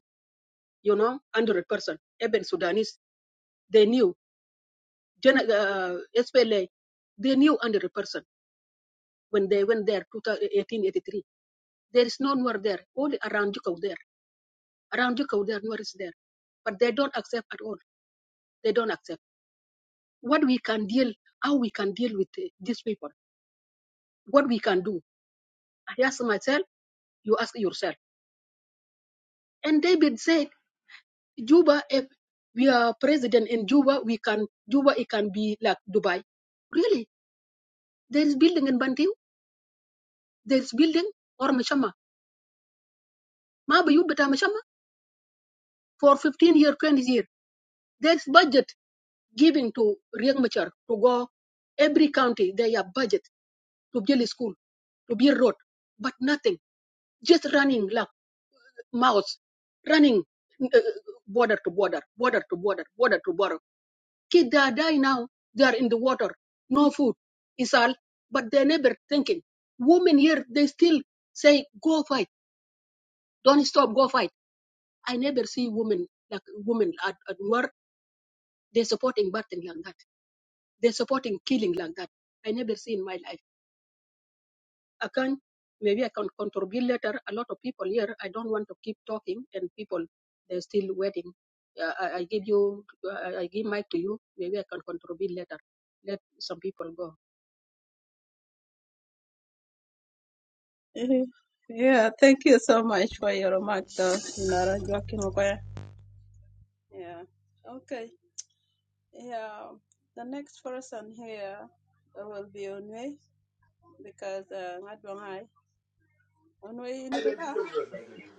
Speaker 13: You know, one hundred percent. Even Sudanese, they knew. Gen- uh, SPLA, they knew one hundred percent. when they went there 1883. There is no Nuer there, only around Jukau there. Around Jukau there, Nuer is there. But they don't accept at all. They don't accept. What we can deal, how we can deal with eh, these people, what we can do. I ask myself, you ask yourself. And David said, Juba, if we are president in Juba, we can, Juba, it can be like Dubai. Really? There is building in Bantiu, there is building or Mashama. Ma you bata Mashama for 15 year, 20 years. There is budget giving to Riek Machar to go every county, they have budget to build a school, to build road, but nothing. Just running like uh, mouse, running uh, uh, border to border, border to border, border to border. Kids they are dying now. They are in the water, no food, is all. But they never thinking. Women here, they still say, "Go fight, don't stop, go fight." I never see women like women at, at war. They supporting Barton like that. They're supporting killing like that. I never see in my life. I can maybe I can contribute later. A lot of people here. I don't want to keep talking, and people they're still waiting. Yeah, I, I give you, I, I give mic to you. Maybe I can contribute later. Let some people go.
Speaker 16: Mhm. Yeah, thank you so much for your remark, though. Nara Joaquin Okoya. Yeah. Okay. Yeah. The next person here uh, will be Onwe because uh, Ngadwangai. Onwe, you need to go.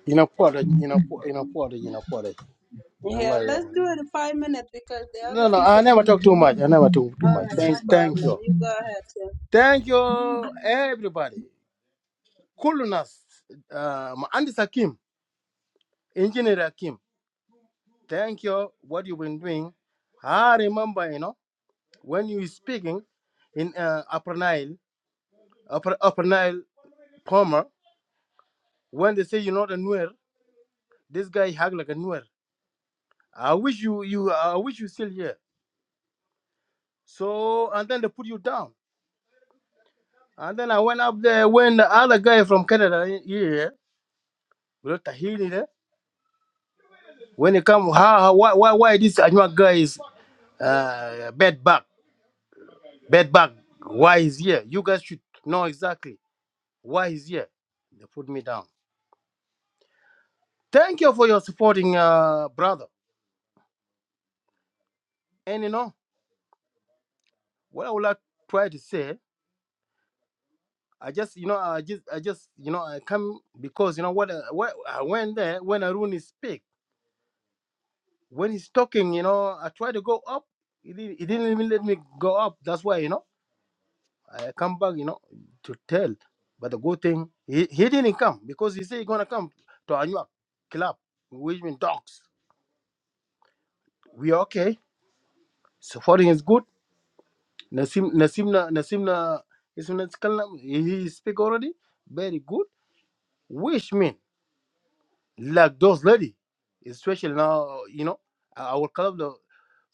Speaker 23: You know, for the, you know, for, you know, for the, you know, for the.
Speaker 16: Yeah,
Speaker 23: Wallahi,
Speaker 16: let's
Speaker 23: yeah.
Speaker 16: do it in five minutes because the
Speaker 23: No,
Speaker 16: other
Speaker 23: no, I
Speaker 16: people
Speaker 23: never
Speaker 16: can.
Speaker 23: talk too much. I never talk too
Speaker 16: All
Speaker 23: much.
Speaker 16: right,
Speaker 23: Thank,
Speaker 16: no
Speaker 23: thank
Speaker 16: problem.
Speaker 23: you.
Speaker 16: You go ahead. Yeah.
Speaker 23: Thank you, everybody. Coolness. Uh, Andy Sakim, Engineer Akim. Thank you. What you've been doing. I remember, you know, when you were speaking in uh, Upper Nile, Upper, Upper Nile, Palmer, when they say you're not a Nuer, this guy hug like a Nuer. I wish you, you, I wish you still here. So, and then they put you down. And then I went up there when the other guy from Canada here, Tahini When it come, how, how why, why, why this Anua guy is uh, bed bug, bed bug? Why is here? You guys should know exactly why he's here. They put me down. Thank you for your supporting, uh, brother. And you know what I would like try to say. I just, you know, I just, I just, you know, I come because you know what, uh, what I went there when Arun speak. When he's talking, you know, I try to go up. He didn't, he didn't even let me go up. That's why, you know. I come back, you know, to tell. But the good thing, he, he didn't come because he said he's gonna come to Anuak club, which means dogs. We are okay. Supporting is good. Nasim Nasimna Nasimna is he he speak already. Very good. Which mean like those lady, especially now, you know, our club the,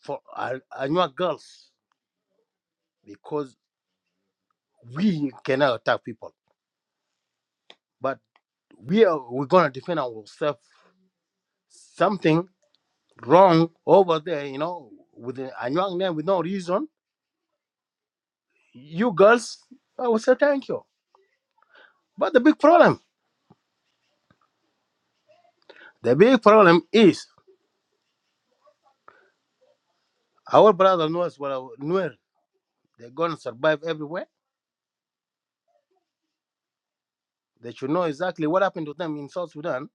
Speaker 23: for An- Anuak girls because we cannot attack people, but we are we're gonna defend ourselves. Something wrong over there, you know, with a a young name with no reason. You girls, I would say thank you. But the big problem, the big problem is our brother knows what our Nuer, they're gonna survive everywhere. They should know exactly what happened to them in South Sudan,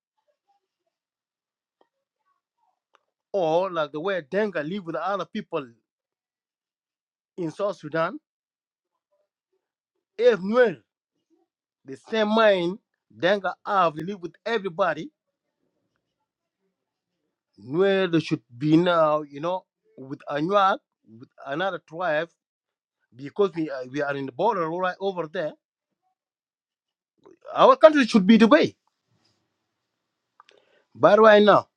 Speaker 23: or like the way Denga live with other people in South Sudan. If Nuer, the same mind, Denga have to live with everybody. Nuer they should be now, you know, with Anuak, with another tribe because we are, we are in the border right over there. Our country should be Dubai. But right now,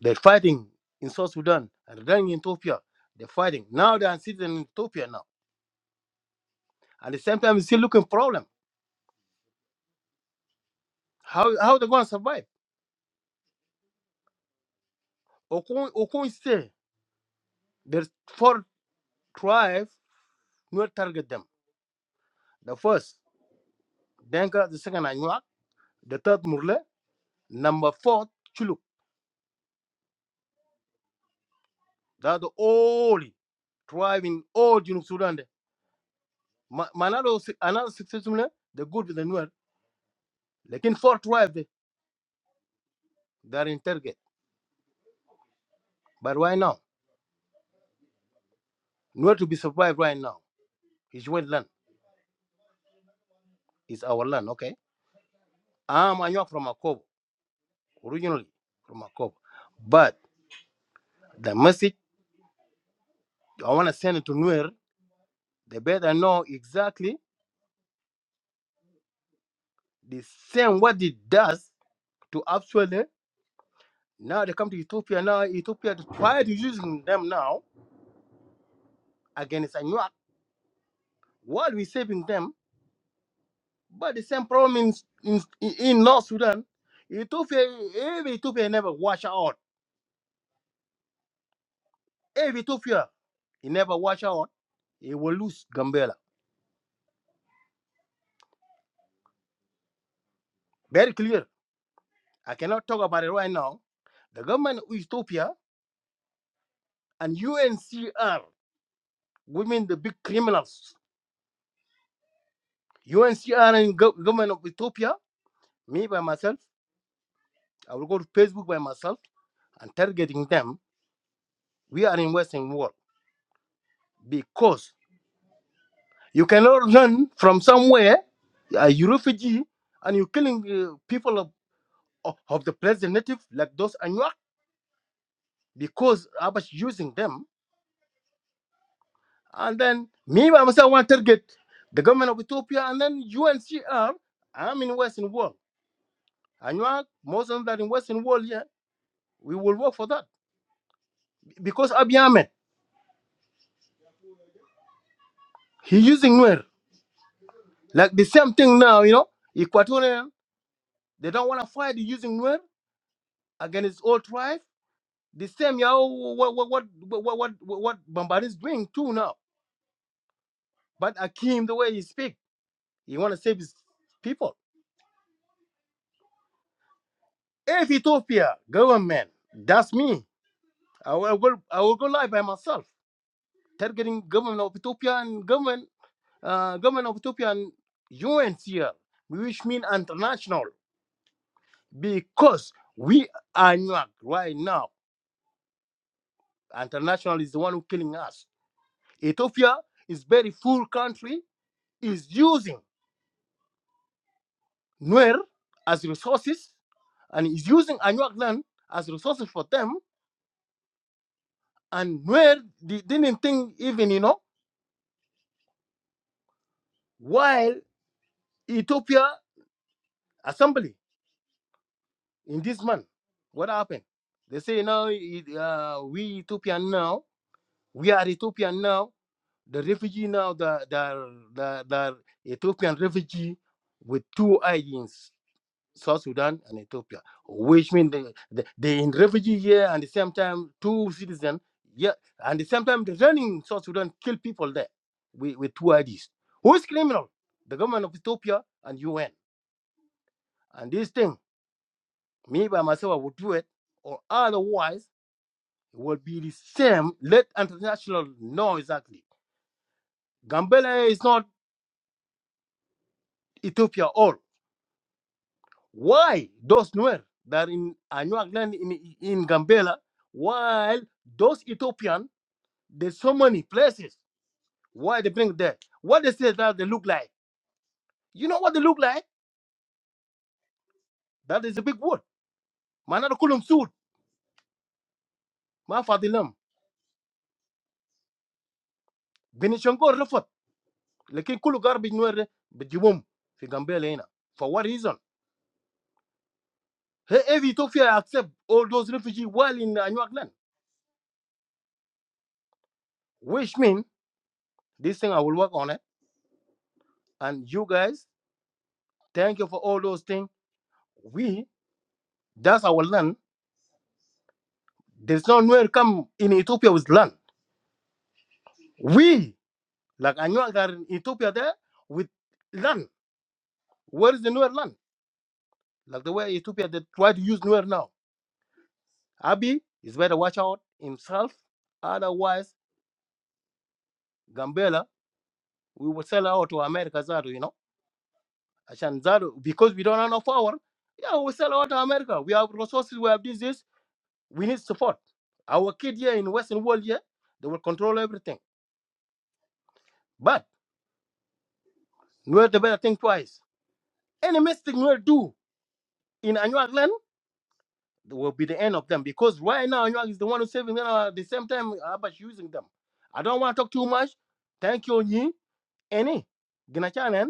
Speaker 23: they're fighting in South Sudan and then in Ethiopia. They're fighting. Now they are sitting in Ethiopia now. At the same time, it's still looking problem. How how they going to survive? Okun Okun say there's four tribes not target them. The first, Denka, the second Anuak, the third Murle, number four, Chuluk. That's the only tribe in all Junub Sudan. there. Ma- Manado, si- another successful, they're good with the Nuer Like in four tribe they are in target. But why now? Nowhere to be survived right now. It's your land. It's our land, okay? I'm Anyok from Akobo, originally from Akobo. But the message I want to send it to Nuer, they better know exactly the same what it does to actually now they come to Ethiopia now. Ethiopia try to using them now against Anyuak while we saving them. But the same problem in in, in North Sudan, Ethiopia, every Ethiopia never wash out If Ethiopia he never watch out, he will lose Gambela. Very clear. I cannot talk about it right now. The government of Ethiopia and UNCR, women the big criminals. UNCR and gov- government of Ethiopia, me by myself, I will go to Facebook by myself and targeting them. We are in Western world because you cannot run from somewhere, uh, you refugee, and you're killing uh, people of, of, of the place, the native, like those Anuak, because Abash using them And then me by myself want to target the government of Ethiopia and then UNCR. I'm in Western world. And you are most of that in Western world, yeah, we will work for that. Because Abiy Ahmed, he using Nuer. Like the same thing now, you know, Equatorian, they don't want to fight using Nuer against all tribe. The same, yeah, oh, what what what what what what Bambari is doing too now. But Akim, the way he speak, he want to save his people. If Ethiopia government, that's me. I will go, I will go live by myself, targeting government of Ethiopia and government, uh, government of Ethiopia and UNCL, which mean international, because we are not right now. International is the one who killing us. Ethiopia is very full country, is using Nuer as resources, and is using Anuak land as resources for them, and Nuer di- didn't think even, you know, while Ethiopia assembly in this month. What happened? They say now it, uh, we Ethiopian now. We are Ethiopian now. The refugee now, the the the, the Ethiopian refugee with two IDs, South Sudan and Ethiopia, which means they they, they in refugee here and the same time two citizen yeah, and the same time the running South Sudan kill people there with, with two IDs. Who is criminal? The government of Ethiopia and UN. And this thing, me by myself, I would do it, or otherwise will be the same. Let international know exactly. Gambela is not Ethiopia all. Why those Nuer that in Anuag land in, in Gambela, while those Ethiopian, there's so many places. Why they bring there? What they say that they look like? You know what they look like? That is a big word. Manada kulum sud, ma fadilam. Benishongo refot. Lekin kulu garbage Nuer bejibum fi Gambela ina. For what reason? Hey, Every Ethiopia accept all those refugees while in Anuag land. which means this thing I will work on it. And you guys, thank you for all those things. We, that's our land. There's no nowhere come in Ethiopia with land. We, like I know that in Ethiopia there with land. Where is the newer land? Like the way Ethiopia they try to use newer now. Abi is better watch out himself. Otherwise, Gambela, we will sell out to America Zadu, you know. Ashan Zadu, because we don't have enough power. Yeah, we sell out to America. We have resources, we have this, this. we need support. Our kid here in Western world here, they will control everything. But Nuer they better think twice. Any mistake Nuer do in Anuag land will be the end of them because right now Anuag is the one who's saving them at the same time Abash using them. I don't want to talk too much. Thank you, Nyi. Any. Gina chanen.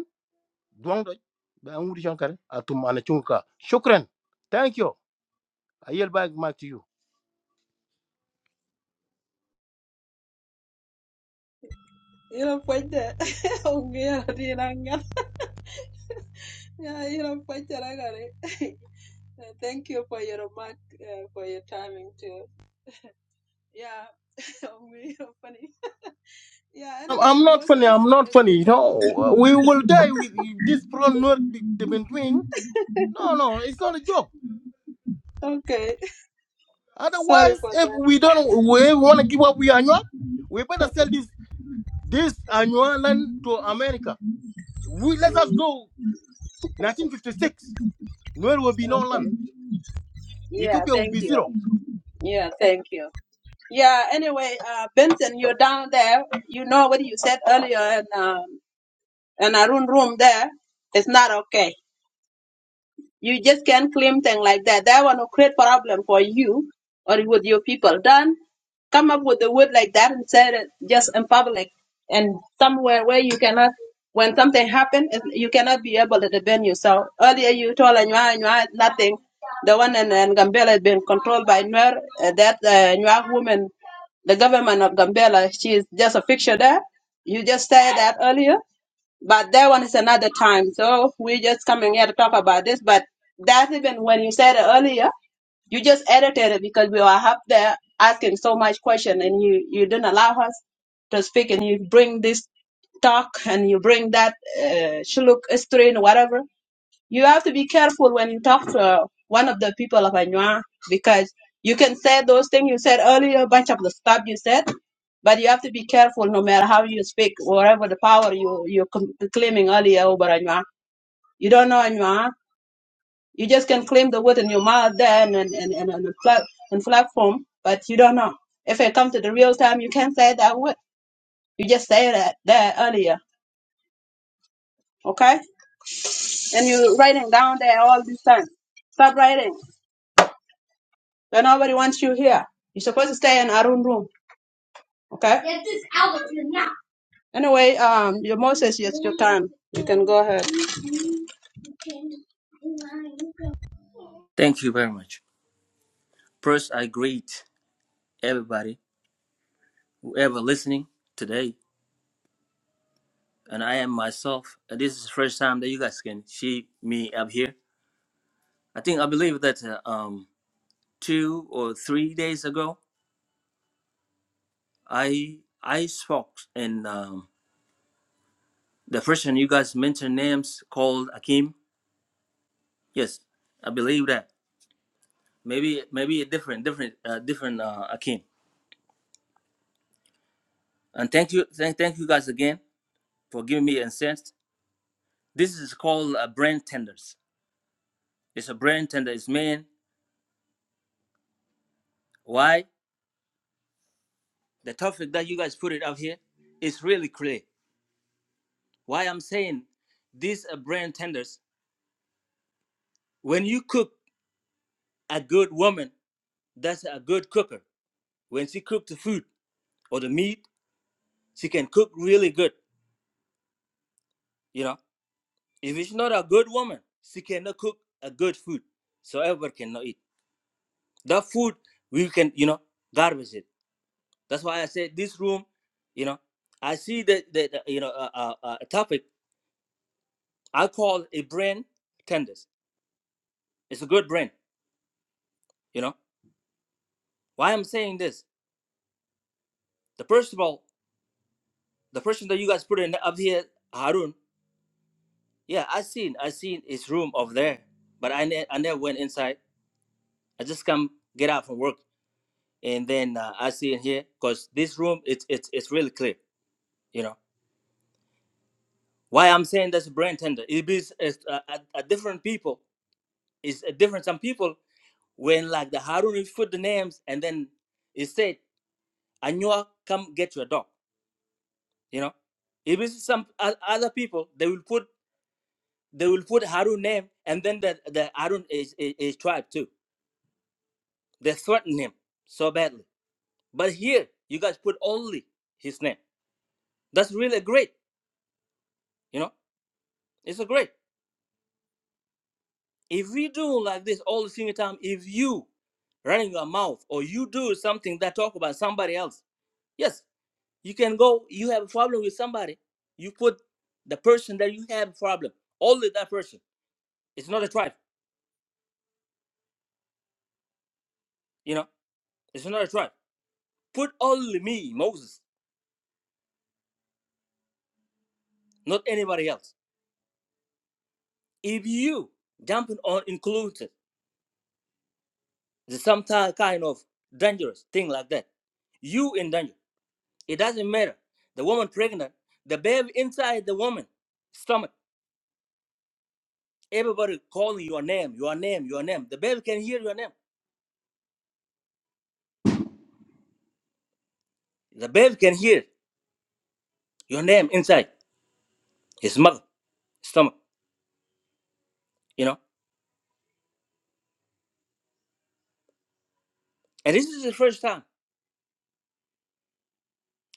Speaker 23: Duang doj. Ba ngudi shankar. Atum anachunka. Shukran. Thank you. I yield back back to you.
Speaker 16: You don't point there. Ongea, Riranga. Yeah, you don't point there. I got it. Thank you for your remark, uh, for your timing too. Yeah, we are funny. Yeah,
Speaker 23: I'm
Speaker 16: anyway,
Speaker 23: I'm not funny.
Speaker 16: Moses,
Speaker 23: I'm not
Speaker 16: it's your
Speaker 23: funny.
Speaker 16: are
Speaker 23: No, we will die with this problem. Nuer they've been doing. No, no, it's not a joke.
Speaker 16: done. Okay, sorry
Speaker 23: Otherwise,
Speaker 16: for
Speaker 23: if
Speaker 16: that.
Speaker 23: we don't we want to give up we annual, we better sell this this annual land to America. We let us go 1956. There will be no land.
Speaker 16: Okay. Yeah,
Speaker 23: Ethiopia will
Speaker 16: thank
Speaker 23: be
Speaker 16: you.
Speaker 23: zero.
Speaker 16: Yeah, thank you. Yeah, anyway, uh, Benson, you're down there. You know what you said earlier in, um, in Arun room there. It's not okay. You just can't claim things like that. That one will create problem for you or with your people. Don't come up with a word like that and say it just in public and somewhere where you cannot. When something happens, you cannot be able to defend yourself. Earlier, you told Anua, Anua, nothing. The one in, in Gambela has been controlled by Nuer. Uh, that uh, Nuer woman, the government of Gambela, she is just a fixture there. You just said that earlier but that one is another time. So we're just coming here to talk about this. But that even when you said it earlier, you just edited it because we were up there asking so much question and you, you didn't allow us to speak and you bring this talk and you bring that uh, shuluk history and whatever you have to be careful when you talk to uh, one of the people of Anua because you can say those things you said earlier, a bunch of the stuff you said, but you have to be careful no matter how you speak, whatever the power you, you're com- claiming earlier over Anua. You don't know Anua. You just can claim the word in your mouth there and, and, and, and, and, plat- and platform, but you don't know. If it comes to the real time, you can't say that word. You just say that there earlier, okay? And you're writing down there all this time. Stop writing. But nobody wants you here. You're supposed to stay in our own room. Okay? Get this out of here now. Anyway, um, your Moses, it's your time. You can go ahead.
Speaker 26: Thank you very much. First, I greet everybody, whoever listening today, and I am myself. And this is the first time that you guys can see me up here. I think I believe that uh, um, two or three days ago, I I spoke, and um, the person you guys mentioned names called Akim. Yes, I believe that. Maybe maybe a different different uh, different uh, Akim. And thank you thank thank you guys again for giving me a sense. This is called uh, brand tenders It's a brain tender. It's man. Why? The topic that you guys put it up here is really clear. Why I'm saying these are brain tenders. When you cook a good woman, that's a good cooker. When she cook the food or the meat, she can cook really good. You know, if it's not a good woman, she cannot cook a good food. So everyone cannot eat. That food we can, you know, garbage it. That's why I said this room, you know, I see that that uh, you know a, a, a topic I call a brain tenders. It's a good brain, you know. Why I'm saying this? The first of all, the person that you guys put in up here, Harun. Yeah, I seen, I seen his room over there, but I ne- I never went inside. I just come get out from work, and then uh, I see in here because this room it's it's it's really clear, you know. Why I'm saying that's brain tender? It is it's, uh, a, a different people. It's a different. Some people when like the Harun he put the names and then he said, "Anua, come get your dog." You know, if it's some o- other people, they will put they will put Harun name and then the the Harun is, is is tribe too. They threaten him so badly. But here you guys put only his name. That's really great. You know, it's a great. If we do like this all the single time, if you running your mouth or you do something that talk about somebody else, yes, you can go. You have a problem with somebody, you put the person that you have a problem only that person. It's not a tribe. You know, it's not a tribe. Put only me, Moses, not anybody else. If you jumping on included, there's some ti- kind of dangerous thing like that. You in danger. It doesn't matter. The woman pregnant, the baby inside the woman stomach. Everybody calling your name, your name, your name. The baby can hear your name. The baby can hear your name inside his mother stomach. You know. And this is the first time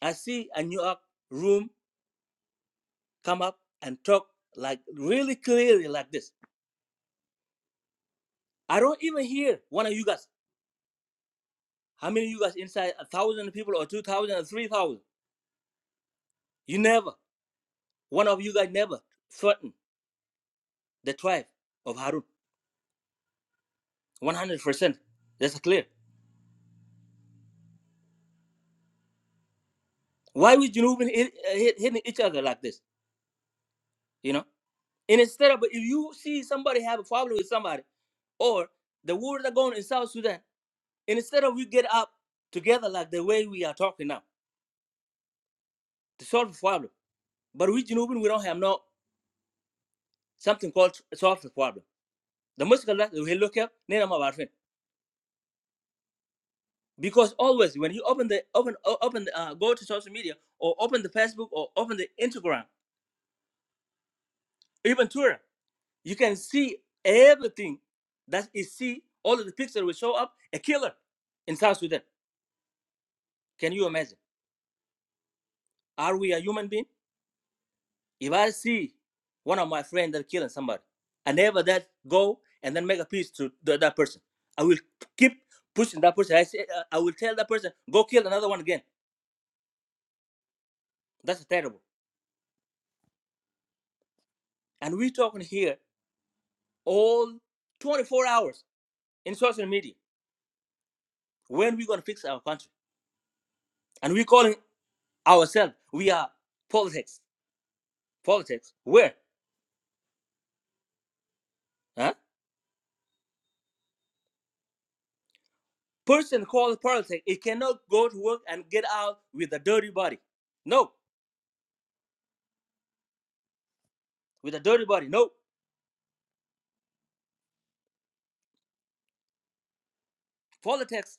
Speaker 26: I see a New York room come up and talk like really clearly like this I don't even hear one of you guys. How many of you guys inside a thousand people or two thousand or three thousand? You never, one of you guys never threatened the tribe of Harun. One hundred percent. That's clear. Why we Junubin hit, uh, hit, hitting each other like this? You know. And instead of if you see somebody have a problem with somebody, or the war that going in South Sudan, and instead of we get up together like the way we are talking now to solve the problem, but we Junubin we don't have no something called solve the problem The mushkala we look up name of ma barfin. Because always when you open the open o- open the, uh, go to social media or open the Facebook or open the Instagram, even Twitter, you can see everything that is see all of the pictures will show up a killer in South Sudan. Can you imagine? Are we a human being? If I see one of my friends that killing somebody, I never that go and then make a peace to the, that person. I will keep pushing that person. I say, uh, I will tell that person go kill another one again. That's terrible And we're talking here all 24 hours in social media. When we going to fix our country? And we're calling ourselves, we are politics. Politics. Where? Huh? Person called politics, it cannot go to work and get out with a dirty body. No, with a dirty body. No. Politics.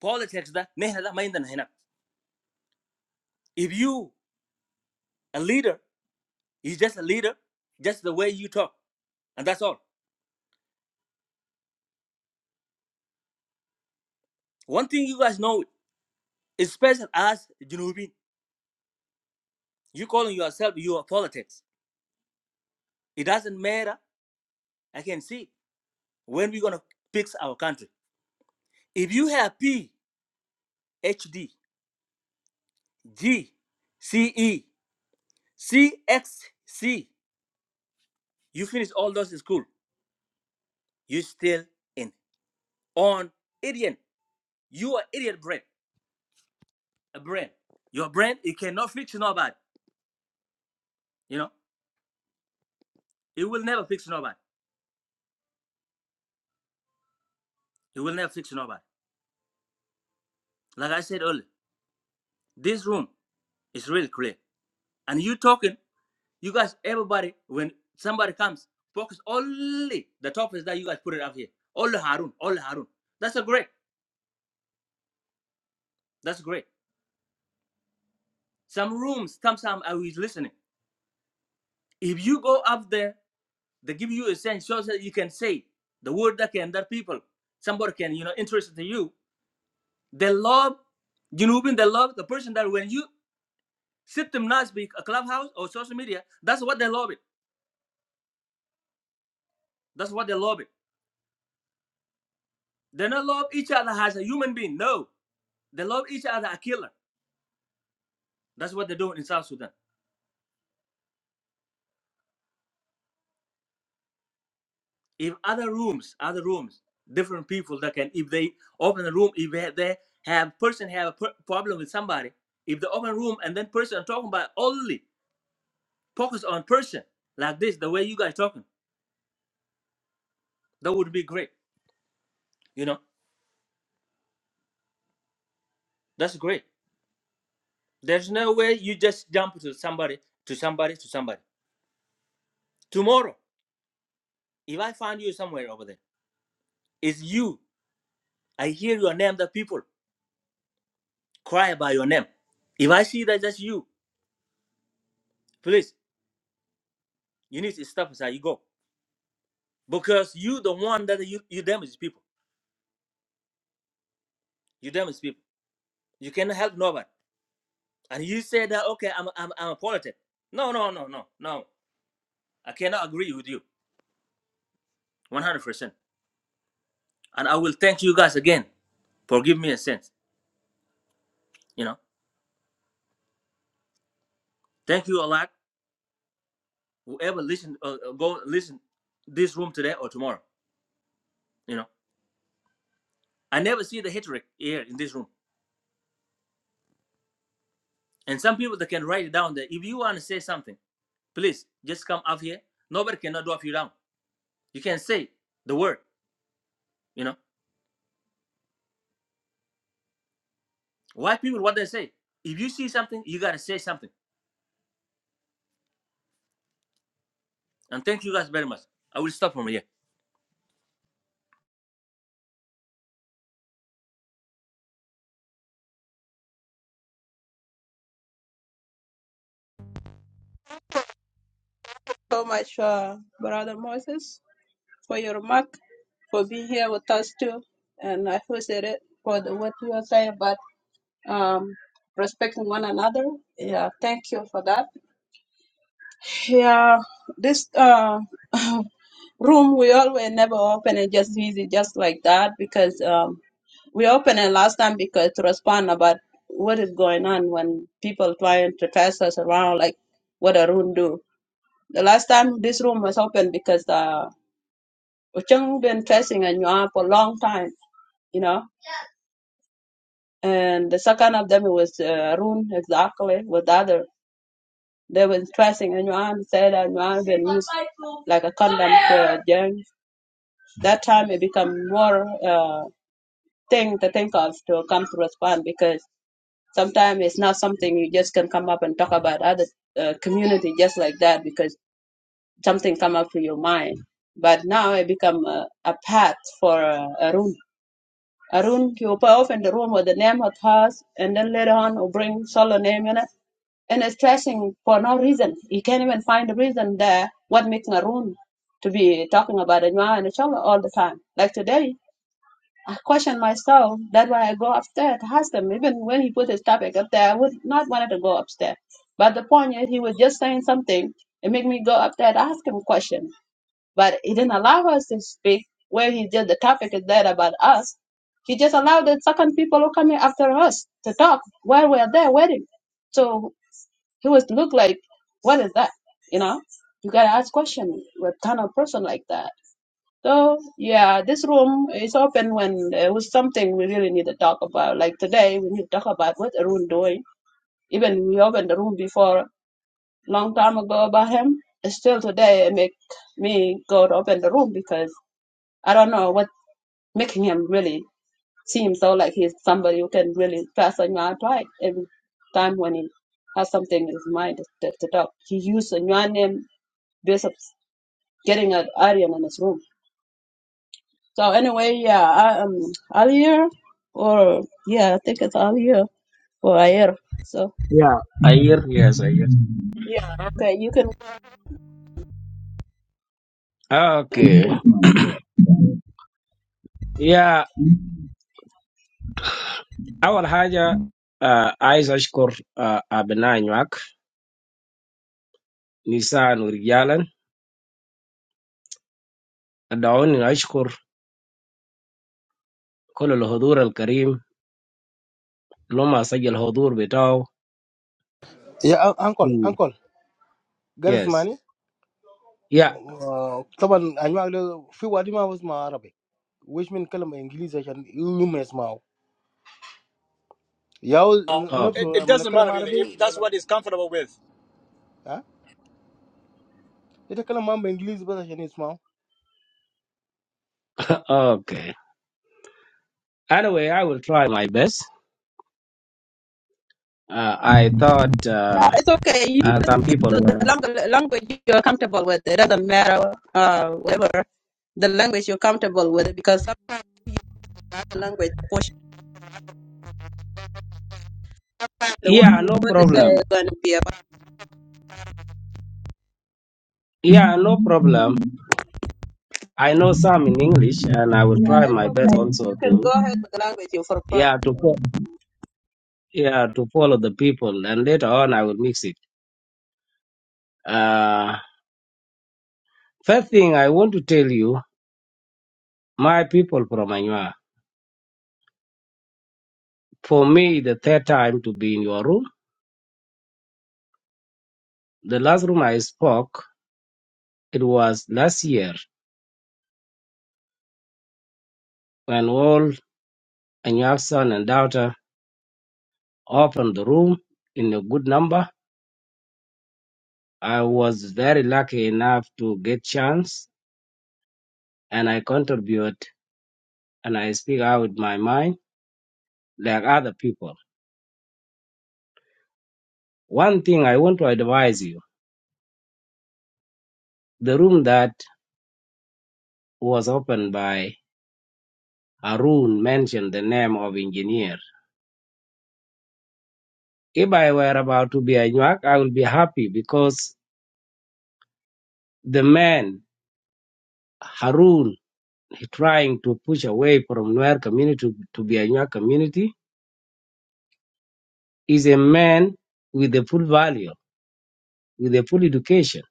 Speaker 26: Politics. That If you, a leader, is just a leader, just the way you talk. And that's all. One thing you guys know, especially as Junubin. You calling yourself you are politics. It doesn't matter. I can see when we're gonna fix our country. If you have P, H D, G, C E, C X C, you finish all those in school, you still in on idiot. You are idiot brain. A brain. Your brain it cannot fix nobody. You know, it will never fix nobody. It will never fix nobody. Like I said earlier, this room is really clear. And you talking You guys, everybody, when somebody comes, focus only the topics that you guys put it up here. Only Harun, only Harun. That's a great. That's great. Some rooms, some some I was listening. If you go up there, they give you a sense so that you can say the word that can that people, somebody can, you know, interested to you. They love Junubin, they love the person that when you sit them nice be a clubhouse or social media, that's what they love it. That's what they love it. They don't love each other as a human being. No. They love each other a killer. That's what they're doing in South Sudan. If other rooms, other rooms, different people that can, if they open a room, if they have, they have person have a per- problem with somebody, if they open room and then person talking about only focus on person like this, the way you guys talking, that would be great. You know, that's great. There's no way you just jump to somebody, to somebody, to somebody. Tomorrow, if I find you somewhere over there, it's you. I hear your name. The people cry by your name. If I see that that's you, please. You need to step aside. You go because you the one that you you damage people. You damage people. You cannot help nobody. And you say that okay, I'm I'm I'm a politic. No, no, no, no, no. I cannot agree with you, 100. percent And I will thank you guys again for giving me a sense. You know, thank you a lot. Whoever listen, uh, uh, go listen this room today or tomorrow. You know, I never see the hatred here in this room. And some people that can write it down there. If you want to say something, please just come up here. Nobody cannot drop you down. You can say the word. You know, white people what they say. If you see something, you gotta say something. And thank you guys very much. I will stop from here.
Speaker 16: So much, uh, brother Moses, for your remark, for being here with us too, and I appreciate it for the, what you are saying about um respecting one another. Yeah, thank you for that. Yeah, this uh room we always never open and just visit just like that because um we opened it last time because to respond about what is going on when people trying to test us around like what a room do. The last time this room was open because uh Ocheng been tracing and Yuan for a long time, you know. And the second of them was uh, Arun exactly with the other. They were tracing and Yuan said that Yuan been used like a condom for Jen. That time it become more. Uh, thing to think of to come to respond because sometimes it's not something you just can come up and talk about other uh, community just like that because something come up to your mind. But now it become a, a path for uh, Arun. Arun, you open open the room with the name of hers, and then later on you bring solo name in it. And it's trashing for no reason. You can't even find a reason there what makes Arun to be talking about Anwar and Chola all the time. Like today, I question myself. That's why I go upstairs to ask him. Even when he put his topic up there, I would not wanted to go upstairs. But the point is, he was just saying something. It made me go up there to ask him a question. But he didn't allow us to speak where he did the topic is there about us. He just allowed the second people who coming after us to talk while we're there waiting. So he was look like, what is that? You know, you gotta ask questions with kind of person like that. So yeah, this room is open when there was something we really need to talk about. Like today, we need to talk about what Arun doing. Even we opened the room before long time ago about him. Still today, it make me go to open the room because I don't know what making him really seem so like he's somebody who can really pass on your pride every time when he has something in his mind to, to talk. He used a new name based of getting an audience in his room. So anyway, yeah, I, um, Alia, or yeah, I think it's Alia or Ayer. So
Speaker 27: Yeah, Ayir, yes, Ayir.
Speaker 16: yeah, okay, you can.
Speaker 27: Okay. Yeah, أول حاجة آه عايز أشكر آه أبناء نيويورك نساء ورجالا دعوني أشكر كل الحضور الكريم لما سجل الحضور بتاعه
Speaker 23: Yeah, un- uncle,
Speaker 27: في
Speaker 23: uncle, get us
Speaker 27: yes
Speaker 23: money.
Speaker 27: yeah
Speaker 23: Uh, طبعا انواع ده في وادي ما بسمع عربي ويش من كلمة انجليزي عشان يوم يسمعوا ياو
Speaker 6: Oh,
Speaker 27: oh,
Speaker 23: نفسه
Speaker 6: It, it
Speaker 23: لما
Speaker 6: doesn't matter
Speaker 23: نتكلم
Speaker 6: really
Speaker 23: عربي
Speaker 6: if that's
Speaker 23: يلا
Speaker 6: what he's comfortable with.
Speaker 23: ها يتكلم معاهم بانجليزي بس عشان يسمعوا
Speaker 27: okay anyway I will try my best uh, I thought
Speaker 16: No,
Speaker 27: uh,
Speaker 16: it's okay. You
Speaker 27: uh,
Speaker 16: can
Speaker 27: some
Speaker 16: speak
Speaker 27: people
Speaker 16: the
Speaker 27: were
Speaker 16: language, language you're comfortable with. It doesn't matter, uh, whatever the language you're comfortable with, because sometimes you have a language portion. The word
Speaker 27: yeah
Speaker 16: you're
Speaker 27: no
Speaker 16: going to say
Speaker 27: problem
Speaker 16: is going to be about.
Speaker 27: yeah no problem I know some in English and I will try
Speaker 16: Yeah, it's
Speaker 27: my best
Speaker 16: okay.
Speaker 27: also
Speaker 16: You can
Speaker 27: to
Speaker 16: go ahead with the language you prefer.
Speaker 27: yeah to yeah, to follow the people, and later on I will mix it. Uh, first thing I want to tell you, my people from Anua, for me, the third time to be in your room. The last room I spoke, it was last year when all Anua's son and daughter opened the room in a good number. I was very lucky enough to get chance, and I contribute and I speak out my mind like other people. One thing I want to advise you: the room that was opened by Harun mentioned the name of engineer. If I were about to be a Nyak, I would be happy because the man, Harun, trying to push away from Nuer community to, to be a Nyak community, is a man with the full value, with the full education.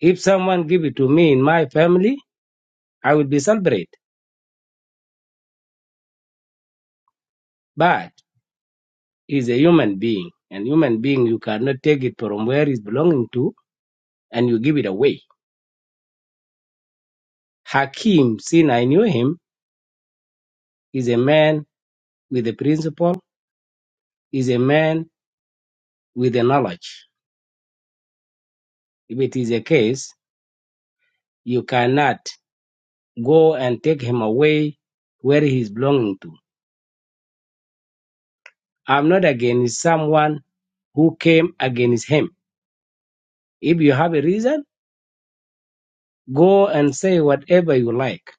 Speaker 27: If someone give it to me in my family, I would be celebrate. But he's a human being, and human being you cannot take it from where it's belonging to and you give it away. Hakim, since I knew him, is a man with a principle, is a man with a knowledge. If it is a case, you cannot go and take him away where he is belonging to. I'm not against someone who came against him. If you have a reason, go and say whatever you like,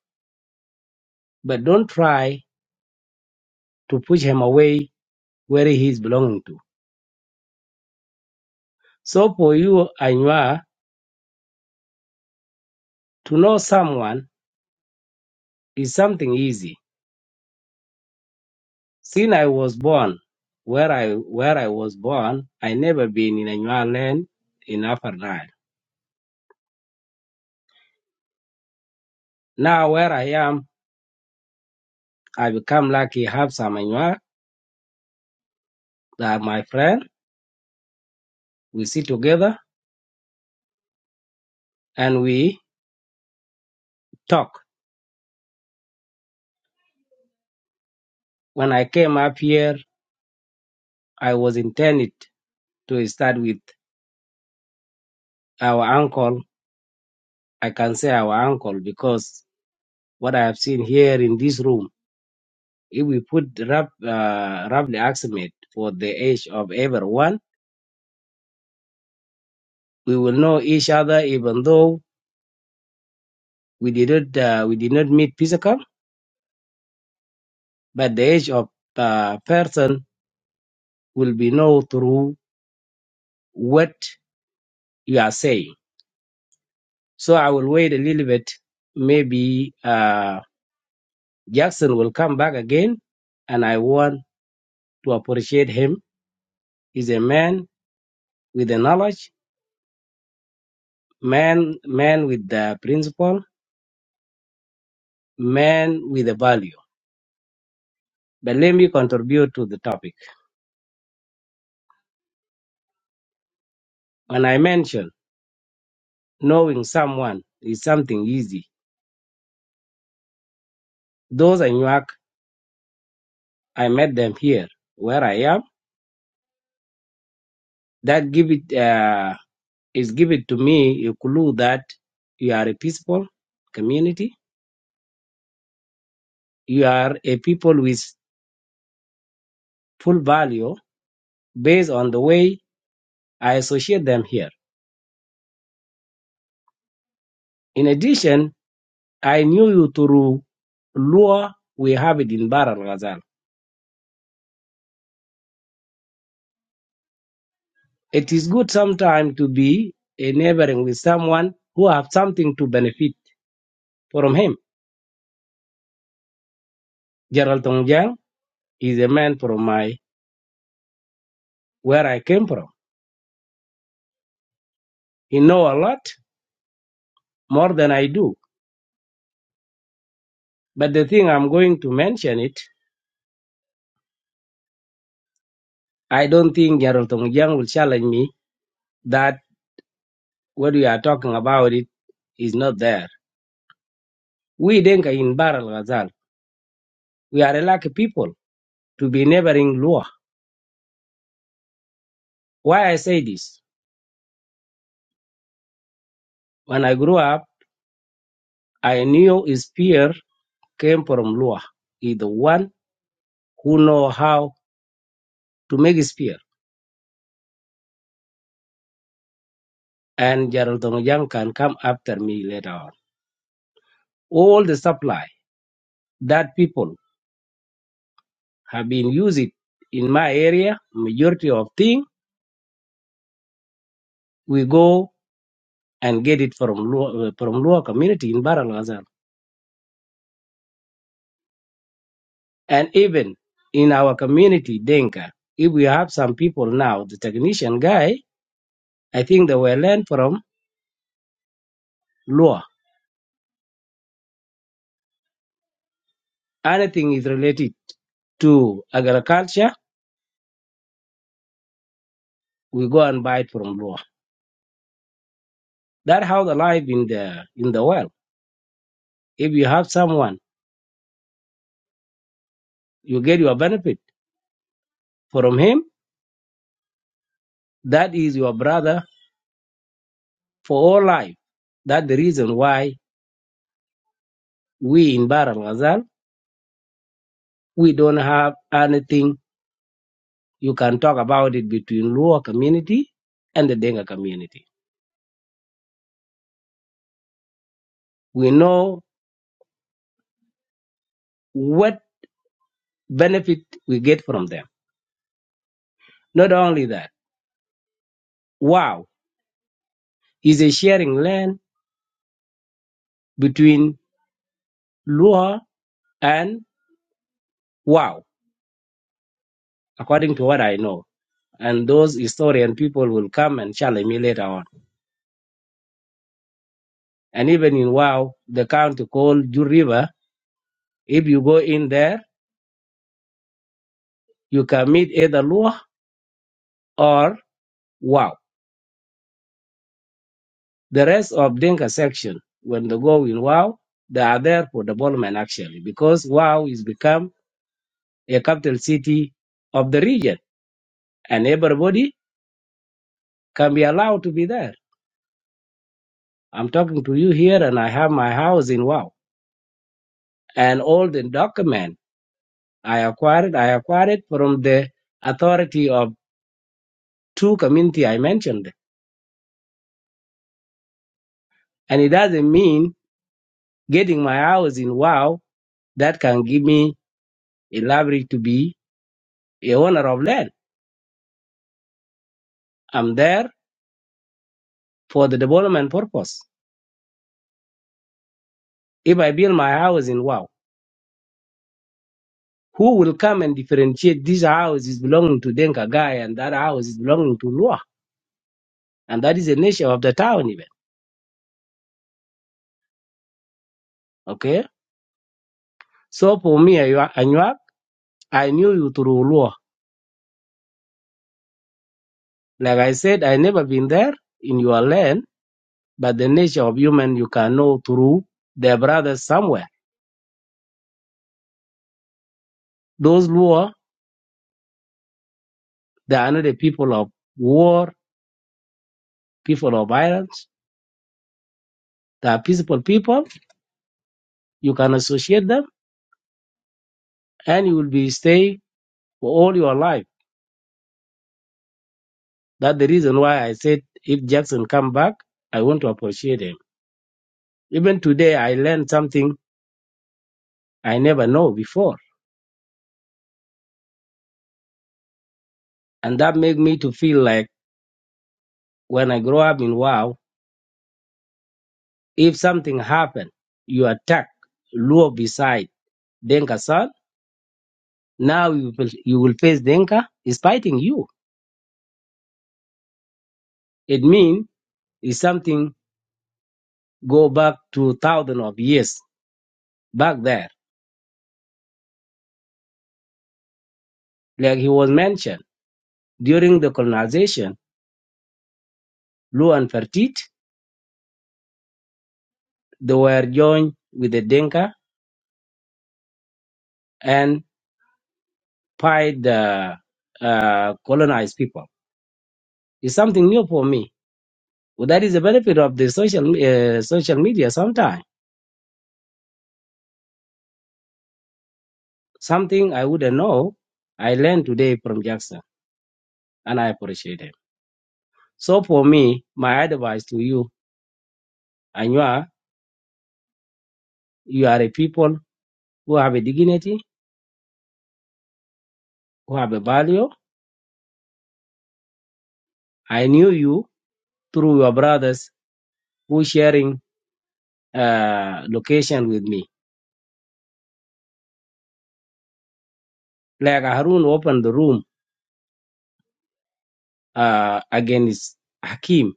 Speaker 27: but don't try to push him away where he is belonging to. So for you, Anua, to know someone is something easy Since I was born, where I where I was born, I never been in a Nuer land in Upper Nile. Now where I am, I become lucky have some Nuer that are my friend. We sit together and we talk. When I came up here, I was intended to start with our uncle. I can say our uncle because what I have seen here in this room, if we put rap, uh, roughly estimate for the age of everyone, we will know each other even though We did not uh, we did not meet physical, but the age of the person will be known through what you are saying. So I will wait a little bit. Maybe uh, Jackson will come back again, and I want to appreciate him. He's a man with the knowledge, man man with the principle, man with the value. But let me contribute to the topic. When I mentioned knowing someone is something easy, those are new I met them here where I am. That give it uh, is given to me a clue that you are a peaceful community. You are a people with full value based on the way I associate them here. In addition, I knew you through law we have it in Bar al Ghazal. It is good sometimes to be a neighboring with someone who have something to benefit from him. Gerald Tongjiang is a man from my where I came from. He know a lot more than I do. But the thing I'm going to mention it, I don't think Gerald Tongjiang will challenge me that what we are talking about it is not there. We Denka in Baral Ghazal, we are a lucky people to be neighboring Lua. Why I say this? When I grew up, I knew his spear came from Lua. He's the one who know how to make his spear. And Gerald Tongjiang can come after me later on. All the supply that people have been used in my area. Majority of thing we go and get it from Luo, uh, from Luo community in Baralazar, and even in our community Denka. If we have some people now, the technician guy, I think they were learned from Luo. Anything is related to agriculture, we go and buy it from Luo. That's how the life in the in the world. If you have someone, you get your benefit from him. That is your brother for all life. That's the reason why we in Bar al Ghazal, we don't have anything you can talk about it between Luo community and the Denga community. We know what benefit we get from them. Not only that, wow is a sharing land between Luo and wow, according to what I know. And those historian people will come and challenge me later on. And even in Wow, the county called Ju River, if you go in there, you can meet either Luo or Wow. The rest of Dinka section, when they go in Wow, they are there for development actually, because Wow is become a capital city of the region, and everybody can be allowed to be there. I'm talking to you here, and I have my house in Wow, and all the document I acquired, I acquired from the authority of two community I mentioned, and it doesn't mean getting my house in Wow that can give me a library to be a owner of land. I'm there for the development purpose. If I build my house in Wow, who will come and differentiate this house is belonging to Denka guy and that house is belonging to Lua? And that is the nature of the town even. Okay. So for me, Anywa, Anywa, I knew you through Lua. Like I said, I never been there in your land, but the nature of human you can know through their brothers somewhere. Those Lua, they are not the people of war, people of violence. They are peaceful people. You can associate them and you will be stay for all your life. That's the reason why I said if Jackson come back, I want to appreciate him. Even today, I learned something I never know before, and that make me to feel like when I grow up in Wow, if something happen, you attack Luo beside Denka son. Now you will, you will face Denka is fighting you. It means it's something go back to thousand of years back there, like he was mentioned during the colonization. Luo and Fertit They were joined with the Dinka and by the uh, colonized people. It's something new for me. Well, that is the benefit of the social uh, social media. Sometimes something I wouldn't know, I learned today from Jackson, and I appreciate it. So for me, my advice to you, and you are you are a people who have a dignity, who have a value. I knew you through your brothers who sharing uh, location with me. Like Harun opened the room uh, against Hakim.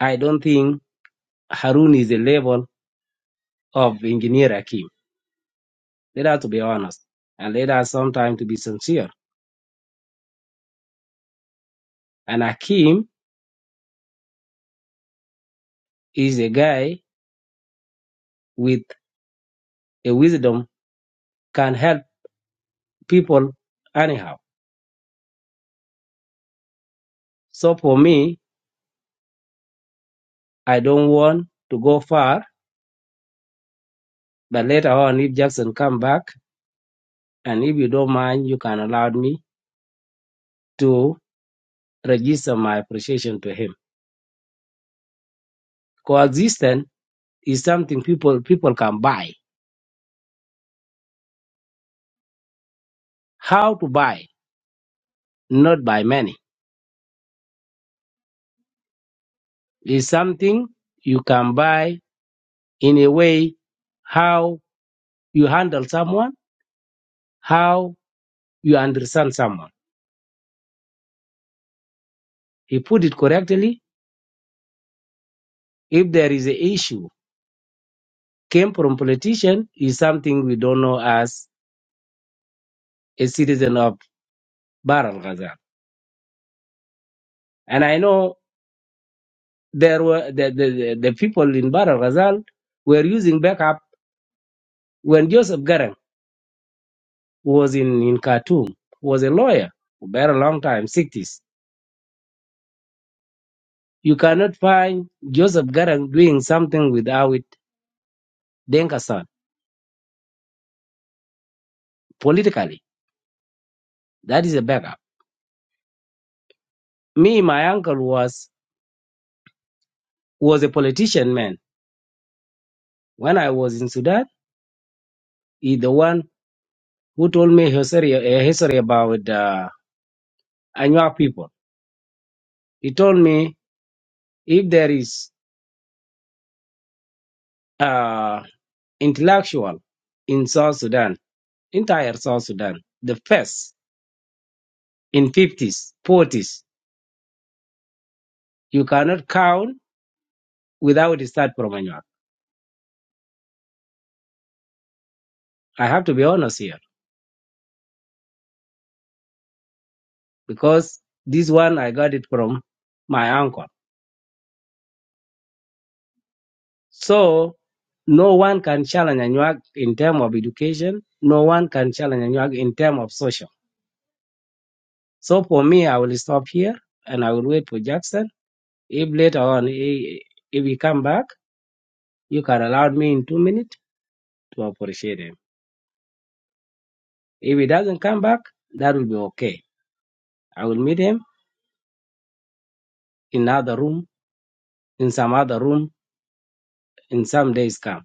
Speaker 27: I don't think Harun is the level of engineer Hakim. Let us to be honest and let us sometimes to be sincere. And Hakim is a guy with a wisdom can help people anyhow. So for me, I don't want to go far, but later on if Jackson come back and if you don't mind, you can allow me to register my appreciation to him. Coexistence is something people people can buy. How to buy? not by many. It's something you can buy in a way how you handle someone, how you understand someone. He put it correctly. If there is an issue came from politician is something we don't know as a citizen of Bar al Ghazal. And I know there were the, the, the the people in Bar al Ghazal were using backup when Joseph Garang was in, in Khartoum, was a lawyer for a very long time, 60s You cannot find Joseph Garang doing something without Denkasan politically. That is a backup. Me, my uncle was was a politician man. When I was in Sudan, he the one who told me history, a history about uh, Anua people. He told me if there is uh, intellectual in South Sudan, entire South Sudan, the first in 50s, 40s, you cannot count without a start from Anua. I have to be honest here because this one I got it from my uncle. So no one can challenge Anyuak in terms of education. No one can challenge Anyuak in terms of social. So for me, I will stop here and I will wait for Jackson. If later on he, if he come back, you can allow me in two minutes to appreciate him. If he doesn't come back, that will be okay. I will meet him in another room, in some other room, in some days come.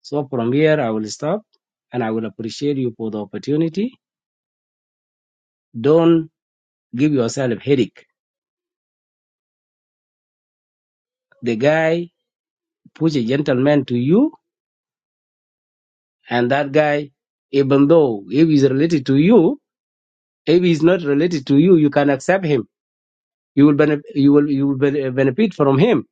Speaker 27: So from here, I will stop and I will appreciate you for the opportunity Don't give yourself headache. The guy push a gentleman to you, and that guy, even though if he's related to you, if he's not related to you, you can accept him. You will benef- you will you will bene- benefit from him.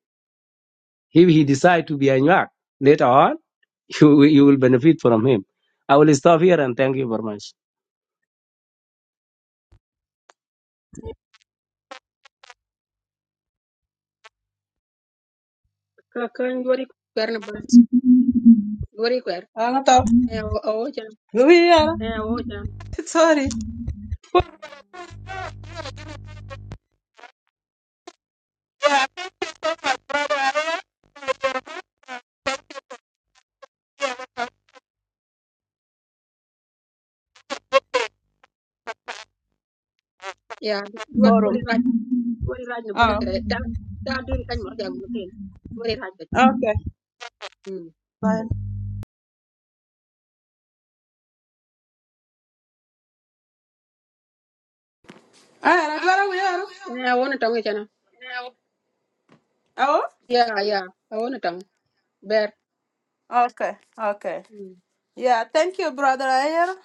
Speaker 27: If he decide to be a Nyak later on, you you will benefit from him. I will stop here and thank you very much.
Speaker 13: Ka- kan Dwari kwer na bar- dwari kwer.
Speaker 16: Ah, no, no.
Speaker 13: Eh, awo- awo jam.
Speaker 16: We are
Speaker 13: Eh, awo jam.
Speaker 16: sorry.
Speaker 13: Yeah, dwa- dwari
Speaker 16: Forum.
Speaker 13: raj- dwari raj na bar
Speaker 16: Ah,
Speaker 13: kere. Da- da dun kan ma jam mutin. Dwari raj bet.
Speaker 16: okay.
Speaker 13: Mm.
Speaker 16: Fine.
Speaker 1: Ah, agora we are.
Speaker 13: Eh, awo na tongi chana.
Speaker 1: Oh,
Speaker 13: Yeah, yeah. I want to tongue. Bear.
Speaker 1: Okay, okay. Yeah, thank you, Brother Ayer,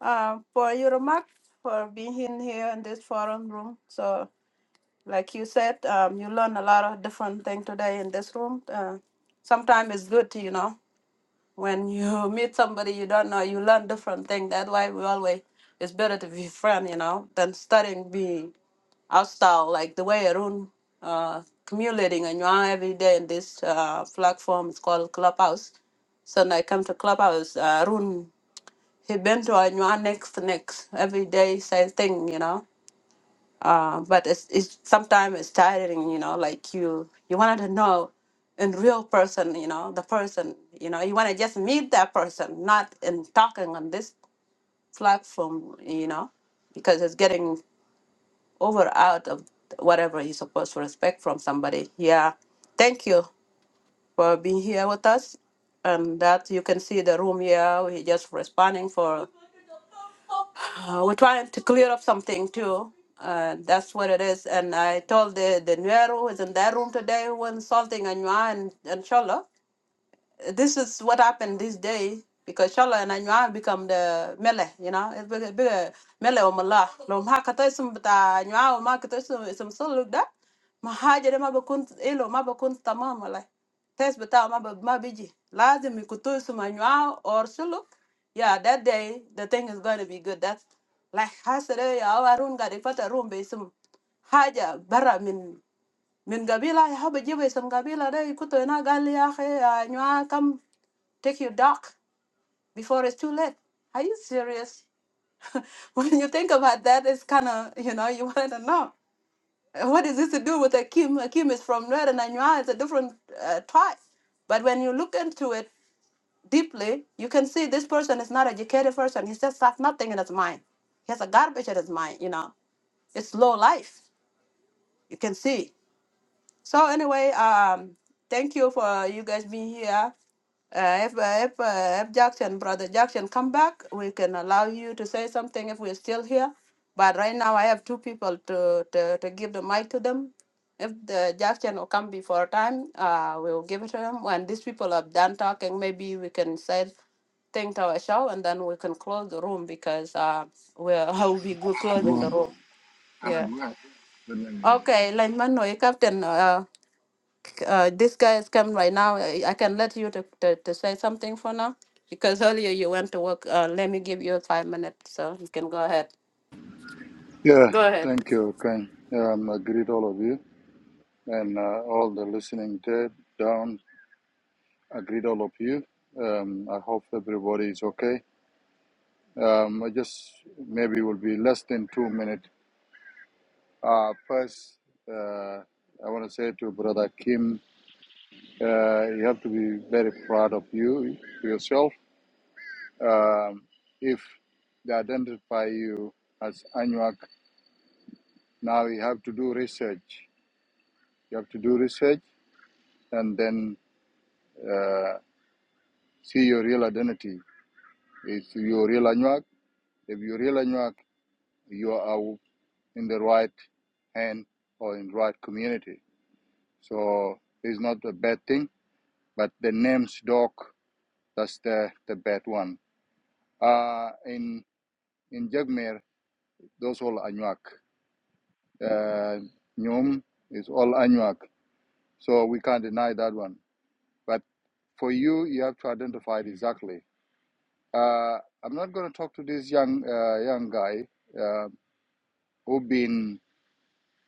Speaker 1: uh, for your remark, for being in here in this forum room. So, like you said, um, you learn a lot of different things today in this room. Uh, sometimes it's good, you know. when you meet somebody you don't know, you learn different things. That's why we always it's better to be friend, you know, than studying being hostile like the way Arun uh accumulating and you are every day in this uh platform it's called Clubhouse. So when I come to Clubhouse, uh, Arun he been to Anyuan next next every day same thing, you know uh, but it's, it's sometimes it's tiring you know like you you wanted to know in real person you know the person you know you want to just meet that person not in talking on this platform you know because it's getting over out of whatever you're supposed to respect from somebody yeah thank you for being here with us and that you can see the room here we're just responding for Uh, we're trying to clear up something too. Uh, that's what it is. And I told the the Nuero who was in that room today who was insulting Anua and, and Shola this is what happened this day because Shola and Anua become the mele, you know, it's bigger, bigger mele or mala. Lo ma kata isum Anua or ma kata isum isum so look that. Ma haja de ma bakun ilo ma bakun tamam malai. Test bata ma ba ma biji. Lazim ikutu isum Anua or sulu. Yeah, that day the thing is going to be good. That's like hasere ya awarun ga ifata room be isum haja bara min min gabila ya haba jiba isum gabila da ikutu ina gali ya akhi ya take your dog before it's too late. Are you serious? When you think about that, it's kind of, you know, you want to know. uh, What is this to do with Akim? Akim is from Red and Anua is a different uh, tribe. But when you look into it deeply, you can see this person is not educated person. He just has nothing in his mind. He has a garbage in his mind, you know. It's low life. You can see. So anyway, um, thank you for you guys being here. Uh, if uh, if, uh, if Jackson, brother Jackson, come back, we can allow you to say something if we're still here. But right now, I have two people to to, to give the mic to them. If the Jackson will come before time, uh, we will give it to him. When these people are done talking, maybe we can say thing to our show, and then we can close the room because uh, we'll I will be go- closing
Speaker 25: دوا
Speaker 1: the room.
Speaker 25: أنا
Speaker 1: Yeah.
Speaker 25: دوية
Speaker 1: Okay, Lineman, no, you captain. uh, uh, this guy is coming right now. I, I can let you to, to, to say something for now because earlier you went to work. Uh, let me give you five minutes so you can go ahead.
Speaker 25: Yeah,
Speaker 1: Go ahead.
Speaker 25: thank you, Ken. Um, I greet all of you and uh, all the listening there down. I greet all of you. Um, I hope everybody is okay. Um, I just maybe will be less than two minutes. Uh, first, uh, I want to say to Brother Kim, uh, you have to be very proud of you yourself Um, if they identify you as Anuak, now you have to do research. You have to do research and then uh, see your real identity. Is you real Anuak, if you're real Anuak, you are in the right hand or in the right community. So it's not a bad thing, but the name's dog, that's the, the bad one. Uh, in in Jagmer, those all Anuak. Uh, Nyum is all Anuak. So we can't deny that one. But for you, you have to identify it exactly. Uh, I'm not going to talk to this young uh, young guy uh, who been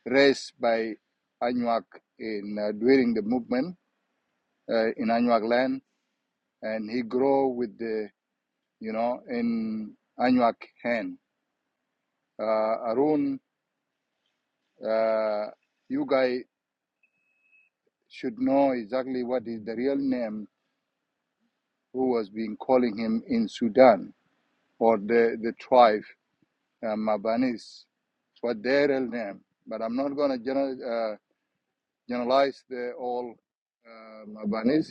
Speaker 25: raised by Anuak in uh, during the movement uh, in Anuak land, and he grow with the you know in Anuak hand. Uh, Arun, uh, you guy should know exactly what is the real name who was being calling him in Sudan or the the tribe uh, Mabanis, what their real name. But I'm not going to general, uh, generalize the all uh, Mabanis,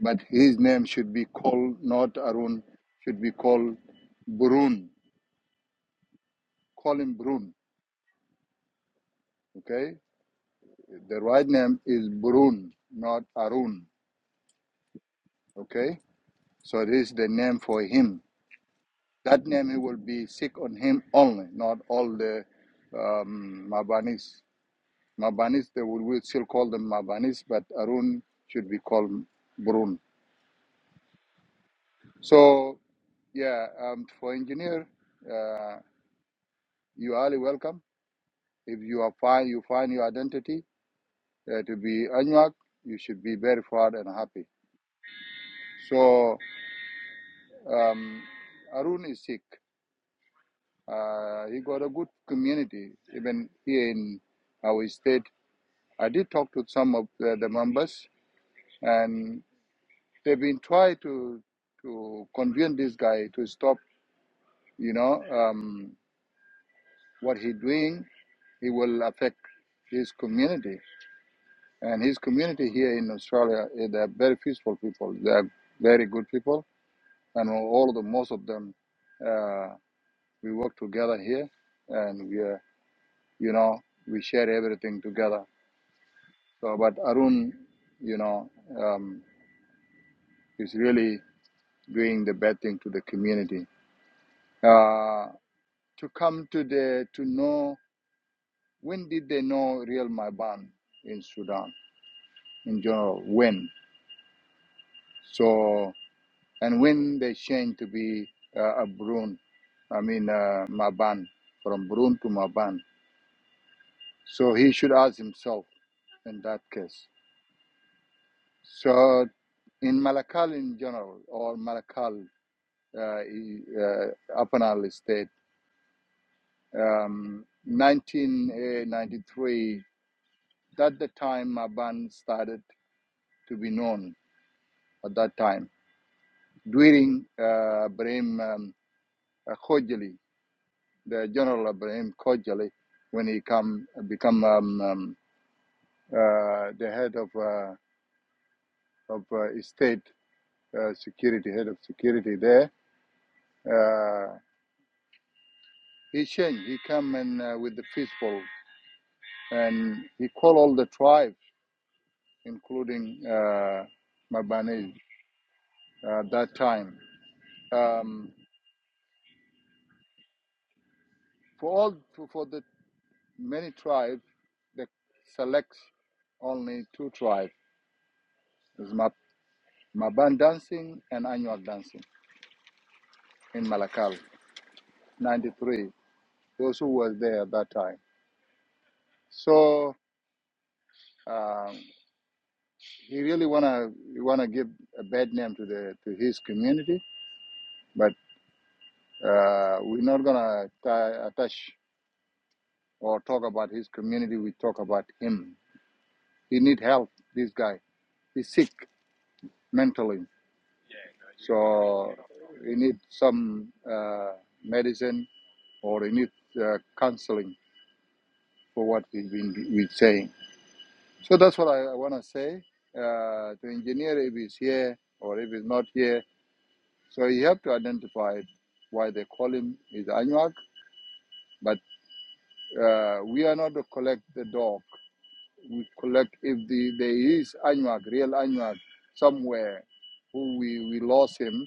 Speaker 25: but his name should be called not Arun, should be called Burun. Call him Burun, okay? The right name is Burun, not Arun, okay? So this is the name for him. That name he will be sick on him only, not all the um, Mabanis. Mabanis, they will we still call them Mabanis, but Arun should be called Burun. So, yeah, um, for engineer, uh, you are highly welcome. If you are find you find your identity uh, to be Anuak, you should be very proud and happy. So, um, Arun is sick. Uh, he got a good community, even here in our state. I did talk to some of the, the members, and they've been trying to to convince this guy to stop you know um, what he's doing it will affect his community and his community here in australia eh, they are very peaceful people they are very good people and all of the most of them uh, we work together here and we are you know we share everything together so but arun you know um, is really doing the bad thing to the community uh, to come to the to know when did they know real Maiban in Sudan? in general when so and when they change to be uh, a brun i mean uh, maban from brun to maban so he should ask himself in that case so in malakal in general or malakal uh, e- uh, apanal state um, 1993 that the time maban started to be known at that time during uh, Ibrahim um, Khojaly the General Ibrahim Khojaly when he come become um, um, uh, the head of uh, of uh, state uh, security, head of security there. Uh, he changed. He come and uh, with the peaceful, and he called all the tribes, including uh, Mabanese, at uh, that time. Um, for all for, the many tribes, they select only two tribes: is Mab- Maban dancing and Annual dancing in Malakal, 93, those who were there at that time. So um, he really wanna he wanna give a bad name to the to his community, but uh, we're not gonna t- attach or talk about his community. We talk about him. He need help. This guy, he's sick mentally, so he need some uh, medicine or he need uh, counseling for what he's been we saying. So that's what I, I want to say. Uh, to engineer, if he's here or if he's not here, so you have to identify why they call him is Anuak. But uh, we are not to collect the dog. We collect if the, there is Anuak, real Anuak, somewhere who we, we lost him.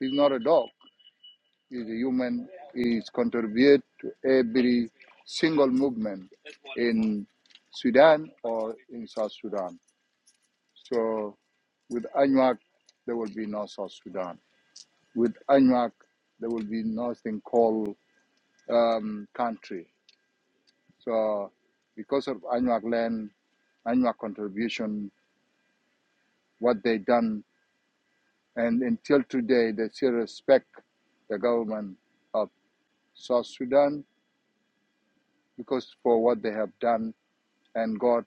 Speaker 25: He's not a dog. He's a human. He's contribute to every single movement in Sudan or in South Sudan. So with ANUAC, there will be no South Sudan. With ANUAC, there will be nothing called um, country. So because of ANUAC land, ANUAC contribution, what they done, and until today, they still respect the government of South Sudan because for what they have done and got,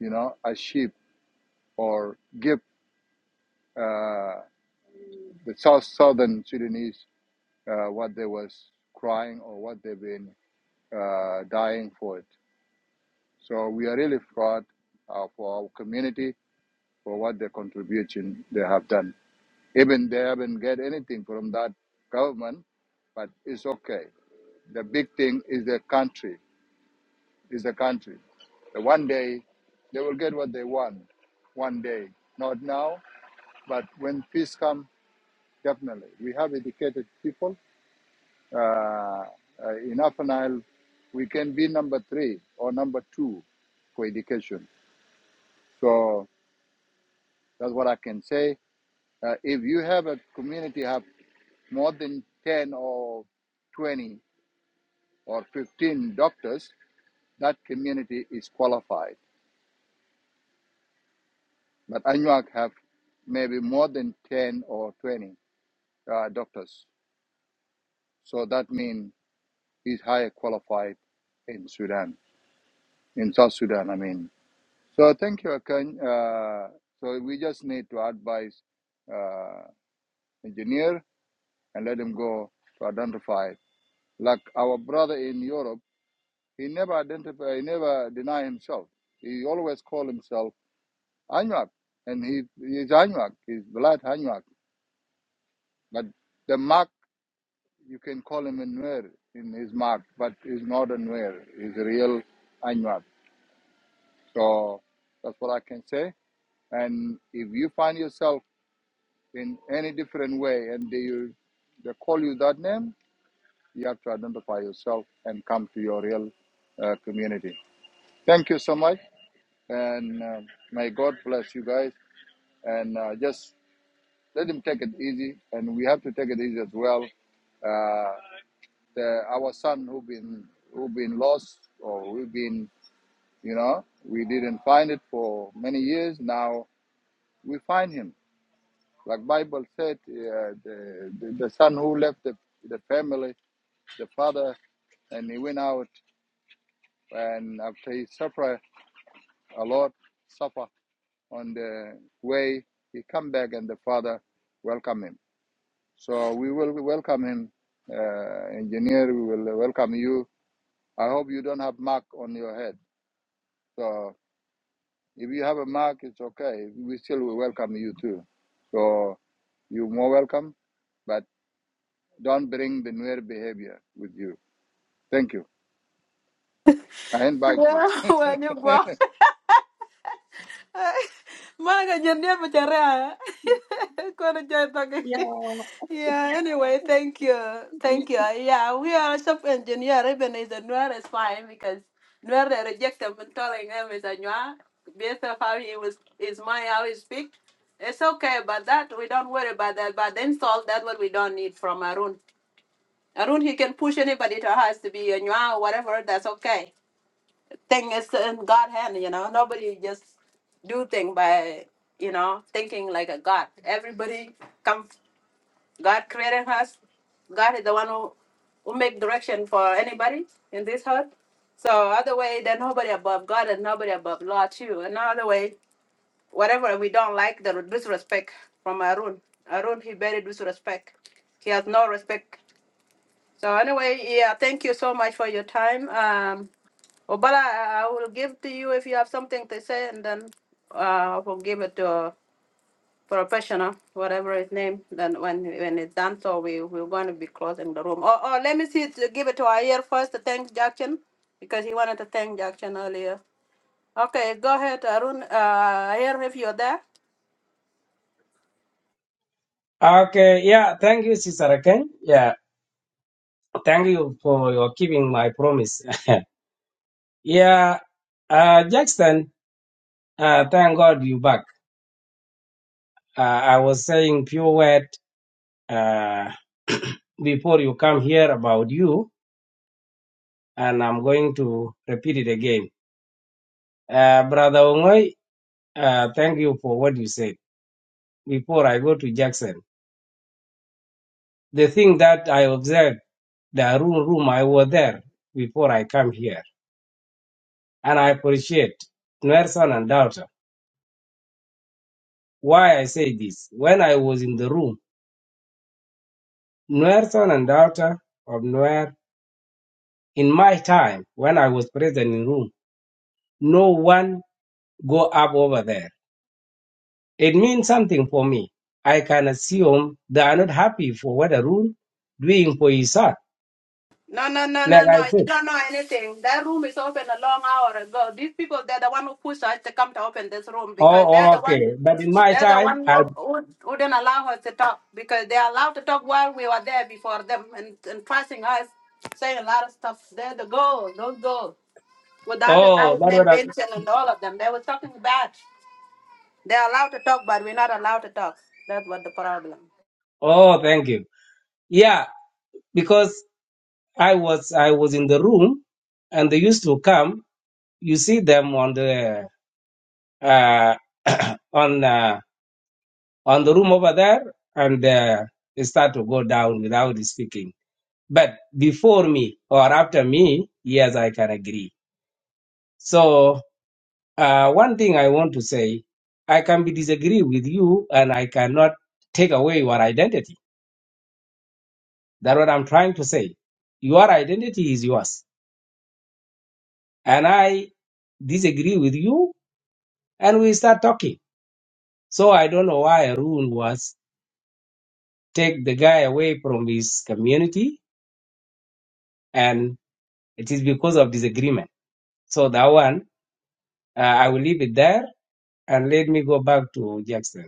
Speaker 25: you know, a sheep or give uh, the South Southern Sudanese uh, what they was crying or what they've been uh, dying for it. So we are really proud uh, for our community for what their contribution they have done. Even they haven't get anything from that government, but it's okay. The big thing is the country. Is the country. The one day they will get what they want. One day, not now, but when peace comes, definitely. We have educated people. Uh, uh, in Afanile, we can be number three or number two for education So that's what I can say. Uh, if you have a community have more than 10 or 20 or 15 doctors, that community is qualified. But Anuak have maybe more than 10 or 20 uh, doctors. So that means he's higher qualified in Sudan, in South Sudan, I mean. So thank you, Akan. Uh, so we just need to advise uh, engineer and let him go to identify Like our brother in Europe, he never identify, he never deny himself. He always call himself Anuak, and he he's Anuak. He's blood Anuak. But the mark you can call him a Nuer in his mark, but he's not a Nuer. He's a real Anuak. So that's what I can say. And if you find yourself in any different way, and they they call you that name, you have to identify yourself and come to your real uh, community. Thank you so much. And uh, may God bless you guys. And uh, just let him take it easy. And we have to take it easy as well. Uh, the, our son who been who been lost or we've been you know we didn't find it for many years now we find him like bible said uh, the, the the son who left the, the family the father and he went out and after he suffered a lot suffer on the way he come back and the father welcome him so we will welcome him uh, engineer we will welcome you i hope you don't have mark on your head so if you have a mark it's okay we still will welcome you too so you're more welcome but don't bring the newer behavior with you thank you i invite you
Speaker 1: Yeah, when you go. Maga jendia macharea. Kono jai toki.
Speaker 13: Yeah,
Speaker 1: Yeah, anyway, thank you.
Speaker 13: we
Speaker 1: Thank you. Yeah, we are a shop engineer. Even is a Nuer is fine because Nuer they reject them and telling them is a Nuer. Based of how he was, is my how he speak. It's okay about that. We don't worry about that. But then solve that what we don't need from Arun. Arun, he can push anybody to us to be a Nuer or whatever. That's okay thing is in God hand, you know. Nobody just do thing by, you know, thinking like a God. Everybody come God created us. God is the one who, who make direction for anybody in this earth. So other way then nobody above God and nobody above law too. Another way, whatever we don't like the disrespect from Arun. Arun he very disrespect. He has no respect. So anyway, yeah, thank you so much for your time. Um Oh, but I, I will give to you if you have something to say, and then uh, I will give it to a professional, whatever his name. Then when when it's done, so we we're going to be closing the room. Or, or let me see, to give it to Ayer first to thank Jackson because he wanted to thank Jackson earlier. Okay, go ahead, Arun. Uh, Ayer, if you're there.
Speaker 27: Okay, yeah, thank you, Sister Aken. Yeah, thank you for your keeping my promise. yeah, uh, Jackson, uh, thank God you back. Uh, I was saying few word uh, before you come here about you, and I'm going to repeat it again. Uh, Brother Ongoy, uh, thank you for what you said. Before I go to Jackson, the thing that I observed, the room, room I was there before I come here, and I appreciate Nelson and Daughter. Why I say this? When I was in the room, Nelson and Daughter of Nuer, in my time when I was present in room, no one go up over there. It means something for me. I can assume they are not happy for what Arun doing for his son.
Speaker 1: No, no, no, no,
Speaker 27: Like
Speaker 1: no.
Speaker 27: I
Speaker 1: You
Speaker 27: said,
Speaker 1: don't know anything. That room is open a long hour ago. These people, they're the one who pushed us to come to open this room because they're
Speaker 27: oh,
Speaker 1: the one.
Speaker 27: okay. But in my
Speaker 1: They're the
Speaker 27: time,
Speaker 1: one
Speaker 27: I,
Speaker 1: who who wouldn't allow us to talk because they allowed to talk while we were there before them and, and trusting us, saying a lot of stuff. They're the girls, those girls. With the other
Speaker 27: oh,
Speaker 1: guys
Speaker 27: that what
Speaker 1: named
Speaker 27: I,
Speaker 1: Vincent and all of them, they were talking bad. They're allowed to talk, but we're not allowed to talk. That's what the problem.
Speaker 27: oh, thank you. Yeah, because I was, I was in the room and they used to come. You see them on the, uh, on, uh, on the room over there and, uh, they start to go down without speaking But before me or after me, yes, I can agree. So uh, one thing I want to say, I can be disagree with you and I cannot take away your identity. That's what I'm trying to say. Your identity is yours. And I disagree with you and we start talking. So I don't know why Arun was take the guy away from his community and it is because of disagreement. So that one, uh, I will leave it there and let me go back to Jackson.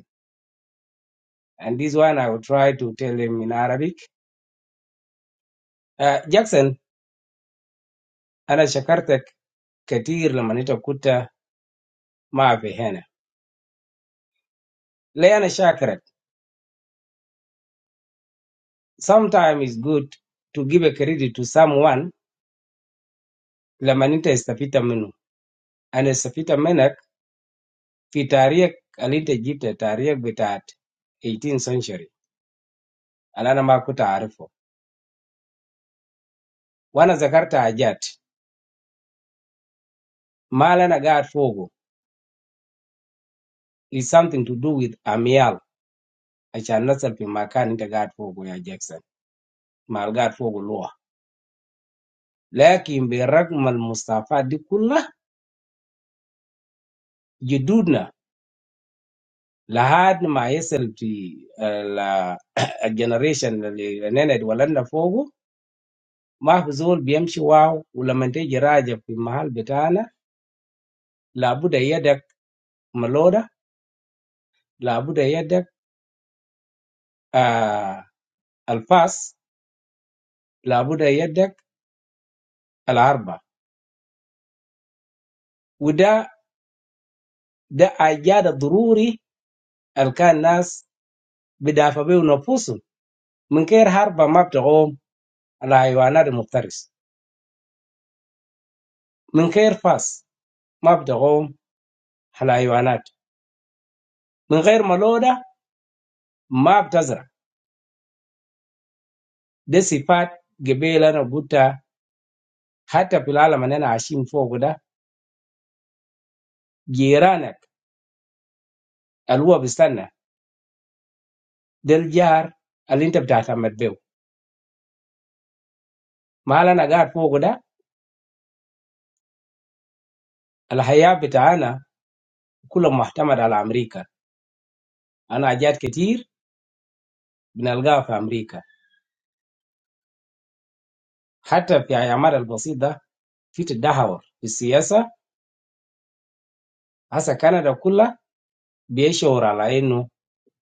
Speaker 27: And this one, I will try to tell him in Arabic. Uh, Jackson, ana shakarte kadir la manita kuta ma vehena. Le ana shakarat. Sometimes it's good to give a credit to someone la manita estafita meno. Ana estafita menak fitari alite gipta tarieb gitaat 18th century. Alana makuta arifo. Wana zakarta ajat ma le ana gat fogo is something to do with amial. I shall not say makani ka gat fogo ya Jackson. Mal gat fogo lua. Lekin bi ragmal Mustafa diku na yuduna lahad ma yasil di la generation na ni na duwala na fogo mahzul biyashwa ulamete giraja fi mahal betana labu daya dak maloda labu daya dak alfas labu daya dak alharba wada dak ajja da dzururi alkanas bidafabi unofusu minker harba mapda um la iwanad mutaris minker fas. ما بتقوم على حيوانات من غير ملودة ما بتزرع دي صفات قبيل أنا قلتها حتى في العالم اللي أنا عايشين فوق ده جيرانك اللي هو بيستنى ده الجار اللي أنت بتعتمد به ما اللي أنا قاعد فوق ده الحياة بتاعنا كله معتمد على أمريكا أنا حاجات كتير بنلقاها في أمريكا حتى في أعمال البسيط ده في تدهور في السياسة هسا كندا كلها بيشعر على إنه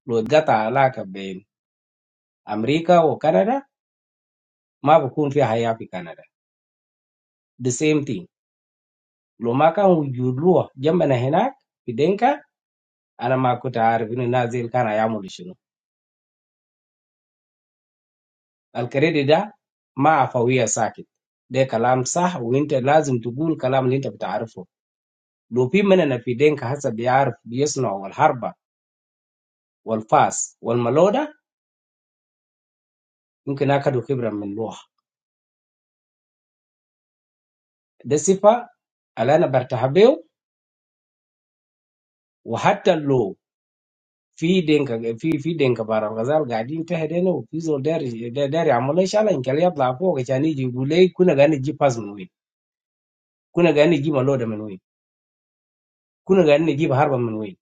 Speaker 27: لو اتقطع علاقة بين أمريكا وكندا Ma bokunfi ahiya fi Canada. The same thing. Lomaka unyurua jamba na hena fidenga ana makuta harufi na zilka na yamu lishono alkeredida ma afawia saki de kalam saa uinta lazim tuguul kalam linta bitharufo lopi mana na fidenga hasa biaruf biyisno walharba walfas walmaloda mungkin akadu kibra minuho. Desipa alana berta habel uhatelo. Fi denga fi fi denga barang Gaza al gadi in teh denu pisu deri deri amal Inshallah in kaliyabla po gichani jibuley kuna gani jipas manui kuna gani jima Allah de manui kuna gani jibharba manui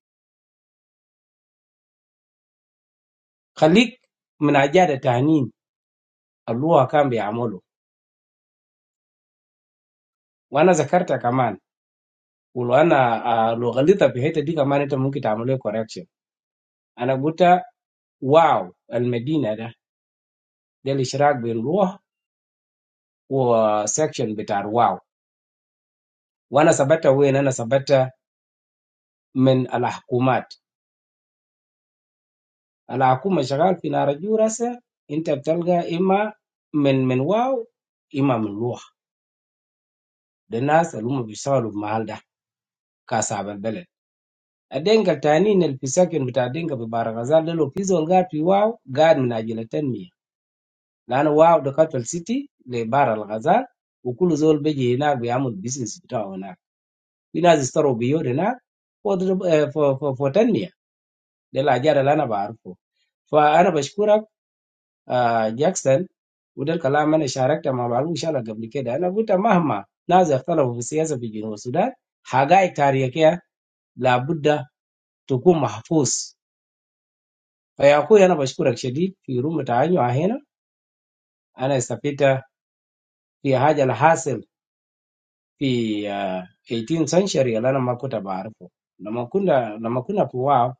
Speaker 27: Khalik min ajad tahniin Allah akan bi amalu. Wana zakarta kamani wala ana lo gali tapihete di kamani to muki tamalu correction. Anak bota wow al Medina da dali sharak bi Allah wa section betar wow. Wana sabata wenana sabata men alahkumat. Ala aku majalal fina rajurasa, inta betelga ima men men wow ima men loh. The nasa luma bi salub mahalda kasaben bela. Adengka tani inel pisakun betadengka bi barangzal de lo pisongga pi wow ga menajleten miya. Nan wow dokatal city le barangzal ukuluzol bejiina bi amud business towna. Bi nasi starobiyo rena for for for ten miya le lajarala na baruko. Fa ana bashkurak. Jackson, udal kalama na charakter ma balu shalla gabrike da na buta mahma na ziftala vufsiya sa fijino suda haga eka ryeka la Buddha tuku mahfous pa yaku yana bashku rakshidi kiume taanyo ahena ana estapita pi haja la hassle pi eighteen century la na makuta barpo na makunda na makunda kuwa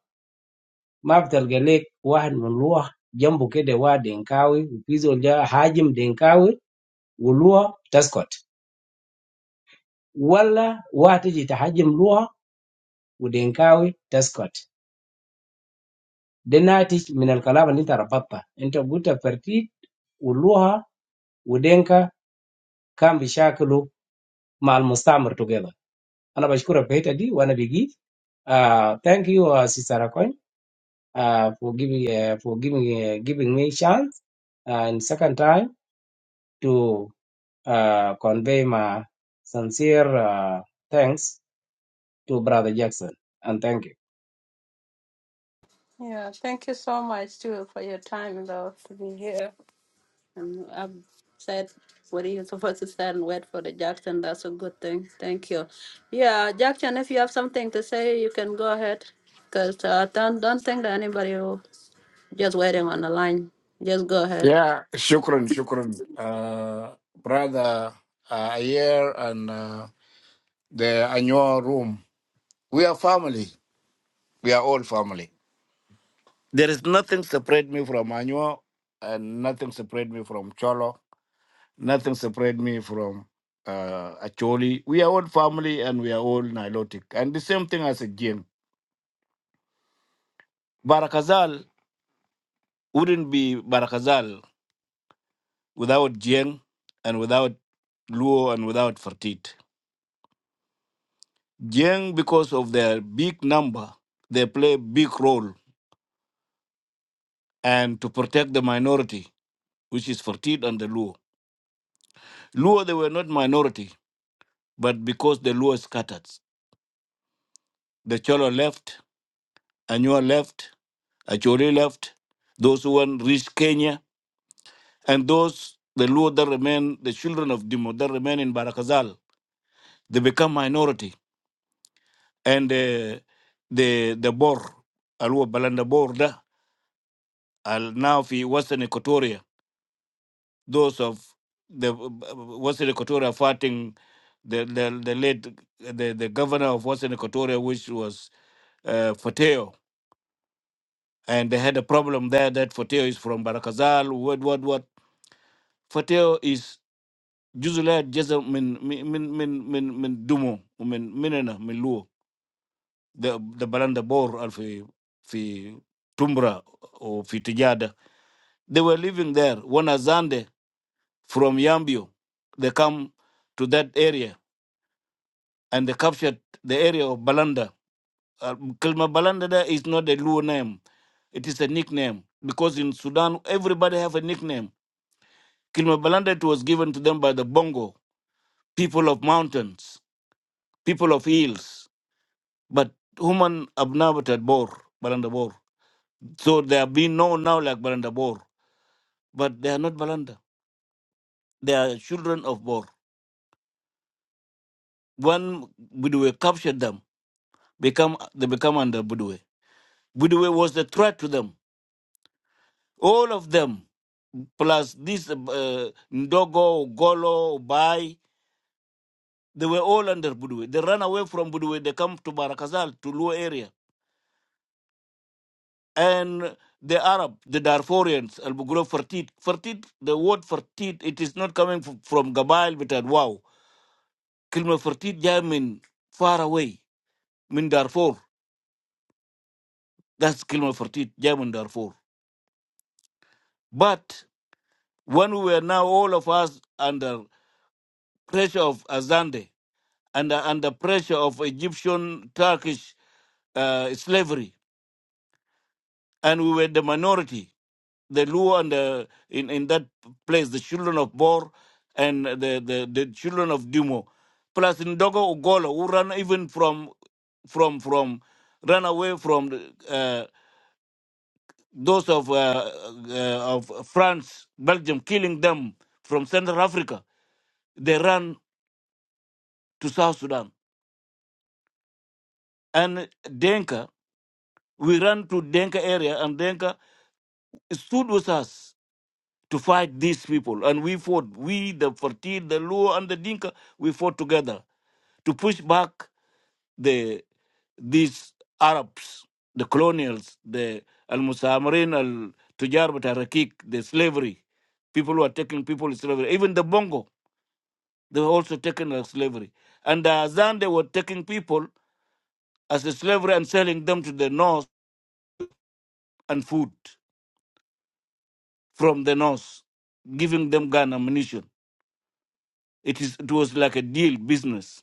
Speaker 27: ma vutal geleku kuwa nguluwa jambuke da kuwa dengaui upi zonja hajim dengaui uluwa da Scott. ولا واتجي تحجم لغه ودينكاوي تسكت ده ناتج من الكلام اللي انت ربطته انت قلت فرتيت واللغه ودينكا كان بيشاكلوا مع المستعمر together انا بشكرك في الحته دي وانا بجي uh, thank you uh, sister Akoin, uh, for giving uh, for giving uh, giving me chance uh, and second time to uh, convey my sincere uh, thanks to brother Jackson and thank you
Speaker 1: Yeah, thank you so much too for your time, though, to be here. And I've said what you're supposed to say and wait for the Jackson. That's a good thing. Thank you. Yeah, Jackson, if you have something to say, you can go ahead. Because uh, don't, don't think that anybody will just waiting on the line. Just go ahead.
Speaker 22: Yeah, shukran, shukran. Uh, brother uh, here and uh, the annual room. We are family. We are all family. There is nothing separate me from Anua, and nothing separate me from Cholo, nothing separate me from uh, Acholi. We are all family and we are all Nilotic. And the same thing as a Jien. Barakazal wouldn't be Barakazal without Jien and without Luo and without Fertit. Jien, because of their big number, they play big role and to protect the minority, which is Fertit and the Luo. Luo, they were not minority, but because the Luo scattered. The Cholo left, Anua left, Acholi left, those who went reached Kenya, and those, the Luo that remain, the children of Dimo that remain in Barakazal, they become minority. And uh, the the Bor, Alua Balanda Borda, al now fi Western Equatoria, those of the uh, Western Equatoria fighting the, the, the late, the, the governor of Western Equatoria, which was uh, Fateo, and they had a problem there that Fateo is from Barakazal, what, what, what. Fateo is usually just a min, min, min, min, min, min Dumo, min, minena, min Luo, the, the Baranda Bor, Alfi, Fi fi Tumbra, or Fi Tijada. They were living there. One Azande from Yambio, they come to that area and they captured the area of Balanda. Uh, Kalma Balanda there is not a Luo name. It is a nickname because in Sudan everybody have a nickname Kilmabalanda was given to them by the Bongo, people of mountains, people of hills, but human inhabited Bor, Balanda Bor. So they are being known now like Balanda Bor, but they are not Balanda. They are children of Bor. When Budwe captured them, become they become under Budwe. Budwe was the threat to them. All of them, plus this uh, Ndogo, Golo, Bai, they were all under Budwe. They ran away from Budwe. They come to Barakazal, to Luo area and the Arab, the Darfurians, Al Bugula Fertit. Fertit, the word Fertit, it is not coming f- from Gabail, but at wow. Kilma Fertit, Jamin, far away, Min Darfur. That's Kilma Fertit, Jamin Darfur. But when we were now all of us under pressure of Azande, under, under pressure of Egyptian, Turkish uh, slavery, and we were the minority, the Luo and the, in in that place, the children of Bor and the the, the children of Dumo, plus Ndogo Ugolo who ran even from from from ran away from the, uh, those of uh, uh, of France, Belgium, killing them from Central Africa. They ran to South Sudan and Denka. We ran to Denka area and Denka stood with us to fight these people. And we fought, we, the Fertil, the Luo, and the Dinka, we fought together to push back the these Arabs, the colonials, the Al Musamarin, Al Tujar, but Arakik, the slavery. People who are taking people in slavery. Even the Bongo, they were also taken as slavery. And the Azan, they were taking people as a slavery and selling them to the North and food from the North, giving them gun ammunition. It, is, it was like a deal business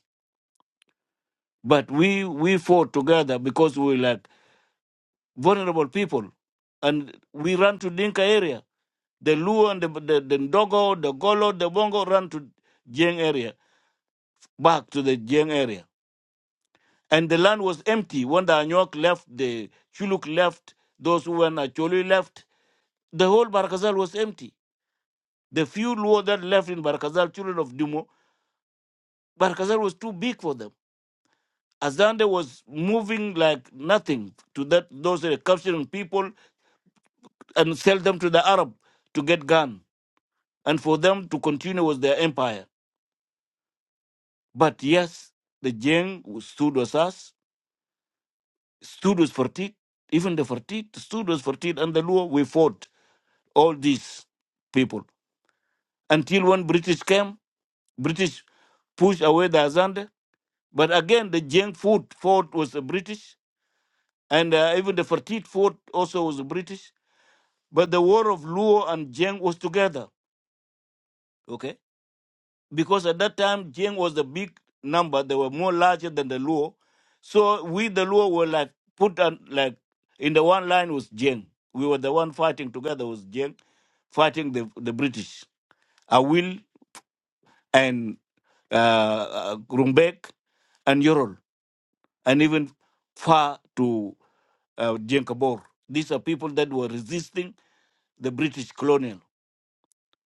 Speaker 22: But we we fought together because we were like vulnerable people, and we ran to Dinka area. The Luo and the the, the Ndogo, the Golo, the Bongo ran to Jiang area, back to the Jiang area, and the land was empty when the Anyok left, the Chuluk left, those who were Acholi left. The whole Barkazal was empty. The few Luo that left in Barkazal, children of Dumo, Barkazal was too big for them. Azande was moving like nothing to that those uh, capturing people and sell them to the Arab to get gun and for them to continue with their empire. But yes, the Jeng stood with us, stood with Fertit, even the Fertit stood with Fertit and the Luo. We fought all these people until when British came, British pushed away the Azande. But again, the Jeng fought, fought with the British, and uh, even the Fertit fought also with the British. But the war of Luo and Jeng was together. Okay because at that time Jiang was a big number. They were more larger than the Luo. So we the Luo were like put on like in the one line was Jiang. We were the one fighting together was Jiang, fighting the the British. Awil and uh, uh, Rumbek and Yorol and even far to uh, Jiang Kabor. These are people that were resisting the British colonial.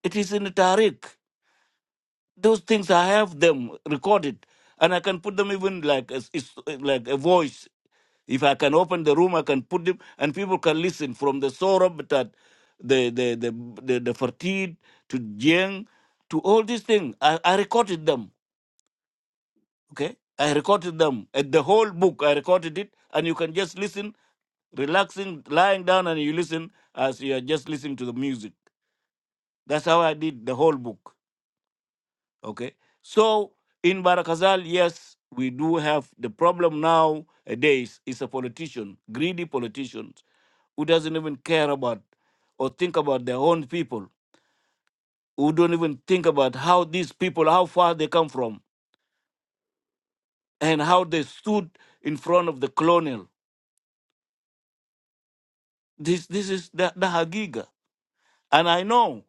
Speaker 22: It is in the Tariq. Those things I have them recorded, and I can put them even like as is like a voice. If I can open the room, I can put them, and people can listen from the Sorab that the the the the, the Fertit to Jiang to all these things. I, I recorded them. Okay, I recorded them at the whole book. I recorded it, and you can just listen, relaxing, lying down, and you listen as you are just listening to the music. That's how I did the whole book. Okay. So in Barakazal, yes, we do have the problem nowadays is a politician, greedy politicians, who doesn't even care about or think about their own people, who don't even think about how these people, how far they come from, and how they stood in front of the colonial. This this is the, the Hagiga. And I know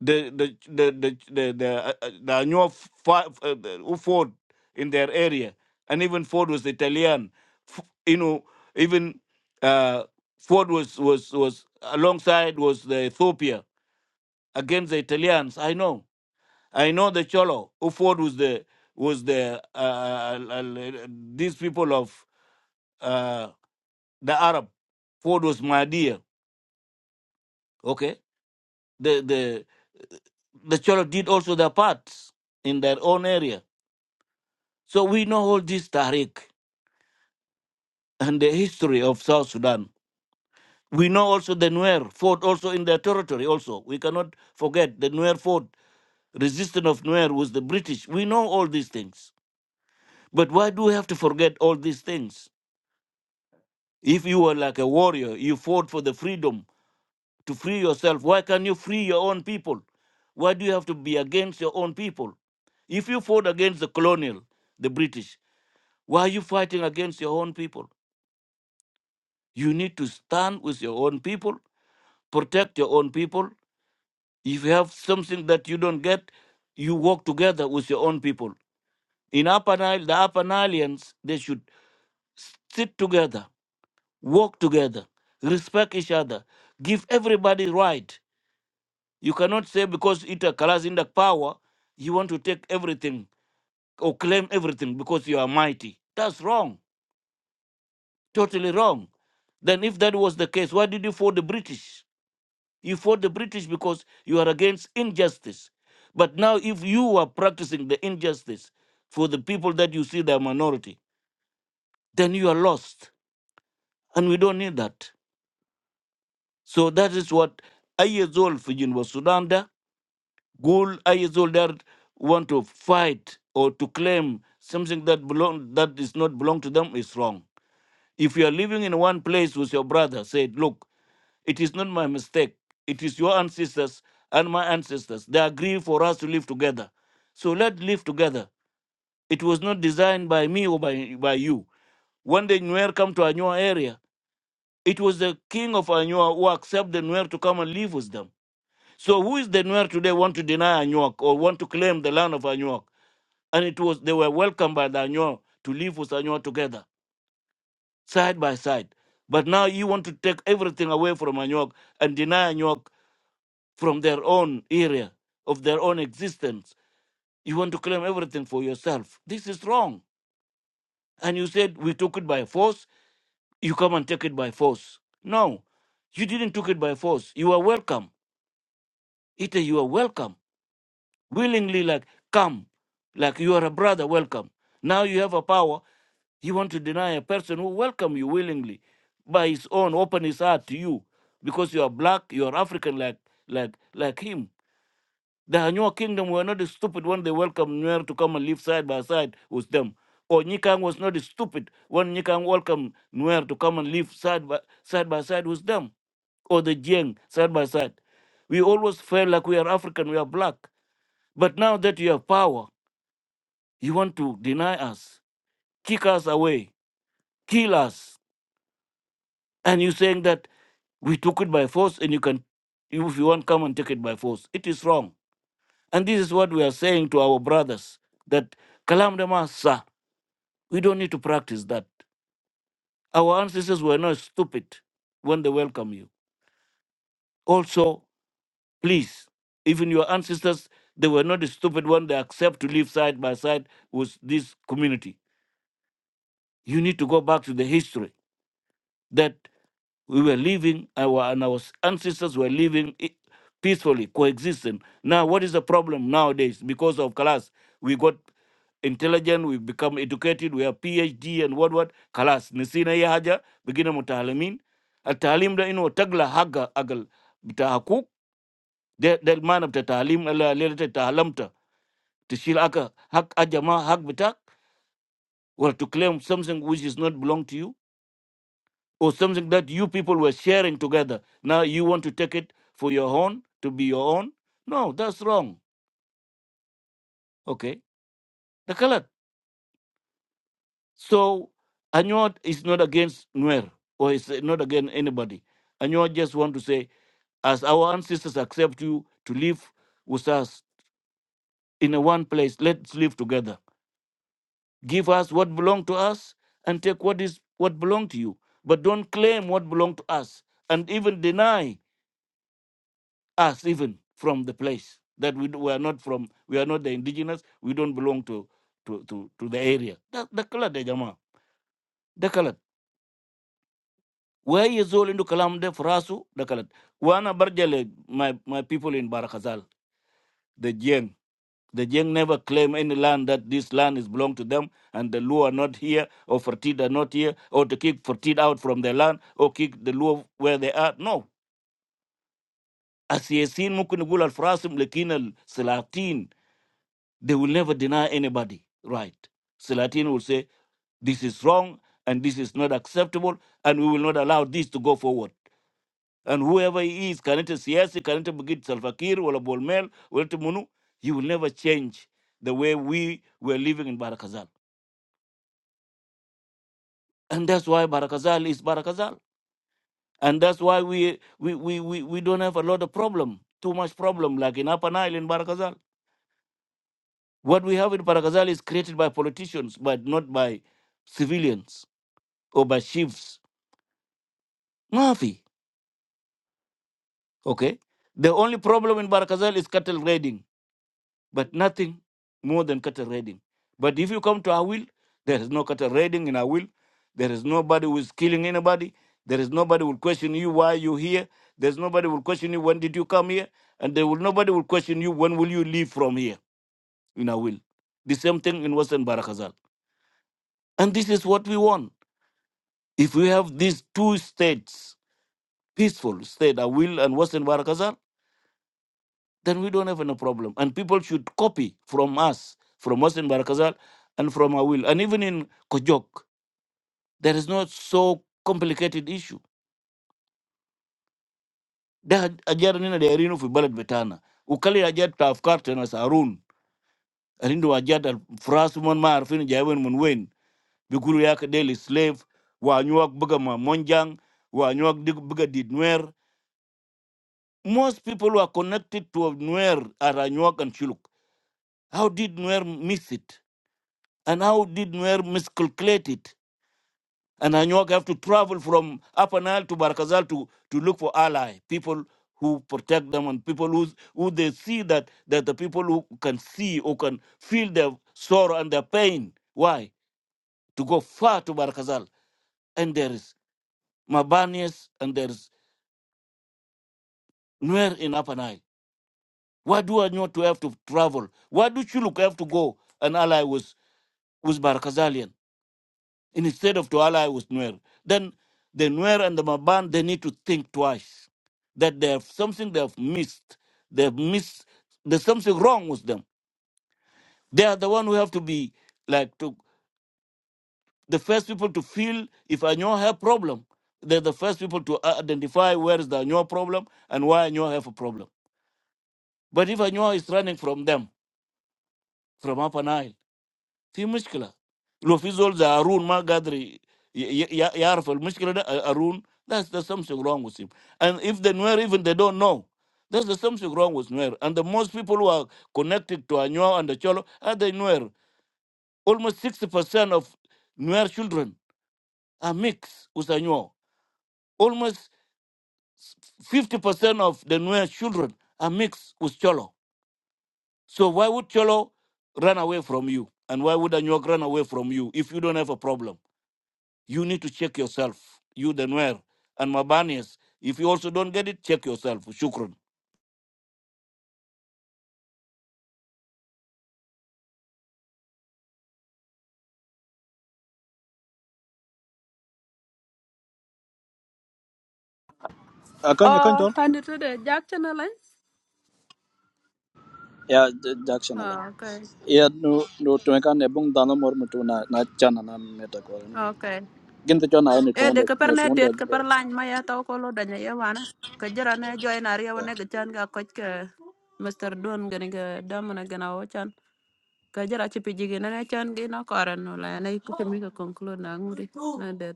Speaker 22: the the the the the the, uh, uh, the Anyuwa fa- uh, the- who fought in their area, and even Ford was Italian. F- you know, even uh, Ford was was was alongside was the Ethiopia against the Italians. I know, I know the Cholo who fought was the was the uh, uh, uh, uh, uh, these people of uh, the Arab. Ford was Mahdia. Okay, the the the Cholo did also their parts in their own area So we know all this Tariq and the history of South Sudan. We know also the Nuer fought also in their territory also. We cannot forget the Nuer fought. Resistance of Nuer was the British. We know all these things. But why do we have to forget all these things? If you were like a warrior, you fought for the freedom to free yourself. Why can't you free your own people? Why do you have to be against your own people? If you fought against the colonial, the British, why are you fighting against your own people? You need to stand with your own people, protect your own people. If you have something that you don't get, you work together with your own people. In Upper Nile, the Upper Nileans, they should sit together, work together, respect each other, give everybody right. You cannot say because ita occurs in the power, you want to take everything or claim everything because you are mighty. That's wrong, totally wrong. Then if that was the case, why did you for the British? You fought the British because you are against injustice. But now, if you are practicing the injustice for the people that you see they are minority, then you are lost. And we don't need that. So that is what Ayezol Fijin was Sudan da. Gul Ayezol there want to fight or to claim something that belong that is not belong to them is wrong. If you are living in one place with your brother, say, look, It is not my mistake. It is your ancestors and my ancestors. They agree for us to live together. So let's live together. It was not designed by me or by, by you. When the Nuer come to Anua area, it was the king of Anua who accepted the Nuer to come and live with them. So who is the Nuer today want to deny Anuak or want to claim the land of Anuak? And it was they were welcomed by the Anuak to live with Anuak together, side by side. But now you want to take everything away from Anuak and deny Anuak from their own area of their own existence. You want to claim everything for yourself. This is wrong. And you said we took it by force. You come and take it by force. No, you didn't took it by force. You are welcome. Ita, you are welcome. Willingly, like come, like you are a brother. Welcome. Now you have a power. You want to deny a person who welcome you willingly, by his own open his heart to you, because you are black, you are African, like like like him The Hanua kingdom were not the stupid when they welcomed Nuer to come and live side by side with them. Or Nikang was not stupid when Nikang welcomed Nuer to come and live side by side, by side with them. Or the Jiang side by side. We always felt like we are African, we are black. But now that you have power, you want to deny us, kick us away, kill us. And you're saying that we took it by force and you can, if you want, come and take it by force. It is wrong And this is what we are saying to our brothers that Kalam Dema, sir, we don't need to practice that. Our ancestors were not stupid when they welcome you. Also, please, even your ancestors, they were not stupid when they accept to live side by side with this community. You need to go back to the history that we were living our and our ancestors were living i- peacefully coexisting now what is the problem nowadays because of class we got intelligent we become educated we have phd and what what class nisina ya haja begina mutaalimin التعليم ده انه تقلى حق اقل بتاع حقوق De ده المعنى بتاع تعليم اللي اللي تعلمته تشيل aka hak ajama hak بتاعك or to claim something which is not belong to you or something that you people were sharing together. Now you want to take it for your own, to be your own. No, that's wrong. Okay, the color. So Anyod is not against Nuer or is not against anybody. Anyod just want to say, as our ancestors accept you to live with us in a one place, let's live together. Give us what belong to us and take what is what belong to you. But don't claim what belong to us and even deny us even from the place that we, d- we are not from we are not the indigenous we don't belong to to to, to the area da da kalat da jama da kalat where is all into kalam de frasu da kalat wana barjale my my people in barakazal the jeng the jeng never claim any land that this land is belong to them and the luo are not here or fertit are not here or to kick fertit out from their land or kick the luo where they are no asiyessin mukun gul al frasim lekin al They will never deny anybody right. Salatin will say, This is wrong and this is not acceptable, and we will not allow this to go forward. And whoever he is, Kanete Siasi, Kanete Bugit Salfakir, Wala Bolmel, Wala Munu, he will never change the way we were living in Barakazal. And that's why Barakazal is Barakazal. And that's why we, we, we, we, we don't have a lot of problem, too much problem, like in Upper Nile in Barakazal. What we have in Barakazal is created by politicians, but not by civilians over sheep's Mafi. Okay. The only problem in Barakazal is cattle raiding, but nothing more than cattle raiding. But if you come to Awil, there is no cattle raiding in Awil. There is nobody who is killing anybody. There is nobody who will question you why you here. There's nobody who will question you when did you come here, and there will nobody will question you when will you leave from here in Awil. The same thing in Western Barakazal, and this is what we want. If we have these two states, peaceful state Awil and Western Barakazal then we don't have any problem. And people should copy from us, from Mohsen Barakazal and from Awil. And even in Kojok, there is not so complicated issue. They had ajara nina de erinu fi balad betana. Ukali ajat tafkar tena sarun. Arindu ajat al frasu mon ma arfin jawen mun wen. Bikulu yake daily slave. Wa anyuak buga ma monjang. Wa anyuak dig buga nuer. Most people who are connected to Nuer are Anyuak and chiluk. How did Nuer miss it? And how did Nuer miscalculate it? And Anyuag have to travel from Upper Nile to Barkazal to, to look for ally, people who protect them and people who, who they see that, that the people who can see or can feel their sorrow and their pain. Why? To go far to Barkazal? And there is Mabanias and there is Nuer in Upper Nile. Why do Anyuag to have to travel? Why do Chuluk have to go and ally with, with Barkazalian. instead of to ally with Nuer. Then the Nuer and the Maban, they need to think twice that they have something they have missed. They have missed, there's something wrong with them. They are the one who have to be like to the first people to feel if I know have problem. They're the first people to uh, identify where is the Anyo problem and why Anyo have a problem. But if Anyo is running from them, from Upper Nile, في مشكله لو في زول زي هارون ما قادر ي- ي- ي- يعرف المشكله ده هارون that's there's something wrong with him and if the Nuer even they don't know there's there's something wrong with Nuer and the most people who are connected to Anuar and the Cholo are the Nuer almost 60% of Nuer children are mixed with Anuar almost 50% of the Nuer children are mixed with Cholo so why would Cholo run away from you and why would Anuak run away from you if you don't have a problem You need to check yourself. You the Nuer and Mabanis. If you also don't get it, check yourself. Shukran.
Speaker 6: akan ya kan
Speaker 1: Oh,
Speaker 6: tol
Speaker 1: and to the Jackson line?
Speaker 6: ya j- jackson alan
Speaker 1: Oh,
Speaker 6: Yeah, no no to kan ne bung dano mor mutu na na chana na meta ko
Speaker 1: okay.
Speaker 6: gin to chona ne to
Speaker 1: e de
Speaker 6: ndo
Speaker 1: ka
Speaker 6: ne to
Speaker 1: ne
Speaker 6: ndo
Speaker 1: det ka lany ma ya to ko lo danya ye wana ka jara ne joy na re
Speaker 6: yeah
Speaker 1: wana ga chan ga koch ka Mr. Don gani ga damana gana o chan ka jara ci piji gi ne chan gi na koran no la ne ku mi ka conclude na ngudi na det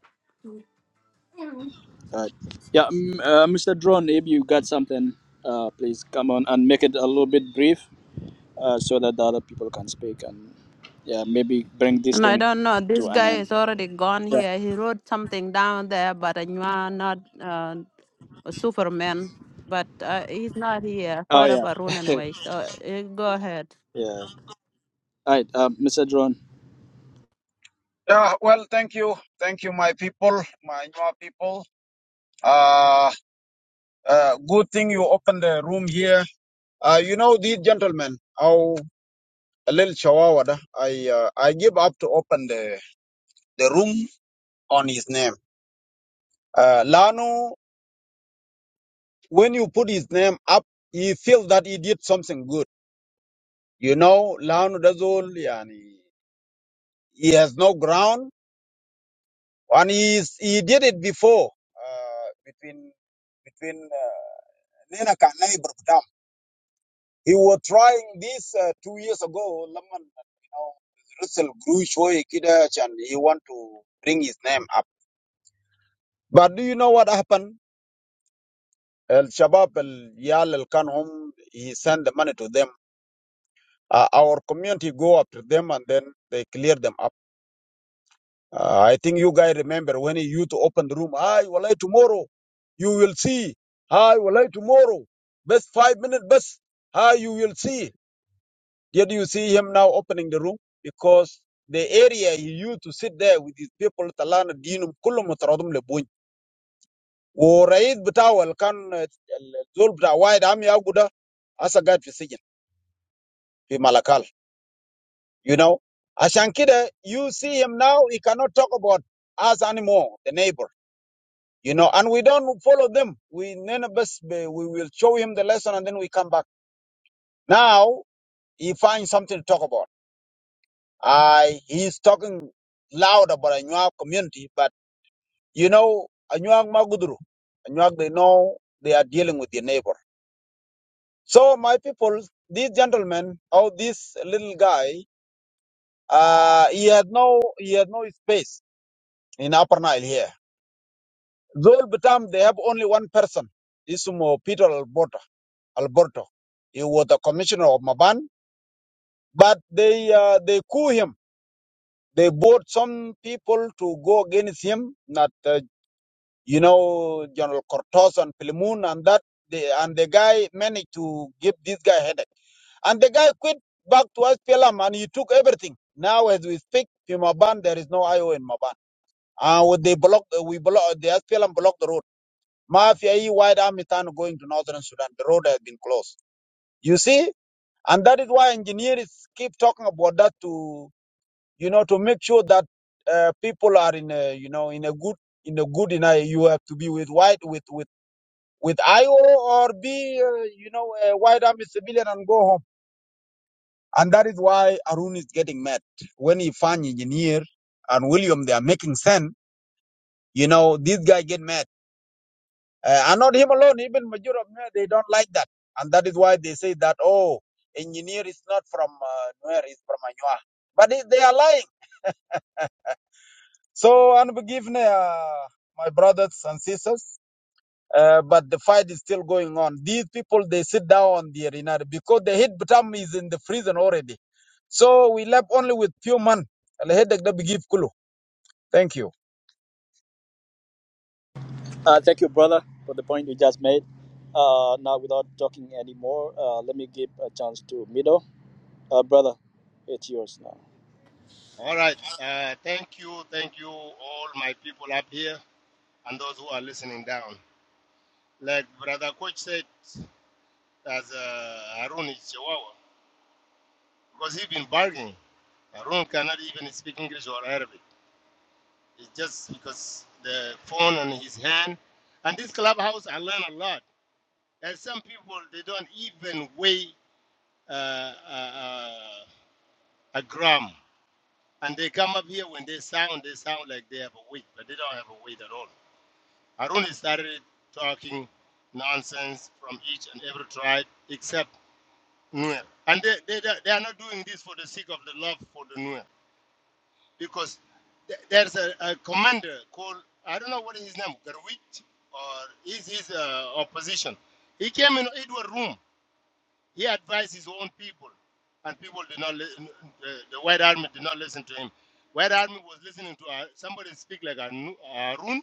Speaker 6: all right yeah m- uh, mr drone if you got something uh please come on and make it a little bit brief uh, so that the other people can speak and yeah, maybe bring this
Speaker 1: And I
Speaker 6: thing
Speaker 1: don't know.
Speaker 6: to
Speaker 1: This
Speaker 6: an
Speaker 1: guy
Speaker 6: end.
Speaker 1: is already gone
Speaker 6: Yeah.
Speaker 1: here. He wrote something down there, but I knew I'm not uh, a Superman. But uh, he's not here.
Speaker 6: Oh
Speaker 1: What
Speaker 6: yeah.
Speaker 1: about Rune anyway? So uh, go ahead.
Speaker 6: yeah. All right, uh, Mr. Drone.
Speaker 28: Yeah, well, thank you. Thank you, my people, my Nua people. Uh, uh, good thing you opened the room here. Uh, you know, these gentlemen, how a little chihuahua, da, I, uh, I give up to open the, the room on his name. Uh, Lano, when you put his name up, he feels that he did something good. You know, Lano Dazul, yani, he has no ground and he's, he did it before, uh, between, between, uh, Nina Kanai He was trying this uh, two years ago. Laman, you know, Russell grew showy kidach, and he want to bring his name up. But do you know what happened? El Shabab, El Yal, El Kanhum, he sent the money to them. Uh, our community go after them and then they clear them up. Uh, I think you guys remember when he used to open the room. I will walay tomorrow, you will see. I will walay tomorrow. Best five minutes, best. Hi, you will see. Yet you see him now opening the room because the area he used to sit there with his people talana dinum kullum mutaradum lebuny. ورئيس بتاعه اللي كان آه، الزول بتاع وايد عم يعقوده hasa قاعد في السجن في ملكال you know عشان كده you see him now he cannot talk about us anymore the neighbor you know and we don't follow them we none of us we will show him the lesson and then we come back now he finds something to talk about I he's talking loud about Anuag community, but you know Anuag Magudru, Anuag they know they are dealing with their neighbor. So my people, this gentleman or this little guy, uh, he had no he had no space in Upper Nile here. Zol Batam, they have only one person. This Isumo Peter Alberto. Alberto. He was the commissioner of Maban, but they uh, they coup him. They bought some people to go against him. Not uh, You know, General Cortos and Pilimun and that, they, and the guy managed to give this guy headache. And the guy quit back to SPLM and he took everything. Now, as we speak, in Maban, there is no IO in Maban. Uh, with they block, uh, we block, the SPLM blocked the road. Mafia, E, White Army, Tan going to Northern Sudan. The road has been closed. You see? And that is why engineers keep talking about that to, you know, to make sure that uh, people are in a, you know, in a good in a good in I you have to be with white with with with IO or be, uh, you know, a white army civilian and go home. And that is why Arun is getting mad. When he find engineer and William, they are making sense. You know, this guy get mad. Uh, and not him alone, even majority of Nuer, they don't like that. And that is why they say that, oh, engineer is not from uh, Nuer, he's from Anua. But they they are lying. So, unforgiveness, uh, my brothers and sisters. Uh, but the fight is still going on. These people, they sit down on the arena because the head Batam is in the prison already. So we left only with few men. Thank you.
Speaker 6: Uh, thank you, brother, for the point you just made. Uh, now, without talking anymore, uh, let me give a chance to Mido. Uh, brother, it's yours now.
Speaker 29: All right. Uh, thank you. Thank you, all my people up here and those who are listening down. Like Brother Coach said, as uh, Harun is Chihuahua, because he's been bargaining. Harun cannot even speak English or Arabic. It's just because the phone in his hand. And this clubhouse, I learn a lot. There's some people, they don't even weigh uh, uh, uh, a gram. And they come up here when they sound, they sound like they have a weight, but they don't have a weight at all. Harun started talking nonsense from each and every tribe except Nuer. And they, they, they are not doing this for the sake of the love for the Nuer because th- there's a, a commander called, I don't know what is his name, Garwit or is his uh, opposition. He came in Edward room. He advised his own people and people did not listen. The, the White Army did not listen to him. White Army was listening to uh, somebody speak like Arun,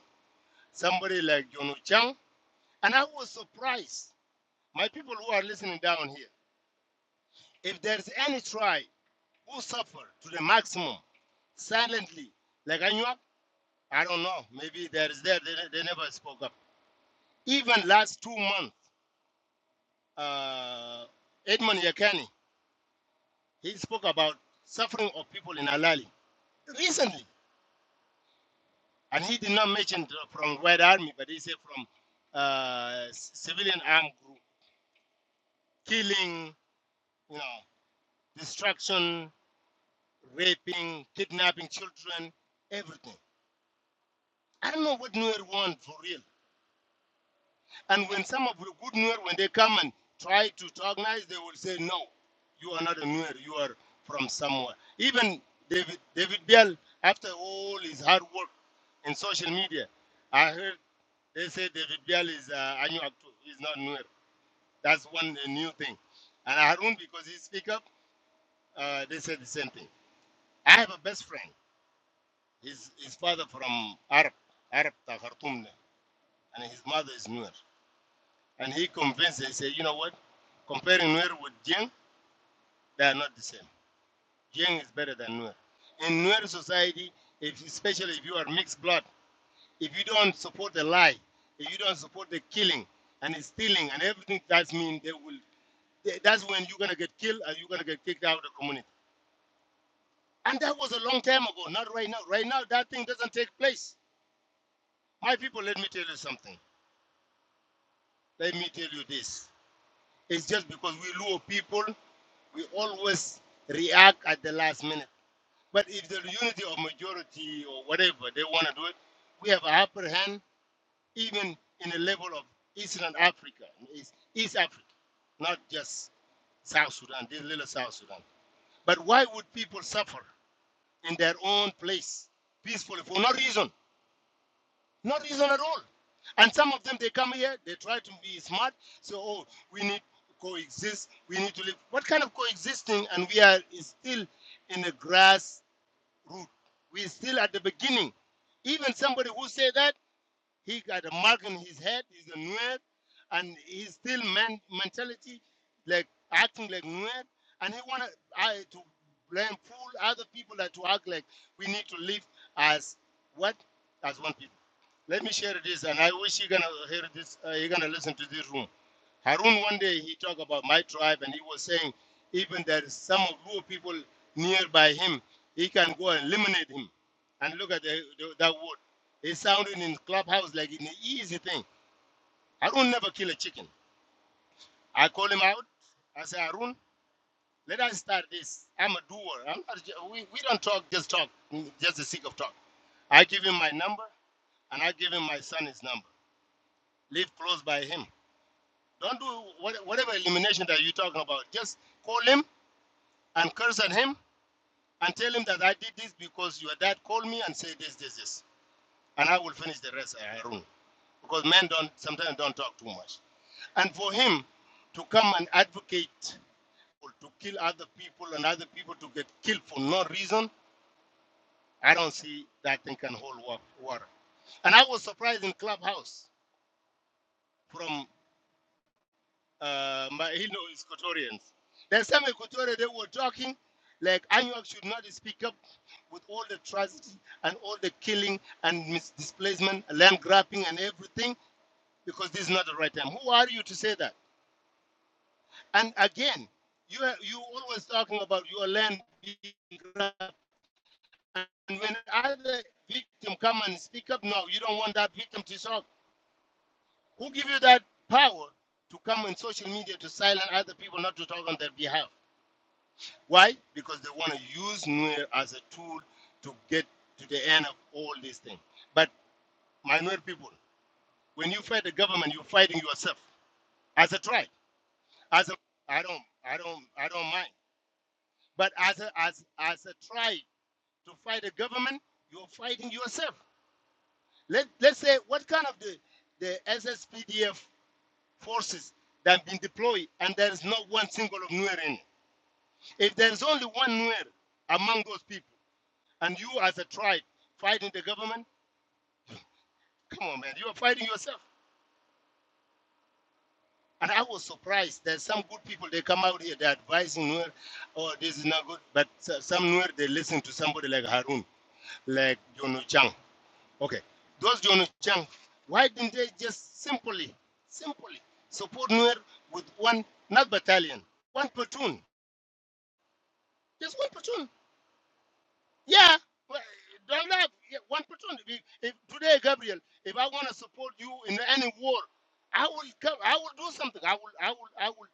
Speaker 29: somebody like John Chang. And I was surprised, my people who are listening down here, if there's any tribe who suffer to the maximum silently, like Anuak, I don't know, maybe there is there, they, they never spoke up. Even last two months, uh, Edmund Yakani, he spoke about suffering of people in Alali recently. And he did not mention the- from Red Army, but he said from uh, c- civilian armed group, killing, you know, destruction, raping, kidnapping children, everything. I don't know what Nuer want for real. And when some of the good Nuer, when they come and try to talk nice, they will say, no, you are not a Nuer, you are from somewhere. Even David, David Biel, after all his hard work in social media, I heard they say David Biel is uh, Anuak too. He's not Nuer. That's one uh, new thing. And Harun, because he speak up, uh, they say the same thing. I have a best friend. His, his father from Arab, Arab ta Khartoum, and his mother is Nuer. And he convinced, he said, you know what? Comparing Nuer with Jeng, they are not the same. Jeng is better than Nuer. In Nuer society, if, especially if you are mixed blood, if you don't support the lie, if you don't support the killing and the stealing and everything, that means they will. they- That's when you're gonna get killed and you're gonna get kicked out of the community. And that was a long time ago, not right now. Right now, that thing doesn't take place. My people, let me tell you something. Let me tell you this. It's just because we Luo people, we always react at the last minute. But if the unity of majority or whatever they want to do it, we have an upper hand even in the level of Eastern Africa, East, East Africa, not just South Sudan, this little South Sudan. But why would people suffer in their own place peacefully for no reason? Not reason at all. And some of them, they come here, they try to be smart. So, oh, we need to coexist. We need to live. What kind of coexisting? And we are still in the grass root. We're still at the beginning. Even somebody who say that, he got a mark on his head. He's a nuer, and he's still man mentality, like acting like nuer. And he wanted to to blame fool other people that to act like we need to live as what as one people. Let me share this, and I wish you're gonna hear this. Uh, you're gonna listen to this room. Harun one day he talked about my tribe, and he was saying even there is some of Luo people nearby him, he can go and eliminate him. And look at the, the, that word. It sounded in clubhouse like an easy thing. Harun never kill a chicken. I call him out. I say Harun, let us start this. I'm a doer. I'm not. ju- We we don't talk just talk, just the sake of talk. I give him my number, and I give him my son's number. Live close by him. Don't do what, whatever elimination that you're talking about. Just call him and curse at him and tell him that I did this because your dad called me and said this, this, this. And I will finish the rest, uh, Harun. Because men don't sometimes don't talk too much. And for him to come and advocate to kill other people and other people to get killed for no reason, I don't see that thing can hold water. And I was surprised in Clubhouse from uh, my Hilo is Equatorians. There's some Equatorians they were talking like Anuak should not speak up with all the tragedy and all the killing and misdisplacement, land grabbing and everything because this is not the right time. Who are you to say that? And again, you are, you always talking about your land being grabbed. And when other victim come and speak up, no, you don't want that victim to talk. Who give you that power to come on social media to silence other people not to talk on their behalf? Why? Because they want to use Nuer as a tool to get to the end of all these things. But my Nuer people, when you fight the government, you're fighting yourself as a tribe. As a I don't I don't I don't mind. But as a as as a tribe to fight the government, you're fighting yourself. Let let's say what kind of the the SSPDF forces that have been deployed and there's not one single of Nuer in it. If there's only one Nuer among those people. And you, as a tribe, fighting the government? Come on, man. You are fighting yourself. And I was surprised that some good people, they come out here, they're advising Nuer, oh, this is not good. But s- some Nuer, they listen to somebody like Harun, like Jono Chang. Okay. Those Jono Chang, why didn't they just simply, simply support Nuer with one, not battalion, one platoon? Just one platoon. Yeah, well, don't have yeah, one person. If, if today, Gabriel, if I want to support you in any war, I will come. I will do something. I will. I will. I will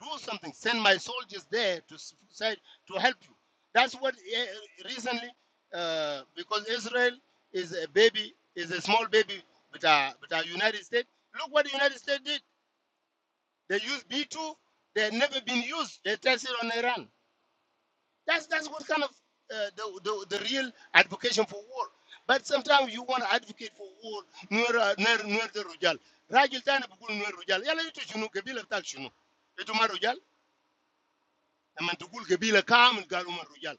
Speaker 29: do something. Send my soldiers there to s- say to help you. That's what eh, eh, recently, uh, because Israel is a baby, is a small baby, but uh, but uh, United States. Look what the United States did. They used B two. They had never been used. They tested on Iran. That's that's what kind of uh, the, the the real advocation for war. But sometimes you want to advocate for war. Nuer uh, nuer nuer the rujal. Rajil tana bukul nuer rujal. Yala itu shunu kabila tak shunu. Itu ma rujal. Naman tukul kabila kamil galu ma rujal.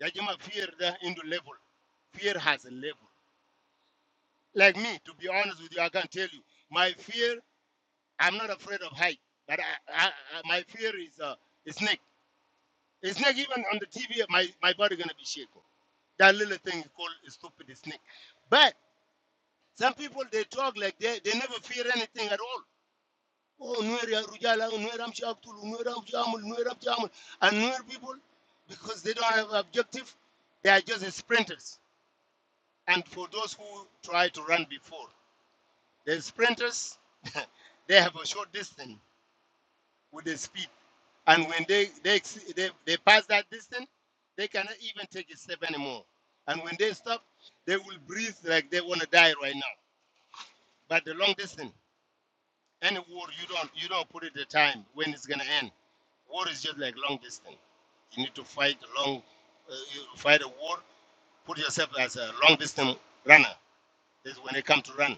Speaker 29: Yajima fear the into level. Fear has a level. Like me, to be honest with you, I can tell you, my fear. I'm not afraid of height, but I, I, I, my fear is uh, is snake. It's not even on the TV. My, my body gonna be shaken. That little thing is called a stupid snake. But some people they talk like they, they never fear anything at all. Oh, Nueria Rujala, Nueram Shaktul, Nueram Jamul, Nueram Jamul, and Nuer people, because they don't have objective, they are just sprinters. And for those who try to run before, the sprinters, they have a short distance. with the speed. And when they they, ex- they they pass that distance, they cannot even take a step anymore. And when they stop, they will breathe like they want to die right now. But the long distance, any war you don't you don't put it the time when it's gonna end. War is just like long distance. You need to fight a long, uh, you fight a war. Put yourself as a long distance runner. That's when they come to run.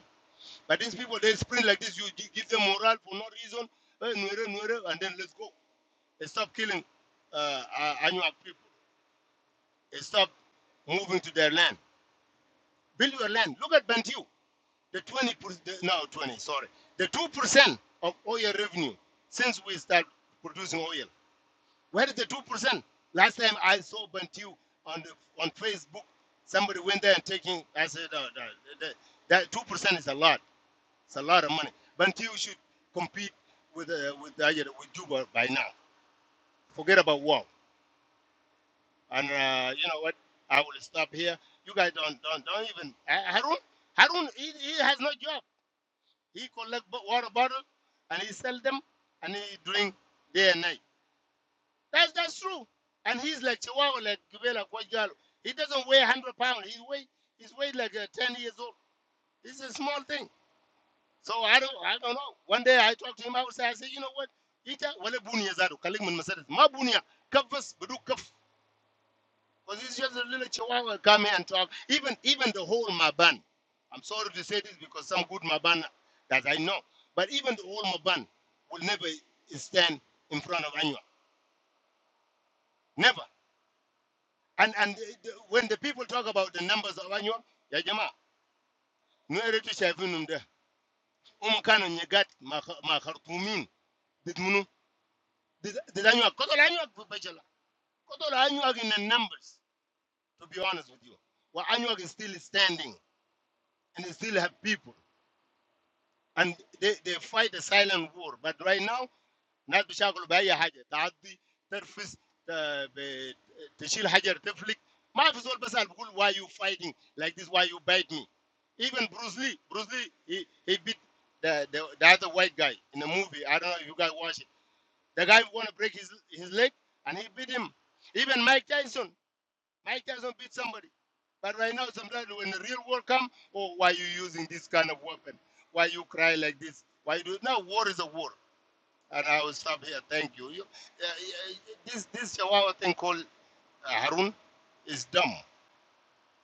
Speaker 29: But these people they sprint like this. You gi- give them morale for no reason. Eh, nwere, nwere, And then let's go. Stop killing uh, uh, Anuak people. Stop moving to their land. Build your land. Look at Bantu. The 20, per- no, 20, sorry. The 2% of oil revenue since we start producing oil. Where is the 2%? Last time I saw Bantu on the, on Facebook, somebody went there and taking, I said, uh, that, that 2% is a lot. It's a lot of money. Bantu should compete with, uh, with, uh, with Juba by now. Forget about war. And uh, you know what? I will stop here. You guys don't don't don't even Ha- Harun. Harun he, he has no job. He collect bo- water bottle and he sell them and he drink day and night. That's that's true. And he's like Chihuahua, like Gibela Kwajalo. He doesn't weigh hundred pounds. He weigh he's weighed like uh, ten years old. This is a small thing. So I don't I don't know. One day I talked to him outside. I said, you know what? Ita wale bunia zado. Kalik mun masalat. Ma bunia kafas beduk kaf. Because it's just a little chihuahua come here and talk. Even even the whole Maban. I'm sorry to say this because some good Maban that I know. But even the whole Maban will never stand in front of anyone. Never. And and the- when the people talk about the numbers of anyone, ya jama, nueretu shafinum de. Umkano nyegat makhartumin. Did munu? Did anywa? Kotola anywa kubachela. Kotola anywa in the numbers, to be honest with you. Well, anywa is still standing and they still have people. and they, they fight a silent war. But right now, ناس بيشاغلوا بأي حاجة تعدي ترفس ت- ب- تشيل حجر تفلك ما في زول بسأل بقول why you fighting like this why you bite me even Bruce Lee Bruce Lee he, he beat the, the, the other white guy in a movie I don't know if you guys watch it the guy want to break his his leg and he beat him even Mike Tyson Mike doesn't beat somebody. But right now, sometimes when the real world come, oh, why you using this kind of weapon? Why you cry like this? Why you do now? War is a war, and I will stop here. Thank you. you uh, uh, this this Chihuahua thing called uh, Harun is dumb.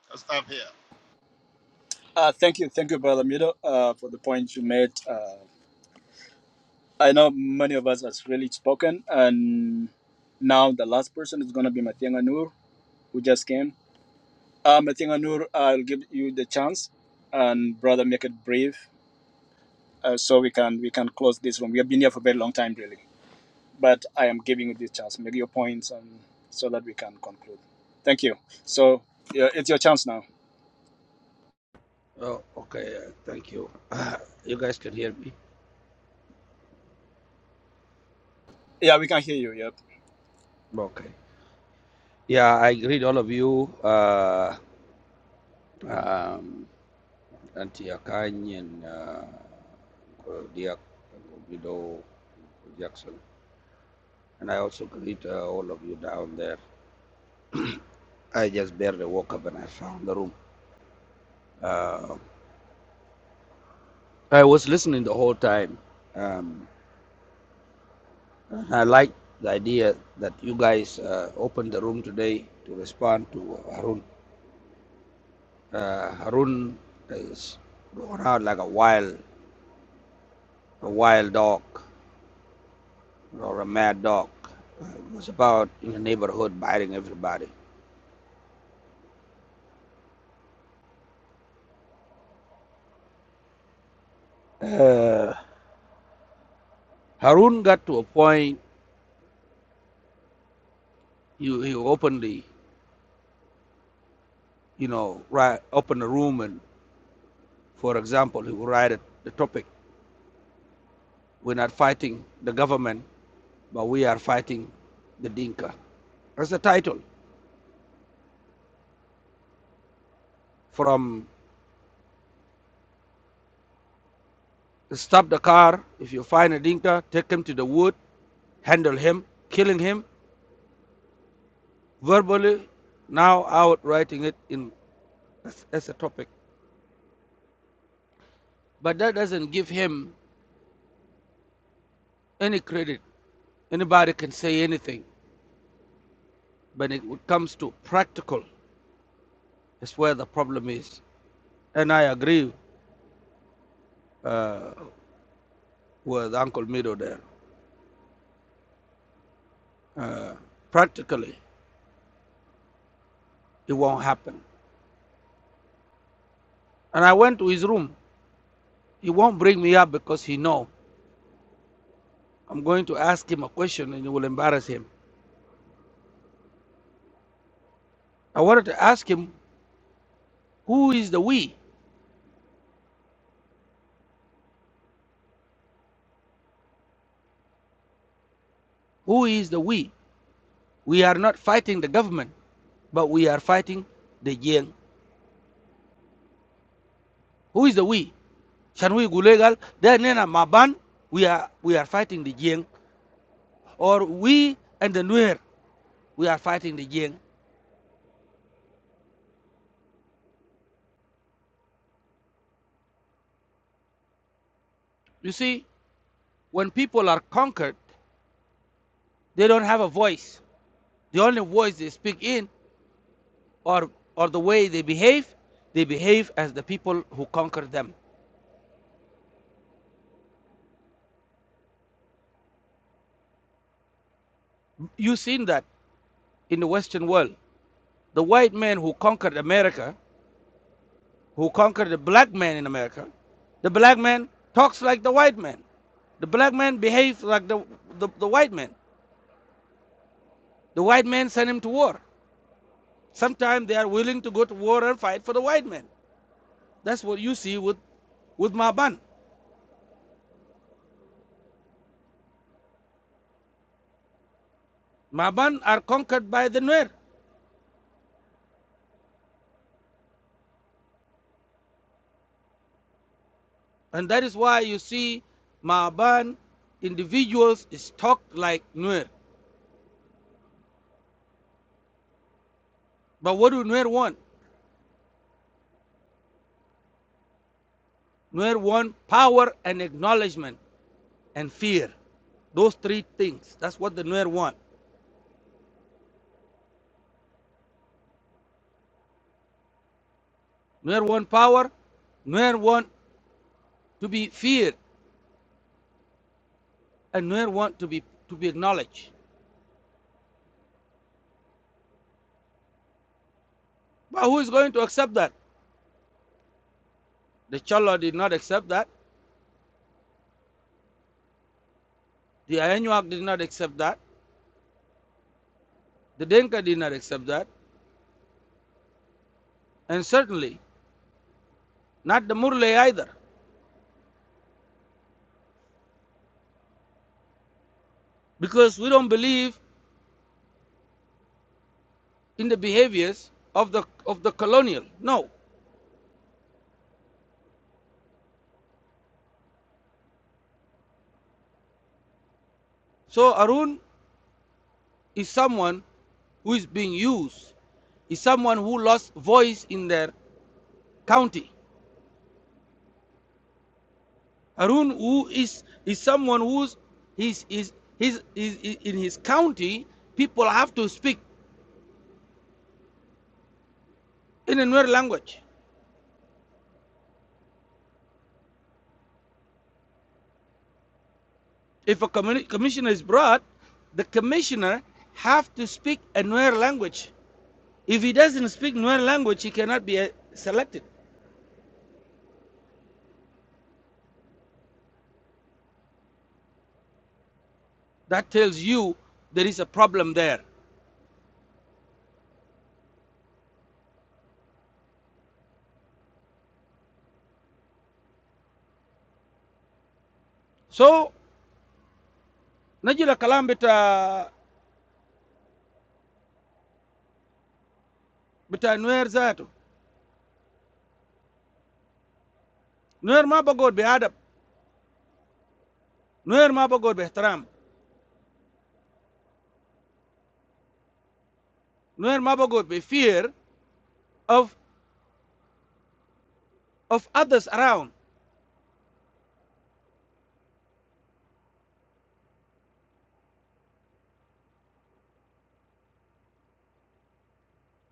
Speaker 29: I'll stop here.
Speaker 6: Uh, thank you, thank you, brother Mido, uh, for the point you made. Uh, I know many of us has really spoken, and now the last person is gonna be Matianga Noor, who just came. Um, I think Anur, I'll give you the chance, and brother, make it brief, uh, so we can we can close this one. We have been here for a very long time, really. But I am giving you this chance. Make your points, and so that we can conclude. Thank you. So yeah, it's your chance now.
Speaker 30: Oh, okay. Uh, thank you. Uh, you guys can hear me?
Speaker 6: Yeah, we can hear you. Yep.
Speaker 30: Okay. Yeah, I greet all of you, uh, um, Auntie Akany and uh, Diak Gubido Jackson. And I also greet uh, all of you down there. I just barely woke up and I found the room. Uh, I was listening the whole time. Um, I like the idea that you guys uh, opened the room today to respond to Harun Uh, Harun is going out like a wild, a wild dog or a mad dog. Uh, He was about in the neighborhood biting everybody. Uh, Harun got to a point. He, he openly, you know, ri open the room and, for example, he would write it, the topic: "We're not fighting the government, but we are fighting the Dinka." That's the title. From stop the car if you find a Dinka, take him to the wood, handle him, killing him verbally, now out writing it in as, as a topic. But that doesn't give him any credit. Anybody can say anything, but it when it comes to practical, is where the problem is. And I agree uh, with Uncle Mido there. Uh, practically, it won't happen. And I went to his room. He won't bring me up because he know I'm going to ask him a question and it will embarrass him. I wanted to ask him, who is the we? Who is the we? We are not fighting the government but we are fighting the Jiang. Who is the we? Shanui Gulegal, then Nena Maban, we are we are fighting the Jiang. Or we and the Nuer, we are fighting the Jiang. You see, when people are conquered, they don't have a voice. The only voice they speak in or or the way they behave, they behave as the people who conquered them. You've seen that in the Western world. The white man who conquered America, who conquered the black man in America, the black man talks like the white man. The black man behaves like the, the, the white man. The white man sent him to war. Sometimes they are willing to go to war and fight for the white man. That's what you see with, with Maban. Maban are conquered by the Nuer. And that is why you see Maban individuals is talked like Nuer. But what do Nuer want? Nuer want power and acknowledgement and fear. Those three things. That's what the Nuer want. Nuer want power. Nuer want to be feared and Nuer want to be to be acknowledged. But who is going to accept that? The Cholo did not accept that. The Ayanyuak did not accept that. The Denka did not accept that. And certainly not the Murle either, because we don't believe in the behaviors of the of the colonial. No. So Arun is someone who is being used, is someone who lost voice in their county. Arun who is is someone who's he's is his is in his county people have to speak in a Nuer language. If a commissioner is brought, the commissioner have to speak a Nuer language. If he doesn't speak Nuer language, he cannot be uh, selected. That tells you there is a problem there. So, najila kalam bita bita Nuer zato. Nuer ma bagod be adab. Nuer ma bagod be ihtaram. Nuer ma bagod be fear of of others around.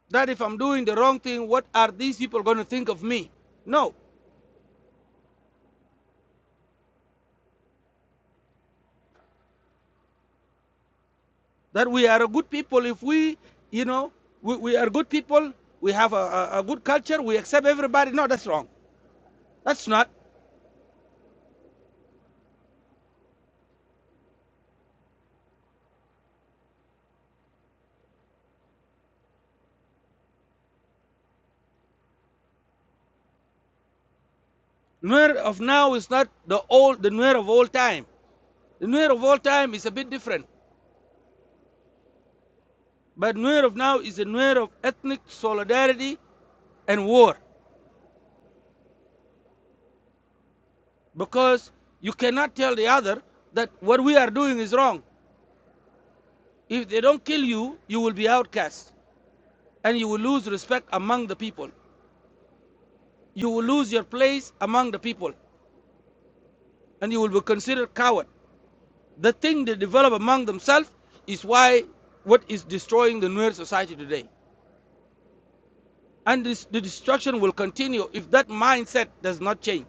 Speaker 30: That if I'm doing the wrong thing, what are these people going to think of me? No, that we are a good people if we you know we, we are good people we have a, a, a good culture we accept everybody no that's wrong that's not Nuer of now is not the old the Nuer of all time the Nuer of all time is a bit different but Nuer of now is a Nuer of ethnic solidarity and war because you cannot tell the other that what we are doing is wrong if they don't kill you you will be outcast and you will lose respect among the people you will lose your place among the people and you will be considered coward. The thing they develop among themselves is why what is destroying the Nuer society today. And this, the destruction will continue if that mindset does not change.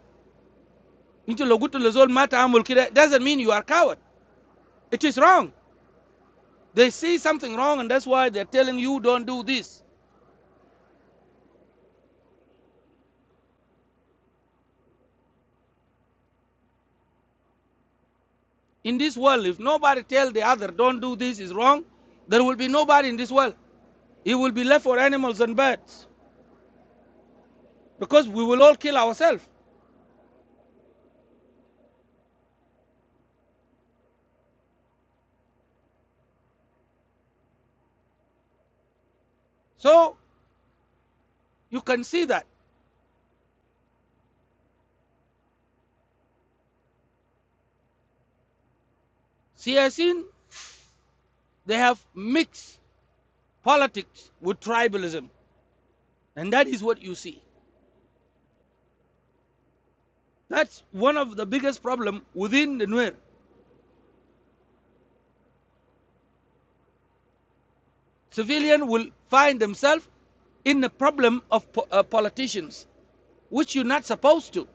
Speaker 30: Into Logutu Lezol Mata Amul Kida doesn't mean you are a coward. It is wrong. They see something wrong and that's why they're telling you don't do this. In this world, if nobody tells the other don't do this is wrong, there will be nobody in this world. It will be left for animals and birds because we will all kill ourselves. So you can see that. She has seen they have mixed politics with tribalism, and that is what you see. That's one of the biggest problems within the Nuer. Civilian will find themselves in the problem of po- uh, politicians, which you're not supposed to.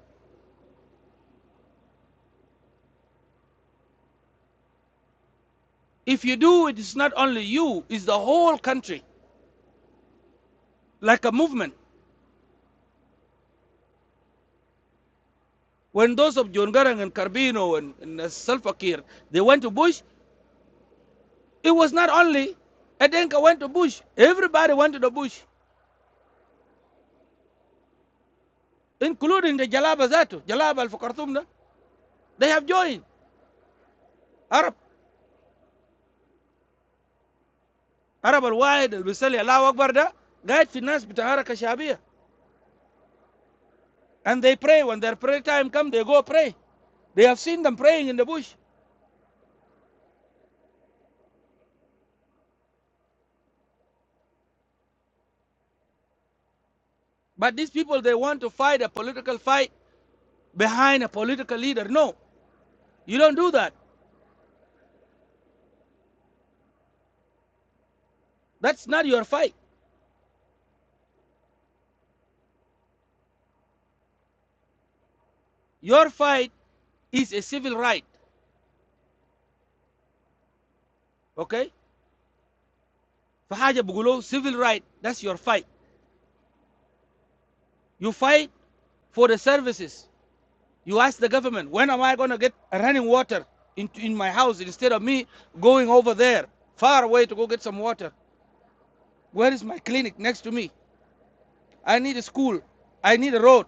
Speaker 30: If you do, it is not only you, it's the whole country, like a movement. When those of John Garang and Carbino and, and uh, Salva Kiir, they went to Bush, it was not only Adenka went to Bush. Everybody went to the Bush. including the Jalaba Zatu, Jalaba al Fakartum, they have joined Arab, Arab al Wahid al Bisali, Allah Akbar, da, guide finance Bitahara Kashabia. And they pray. When their prayer time comes, they go pray. They have seen them praying in the bush. But these people, they want to fight a political fight behind a political leader. No, you don't do that. That's not your fight. Your fight is a civil right. Okay? Fahaja Bugulo, civil right. That's your fight. You fight for the services. You ask the government, when am I going to get running water in, in my house instead of me going over there far away to go get some water? Where is my clinic next to me? I need a school. I need a road.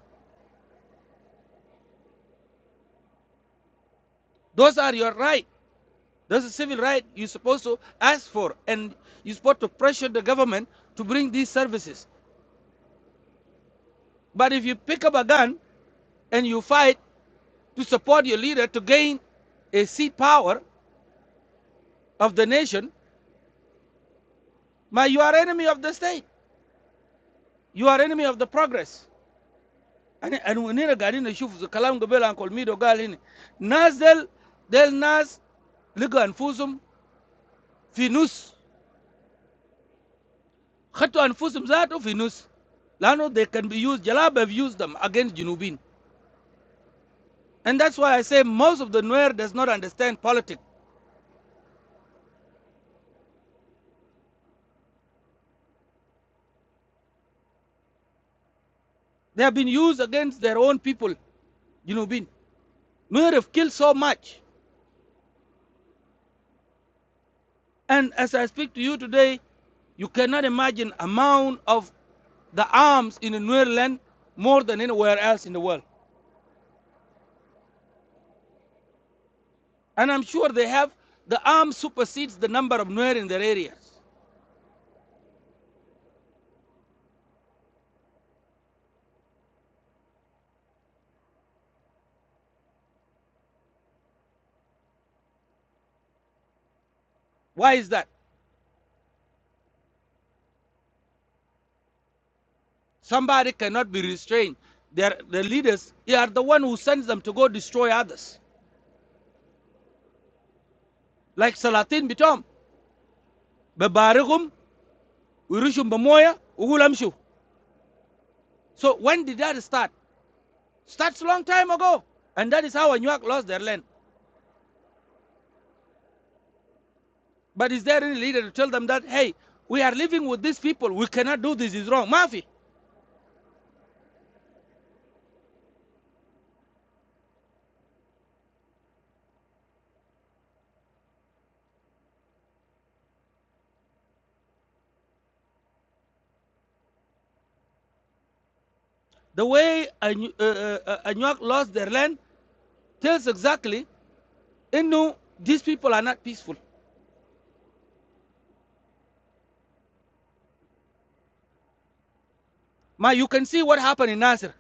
Speaker 30: Those are your right. Those are civil rights you're supposed to ask for, and you're supposed to pressure the government to bring these services. But if you pick up a gun and you fight to support your leader to gain a seat power of the nation, my you are enemy of the state. You are enemy of the progress. yani yani nina gadi na shufu kalam gabel ankol mido gal hini nas del del nas liga anfusum fi nus khatu anfusum zato fi nus lano they can be used jalab have used them against junubin and that's why i say most of the nuer does not understand politics they have been used against their own people junubin nuer have killed so much and as i speak to you today you cannot imagine amount of the arms in the nuer land more than anywhere else in the world And I'm sure they have the arm supersedes the number of Nuer in their areas. Why is that? Somebody cannot be restrained. Their the leaders they are the one who sends them to go destroy others. Like Salatin Bitom. Babarigum, Urushum Bamoya, Ugulamshu. So when did that start? Starts a long time ago. And that is how Anuak lost their land. But is there any leader to tell them that, hey, we are living with these people. We cannot do this. It's wrong. Mafi, the way Anu- uh, uh, uh, Anuak lost their land tells exactly You know, these people are not peaceful. Ma, you can see what happened in Nasir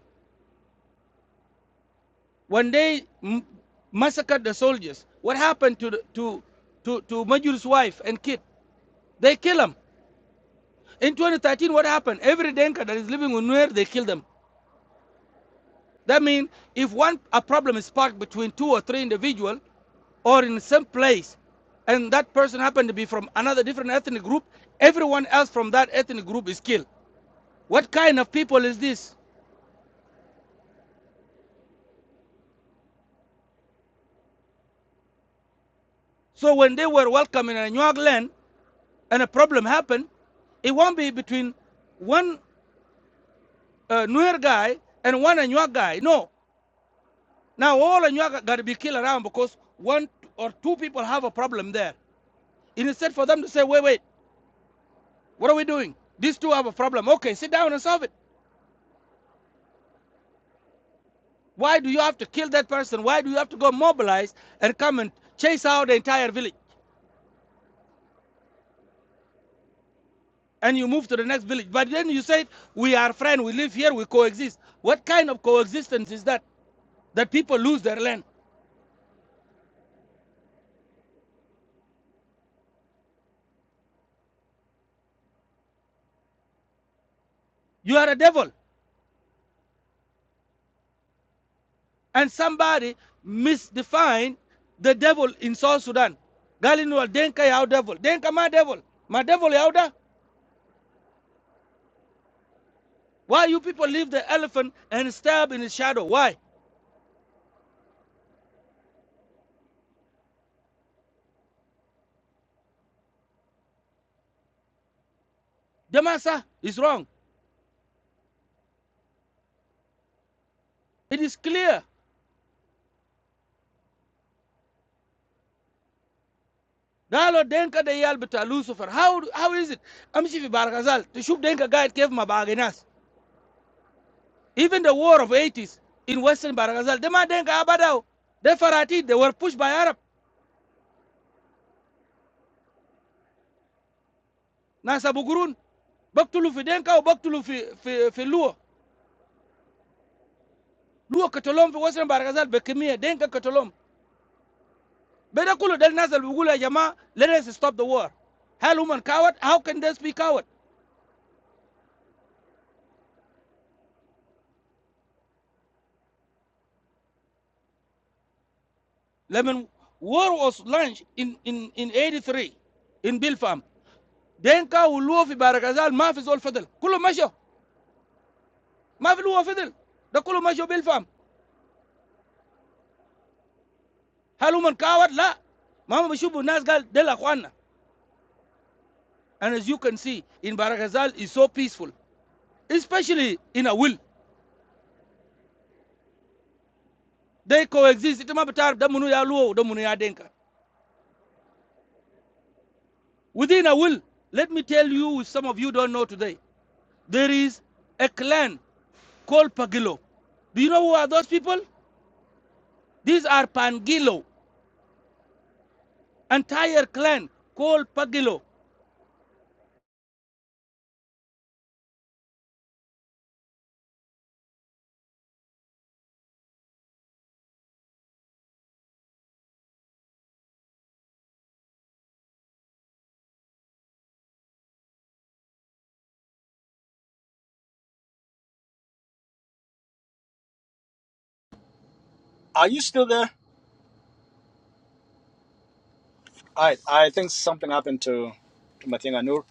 Speaker 30: when they m- massacred the soldiers. What happened to the, to to to Majur's wife and kid? They kill them. In 2013, what happened? Every Denka that is living in Nuer, they kill them. That means if one a problem is sparked between two or three individual, or in some place, and that person happened to be from another different ethnic group, everyone else from that ethnic group is killed. What kind of people is this? So when they were welcome in a Anuag land, and a problem happen, it won't be between one uh, newer guy and one Anuak guy. No. Now all Anuak got to be killed around because one or two people have a problem there. Instead for them to say, wait, wait, what are we doing? These two have a problem. Okay, sit down and solve it. Why do you have to kill that person? Why do you have to go mobilize and come and chase out the entire village? And you move to the next village. But then you say, we are friends, we live here, we coexist. What kind of coexistence is that? That people lose their land. You are a devil. And somebody misdefined the devil in South Sudan. Galinwal Denka Yao devil. Denka ma devil. Ma devil yao da? Why you people leave the elephant and stab in his shadow? Why? Demasa is wrong. It is clear. Dalo Denka de Yalbita Lucifer. How how is it? Amshifi Baragazal. To shoot Denka guide gave my barganas. Even the war of 80s in Western Baragazal. Dema Denka Abadao. They Farati, they were pushed by Arab. Nasa Bugurun. Baktulu fi Denka or Baktulu fi, fi, fi Luo. luo katolom fi western baragazal bekemia denka katolom beda kulu del nazal bugula ya jamaa let us stop the war hell woman coward how can they be coward lemon war was launched in in in 83 in bilfam denka wuluo fi baragazal ma fi zol fadel kulu masho ma fi luo fadel da kulu masho bilfam hell woman coward la mama bishubu nas gal del akhwana and as you can see in baragazal is so peaceful especially in a will they coexist ita ma bitar da munu ya luo da munu ya denka Within a will, let me tell you, some of you don't know today, there is a clan called Pagilo. Do you know who are those people? These are Pangilo, entire clan called Pagilo.
Speaker 6: Are you still there? I I think something happened to to Matin Anur.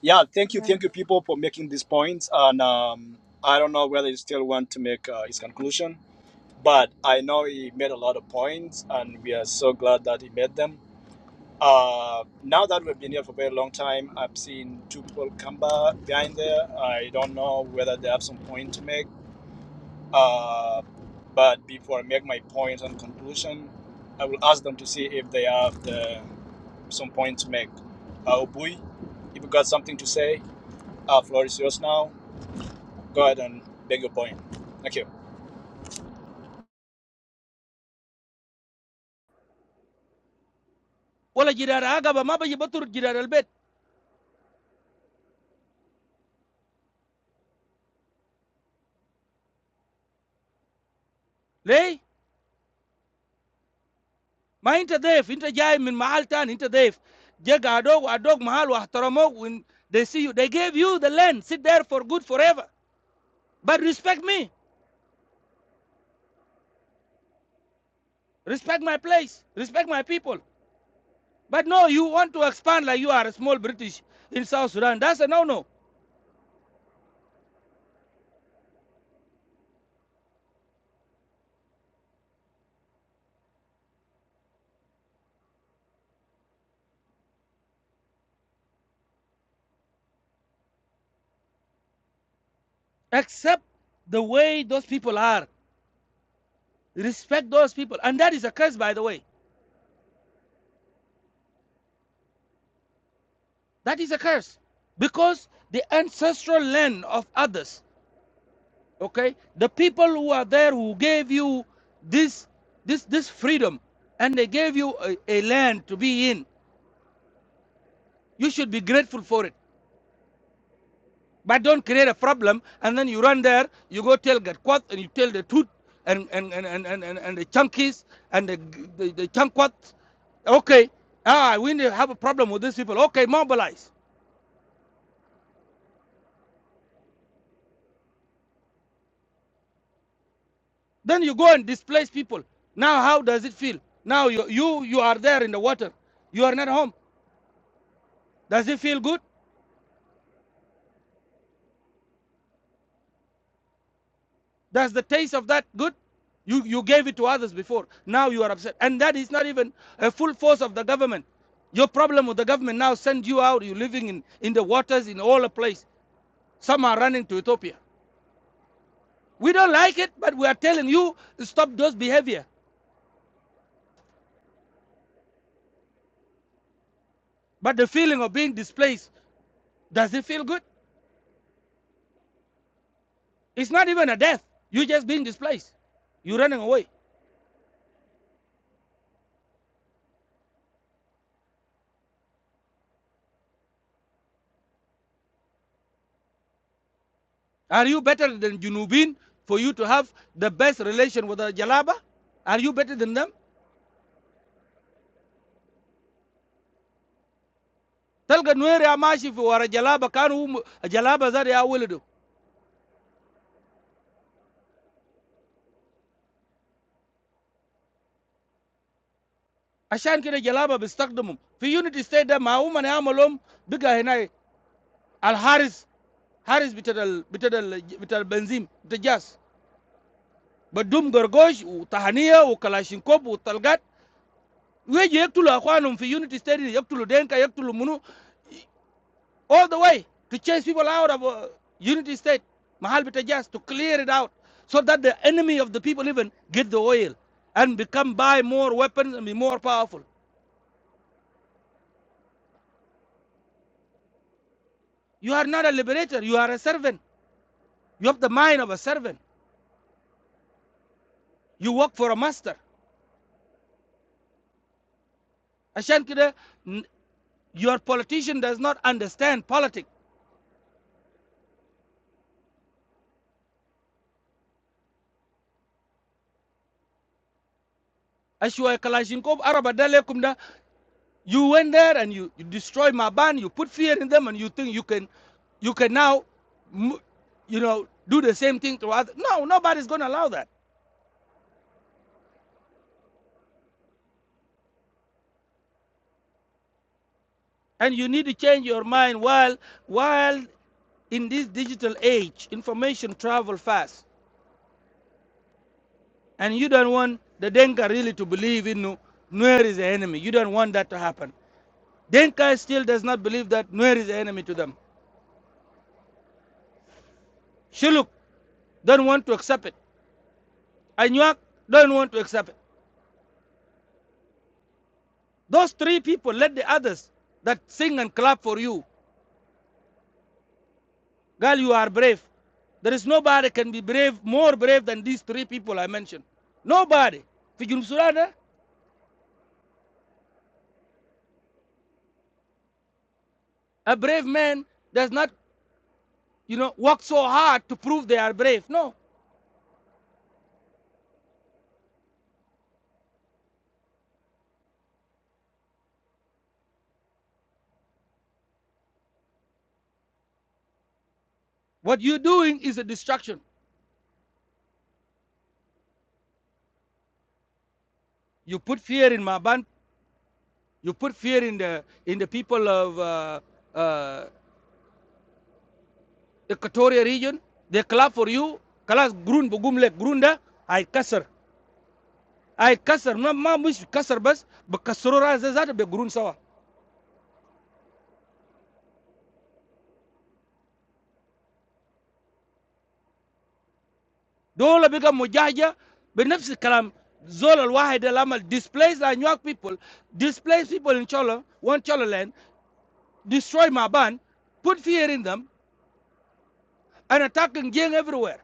Speaker 6: Yeah. Thank you. Thank you, people, for making these points. And um, I don't know whether you still want to make uh, his conclusion but I know he made a lot of points, and we are so glad that he made them. Uh, now that we've been here for a very long time, I've seen two people come back behind there. I don't know whether they have some point to make. Uh, but before I make my points and conclusion, I will ask them to see if they have the, some point to make. Uh, Obui, if you got something to say, uh, floor is yours now. Go ahead and make your point. Thank you.
Speaker 30: Wala jirara agaba maba jibatur jirara albet. Lay, ma inta def, inta jai min mahal tan, inta def. Jaga adog, adog mahal wa ahtaramok when they see you. They gave you the land, sit there for good forever. But respect me, respect my place, respect my people. But no, you want to expand like you are a small British in South Sudan. That's a no no. Accept the way those people are, respect those people. And that is a curse, by the way. That is a curse because the ancestral land of others, okay, the people who are there who gave you this this this freedom and they gave you a, a land to be in you should be grateful for it But don't create a problem and then you run there, you go tell get caught and you tell the truth and and and and and, and, the chunkies and the the, the chunkwats. Okay, ah, we need to have a problem with these people. Okay, mobilize. Then you go and displace people. Now how does it feel? Now you you you are there in the water. You are not home. Does it feel good? Does the taste of that good? You, you gave it to others before. Now you are upset. And that is not even a full force of the government. Your problem with the government now send you out. You're living in, in the waters in all the place. Some are running to Ethiopia. We don't like it, but we are telling you stop those behavior. But the feeling of being displaced, does it feel good? It's not even a death. You're just being displaced. You're running away. Are you better than Junubin for you to have the best relation with the Jalaba? Are you better than them? Talga noe reamashi fu wara jalaba kan um jalaba zari awulidu. Ashan kire jalaba bistak dumum. Fi unity stage ma umani amalom biga hena al Harris, Harris biteral biteral biteral benzim dejas. Badum gorgoj u tahaniya u kala shinkop u talgat. We je yaktulu a kwanum fi unity stage yaktulu deenka yaktulu munu. all the way to chase people out of uh, Unity State, Mahal Bitajas, to clear it out so that the enemy of the people even get the oil and become buy more weapons and be more powerful. You are not a liberator, you are a servant. You have the mind of a servant. You work for a master. عشان كده n- your politician does not understand politics. أشوى كلاشينكوف Araba ده ليكم You went there and you, you destroyed my band. You put fear in them, and you think you can, you can now, you know, do the same thing to others. No, nobody's going to allow that. And you need to change your mind while while in this digital age, information travel fast, and you don't want the Denka really to believe in Nu- Nuer is the enemy. You don't want that to happen. Denka still does not believe that Nuer is the enemy to them. Shiluk don't want to accept it. Anyuak don't want to accept it. Those three people, let the others that sing and clap for you. Girl, you are brave. There is nobody can be brave, more brave than these three people I mentioned. Nobody. For Junub Sudan, eh, a brave man does not, you know, work so hard to prove they are brave. No. What you're doing is a distraction. You put fear in Maban. You put fear in the in the people of uh, uh, Equatoria region. They clap for you. Kalas grun bugumlek grunda. I kasser. ay kasar ma ma mush kasar bas بكسروا راس ذاته بيقرون سوا دول بقى مجاجة بنفس الكلام زول الواحد اللي عمل displace the New York people displace people in Cholo one Cholo land destroy Maban put fear in them and attacking gang everywhere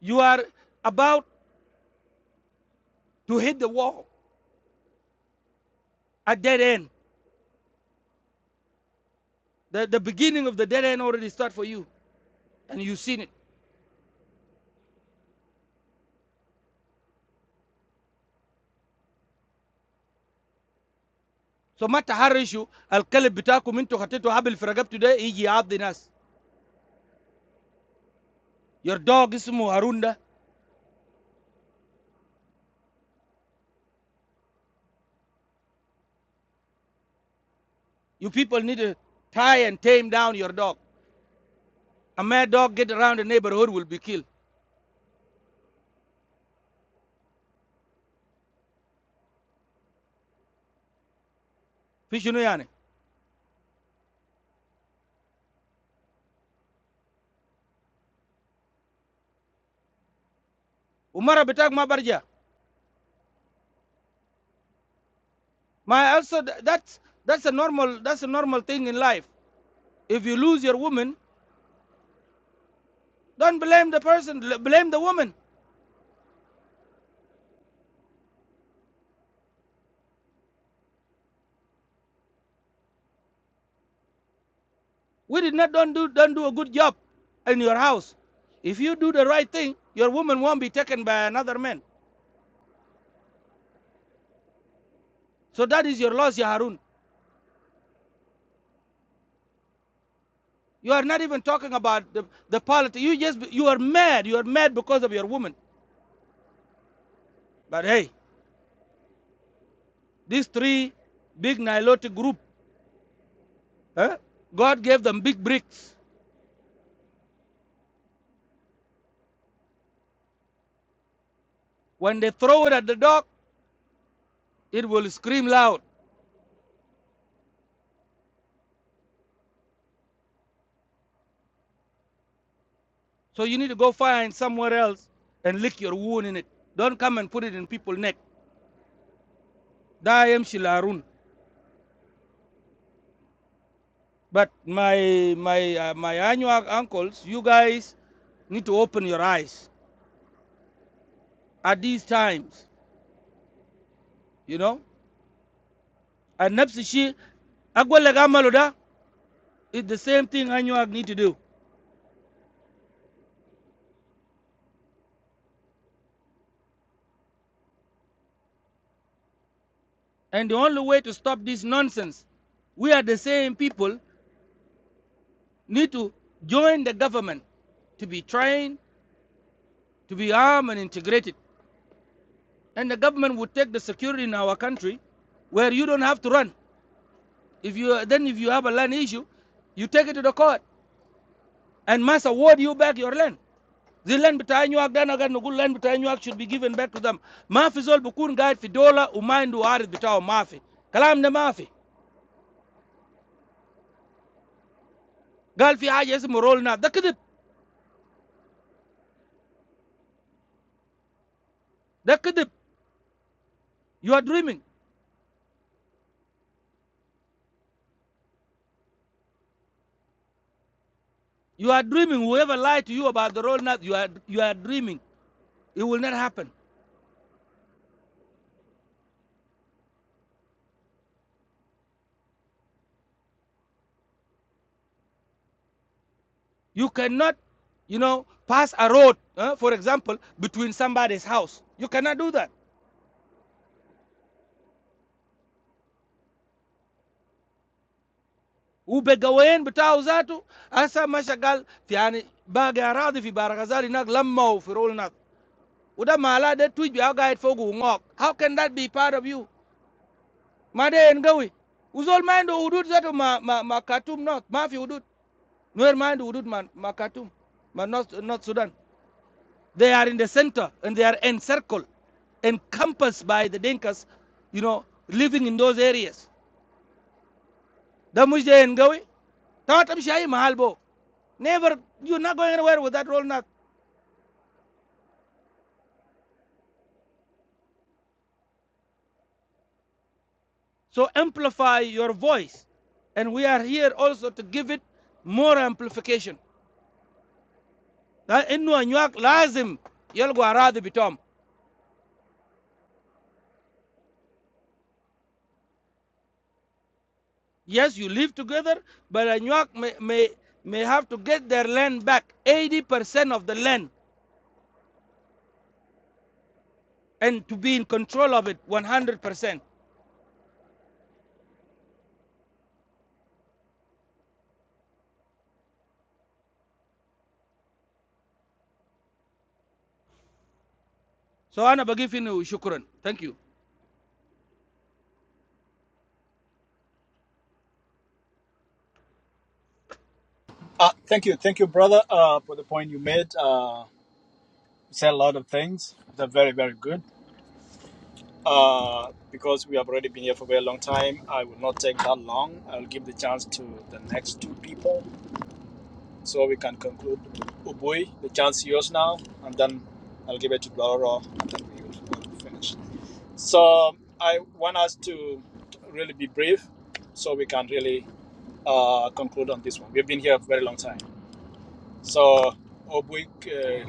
Speaker 30: you are about to hit the wall a dead end the, the beginning of the dead end already start for you and you've seen it so ما تحرشوا الكلب بتاعكم انتوا خطيتوا حبل في رقبته ده يجي يعض ناس your dog اسمه هارون ده You people need to tie and tame down your dog. A mad dog get around the neighborhood will be killed. Fishunuyane. Umara betak ma barja. My also that's that's a normal that's a normal thing in life. If you lose your woman, don't blame the person, blame the woman. We did not don't do don't do a good job in your house. If you do the right thing, your woman won't be taken by another man. So that is your loss, Ya Harun. You are not even talking about the, the politics. You just you are mad. You are mad because of your woman. But hey, These three big Nilotic group, eh, God gave them big bricks. When they throw it at the dog, it will scream loud. So you need to go find somewhere else and lick your wound in it. Don't come and put it in people's neck. I am Shilarun. But my my uh, my annual uncles, you guys need to open your eyes at these times, you know. And Nepsishi, Agwele Gamaluda, is the same thing Anuag need to do. And the only way to stop this nonsense, we are the same people need to join the government to be trained, to be armed and integrated. And the government would take the security in our country where you don't have to run. If you then if you have a land issue, you take it to the court and must award you back your land. The land between you then again the good land between you should be given back to them. Mafi zol bukun guide fi dola umindu arid bitaw mafi. Kalam na mafi. Gal fi haja ismu roll na. Da kidip. Da kidip. You are dreaming. You are dreaming. Whoever lied to you about the road, you are you are dreaming. It will not happen. You cannot, you know, pass a road, uh, for example, between somebody's house. You cannot do that. Ube gawain batao zato asa mashagal ti ani bagearad ifi baragazari naklammo for road nak. Uda malade tweet biaga itfogu umok. How can that be part of you? Maday engawi. Usal mindo udut zato ma ma ma katum not ma fi udut. Noer mindo udut ma ma katum, ma not not Sudan. They are in the center and they are encircled, encompassed by the Dinkas, you know, living in those areas. That much they enjoy. Tawatam Shahi Mahalbo. Never, you're not going anywhere with that roll knock. So amplify your voice. And we are here also to give it more amplification. That Innu Anyuak Lazim Yalgo Aradi Bitom. Yes, you live together, but Anyuak may, may, may have to get their land back. 80% of the land And to be in control of it, 100%. So I'ma give you shukran. Thank you.
Speaker 6: Uh, thank you, thank you, brother, uh, for the point you made. Uh, said a lot of things that are very, very good. Uh, because we have already been here for a very long time, I will not take that long. I'll give the chance to the next two people so we can conclude. Ubui, the chance is yours now, and then I'll give it to Bloro, and then we will finish. So I want us to really be brief so we can really uh, conclude on this one. We've been here for a very long time. So, Ubui, uh,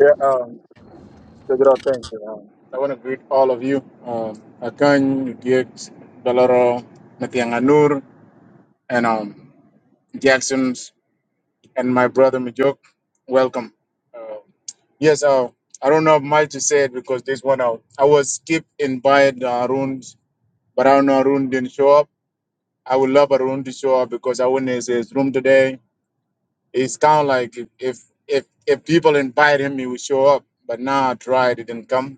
Speaker 15: Yeah, um, check it out. Thank you. Um, I want to greet all of you. Um, Akan, Diex, Doloro, Natianganur, and um, Jackson's, and my brother Majuk. Welcome. Yes, uh, I don't have much to say it because this one out. I was skip in buying uh, Arun, but I don't know Arun didn't show up. I would love Arun to show up because I went in his, his room today. It's kind of like if, if if if people invite him, he would show up. But now I tried, it didn't come.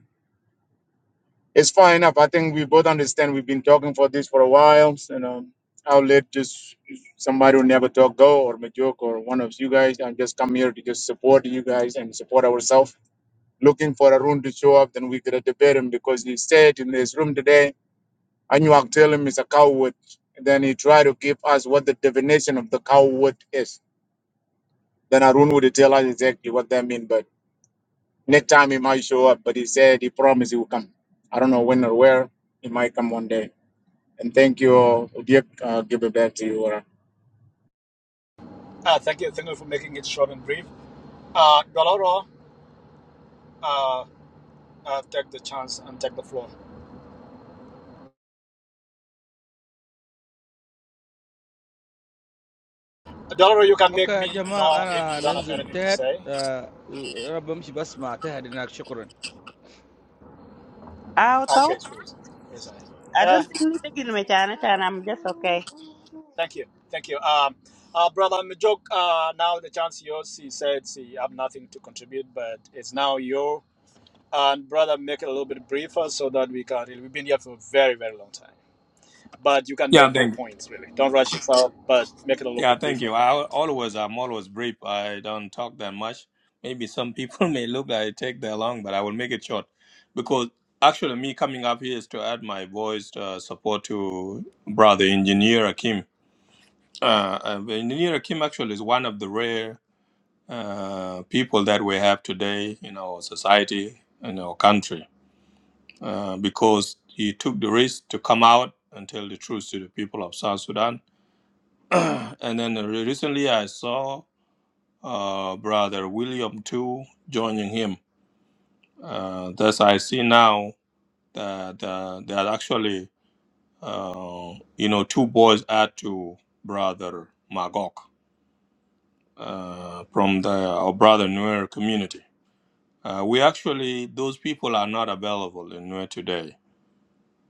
Speaker 15: It's fine enough. I think we both understand. We've been talking for this for a while, and um, I'll let just somebody who never talk go or Majuk or one of you guys. I just come here to just support you guys and support ourselves looking for Arun to show up, then we could have debated him because he said in his room today, Anuak tell him he's a coward. And then he tried to give us what the definition of the coward is. Then Arun would tell us exactly what that means. But next time he might show up, but he said he promised he will come. I don't know when or where. He might come one day. And thank you, all. Udiek. Uh, give it back to you.
Speaker 6: ah, thank you, thank you for making it short and brief. Uh, Bloro, uh, uh, take the chance and take the floor. Delaware, you can make
Speaker 30: Okay,
Speaker 6: me
Speaker 30: jema
Speaker 6: know if you
Speaker 30: ana
Speaker 6: don't have
Speaker 30: nenzel
Speaker 6: anything to
Speaker 30: tehet.
Speaker 6: say.
Speaker 30: Uh, raba mishi bas ma tehet ina shukran.
Speaker 31: How
Speaker 6: Okay, please. Yes, I.
Speaker 31: I
Speaker 6: Uh,
Speaker 31: don't think you taking me, China, China. I'm just okay.
Speaker 6: thank you, thank you. Um, uh, brother Mijuk, uh, now the chance yours. He said he have nothing to contribute, but it's now your and brother make it a little bit briefer so that we can. Really, we've been here for a very, very long time, but you can
Speaker 32: Yeah,
Speaker 6: make your
Speaker 32: thank
Speaker 6: points really. Don't rush yourself, but make it a little
Speaker 32: yeah,
Speaker 6: bit
Speaker 32: thank
Speaker 6: briefer.
Speaker 32: you. I al- always I'm always brief. I don't talk that much. Maybe some people may look like I take that long, but I will make it short because actually me coming up here is to add my voice uh, support to brother engineer Akim. Uh, uh, engineer Akim actually is one of the rare uh, people that we have today in our society in our country uh, because he took the risk to come out and tell the truth to the people of South Sudan and then recently I saw uh, brother William too joining him. Uh, thus I see now that uh, that actually uh, you know two boys add to brother Magok uh, from the our brother Nuer community. Uh, we actually those people are not available in Nuer today.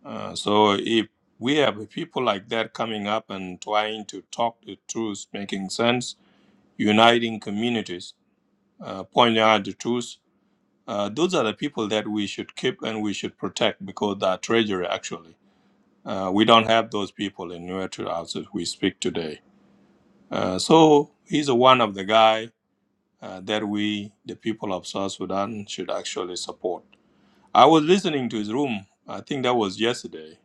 Speaker 32: Uh, so if we have people like that coming up and trying to talk the truth, making sense, uniting communities uh, pointing out the truth. Uh, those are the people that we should keep and we should protect because they are treasury, actually. Uh, we don't have those people in Nuertra as we speak today. Uh, so he's one of the guy uh, that we, the people of South Sudan, should actually support. I was listening to his room. I think that was yesterday.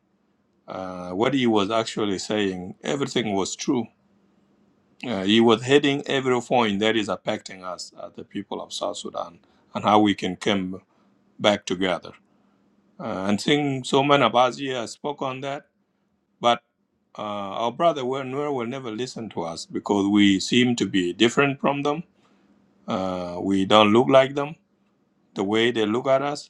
Speaker 32: Uh, what he was actually saying, everything was true. Uh, he was hitting every point that is affecting us, uh, the people of South Sudan, and how we can come. back together. Uh, and think so many of us here spoke on that, but uh, our brother Wer- Nuer will never listen to us because we seem to be different from them. Uh, we don't look like them the way they look at us.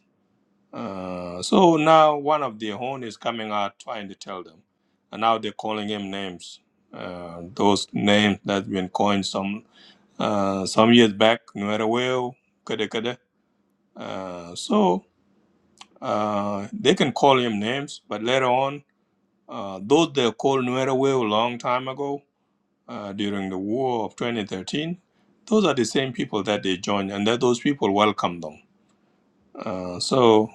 Speaker 32: Uh, so now one of their own is coming out trying to tell them, and now they're calling him names. Uh, those names that's been coined some uh, some years back, Nuer Weu, Kede Kede. Uh, so Uh, they can call him names, but later on, uh, though they called Nuerewe a long time ago uh, during the war of 2013, those are the same people that they joined, and that those people welcome them. Uh, so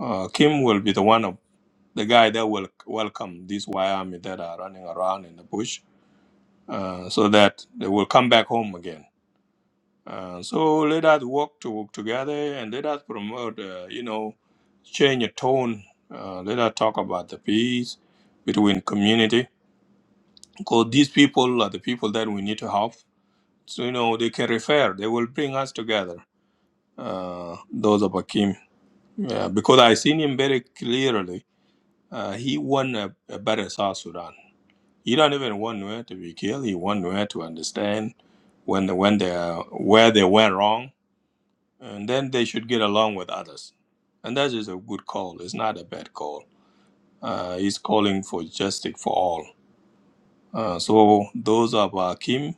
Speaker 32: uh, Kim will be the one of the guy that will welcome these Y army that are running around in the bush, uh, so that they will come back home again Uh, so let us work to, together and let us promote, uh, you know, change a tone. Uh, let us talk about the peace between community because these people are the people that we need to help. So, you know, they can refer, they will bring us together, uh, those of Akim. Yeah, because I seen him very clearly. Uh, he won a, a better South Sudan. He don't even want Nuer to be killed. He want Nuer to understand when the, when they, where they went wrong and then they should get along with others. And that is a good call. It's not a bad call. Uh, he's calling for justice for all. Uh, so those of Akim,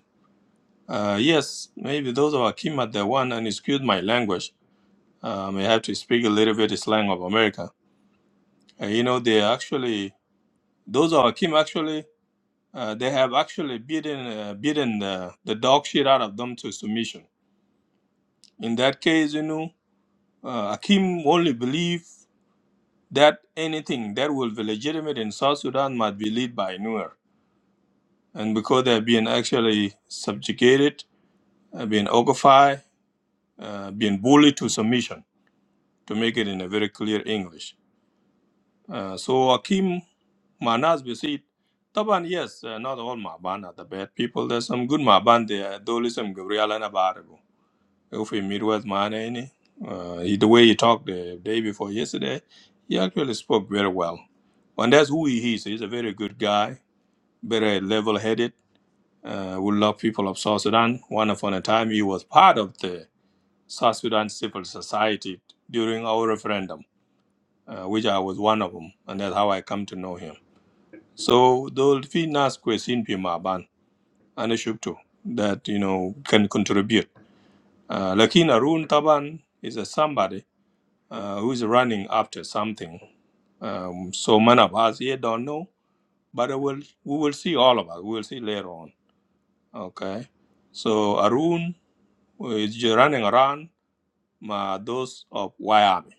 Speaker 32: uh, yes, maybe those of Akim are the one, and excuse my language, um, I have to speak a little bit slang of America. Uh, you know, they actually, those of Akim actually, uh, they have actually beaten, uh, beaten the, the dog shit out of them to submission. In that case, you know, uh, Akim only believe. that anything that will be legitimate in South Sudan must be led by Nuer. And because they're being actually subjugated, uh, being occupied, uh, being bullied to submission, to make it in a very clear English. Uh, so Akim Manas Besit, Taban, yes, uh, not all Maban are the bad people. There's some good Maban there, though listen, Gabriel and Abarago. If we meet with Mana, uh, he- the way he talked the day before yesterday, he actually spoke very well. And that's who he is. He's a very good guy very level-headed. Uh, we love people of South Sudan. One upon a time, he was part of the South Sudan civil society during our referendum, uh, which I was one of them, and that's how I come to know him. So those finas kwesin pimaban and shuktu that you know can contribute. Uh, Lakin Arun Taban is a somebody uh, who is running after something. Um, so many of us here don't know, but I will, we will see all of us. We will see later on. Okay. So Arun uh, is just running around my those of Wyoming,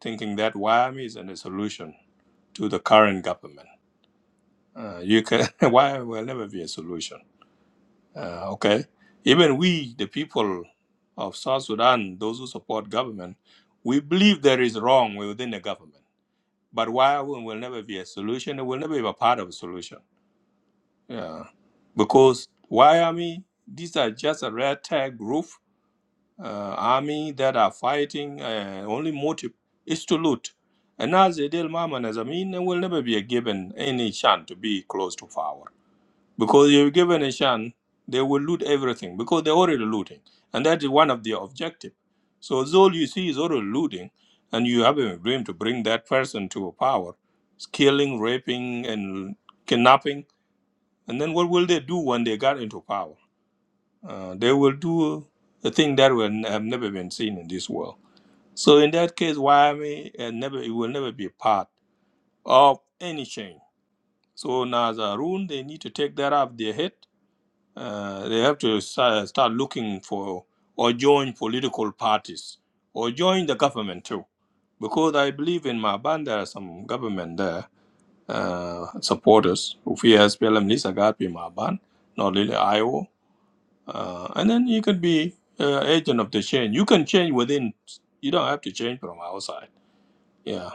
Speaker 32: thinking that Wyoming is a solution to the current government. Uh, you can Wyoming will never be a solution. Uh, okay. Even we, the people of South Sudan, those who support government, we believe there is wrong within the government. But Wyoming will never be a solution. It will never be a part of a solution. Yeah. Because Wyoming, these are just a red tag group uh, army that are fighting uh, only motive is to loot. And as Adel Maman as I mean, they will never be given any chance to be close to power. Because if given a chance, they will loot everything because they're already looting. And that is one of their objective. So all you see is already looting, and you have a dream to bring that person to power, killing, raping, and kidnapping. And then what will they do when they got into power? Uh, they will do a thing that will n- have never been seen in this world. So in that case, Wyoming and never it will never be part of any change. So now as a rule, they need to take that off their head. Uh, they have to start, start looking for or join political parties or join the government too, because I believe in my band there are some government there uh, supporters. Ufia SPLM Lisa Gapi Maban, not really Iowa uh, and then you can be uh, agent of the change. You can change within. You don't have to change from outside. Yeah,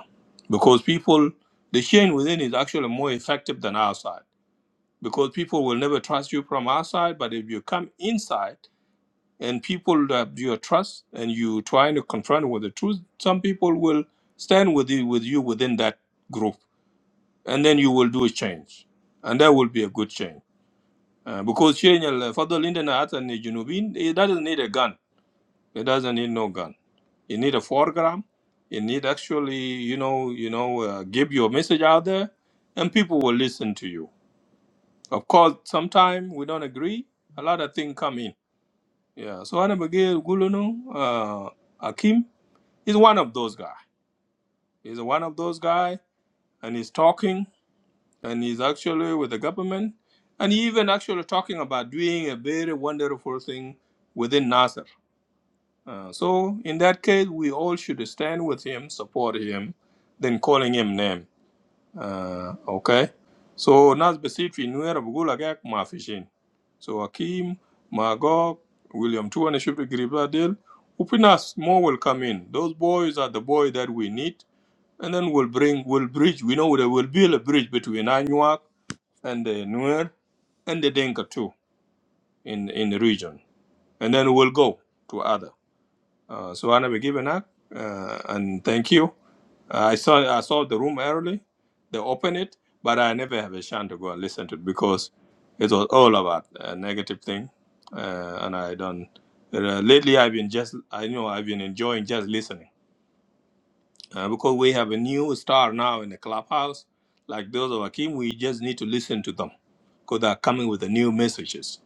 Speaker 32: because people, the change within is actually more effective than outside. Because people will never trust you from outside, but if you come inside and people that you trust and you trying to confront with the truth, some people will stand with you with you within that group, and then you will do a change, and that will be a good change. Uh, because change, uh, for the Linden and the Junubin, it doesn't need a gun It doesn't need no gun. It need a foreground. It need actually, you know, you know, uh, give your message out there, and people will listen to you. Of course, sometimes we don't agree. A lot of things come in. Yeah. So Anabagir Gulunu, uh, Akim is one of those guy. He's one of those guy, and he's talking, and he's actually with the government, and he even actually talking about doing a very wonderful thing within NASA. Uh, so in that case, we all should stand with him, support him, then calling him name. Uh, okay. So nas besifi nuera bugula gak ma fishin. So Akim, Magog, William Tuan should be Gribadil. Upinas more will come in. Those boys are the boy that we need, and then we'll bring, we'll bridge. We know there will build a bridge between Anuak and the Nuer and the Denka too in in the region, and then we'll go to other. Uh, so Anna Begibenak, uh, and thank you. Uh, I saw I saw the room early. They opened it, but I never have a chance to go and listen to it because it was all about a negative thing, uh, and I don't. Uh, lately, I've been just I know I've been enjoying just listening uh, because we have a new star now in the clubhouse, like those of Akim. We just need to listen to them because they're coming with the new messages.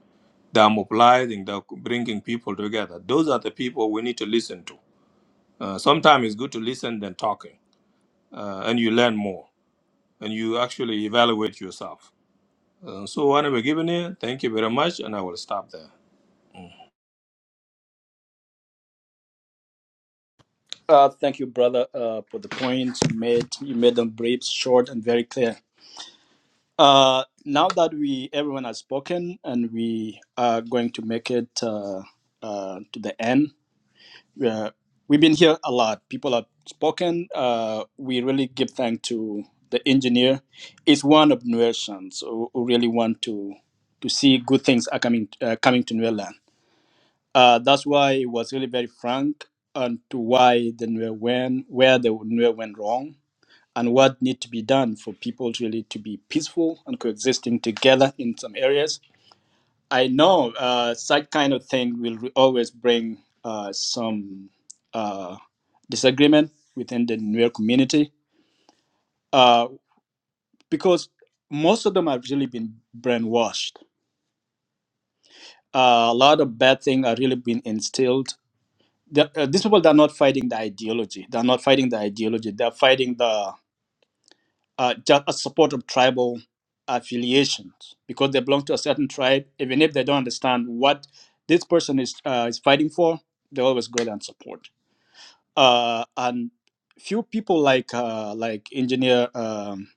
Speaker 32: They're mobilizing. They're bringing people together. Those are the people we need to listen to uh, sometimes it's good to listen than talking, uh, and you learn more, and you actually evaluate yourself. Uh, so, anyway, given here, thank you very much, and I will stop there.
Speaker 6: Uh, thank you, brother, uh, for the points you made. You made them brief, short, and very clear. Uh, now that we everyone has spoken and we are going to make it uh, uh, to the end, uh, we've been here a lot. People have spoken. Uh, we really give thanks to the engineer. It's one of Nuersians who, who really want to to see good things are coming uh, coming to Nuerland. Uh, that's why it was really very frank and to why the Nuer went where the Nuer went wrong and what need to be done for people to really to be peaceful and coexisting together in some areas. I know uh, such kind of thing will re- always bring uh, some uh, disagreement within the Nuer community uh, because most of them have really been brainwashed. Uh, a lot of bad things are really been instilled. The, uh, these people they're not fighting the ideology. They're not fighting the ideology. They're fighting the uh, just a support of tribal affiliations because they belong to a certain tribe. Even if they don't understand what this person is uh, is fighting for, they always go there and support. Uh, and few people like uh, like engineer um,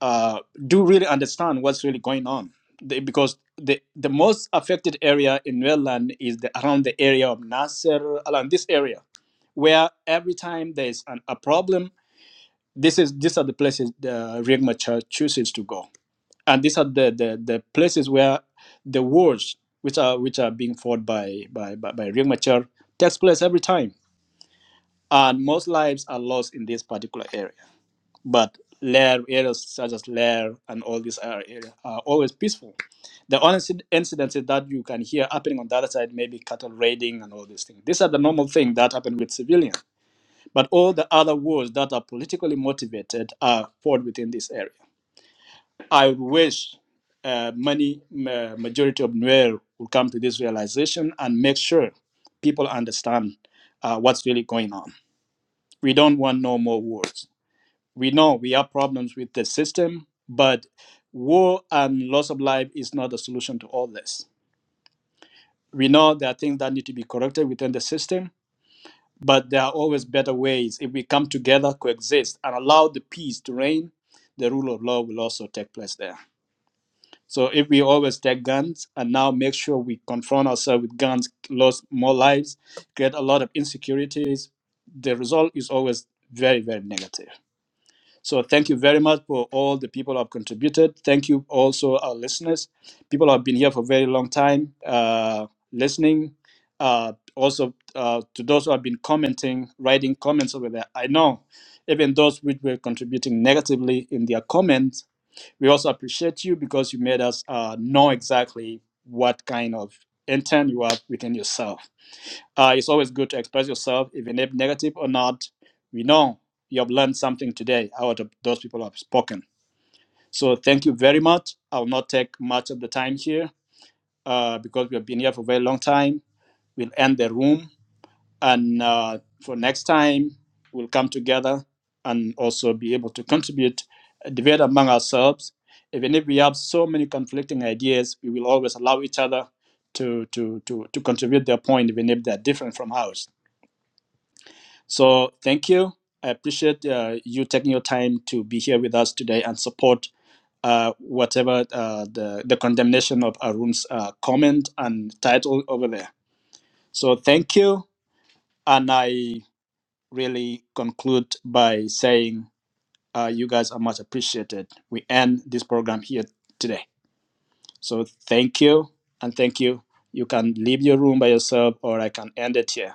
Speaker 6: uh, do really understand what's really going on they, because the the most affected area in Maryland is the, around the area of Nasser, around this area, where every time there's an, a problem this is these are the places the Riek Machar chooses to go, and these are the, the, the places where the wars which are which are being fought by by by, by Riek Machar takes place every time, and most lives are lost in this particular area. But Lair areas such as Lair and all these other areas are always peaceful. The only inci- incidents that you can hear happening on the other side, maybe cattle raiding and all these things. These are the normal things that happen with civilians but all the other wars that are politically motivated are fought within this area. I wish uh, many ma- majority of Nuer will come to this realization and make sure people understand uh, what's really going on. We don't want no more wars. We know we have problems with the system, but war and loss of life is not the solution to all this. We know there are things that need to be corrected within the system, but there are always better ways. If we come together, coexist, and allow the peace to reign, the rule of law will also take place there. So if we always take guns and now make sure we confront ourselves with guns, lose more lives, create a lot of insecurities, the result is always very, very negative. So thank you very much for all the people who have contributed. Thank you also our listeners. People who have been here for a very long time uh, listening. Uh, also uh, to those who have been commenting, writing comments over there. I know even those which were contributing negatively in their comments, we also appreciate you because you made us uh, know exactly what kind of intent you have within yourself. Uh, it's always good to express yourself, even if negative or not. We know you have learned something today out of those people who have spoken. So thank you very much. I will not take much of the time here uh, because we have been here for a very long time. We'll end the room, and uh, for next time, we'll come together and also be able to contribute, uh, debate among ourselves. Even if we have so many conflicting ideas, we will always allow each other to to to to contribute their point, even if they're different from ours. So thank you. I appreciate uh, you taking your time to be here with us today and support uh, whatever uh, the, the condemnation of Arun's uh, comment and title over there. So thank you. And I really conclude by saying uh, you guys are much appreciated. We end this program here today. So thank you. And thank you. You can leave your room by yourself or I can end it here.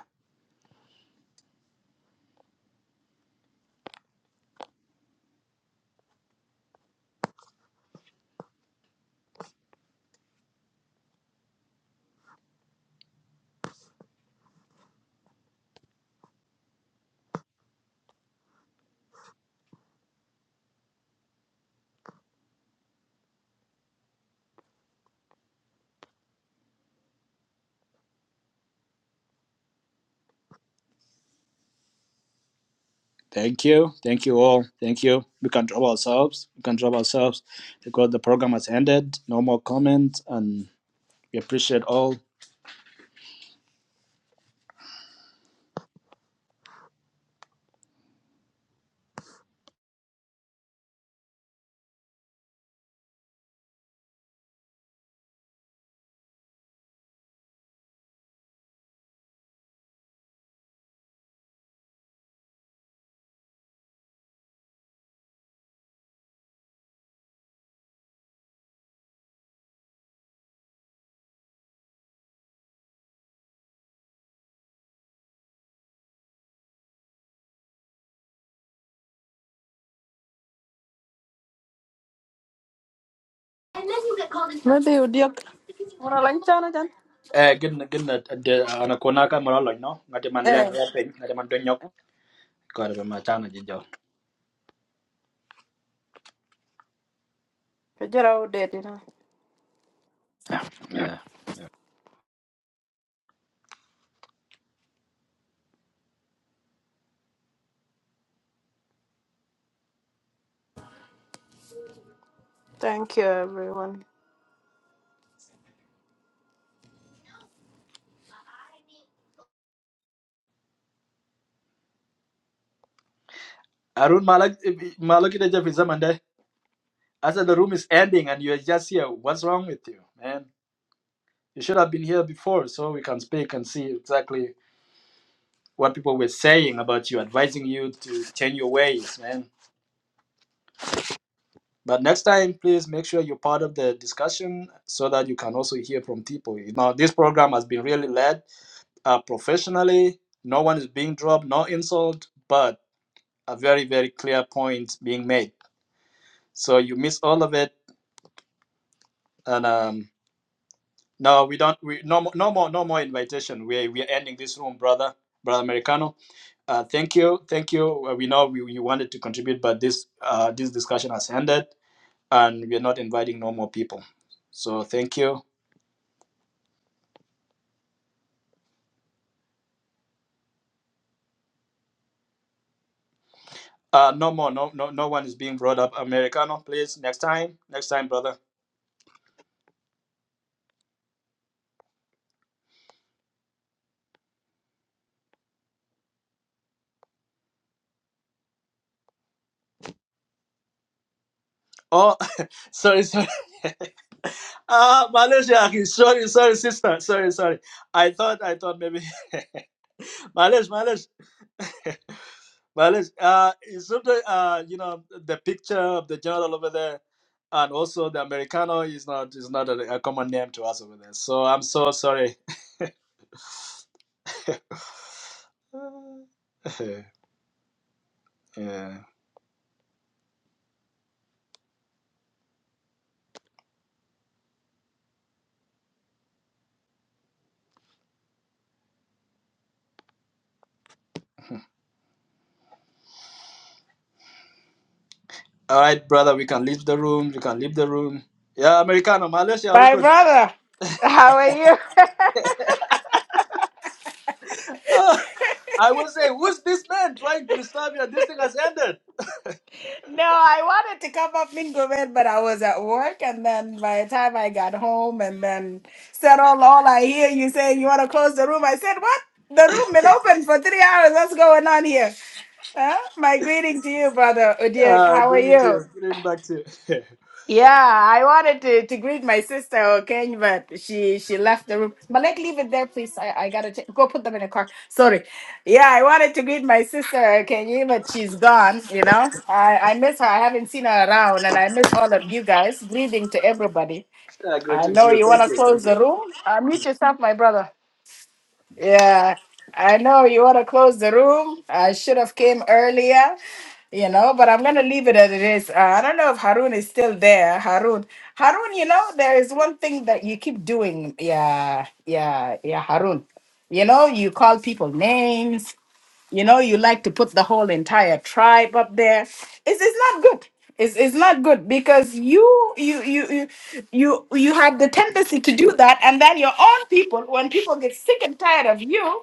Speaker 6: Thank you. Thank you all. Thank you. We can drop ourselves. We can drop ourselves because the program has ended. No more comments. And we appreciate all.
Speaker 1: Maybe you diak. Ora lan chana
Speaker 6: Eh, gin gin de anakona ka maralo no. Ngati man le
Speaker 1: Eh,
Speaker 6: ya pe, ngati man don yok. God be my channel jijo.
Speaker 1: good old day, you know.
Speaker 6: Yeah. yeah.
Speaker 1: Thank you, everyone.
Speaker 6: Arun Malak Malak ida Jeff Zamande. I said the room is ending and you're just here. What's wrong with you, man? You should have been here before so we can speak and see exactly what people were saying about you, advising you to change your ways, man. But next time, please make sure you're part of the discussion so that you can also hear from people. Now, this program has been really led uh, professionally. No one is being dropped, no insult, but a very, very clear point being made. So you miss all of it. And um, no, we don't. We no, mo- no more, no more invitation. We we are ending this room, brother, brother Americano. Uh, thank you, thank you. Uh, We know we, you wanted to contribute, but this uh, this discussion has ended, and we are not inviting no more people. So thank you Uh, no more. No, no, no one is being brought up. Americano, please. Next time. Next time, brother. Oh, sorry, sorry. Ah, Malaysia. Sorry, sorry, sister. Sorry, sorry. I thought, I thought maybe. Malaysia, Malaysia. Well, it's, uh, it's sort of, uh, you know, the picture of the general over there, and also the Americano is not is not a, a common name to us over there. So I'm so sorry. yeah. All right, brother, we can leave the room. You can leave the room. Yeah, Americano, Malaysia, who
Speaker 33: My
Speaker 6: could?
Speaker 33: brother, how are you?
Speaker 6: I will say, who's this man trying to disturb you? This thing has ended.
Speaker 33: no, I wanted to come up in go but I was at work, and then by the time I got home, and then said all all I hear you saying you want to close the room. I said, what? The room been open for three hours. What's going on here? Huh? My greeting to you, brother Udiak.
Speaker 6: Uh,
Speaker 33: How are
Speaker 6: greeting to
Speaker 33: you?
Speaker 6: you. Greeting back to you.
Speaker 33: Yeah, I wanted to, to greet my sister, okay, but she she left the room. But let leave it there, please. I, I gotta check. go put them in a car. Sorry. Yeah, I wanted to greet my sister, okay, but she's gone. You know, I I miss her. I haven't seen her around, and I miss all of you guys. Greeting to everybody.
Speaker 6: uh,
Speaker 33: I
Speaker 6: greeting to
Speaker 33: know
Speaker 6: you.
Speaker 33: you
Speaker 6: Thank
Speaker 33: wanna
Speaker 6: you. Thank
Speaker 33: close
Speaker 6: you.
Speaker 33: the room. Uh, mute yourself, my brother. Yeah, I know you want to close the room. I should have came earlier, you know, but I'm gonna leave it as it is. Uh, I don't know if Harun is still there. Harun, Harun, you know, there is one thing that you keep doing. Yeah, yeah, yeah, Harun. You know, you call people names. You know, you like to put the whole entire tribe up there. It's, it's not good. It's, it's not good because you you you you you you have the tendency to do that, and then your own people, when people get sick and tired of you,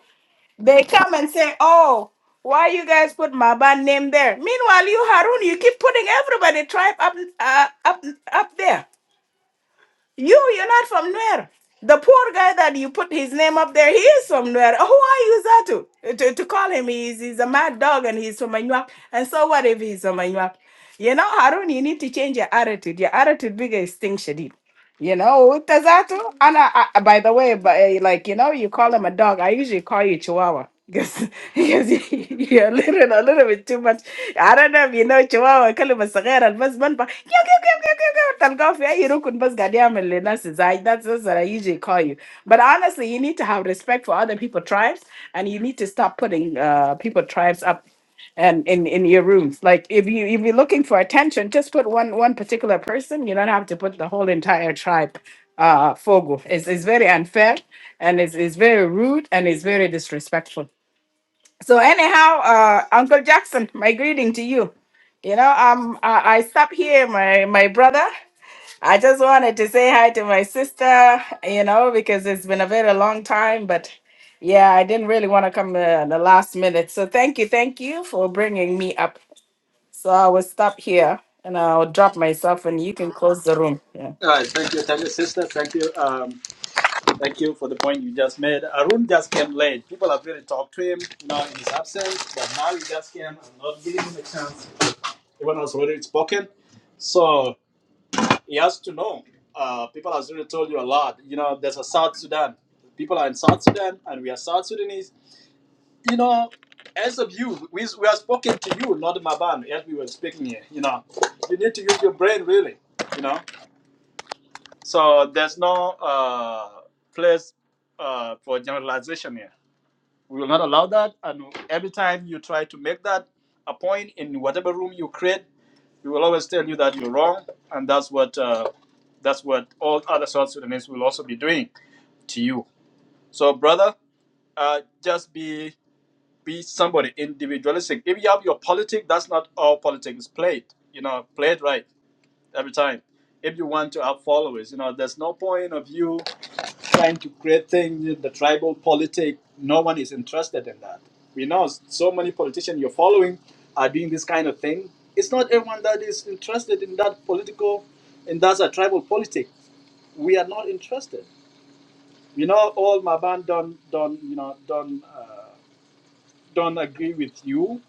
Speaker 33: they come and say, "Oh, why you guys put my band name there?" Meanwhile, you Harun, you keep putting everybody tribe up uh, up up there. You, you're not from Nuer. The poor guy that you put his name up there, he is from Nuer. Who are you, Zatu? To, to call him, he's, he's a mad dog and he's from Anuak. And so what if he's from Anuak? You know, Harun, you need to change your attitude. Your attitude bigger is thing, you know, Tazatu. And I, I, by the way, but eh, like you know, you call him a dog. I usually call you Chihuahua because because you- you're a little a little bit too much. I don't know if you know Chihuahua. كلمة صغيرة بس بنبه كيو كيو كيو كيو كيو كيو تلقاه في أي ركن بس قاعد يعمل لنفسه زي that's that's what I usually call you. But honestly, you need to have respect for other people tribes, and you need to stop putting uh people tribes up and in in your rooms like if you if you're looking for attention just put one one particular person you don't have to put the whole entire tribe uh fogo it's, it's very unfair and it's, it's very rude and it's very disrespectful so anyhow uh uncle jackson my greeting to you you know um i, I stop here my my brother I just wanted to say hi to my sister, you know, because it's been a very long time, but yeah, I didn't really want to come uh, the last minute. So thank you, thank you for bringing me up. So I will stop here and I'll drop myself and you can close the room. Yeah.
Speaker 6: All right. Thank you. Thank you, sister. Thank you. Um. Thank you for the point you just made. Arun just came late. People have really talked to him, you know, in his absence. But now he just came and not giving him a chance. Everyone has already spoken. So he has to know. Uh, people have already told you a lot. You know, there's a South Sudan. People are in South Sudan and we are South Sudanese. You know, as of you, we, we are spoken to you, not Maban, as we were speaking here. You know, you need to use your brain, really. You know, so there's no uh, place uh, for generalization here We will not allow that. And every time you try to make that a point in whatever room you create, we will always tell you that you're wrong, and that's what uh, that's what all other South Sudanese will also be doing to you. So, brother, uh, just be be somebody individualistic. If you have your politics, that's not all politics played. You know, play it right every time. If you want to have followers, you know, there's no point of you trying to create things, the tribal politic, no one is interested in that. We know so many politicians you're following are doing this kind of thing. It's not everyone that is interested in that political, and that's a tribal politic. We are not interested. You know, all Maban don't, don't you know, don't, uh, don't agree with you.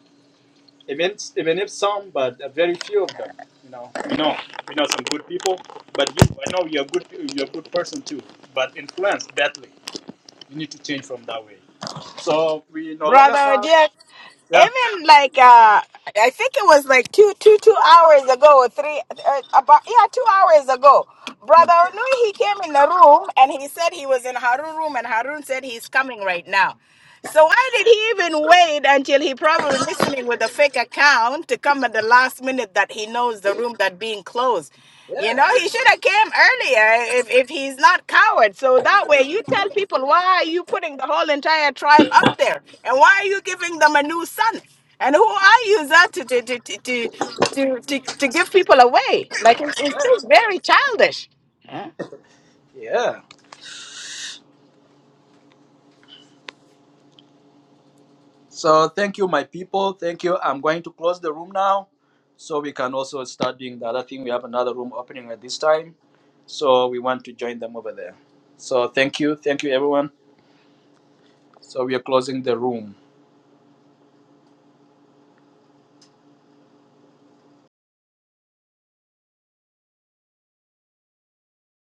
Speaker 6: Even, even if some, but a very few of them. You know, we know, we know some good people, but you, I know you're a good, you're a good person too, but influenced badly you need to change from that way. So we no longer
Speaker 33: No,
Speaker 6: have,
Speaker 33: dear,
Speaker 6: yeah,
Speaker 33: Even like uh, I think it was like two, two, two hours. ago, three, uh, about, yeah, two hours ago, Brother Onui, he came in the room and he said he was in Harun room and Harun said he's coming right now. So why did he even wait until he probably listening with a fake account to come at the last minute that he knows the room that being closed? You
Speaker 6: yeah,
Speaker 33: know, he should have came earlier if, if he's not coward. So that way you tell people why are you putting the whole entire tribe up there? And why are you giving them a new son? And who are you that to, to, to, to, to to, to give people away. Like it's, it's
Speaker 6: yeah,
Speaker 33: still very childish. Yeah.
Speaker 6: yeah. So thank you, my people. Thank you. I'm going to close the room now, so we can also start doing the other thing. We have another room opening at this time, so we want to join them over there. So thank you, thank you, everyone. So we are closing the room.